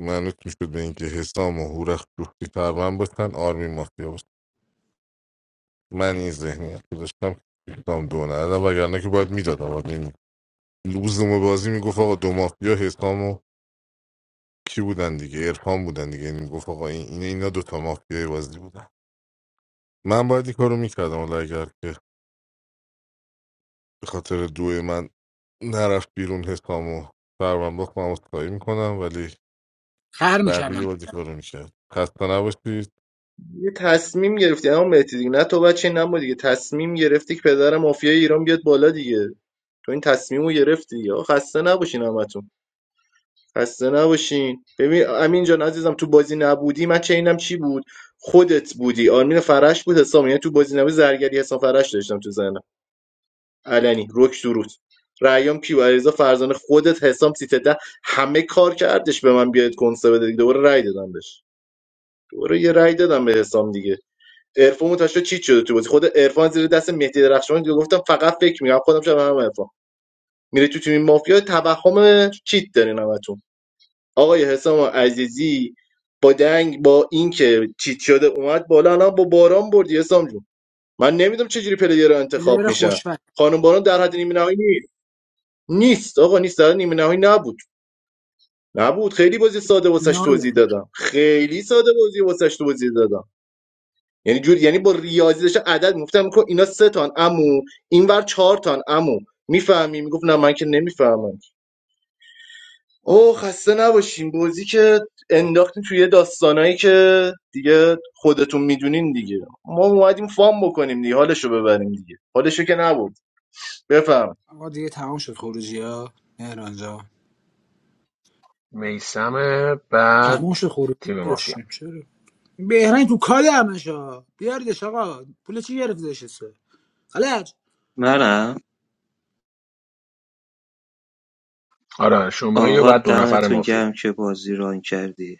معلوم شد به اینکه حسام و هورخ جفتی تقریبا باشن آرمی مافیا باشه من این ذهنیت رو داشتم که حسام دو ندادم وگرنه که باید میدادم آقا این لوزوم بازی میگفت آقا دو مافیا حسام و کی بودن دیگه عرفان بودن دیگه یعنی میگفت آقا این اینا اینا دو تا مافیای بازی بودن من باید این کارو میکردم ولی اگر که به خاطر دو من نرفت بیرون حسام و سرمن باخت من عذرخواهی میکنم ولی
خر
بقیه
میکردم
بازی کارو میکرد خسته نباشید
یه تصمیم گرفتی اما مهدی دیگه نه تو بچه نما دیگه تصمیم گرفتی که پدر مافیای ایران بیاد بالا دیگه تو این تصمیم رو گرفتی یا خسته نباشین همتون خسته نباشین ببین امین جان عزیزم تو بازی نبودی من چه اینم چی بود خودت بودی آرمین فرش بود حسام یعنی تو بازی نبودی زرگری حسام فرش داشتم تو زنم علنی رک درود رایام کیو علیرضا فرزانه خودت حسام سیتده همه کار کردش به من بیاد کنسه بده دیگه. دوباره رای دادم بهش دوباره یه رای دادم به حسام دیگه عرفان متوجه شد چیت شده تو بازی خود عرفان زیر دست مهدی درخشان گفتم فقط فکر میگم خودم شب هم عرفان میره تو تیم مافیا توهم چیت دارین همتون آقای حسام عزیزی با دنگ با اینکه چیت شده اومد بالا الان با باران بردی حسام جون من نمیدونم چجوری پلیر رو انتخاب
پلیر
میشن
خوشفکر
خانم باران در حد نیمه نهایی نیست نیست آقا نیست در حد نیمه نهایی نبود نبود خیلی بازی ساده واسش توضیح
فیناله
دادم خیلی ساده بازی واسش توضیح دادم یعنی جور یعنی با ریاضی داشتم عدد میگفتم میگفت اینا سه تان عمو اینور چهار تان عمو میفهمی میگفت نه من که نمیفهمم اوه خسته نباشین بازی که انداختین توی یه داستانایی که دیگه خودتون میدونین دیگه ما اومدیم فام بکنیم دیگه حالشو ببریم دیگه حالشو که نبود بفهم
آقا دیگه تمام شد خروجی ها مهران جان
میسم بعد
تمام شد خروجی
تیم مافیا
نداشتیم چرا؟ بهرنگ تو کاله همش ها بیاریدش آقا پول چی گرفتش حسه خلج
منم
آره شمایی و
آقا
بعد دو نفر
دمتون
مافیا
گرم که بازی ران کردی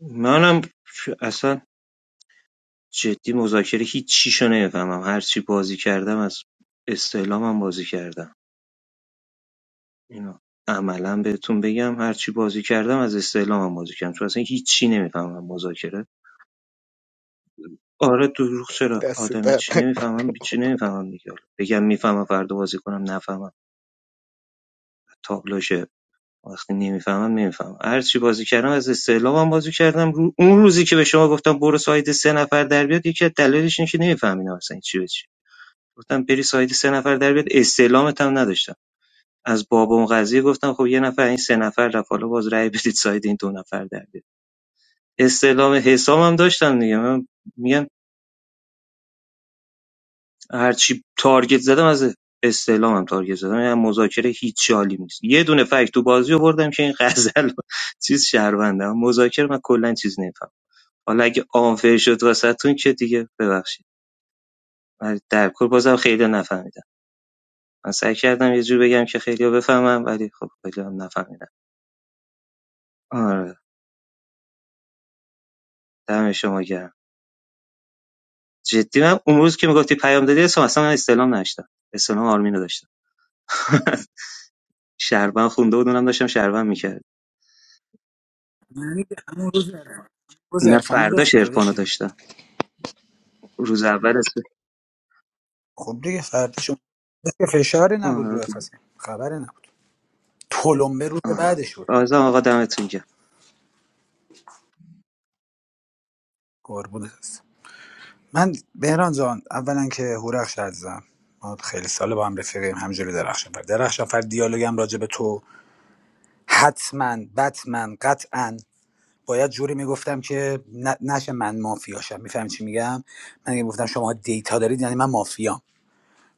منم اصلا جدی مذاکره هیچ چیشو نمیفهمم هر چی بازی کردم از استعلامم بازی کردم اینو عملا بهتون بگم هر چی بازی کردم از استعلامم بازی کردم چون اصلا هیچ چی نمیفهمم مذاکره آره دروغ چرا
دست
آدم هیچ
در
چی
نکنه
نمیفهمم هیچ چی نمیفهمم دیگه بگم میفهمم فردا بازی کنم نفهمم تابلوشه وقتی نمیفهمم نمیفهمم هر چی بازی کردم از استعلامم بازی کردم رو... اون روزی که به شما گفتم برو ساید سه نفر در بیاد یکی از دلایلش اینه که نمیفهمیدم اصلا چی به چی گفتم بری ساید سه نفر در بیاد استعلامت هم نداشتم از باب اون قضیه گفتم خب یه نفر این سه نفر رفت حالا باز رأی بدید ساید این دو نفر در بیاد استعلام حسابم داشتم دیگه من میگم هرچی تارگت زدم از استعلامم تارگت زدم یعنی مذاکره هیچ جالی نیست یه دونه فکت تو بازی آوردم که این غزل چیز شهرونده اما مذاکره من کلا چیز نمیفهم حالا اگه آنفر شد واسهتون که دیگه ببخشید ولی در کل بازم خیلی نفهمیدم من سعی کردم یه جور بگم که خیلی بفهمم ولی خب خیلی هم نفهمیدم آره دم شما گرم جدی من اون روز که میگفتی پیام دادی اسم اصلا من استعلام نداشتم استعلام آرمین رو داشتم شهروند خونده بود اونم داشتم شهروند میکرد
یعنی همون روز عرفان روز
نه
عرفان رو
فرداش
داشتی
عرفان
داداشی دیگه
داشتم روز اول اسم
خب دیگه فرداش که فشاری نبود رو
آه،
افسم خبری نبود تلمبه روز
آه.
بعدش بود
عزیزم آقا دمتون گرم
قربونت هست من بهران جان اولا که هورخش عزیزم ما خیلی سال با هم رفیقیم همجوری درخشان فرد درخشان فرد دیالوگم راجع به تو حتما بتمن قطعا باید جوری میگفتم که ن- نشه من مافیاشم میفهمی چی میگم من اگه گفتم شما دیتا دارید یعنی من مافیام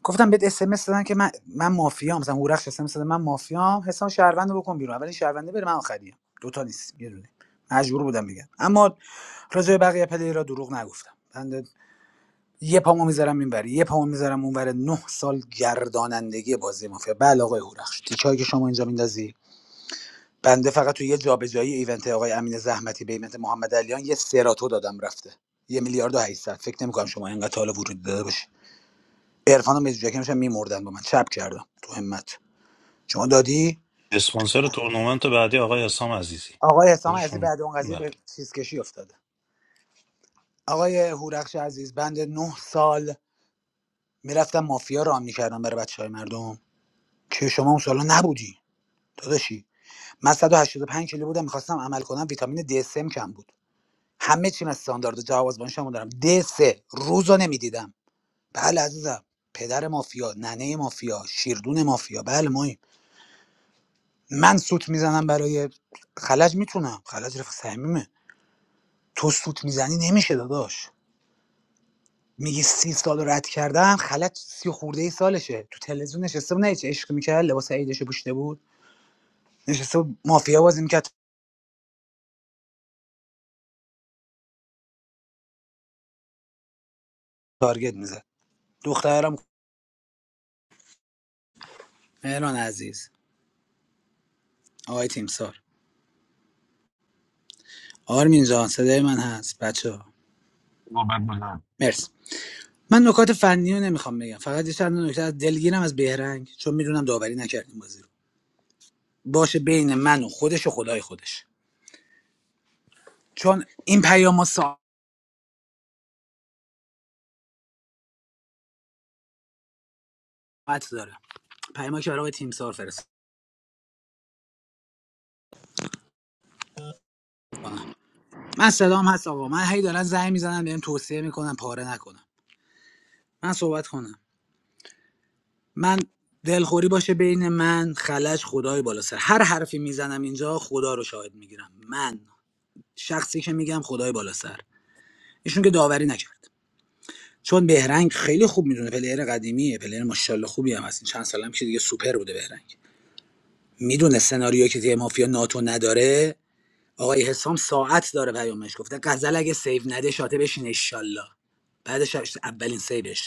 گفتم بهت اس ام اس دادن که من من مافیام مثلا هورخش اس داده من مافیام حساب شهروند رو بکن بیرون اولین شهرونده بره من آخریم دوتا نیست یه دونه مجبور بودم میگم اما راجع به بقیه پلیرها دروغ نگفتم بنده یه پامو میذارم اینوری یه پامو میذارم اونور نه سال گردانندگی بازی مافیا بله آقای هورخش تیکایی که شما اینجا میندازی بنده فقط توی یه جابجایی ایونت آقای امین زحمتی به ایونت محمد علیان یه سراتو دادم رفته یه میلیارد و 800 فکر نمی‌کنم شما اینقدر حالا وجود داده باشه عرفان و مزوجکی میشن میمردن با من چپ کردم تو همت شما دادی
اسپانسر تورنمنت بعدی آقای حسام عزیزی
آقای حسام عزیزی
خودشون
بعد اون قضیه
بله
به چیز کشی افتاده آقای هورخش عزیز بند نه سال میرفتم مافیا رام میکردم برای بچه مردم که شما اون سالا نبودی داداشی من 185 کیلو بودم میخواستم عمل کنم ویتامین دی 3 کم بود همه چیم استاندارد جواب از شما دارم د سه روز نمیدیدم بله عزیزم پدر مافیا ننه مافیا شیردون مافیا بله مایم من سوت میزنم برای خلج میتونم خلج رفیق صمیمه تو سوت میزنی نمیشه داداش میگی سی سال رد کردم خلج سی خورده ای سالشه تو تلویزیون نشسته بود نه چه عشق میکرد لباس عیدش پوشیده بود نشسته بود مافیا بازی میکرد تارگت میزد دخترم مهران عزیز آقای تیمسار آرمین جان صدای من هست بچه ها؟
نوبت بزن
مرسی من نکات فنی رو نمیخوام بگم فقط یه چند تا نکته از دلگیرم از بهرنگ چون میدونم داوری نکردیم بازی رو باشه بین من و خودش و خدای خودش چون این پیام ساعت داره پیاما که برای آقای تیمسار فرستادم من صدام هست آقا من هی دارن زنگ میزنن بهم توصیه میکنن پاره نکنم من صحبت کنم من دلخوری باشه بین من خلج خدای بالا سر هر حرفی میزنم اینجا خدا رو شاهد میگیرم من شخصی که میگم خدای بالا سر ایشون که داوری نکرد چون بهرنگ خیلی خوب میدونه پلیر قدیمیه پلیر ماشاءالله خوبی هم هست این چند سال هم که دیگه سوپر بوده بهرنگ میدونه سناریو که تیم مافیا ناتو نداره آقای حسام ساعت داره پیامش گفته غزل اگه سیو نده شاته بشین انشالله بعدش اولین سیوش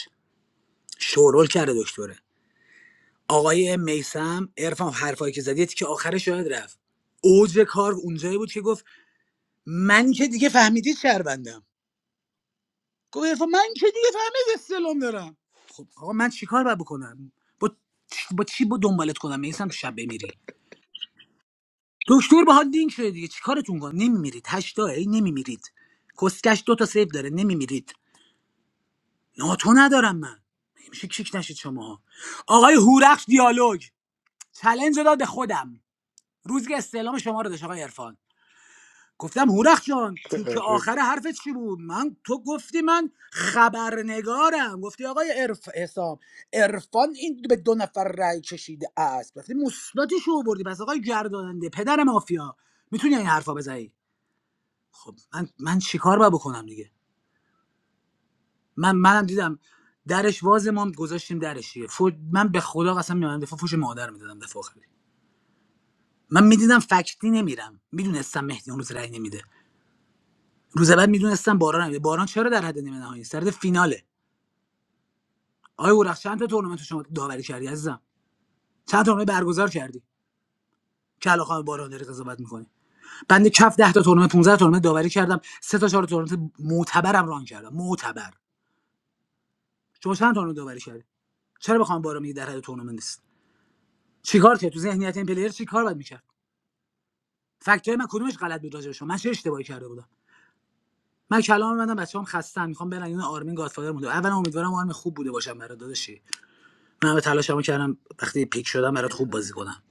شورول کرده دکتره آقای میسم عرفان حرفایی که زدی که آخرش یاد رفت اوج کار اونجایی بود که گفت من که دیگه فهمیدید شهروندم گفت عرفان من که دیگه فهمید استلام دارم خب آقا من چیکار باید بکنم با با چی با دنبالت کنم میسم شب بمیری دکتر باهات دینگ شده دیگه چیکارتون کنم نمیمیرید هشتا ای نمیمیرید کسکش دو تا سیب داره نمیمیرید ناتو ندارم من میشه کیک نشید شما آقای هورخش دیالوگ چلنج رو داد به خودم روز که استعلام شما رو داشت آقای عرفان. گفتم هورخ جان تیک
آره.
آخر حرفت چی بود من تو گفتی من خبرنگارم گفتی آقای عرف حسام عرفان این به دو نفر رأی کشیده است گفتی مثبتش رو بردی پس آقای گرداننده پدر مافیا میتونی این حرفا بزنی خب من من چیکار باید بکنم دیگه من منم دیدم درش واز ما هم گذاشتیم درش دیگه فوج من به خدا قسم می‌خورم دفعه فوش مادر میدادم دفعه آخری من میدیدم فکتی نمیرم میدونستم مهدی اون روز رأی نمیده روز بعد میدونستم باران هم. باران چرا در حد نیمه نهایی است در حد فیناله آیا اورخ چند تا تورنمنت شما داوری کردی عزیزم چند تورنمنت برگزار کردی که علاقه به باران داری قضاوت میکنی بنده کف 10 تا تورنمنت 15 تورنمنت داوری کردم سه تا چهار تورنمنت معتبرم ران کردم معتبر شما چند تورنمنت داوری کردی چرا بخوام باران میگی در حد تورنمنت نیست چیکار کرد تو ذهنیت این پلیر چیکار باید میکرد فکت من کدومش غلط بود راجع به شما من چه اشتباهی کرده بودم من کلام منم بچه‌ام خستن میخوام برن یون آرمین گادفادر مونده اولا امیدوارم آرمین خوب بوده باشم برات داداشی من به تلاشمو کردم وقتی پیک شدم برات خوب بازی کنم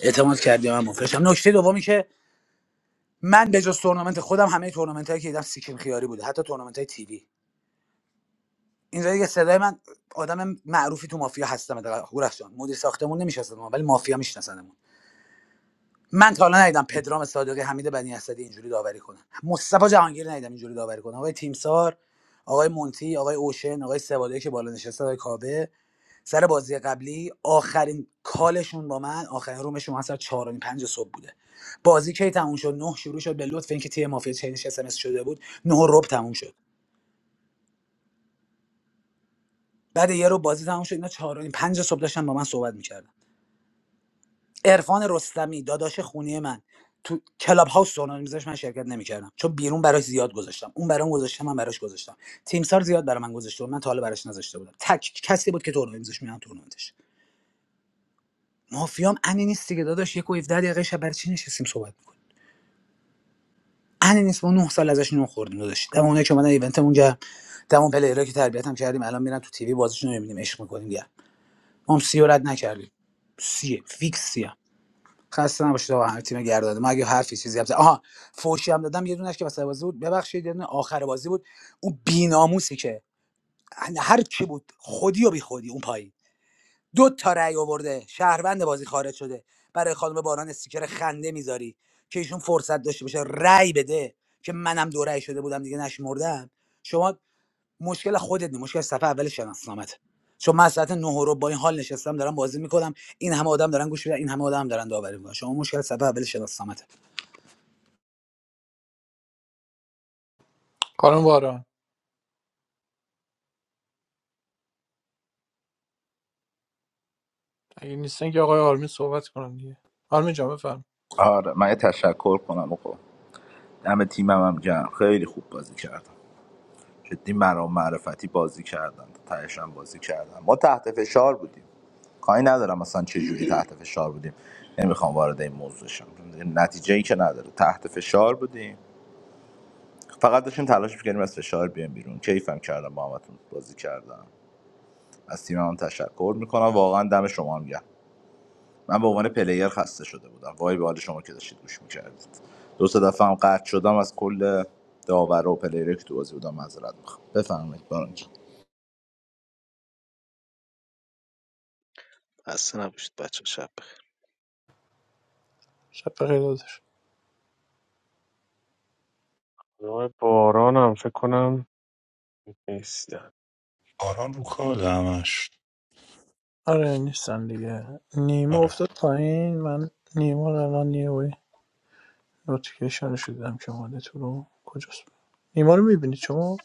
اعتماد کردی من مفرشم نکته دومی که من به جز تورنمنت خودم همه تورنمنت هایی که دیدم سیکیم خیاری بوده حتی تورنمنت های تیوی اینجا دیگه صدای من آدم معروفی تو مافیا هستم حداقل هورخ جان مدیر ساختمون نمیشناسم ولی مافیا میشناسنمون. من تا حالا ندیدم پدرام صادقی حمید بنی اسدی اینجوری داوری کنن مصطفی جهانگیر ندیدم اینجوری داوری کنن آقای تیمسار آقای مونتی آقای اوشن آقای سواده که بالا نشسته آقای کابه سر بازی قبلی آخرین کالشون با من آخرین رومشون من سر 4 و 5 صبح بوده بازی کی تموم شد نه شروع شد به لطف اینکه تیم مافیا چینش اس ام اس شده بود نه و ربع تموم شد بعد یه رو بازی تموم شد اینا 4 و 5 صبح داشتن با من صحبت می‌کردن عرفان رستمی داداش خونی من تو کلاب هاوس سونا میذاش من شرکت نمیکردم چون بیرون براش زیاد گذاشتم اون برام گذاشته من براش گذاشتم تیمسار زیاد برای من گذاشته بود من تا حالا براش نذاشته بودم تک کسی بود که تورنمنت میذاش میام تورنمنتش مافیام انی نیست دیگه داداش یک و 17 دقیقه شب برای چی نشستیم صحبت میکنیم انی نیست ما نه سال ازش نون خوردیم داداش دم اونایی که اومدن ایونتمون گرم دم اون پلیرایی که تربیت هم کردیم الان میرن تو تیوی بازیشون رو میبینیم عشق میکنیم گرم ما هم سی رو رد نکردیم سیه فیکس سیه. خسته نباشید آقا همه تیم گردنده من اگه حرفی چیزی هم آها فوشی هم دادم یه دونش که وسط بازی بود ببخشید یه دونه آخر بازی بود اون بیناموسی که هر چی بود خودی و بی خودی اون پایین دو تا رأی آورده شهروند بازی خارج شده برای خانم باران استیکر خنده میذاری که ایشون فرصت داشته باشه رأی بده که منم دو رأی شده بودم دیگه نشمردم شما مشکل خودت نیست مشکل صفحه اول شناسنامت چون من ساعت 9 رو با این حال نشستم دارم بازی میکنم این همه آدم دارن گوش میدن این همه آدم دارن داوری میکنن شما مشکل صفحه اول شناسنامت
خانم باران اگه نیستن که آقای آرمین صحبت کنن دیگه آرمین جان بفرم
آره من یه تشکر کنم آقا دم تیمم هم گرم خیلی خوب بازی کردم جدی مرام معرفتی بازی کردم تهش هم بازی کردم ما تحت فشار بودیم کاری ندارم مثلا چه جوری تحت فشار بودیم نمیخوام وارد این موضوع شم نتیجه ای که نداره تحت فشار بودیم فقط داشتیم تلاش میکردیم از فشار بیایم بیرون کیفم کردم با همتون بازی کردم از تیمم هم تشکر میکنم واقعا دم شما هم گرم من به عنوان پلیر خسته شده بودم وای به حال شما که داشتید گوش میکردید دو سه دفعه هم قطع شدم از کل داور و پلیری که تو بازی بودم معذرت میخوام بفرمایید باران جان.
خسته نباشید بچه شب
شب بخیر دادش
من
آران رو کال همش
آره نیستن دیگه نیما
آره
افتاد پایین من نیما رو الان یه وی نوتیفیکیشن شدم که اومده تو رو کجاست نیما رو میبینید شما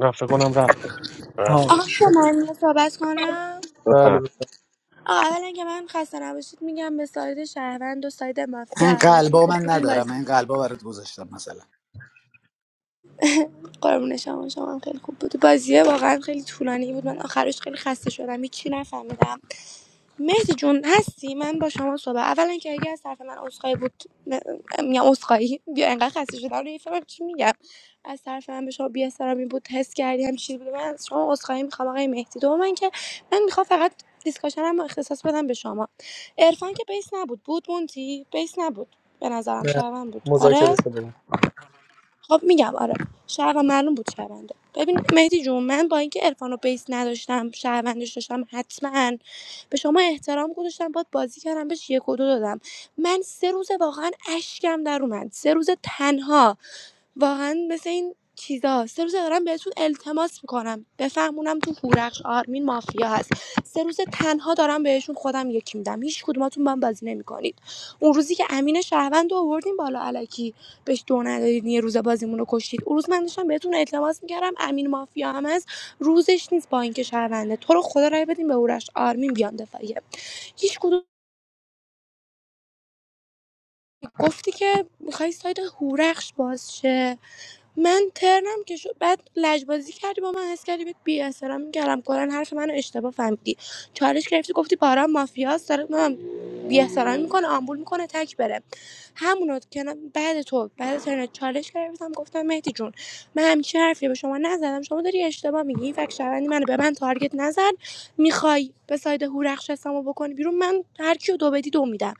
نه، فکر کنم رفت
آها
آقا می‌شه
رفتش
من صحبت کنم
بله بله
آقا اولا که من خسته نباشید میگم به ساید شهروند و ساید مافیا
این
همتون
قلبا
خوب
من
بودین بازی
ندارم این قلبا برات گذاشتم مثلا
قربون شما شما هم خیلی خوب بود بازیه واقعا خیلی طولانی بود من آخرش خیلی خسته شدم هیچی نفهمیدم مهدی جون هستی من با شما صحبت اولا که اگه از طرف من عذرخواهی بود م- میگم عذرخواهی بیا انقدر خسته شدم نمیفهمم چی میگم از طرف من به شما بی بود حس کردی هم چیزی بود من از شما عذرخواهی میخوام آقای مهدی دوم من که من میخوام فقط دیسکاشنم رو اختصاص بدم به شما عرفان که بیس نبود بود مونتی بیس نبود به نظرم شرمن بود آره
مذاکره شده بود.
خب میگم آره شهر معلوم بود شهرونده ببین مهدی جون من با اینکه عرفان و بیس نداشتم شهروندش داشتم حتما به شما احترام گذاشتم باد بازی کردم بهش یک و دو دادم من سه روز واقعا اشکم در اومد سه روز تنها واقعا مثل این چیزا سه روز دارم بهتون التماس میکنم بفهمونم تو هورخش آرمین مافیا هست سه روز تنها دارم بهشون خودم یکی میدم هیچ کدوماتون با هم بازی نمیکنید اون روزی که امین شهروند رو آوردیم بالا علکی بهش دو ندادید یه روز بازیمون رو کشتید اون روز من داشتم بهتون التماس میکردم امین مافیا هم هست روزش نیست با اینکه شهرونده تو رو خدا رای بدین به اورش آرمین بیان دفاعیه هیچ کدوم گفتی که میخوای سایت هورخش باز شه من ترنم که شد بعد لجبازی کردی با من حس کردی بهت بی احترامی میکردم کلا حرف منو اشتباه فهمیدی چالش گرفتی گفتی باران مافیاست داره من بی احترامی میکنه آمبول میکنه تک بره همونو که من- بعد تو بعد ترنت چالش گرفتم گفتم مهدی جون من همیشه حرفی به شما نزدم شما داری اشتباه میگی فکر شوندی منو به من تارگت نزد میخوای به ساید هورخش حسامو بکنی بیرون من هر کیو دو بدی دو میدم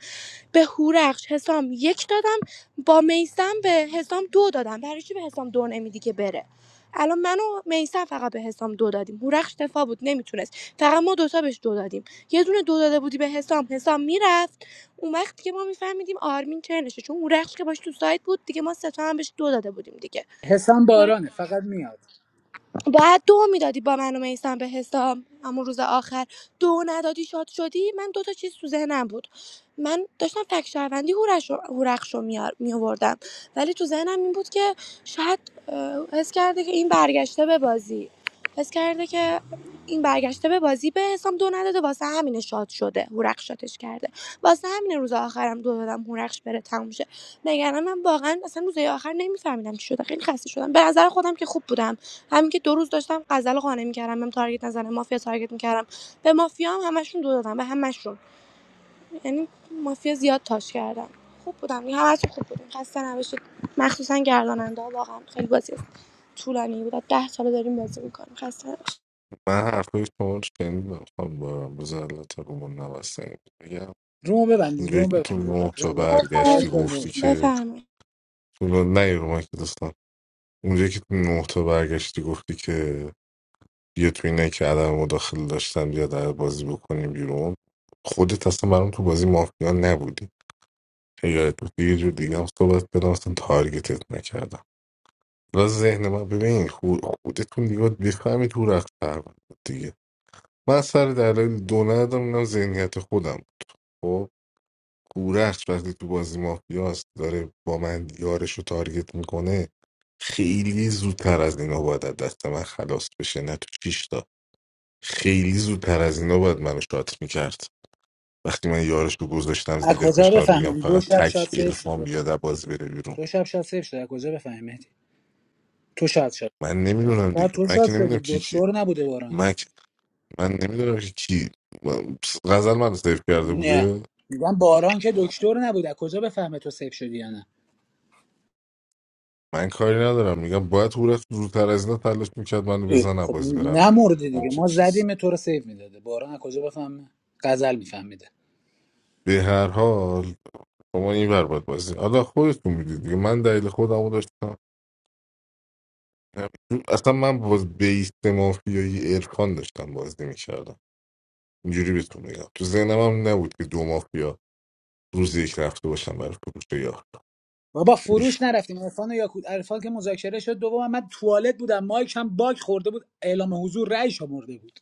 به هورخش حسام یک دادم با میسم به حسام دو دادم برای چی به حسام دو نمیدی که بره الان من و میسم فقط به حسام دو دادیم هورخش دفاع بود نمیتونست فقط ما دوتا بهش دو دادیم یه دونه دو داده بودی به حسام حسام میرفت اون وقت که ما میفهمیدیم آرمین چنشه چون هورخش که باش تو سایت بود دیگه ما سه تا هم بهش دو داده بودیم دیگه
حسام بارانه فقط میاد
باید دو میدادی با من و میسم به حساب همون روز آخر دو ندادی شاد شدی من دو تا چیز تو ذهنم بود من داشتم فک شهروندی هورش رو- هورخش رو می آوردم ولی تو ذهنم این بود که شاید اه، حس کرده که این برگشته به بازی حس کرده که این برگشته به بازی به حسام دو نداده واسه همینه شاد شده هورخش شاتش کرده واسه همینه روز آخرم دو دادم هورخش بره تموم شه. نگرانم واقعا اصلا روزهای آخر نمیفهمیدم چی شده خیلی خسته شدم به نظر خودم که خوب بودم همین که دو روز داشتم غزل قانع میکردم بهم تارگت نزنه مافیا تارگت میکردم به مافیا هم همشون دو دادم به همشون یعنی مافیا زیاد تاش کردم خوب بودم یه همه خوب بودیم خسته نباشید مخصوصا گرداننده واقعا خیلی بازی طولانی بود ده تا ساله داریم بازی میکنیم خسته نباشید
من حرفای شما رو شنیدم خانم بارم به ذلت رومان نبستنیم میگم
رومو ببندید
اونجایی
رومو
که تو
ببندید آقا،
نه
رومو
تا
ببندید کاش
برگشتی
با رومو
گفتی که
بفرمایید
تو نه نه یه رو من که دستم اونجایی که تو نه تا برگشتی گفتی که بیا تو اینه که عدم مداخله داشتم بیا در بازی بکنیم بیرون خودت اصلا برام تو بازی مافیا نبودی یادت بود یه جور دیگه هم صحبت بدم اصلا تارگتت نکردم و ذهن من ببین خود- خودتون دیگه باید بفهمید تو رفت پرونده دیگه من سر دلایل دو ندارم اینم ذهنیت خودم خب هورخش وقتی تو بازی مافیاست داره با من یارش رو تارگت میکنه خیلی زودتر از اینا باید از دست من خلاص بشه نه تو شیش تا خیلی زودتر از اینا باید منو شات میکرد وقتی من یارش رو گذاشتم
از
زیر
کجا
فشار میگم
بفهمیم دو
فقط
شب شاد
تک
سیف
الفام
شده
بیاد از بازی بره بیرون
دو شب شاد سیف شده از کجا بفهمیم مهدی؟ تو شاد شد
من نمیدونم
بعد
دیگه
تو
من
شاد
که نمیدونم
شدی
کی کی
دکتر نبوده باران
من که- من نمیدونم که کی من- غزل منو سیف کرده
نه
بوده
میگم باران که دکتر نبوده از کجا بفهمه تو سیف شدی یا نه
من کاری ندارم میگم باید هورخ زودتر از اینا تلاش میکرد منو
اه،
بزن
خب
بازی برم بیرون
نمرده دیگه
همچین
ما
چیز
زدیم تو رو سیو میداده باران از کجا بفهمه غزل میفهمیده
به هر حال شما این ور باید بازی حالا خودتون میدید دیگه من دلیل خودمو داشتم اصلا من باز بیست مافیایی ارکان داشتم بازی میکردم اینجوری بهتون میگم تو ذهنم هم نبود که دو مافیا روز یک رفته باشم برای فروش یار
بابا فروش نرفتیم عرفان یا یاکوت عرفان که مذاکره شد دوم من توالت بودم مایک هم باگ خورده بود اعلام حضور رأی شمرده بود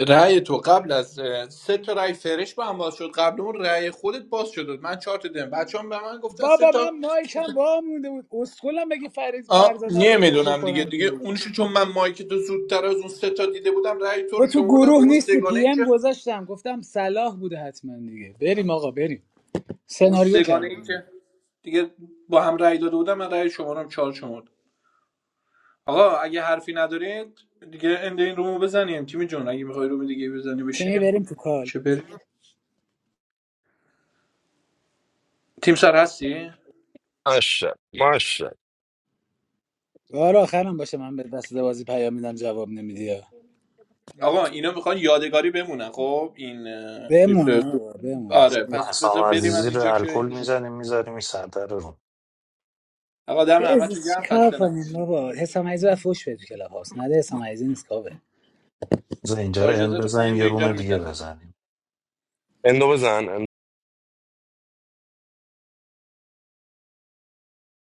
رأی تو قبل از سه تا رأی فرش با هم باز شد قبل اون رأی خودت باز شد من چهار تا دیدم بچه به من گفتن سه
بابا من
تا
مایک هم وا مونده بود اسکلم بگی فرید
آه
فرزانه رو اینجوری
نمیدونم دیگه
بکنم
دیگه
بیرون
اونشو چون من مایک تو زودتر از اون سه تا دیده بودم رأی تو
تو
رو
تو
شمردم با
گروه
اون
نیستی
سگانه
پی
ای
ام
که
گذاشتم گفتم صلاح بوده حتما دیگه بریم آقا بریم
با اون
سناریو
سگانه ای
کردم
که دیگه با هم رأی داده بودم من رأی شما رو هم چهار شمرد آقا اگه حرفی ندارید دیگه اند این رومو بزنیم تیمی جون اگه میخوای روم دیگه بزنی
تیمی
بشینیم
بریم تو کال
چه بریم تیم سر هستی
ماشا ماشا
بار آخرم باشه من به دست بازی پیام میدم جواب نمیدی
آقا اینا میخوان یادگاری بمونن خب این اه،
بمونه بابا بمونه
آره پس بذار
حسام
بریم از
عزیزی رو
اینجا که
الکل میزنیم میذاریم این سردر رو
آقا دم همتون
بز
گرم
چیکار
خسته
کنیم
نباشید
بابا حسام عزیزی باید فوش بده تو کلاب هاست نده حسام عزیزی نیست کاوه
اینجا
با
رو ان
اجازهتون من
بزنیم
این
یه
اینجا
روم
رو
دیگه
میزنم
بزنیم
اندو بزن